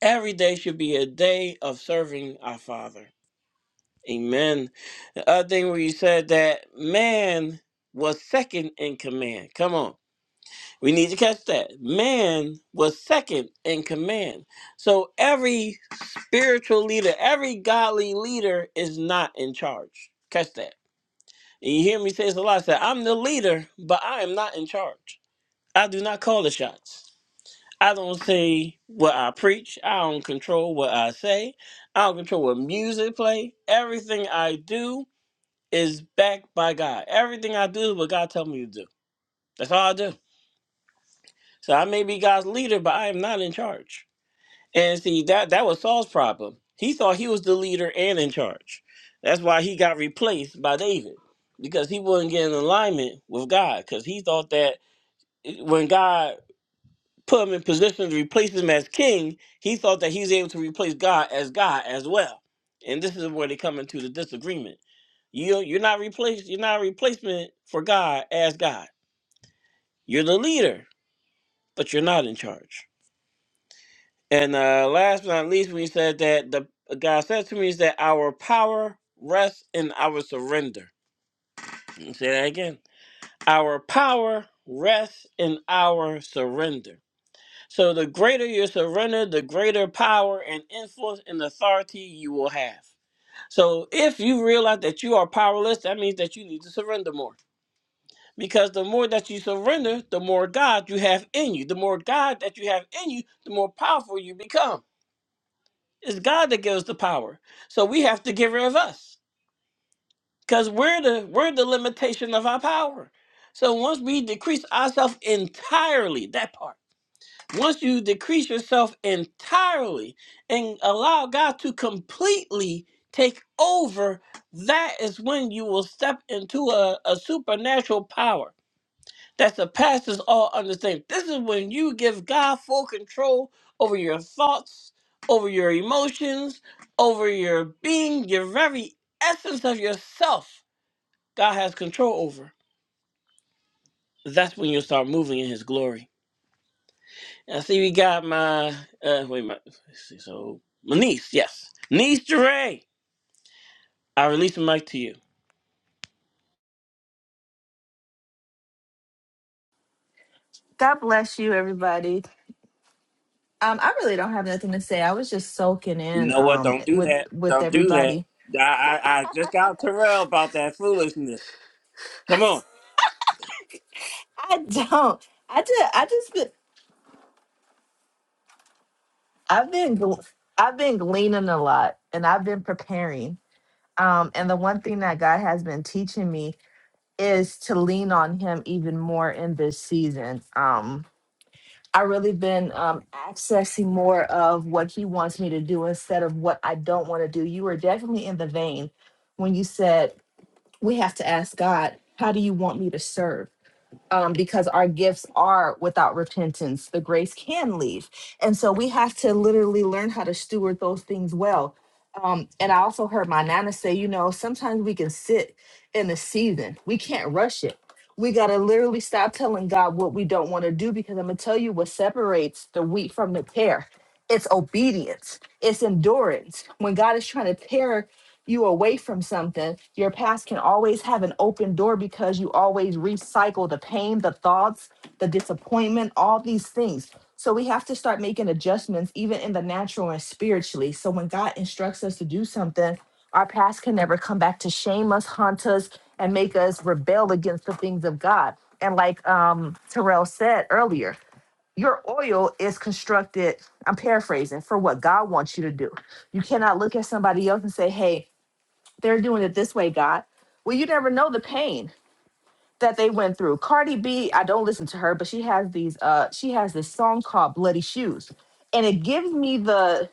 Every day should be a day of serving our Father. Amen. The other thing where you said that man was second in command. Come on. We need to catch that. Man was second in command. So every spiritual leader, every godly leader is not in charge. Catch that. And you hear me say this a lot. I said, I'm the leader, but I am not in charge. I do not call the shots. I don't say what I preach. I don't control what I say. I don't control what music play. Everything I do is backed by God. Everything I do is what God tells me to do. That's all I do. So I may be God's leader, but I am not in charge. And see that that was Saul's problem. He thought he was the leader and in charge. That's why he got replaced by David because he wasn't getting alignment with God because he thought that when God put him in position to replace him as king, he thought that he's able to replace God as God as well. And this is where they come into the disagreement. You you're not replaced. You're not a replacement for God as God. You're the leader, but you're not in charge. And uh, last but not least, we said that the God said to me is that our power rests in our surrender. Let me Say that again. Our power rests in our surrender. So the greater your surrender, the greater power and influence and authority you will have. So if you realize that you are powerless, that means that you need to surrender more. Because the more that you surrender, the more God you have in you. The more God that you have in you, the more powerful you become. It's God that gives the power. So we have to get rid of us. Because we're the we're the limitation of our power. So once we decrease ourselves entirely, that part. Once you decrease yourself entirely and allow God to completely take over, that is when you will step into a, a supernatural power that surpasses all understanding. This is when you give God full control over your thoughts, over your emotions, over your being, your very essence of yourself. God has control over. That's when you'll start moving in His glory. I see we got my uh wait my so my niece, yes. Niece Jeray. I release the mic to you. God bless you, everybody. Um, I really don't have nothing to say. I was just soaking You in know what? um Don't do with that. with Don't do that. everybody. I I, I just got Terrell about that foolishness. Come on. (laughs) I don't. I just I just been, I've been gl- I've been gleaning a lot and I've been preparing. Um, and the one thing that God has been teaching me is to lean on Him even more in this season. Um, I really been um accessing more of what He wants me to do instead of what I don't want to do. You were definitely in the vein when you said we have to ask God, how do you want me to serve? Um, because our gifts are without repentance, the grace can leave. And so we have to literally learn how to steward those things well. Um, and I also heard my nana say, you know, sometimes we can sit in the season, we can't rush it. We got to literally stop telling God what we don't want to do because I'm going to tell you what separates the wheat from the tear. It's obedience, it's endurance. When God is trying to tear you away from something, your past can always have an open door because you always recycle the pain, the thoughts, the disappointment, all these things. So we have to start making adjustments, even in the natural and spiritually. So when God instructs us to do something, our past can never come back to shame us, haunt us, and make us rebel against the things of God. And like um, Terrell said earlier, your oil is constructed, I'm paraphrasing, for what God wants you to do. You cannot look at somebody else and say, hey, they're doing it this way, God. Well, you never know the pain that they went through. Cardi B, I don't listen to her, but she has these uh she has this song called Bloody Shoes. And it gives me the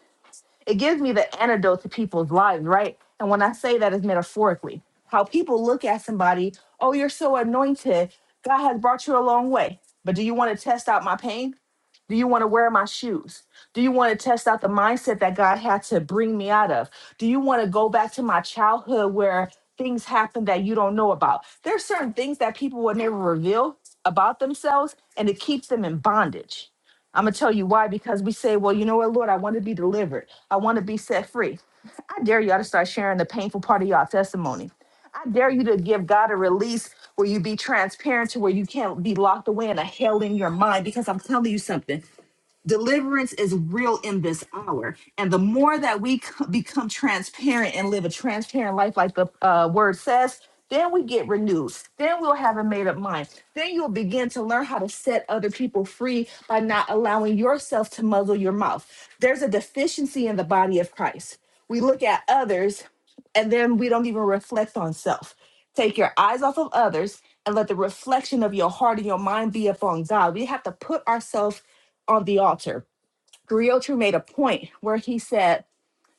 it gives me the antidote to people's lives, right? And when I say that, it's metaphorically. How people look at somebody, oh, you're so anointed. God has brought you a long way. But do you want to test out my pain? Do you want to wear my shoes? Do you want to test out the mindset that God had to bring me out of? Do you want to go back to my childhood where things happened that you don't know about? There are certain things that people would never reveal about themselves and it keeps them in bondage. I'm gonna tell you why because we say, well, you know what, Lord, I want to be delivered. I want to be set free. I dare y'all to start sharing the painful part of y'all testimony. I dare you to give God a release where you be transparent to where you can't be locked away in a hell in your mind because I'm telling you something. Deliverance is real in this hour. And the more that we c- become transparent and live a transparent life, like the uh, word says, then we get renewed. Then we'll have a made up mind. Then you'll begin to learn how to set other people free by not allowing yourself to muzzle your mouth. There's a deficiency in the body of Christ. We look at others and then we don't even reflect on self. Take your eyes off of others and let the reflection of your heart and your mind be upon God. We have to put ourselves on the altar. Griotu made a point where he said,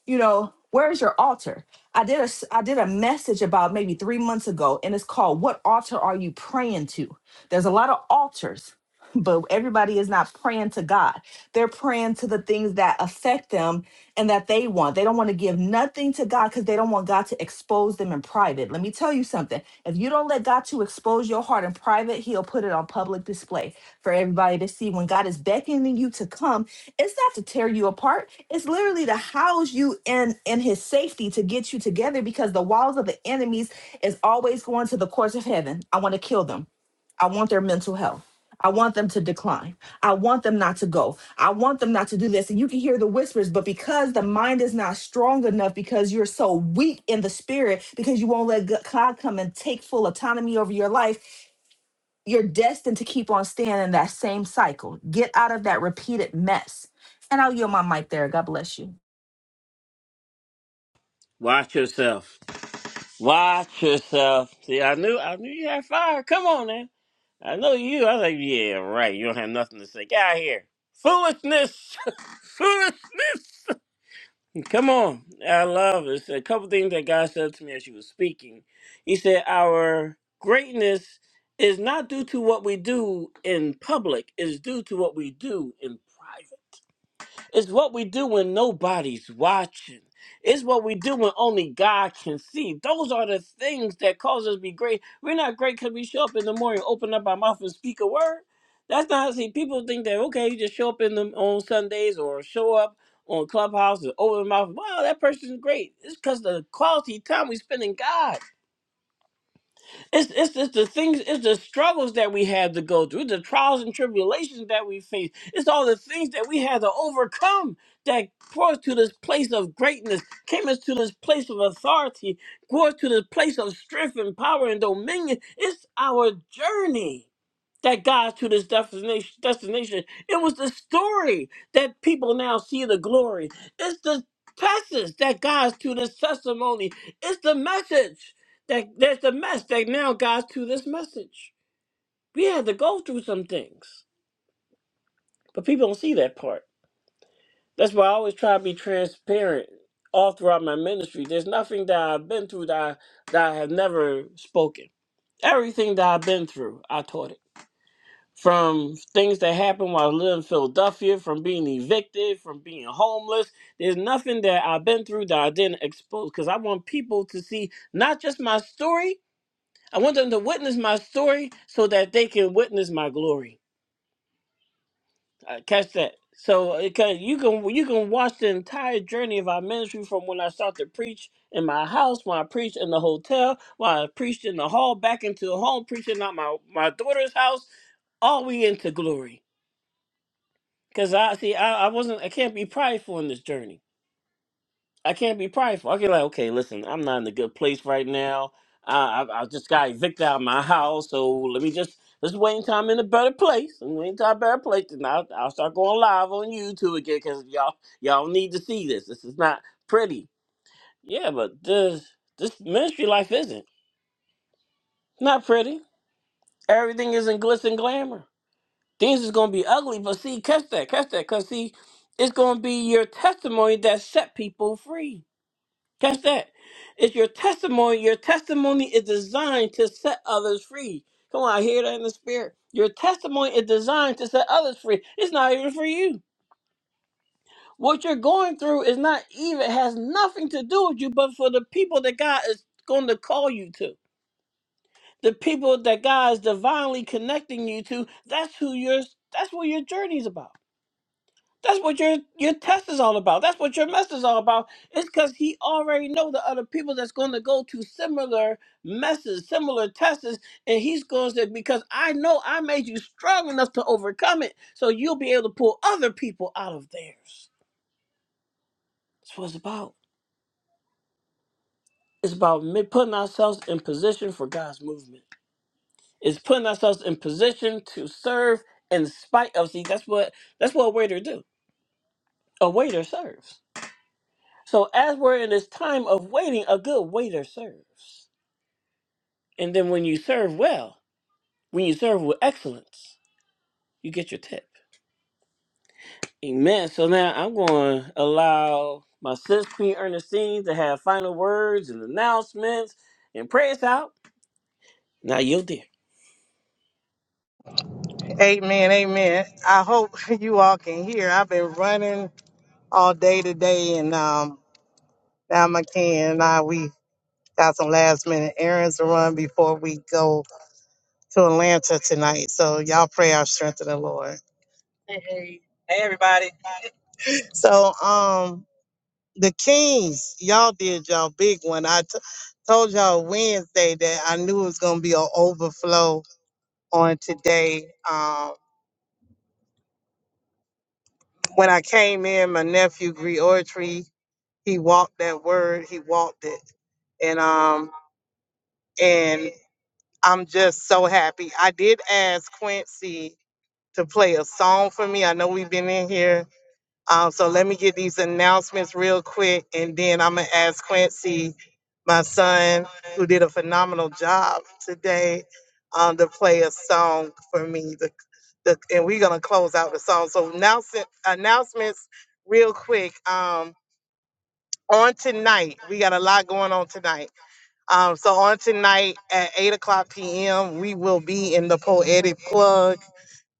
you know, where's your altar? I did a s- I did a message about maybe 3 months ago and it's called what altar are you praying to? There's a lot of altars but everybody is not praying to God. They're praying to the things that affect them and that they want. They don't want to give nothing to God because they don't want God to expose them in private. Let me tell you something. If you don't let God to expose your heart in private, He'll put it on public display for everybody to see. When God is beckoning you to come, it's not to tear you apart. It's literally to house you in in His safety to get you together because the walls of the enemies is always going to the courts of heaven. I want to kill them. I want their mental health. I want them to decline. I want them not to go. I want them not to do this. And you can hear the whispers, but because the mind is not strong enough, because you're so weak in the spirit, because you won't let God come and take full autonomy over your life, you're destined to keep on staying in that same cycle. Get out of that repeated mess. And I'll yield my mic there. God bless you. Watch yourself. Watch yourself. See, I knew I knew you had fire. Come on now. I know you. I was like, yeah, right. You don't have nothing to say. Get out of here. Foolishness. (laughs) foolishness. Come on. I love it. It's a couple things that God said to me as you were speaking. He said, Our greatness is not due to what we do in public, it's due to what we do in private. It's what we do when nobody's watching. It's what we do when only God can see. Those are the things that cause us to be great. We're not great because we show up in the morning, open up our mouth, and speak a word. That's not how see. People think that okay, you just show up in the on Sundays or show up on Clubhouse and open mouth. Wow, that person's great. It's because the quality time we spend in God. It's, it's it's the things, it's the struggles that we have to go through, the trials and tribulations that we face. It's all the things that we had to overcome that brought us to this place of greatness, came us to this place of authority, brought us to this place of strength and power and dominion. It's our journey that got us to this destination destination. It was the story that people now see the glory. It's the passage that got us to this testimony. It's the message that there's the mess that now got us to this message. We had to go through some things. But people don't see that part. That's why I always try to be transparent all throughout my ministry. There's nothing that I've been through that I, that I have never spoken. Everything that I've been through, I taught it. from things that happened while I lived in Philadelphia, from being evicted, from being homeless. There's nothing that I've been through that I didn't expose because I want people to see not just my story, I want them to witness my story so that they can witness my glory. Uh, catch that. So it can, you can you can watch the entire journey of our ministry from when I start to preach in my house, when I preached in the hotel, when I preached in the hall, back into the home, preaching at my, my daughter's house, all we into glory. Cause I see, I, I wasn't, I can't be prideful in this journey. I can't be prideful. I can like, okay, listen, I'm not in a good place right now. I, I, I just got evicted out of my house, so let me just let's wait until I'm in a better place. And wait until I'm in a better place, and I'll, I'll start going live on YouTube again. Cause y'all, y'all need to see this. This is not pretty. Yeah, but this this ministry life isn't not pretty. Everything isn't glitz and glamour. Things is gonna be ugly, but see, catch that, catch that, cause see, it's gonna be your testimony that set people free. Catch that. It's your testimony. Your testimony is designed to set others free. Come on, I hear that in the spirit. Your testimony is designed to set others free. It's not even for you. What you're going through is not even has nothing to do with you, but for the people that God is going to call you to. The people that God is divinely connecting you to, that's who your that's what your journey is about. That's what your your test is all about. That's what your message is all about. It's because he already know the other people that's going to go to similar messes, similar tests, and he's going to say, because I know I made you strong enough to overcome it, so you'll be able to pull other people out of theirs. That's what it's about. It's about me- putting ourselves in position for God's movement. It's putting ourselves in position to serve in spite of. See, that's what that's what a waiter do. A waiter serves. So as we're in this time of waiting, a good waiter serves. And then when you serve well, when you serve with excellence, you get your tip. Amen. So now I'm going to allow my sis Queen Ernestine to have final words and announcements and pray us out. Now you did. Amen. Amen. I hope (laughs) you all can hear. I've been running all day today and, um, now I can. Now we Got some last minute errands to run before we go to Atlanta tonight. So y'all pray our strength in the Lord. Hey, hey, everybody. So um the Kings, y'all did y'all big one. I t- told y'all Wednesday that I knew it was gonna be an overflow on today. Um when I came in, my nephew Griotry, he walked that word, he walked it. And um and I'm just so happy. I did ask Quincy to play a song for me. I know we've been in here. Um, so let me get these announcements real quick, and then I'm going to ask Quincy, my son, who did a phenomenal job today, um, to play a song for me. The, the, and we're going to close out the song. So announce, announcements real quick. Um, on tonight, we got a lot going on tonight. Um, so on tonight at 8 o'clock p.m., we will be in the Poetic Plug.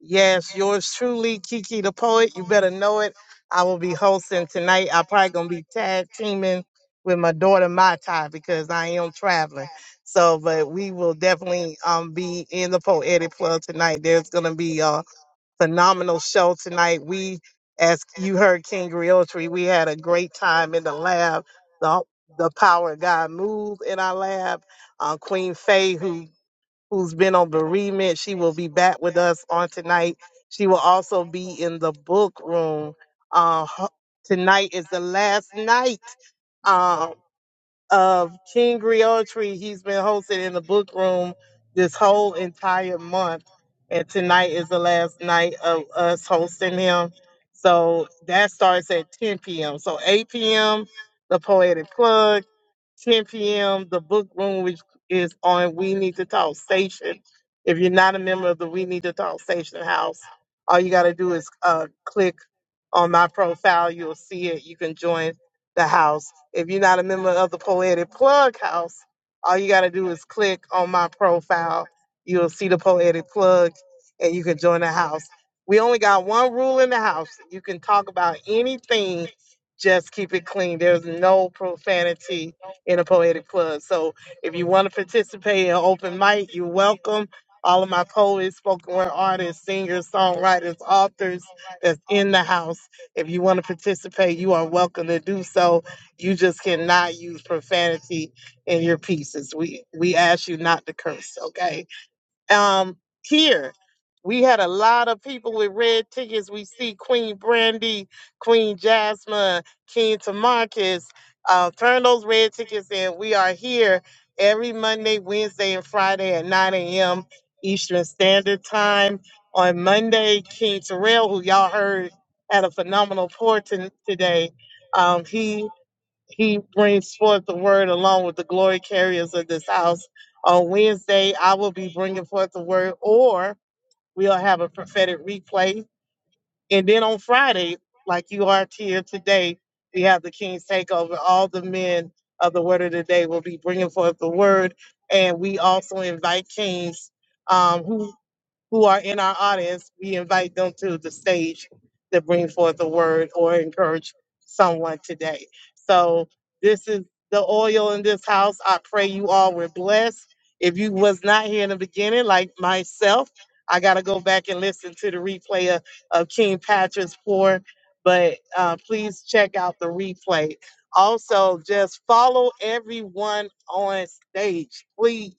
Yes, yours truly, Kiki the poet. You better know it. I will be hosting tonight. I probably gonna be tag teaming with my daughter Mai Tai because I am traveling. So, but we will definitely um be in the poetic club tonight. There's gonna be a phenomenal show tonight. We, as you heard, King Griotri, we had a great time in the lab. The the power of God moved in our lab. Uh, Queen Faye, who who's been on bereavement. She will be back with us on tonight. She will also be in the book room. Uh, ho- tonight is the last night um, of King Tree. He's been hosted in the book room this whole entire month. And tonight is the last night of us hosting him. So that starts at 10 p.m. So 8 p.m., the Poetic Plug. 10 p.m. The book room, which is on We Need to Talk Station. If you're not a member of the We Need to Talk Station house, all you got to do is uh, click on my profile. You'll see it. You can join the house. If you're not a member of the Poetic Plug house, all you got to do is click on my profile. You'll see the Poetic Plug and you can join the house. We only got one rule in the house. You can talk about anything, just keep it clean. There's no profanity in a poetic plug. So if you want to participate in open mic, you're welcome. All of my poets, spoken word artists, singers, songwriters, authors that's in the house. If you want to participate, you are welcome to do so. You just cannot use profanity in your pieces. We we ask you not to curse, okay? um here we had a lot of people with red tickets. We see Queen Brandy, Queen Jasmine, King Tamarcus. Uh, turn those red tickets in. We are here every Monday, Wednesday, and Friday at 9 a.m. Eastern Standard Time. On Monday, King Terrell, who y'all heard had a phenomenal pour to- today, um, he he brings forth the word along with the glory carriers of this house. On Wednesday, I will be bringing forth the word, or we'll have a prophetic replay. And then on Friday, like you are here today, we have the King's Takeover. All the men of the Word of the Day will be bringing forth the word. And we also invite kings um, who who are in our audience, we invite them to the stage to bring forth a word or encourage someone today. So this is the oil in this house. I pray you all were blessed. If you was not here in the beginning, like myself, I gotta go back and listen to the replay of, of King Patrick's pour. But uh, please check out the replay. Also, just follow everyone on stage. Please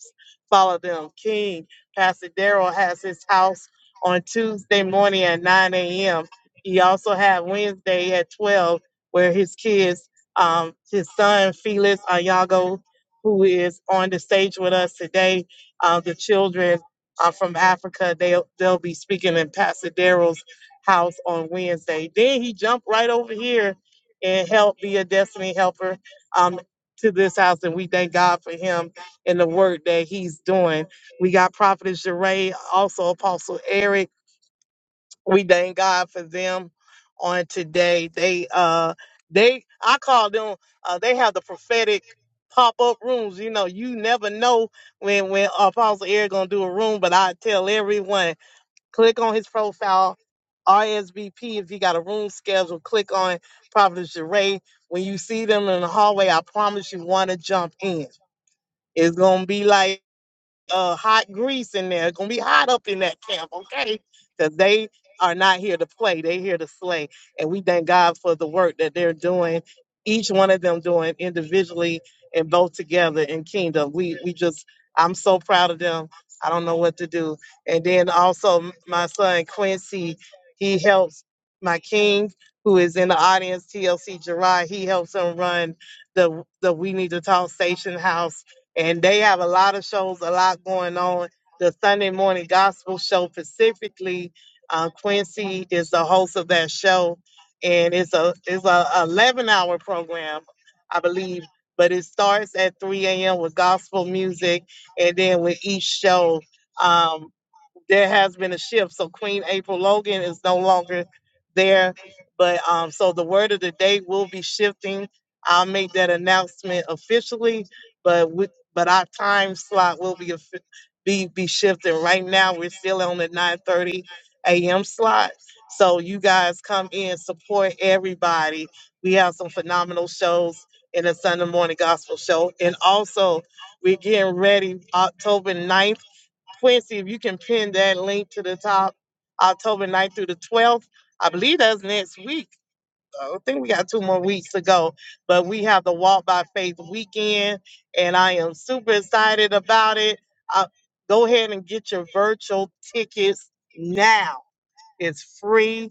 follow them. King, Pastor Daryl has his house on Tuesday morning at 9 a.m. He also had Wednesday at 12, where his kids, um, his son Felix Ayago, who is on the stage with us today, uh, the children uh, from Africa, they'll, they'll be speaking in Pastor Daryl's house on Wednesday. Then he jumped right over here and helped be a destiny helper um, to this house, and we thank God for him and the work that he's doing. We got Prophetess Jeray, also Apostle Eric. We thank God for them on today. They uh they I call them uh they have the prophetic pop-up rooms. You know, you never know when when Apostle Eric gonna do a room, but I tell everyone, click on his profile, RSVP if you got a room schedule, click on Prophetess Jeray. When you see them in the hallway, I promise you wanna jump in. It's gonna be like uh hot grease in there. It's gonna be hot up in that camp, okay? Because they are not here to play, they here to slay. And we thank God for the work that they're doing, each one of them doing individually and both together in kingdom. We we just I'm so proud of them. I don't know what to do. And then also m- my son Quincy, he helps my king who is in the audience, TLC Gerard, he helps him run the the We Need to Talk Station House and they have a lot of shows, a lot going on. The Sunday morning gospel show specifically, uh, Quincy is the host of that show, and it's a it's a eleven hour program, I believe. But it starts at 3 a.m. with gospel music, and then with each show, um, there has been a shift. So Queen April Logan is no longer there. But um, so the word of the day will be shifting. I'll make that announcement officially, but with but our time slot will be offi- be be shifting. Right now, we're still on the 9:30 a.m. slot. So you guys come in, support everybody. We have some phenomenal shows in the Sunday morning gospel show, and also we're getting ready October ninth. Quincy, if you can pin that link to the top, October 9th through the 12th. I believe that's next week. I think we got two more weeks to go, but we have the Walk by Faith weekend, and I am super excited about it. Uh, go ahead and get your virtual tickets now it's free.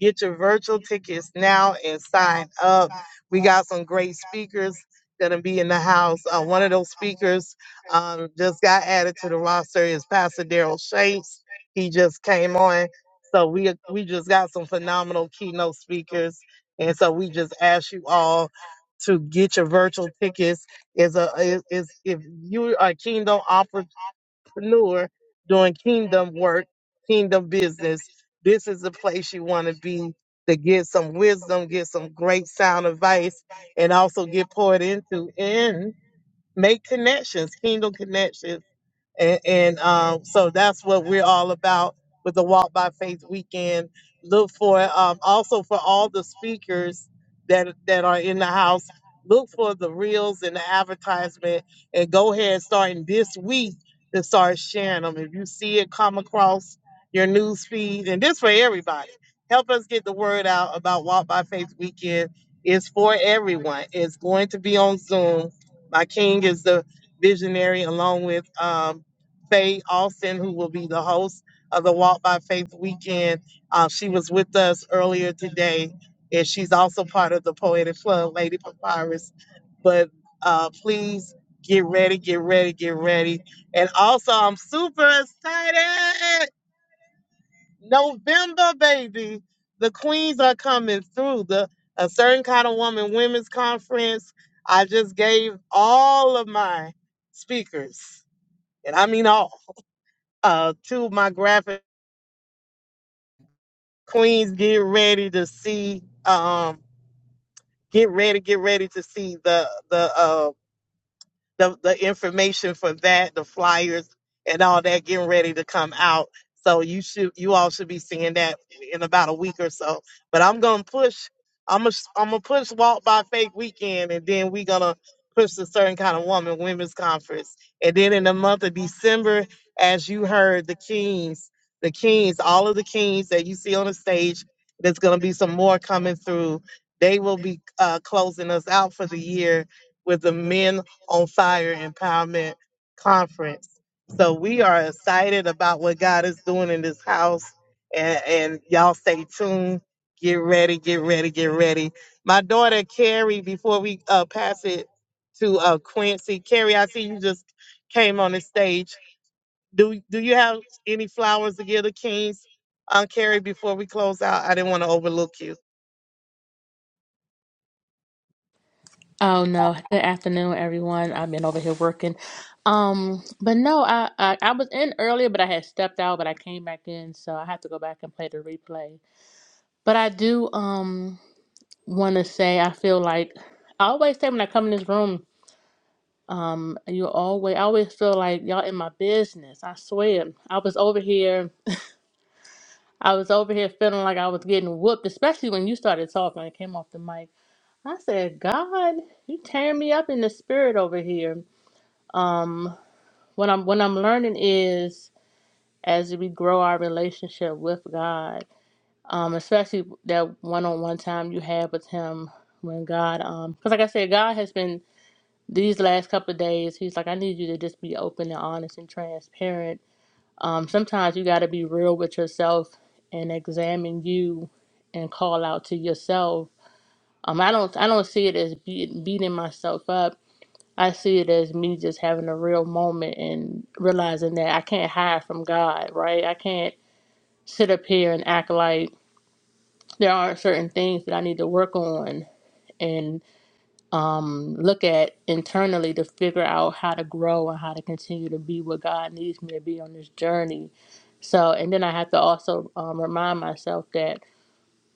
Get your virtual tickets now and sign up. We got some great speakers gonna be in the house. Uh, one of those speakers um, just got added to the roster is Pastor Daryl Shapes. He just came on, so we we just got some phenomenal keynote speakers, and so we just ask you all to get your virtual tickets. Is a is, is if you are a kingdom entrepreneur doing kingdom work, kingdom business, this is the place you want to be to get some wisdom, get some great sound advice, and also get poured into and make connections, kingdom connections and, and um, so that's what we're all about with the Walk by Faith weekend. Look for um, also for all the speakers that that are in the house. Look for the reels and the advertisement, and go ahead starting this week to start sharing them. If you see it come across your news feed, and this for everybody, help us get the word out about Walk by Faith weekend. It's for everyone. It's going to be on Zoom. My king is the visionary, along with um, Faye Austin, who will be the host of the Walk by Faith weekend. Uh, she was with us earlier today, and she's also part of the Poetic Club, Lady Papyrus. But uh, please get ready, get ready, get ready. And also, I'm super excited. November, baby. The queens are coming through. The A Certain Kind of Woman Women's Conference. I just gave all of my speakers, and I mean all uh to my graphic queens get ready to see um get ready get ready to see the the uh the, the information for that, the flyers and all that getting ready to come out. So you should you all should be seeing that in about a week or so. But I'm gonna push I'm gonna I'm gonna push Walk by Faith weekend and then we're gonna push the certain kind of woman women's conference. And then in the month of December, as you heard, the Kings, the Kings, all of the Kings that you see on the stage, there's gonna be some more coming through. They will be uh, closing us out for the year with the men on Fire Empowerment Conference. So we are excited about what God is doing in this house. And, and y'all stay tuned. Get ready, get ready, get ready. My daughter Carrie, before we uh, pass it to uh, Quincy, Carrie, I see you just came on the stage. Do do you have any flowers to give the kings, uh, Carrie? Before we close out, I didn't want to overlook you. Oh no. Good afternoon, everyone. I've been over here working. Um, but no, I, I I was in earlier, but I had stepped out, but I came back in, so I have to go back and play the replay. But I do um want to say I feel like I always say when I come in this room, um, you always I always feel like y'all in my business. I swear, I was over here, I was over here feeling like I was getting whooped, especially when you started talking. and came off the mic. I said, God, you tearing me up in the spirit over here. Um, what I'm what I'm learning is as we grow our relationship with God, um, especially that one-on-one time you have with Him when God, um, because like I said, God has been these last couple of days. He's like, I need you to just be open and honest and transparent. Um, sometimes you got to be real with yourself and examine you and call out to yourself. Um, I don't I don't see it as be, beating myself up I see it as me just having a real moment and realizing that I can't hide from God, right? I can't sit up here and act like there aren't certain things that I need to work on and um, look at internally to figure out how to grow and how to continue to be what God needs me to be on this journey. So, and then I have to also um, remind myself that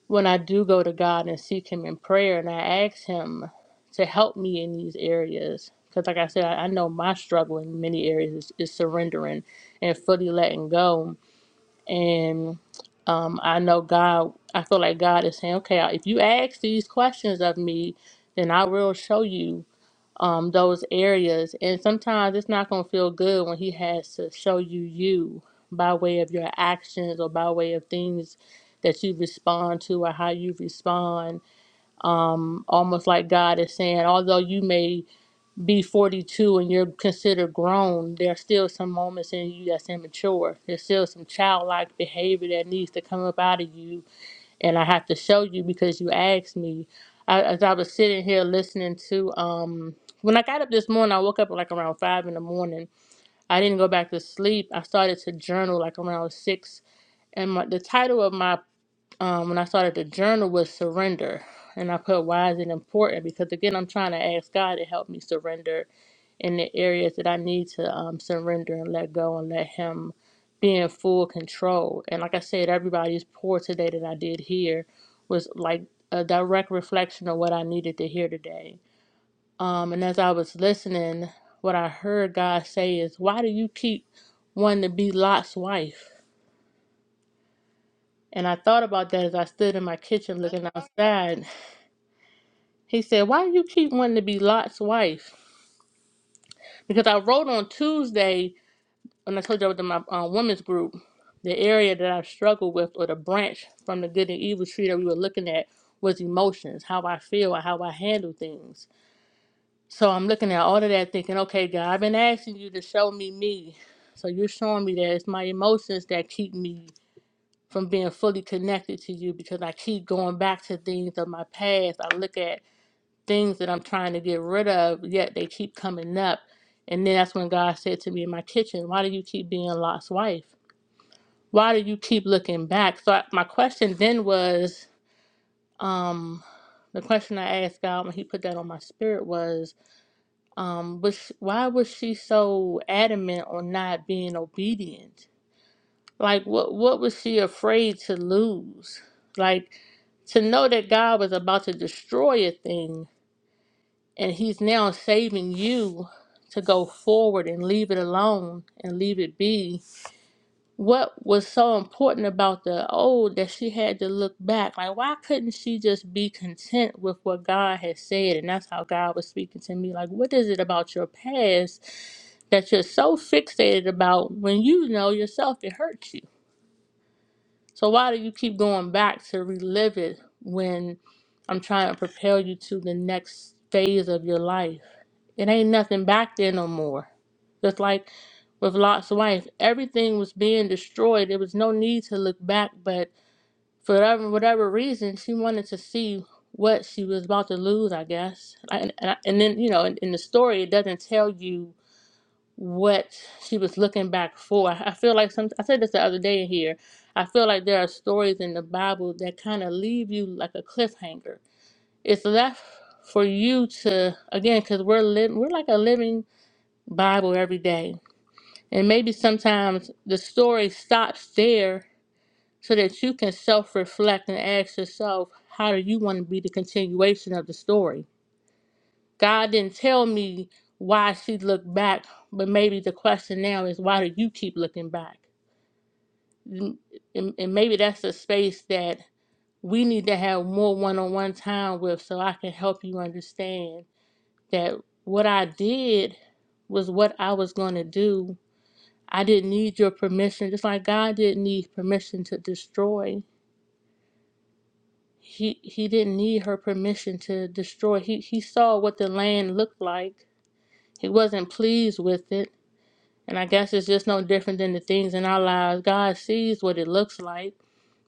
when I do go to God and seek Him in prayer and I ask Him to help me in these areas. Because, like I said, I, I know my struggle in many areas is, is surrendering and fully letting go. And um, I know God, I feel like God is saying, okay, if you ask these questions of me, then I will show you um, those areas. And sometimes it's not going to feel good when He has to show you you by way of your actions or by way of things that you respond to or how you respond. Um, almost like God is saying, although you may be 42 and you're considered grown, there are still some moments in you that's immature. There's still some childlike behavior that needs to come up out of you and I have to show you because you asked me. I, as I was sitting here listening to, um, when I got up this morning, I woke up like around five in the morning. I didn't go back to sleep. I started to journal like around six, and my, the title of my um, when I started to journal was surrender. And I put why is it important? Because again, I'm trying to ask God to help me surrender in the areas that I need to um, surrender and let go and let Him be in full control. And like I said, everybody's pour today that I did here was like a direct reflection of what I needed to hear today. Um, and as I was listening, what I heard God say is, Why do you keep wanting to be Lot's wife? And I thought about that as I stood in my kitchen looking outside. He said, Why do you keep wanting to be Lot's wife? Because I wrote on Tuesday when I told you I was my um, women's group, the area that I struggled with, or the branch from the good and evil tree that we were looking at, was emotions, how I feel, and how I handle things. So I'm looking at all of that, thinking, okay, God, I've been asking you to show me me. So you're showing me that it's my emotions that keep me from being fully connected to you because I keep going back to things of my past. I look at things that I'm trying to get rid of, yet they keep coming up. And then that's when God said to me in my kitchen, Why do you keep being Lot's wife? why do you keep looking back? So I, my question then was, um, the question I asked God when He put that on my spirit was, um, was sh- why was she so adamant on not being obedient? Like, what what was she afraid to lose? Like to know that God was about to destroy a thing, and He's now saving you to go forward and leave it alone and leave it be what was so important about the old that she had to look back? Like, why couldn't she just be content with what God had said? And that's how God was speaking to me. Like, what is it about your past that you're so fixated about when you know yourself it hurts you? So why do you keep going back to relive it when I'm trying to propel you to the next phase of your life? It ain't nothing back there no more. Just like with Lot's wife, everything was being destroyed. There was no need to look back, but for whatever, whatever reason, she wanted to see what she was about to lose, I guess. And, and, I- and then, you know, in, in the story, it doesn't tell you what she was looking back for. I feel like some I said this the other day here. I feel like there are stories in the Bible that kind of leave you like a cliffhanger. It's left for you to again cuz we're living we're like a living Bible every day. And maybe sometimes the story stops there so that you can self-reflect and ask yourself how do you want to be the continuation of the story? God didn't tell me why she looked back, but maybe the question now is why do you keep looking back? Mm, And, and maybe that's a space that we need to have more one on one time with so I can help you understand that what I did was what I was going to do. I didn't need your permission, just like God didn't need permission to destroy. He, he didn't need her permission to destroy. He, he saw what the land looked like. He wasn't pleased with it And I guess it's just no different than the things in our lives. God sees what it looks like.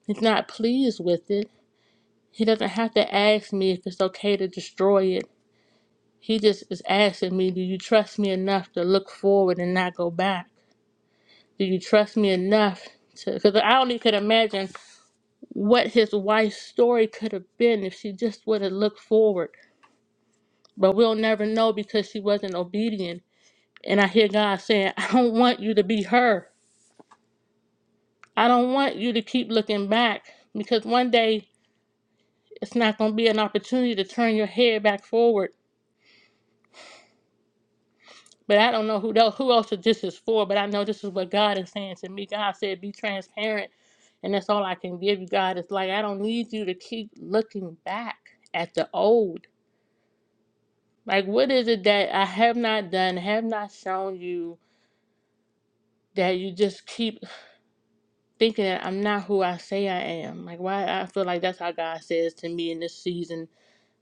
He's not pleased with it. He doesn't have to ask me if it's okay to destroy it. He just is asking me, Do you trust me enough to look forward and not go back? Do you trust me enough to? Because I only could imagine what his wife's story could have been if she just would have looked forward. But we'll never know because she wasn't obedient. And I hear God saying, I don't want you to be her. I don't want you to keep looking back because one day it's not going to be an opportunity to turn your head back forward. But I don't know who else, who else this is for, but I know this is what God is saying to me. God said, be transparent. And that's all I can give you, God. It's like, I don't need you to keep looking back at the old. Like, what is it that I have not done, have not shown you that you just keep thinking that I'm not who I say I am? Like, why I feel like that's how God says to me in this season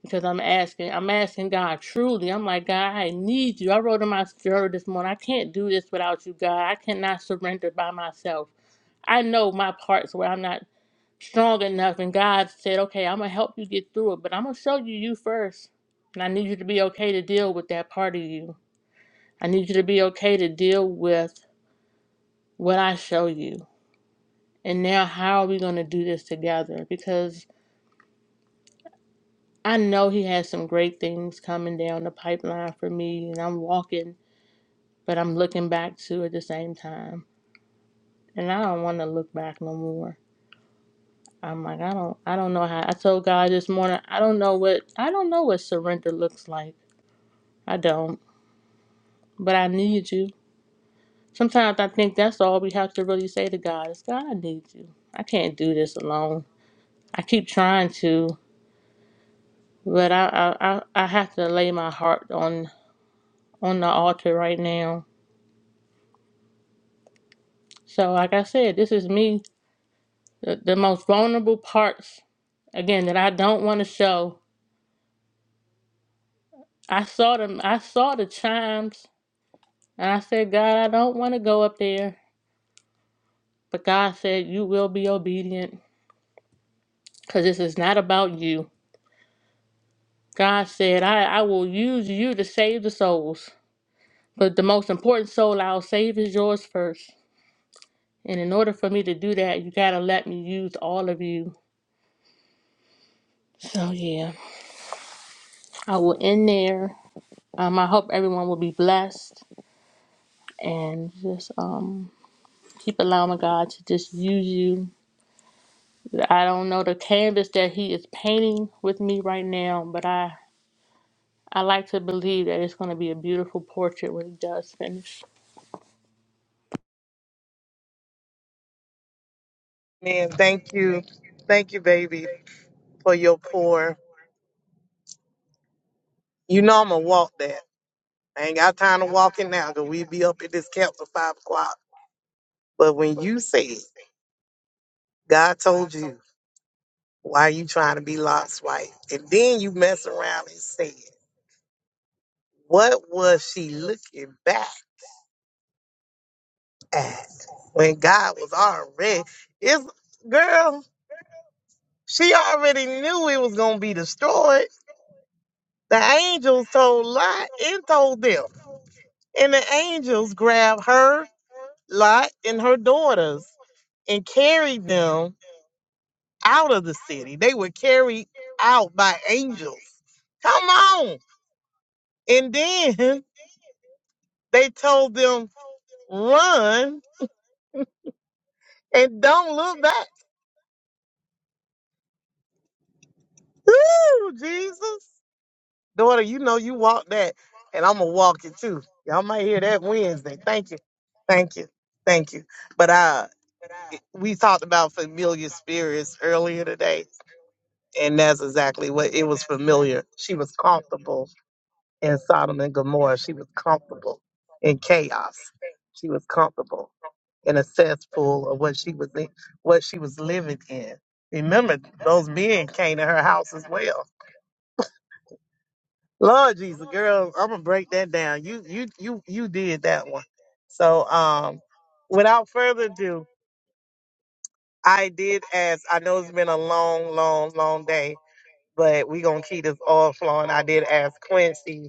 because I'm asking, I'm asking God truly. I'm like, God, I need you. I wrote in my journal this morning, I can't do this without you, God. I cannot surrender by myself. I know my parts where I'm not strong enough, and God said, Okay, I'm gonna help you get through it, but I'm gonna show you you first. And I need you to be okay to deal with that part of you. I need you to be okay to deal with what I show you. And now, how are we gonna do this together? Because I know He has some great things coming down the pipeline for me, and I'm walking but I'm looking back too at the same time, and I don't want to look back no more. I'm like, I don't, I don't know how. I told God this morning, I don't know what, I don't know what surrender looks like. I don't, but I need you. Sometimes I think that's all we have to really say to God is, God, I need you. I can't do this alone. I keep trying to, but I, I, I, I have to lay my heart on on the altar right now. So, like I said, this is me, the, the most vulnerable parts again that I don't want to show I saw them. I saw the chimes, and I said, God, I don't want to go up there. But God said, You will be obedient, because this is not about you. God said, I, I will use you to save the souls, but the most important soul I'll save is yours first. And in order for me to do that, you gotta let me use all of you. So yeah, I will end there. Um, I hope everyone will be blessed and just um keep allowing God to just use you I don't know the canvas that he is painting with me right now, but I I like to believe that it's going to be a beautiful portrait when he does finish. Man, thank you, thank you, baby, for your pour. You know I'm gonna walk that. I ain't got time to walk it now because we be up at this camp till five o'clock. But when you said God told you why you trying to be Lot's wife, and then you mess around and said, What was she looking back at when God was already it's girl, she already knew it was gonna be destroyed. The angels told Lot and told them. And the angels grabbed her, Lot, and her daughters and carried them. out of the city. They were carried out by angels. Come on. And then (laughs) they told them, run and don't look back. Ooh, Jesus. Daughter, you know you walk that, and I'm going to walk it too. Y'all might hear that Wednesday. Thank you. Thank you. Thank you. But uh, we talked about familiar spirits earlier today, and that's exactly what it was familiar. She was comfortable in Sodom and Gomorrah. She was comfortable in chaos. She was comfortable in a cesspool of what she was in, what she was living in. Remember, those men came to her house as well. Lord Jesus, girl, I'm gonna break that down. You you you you did that one. So um without further ado, I did ask I know it's been a long, long, long day but we gonna keep this all flowing. I did ask Quincy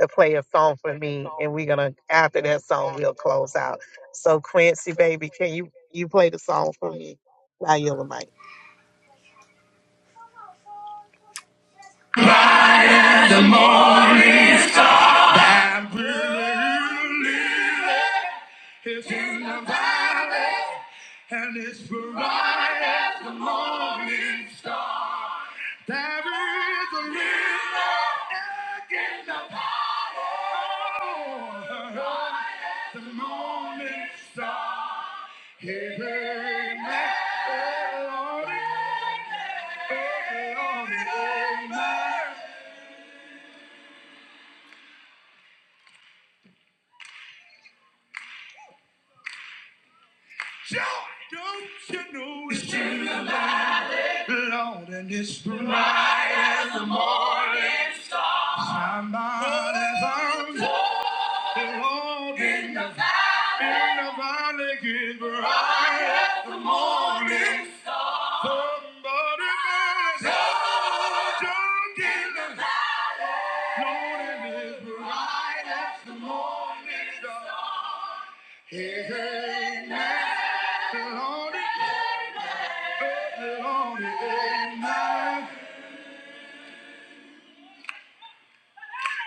to play a song for me, and we're gonna after that song we'll close out. So Quincy, baby, can you you play the song for me? By Yellow Mike. I'm really, really in the valley. And it's bright as the morning star. There is a river in the power as the morning star. Hey, hey, man. Hey, Lord. Hey, Lord. Hey, man. Joy! Don't you know it's it's in the light, Lord, and it's bright as the morning. Somebody's arms hope In the valley, in the valley is bright as the morning star. Somebody say, "Oh, John in the valley, morning is bright as the morning star." Hey, hey, man, the Lord is, the Lord is mine.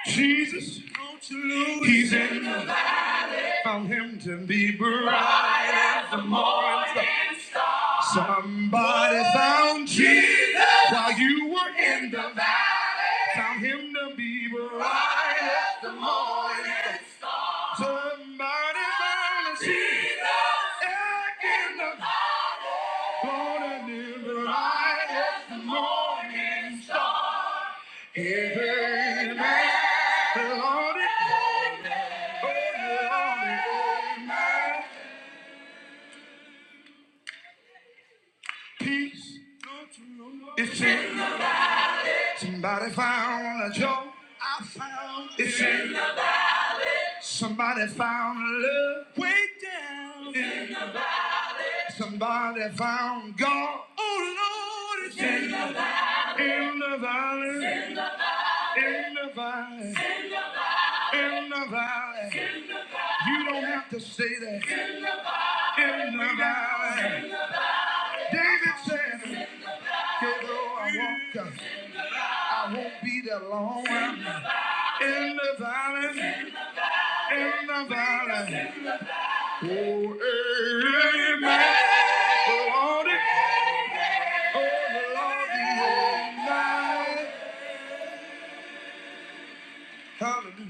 Jesus, don't you lose He's in the valley. Found him to be bright as the morning. Somebody found Jesus while you were in the valley. Found him to be bright as the morning star. Somebody found Jesus in the valley, born morning, bright as the morning star. Amen. Lord, it- Lord, it- peace. It's in Somebody found a joy. I found it. Somebody found love. Way down. In Somebody found God. Oh Lord, it's in the valley. In the valley. In the valley. In the valley. You don't have to say that. In the valley. David said, though I walk, I won't be there long. In the valley, in the valley, Hallelujah.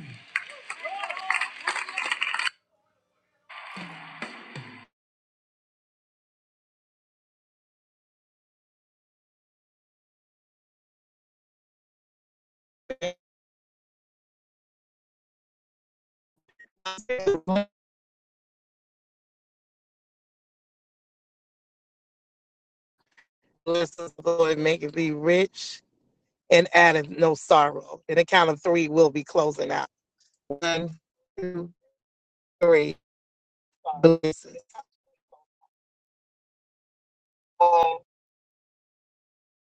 Bless us, Lord, make it be rich and addeth no sorrow. In the count of three, we'll be closing out. One, two, three. Blessings.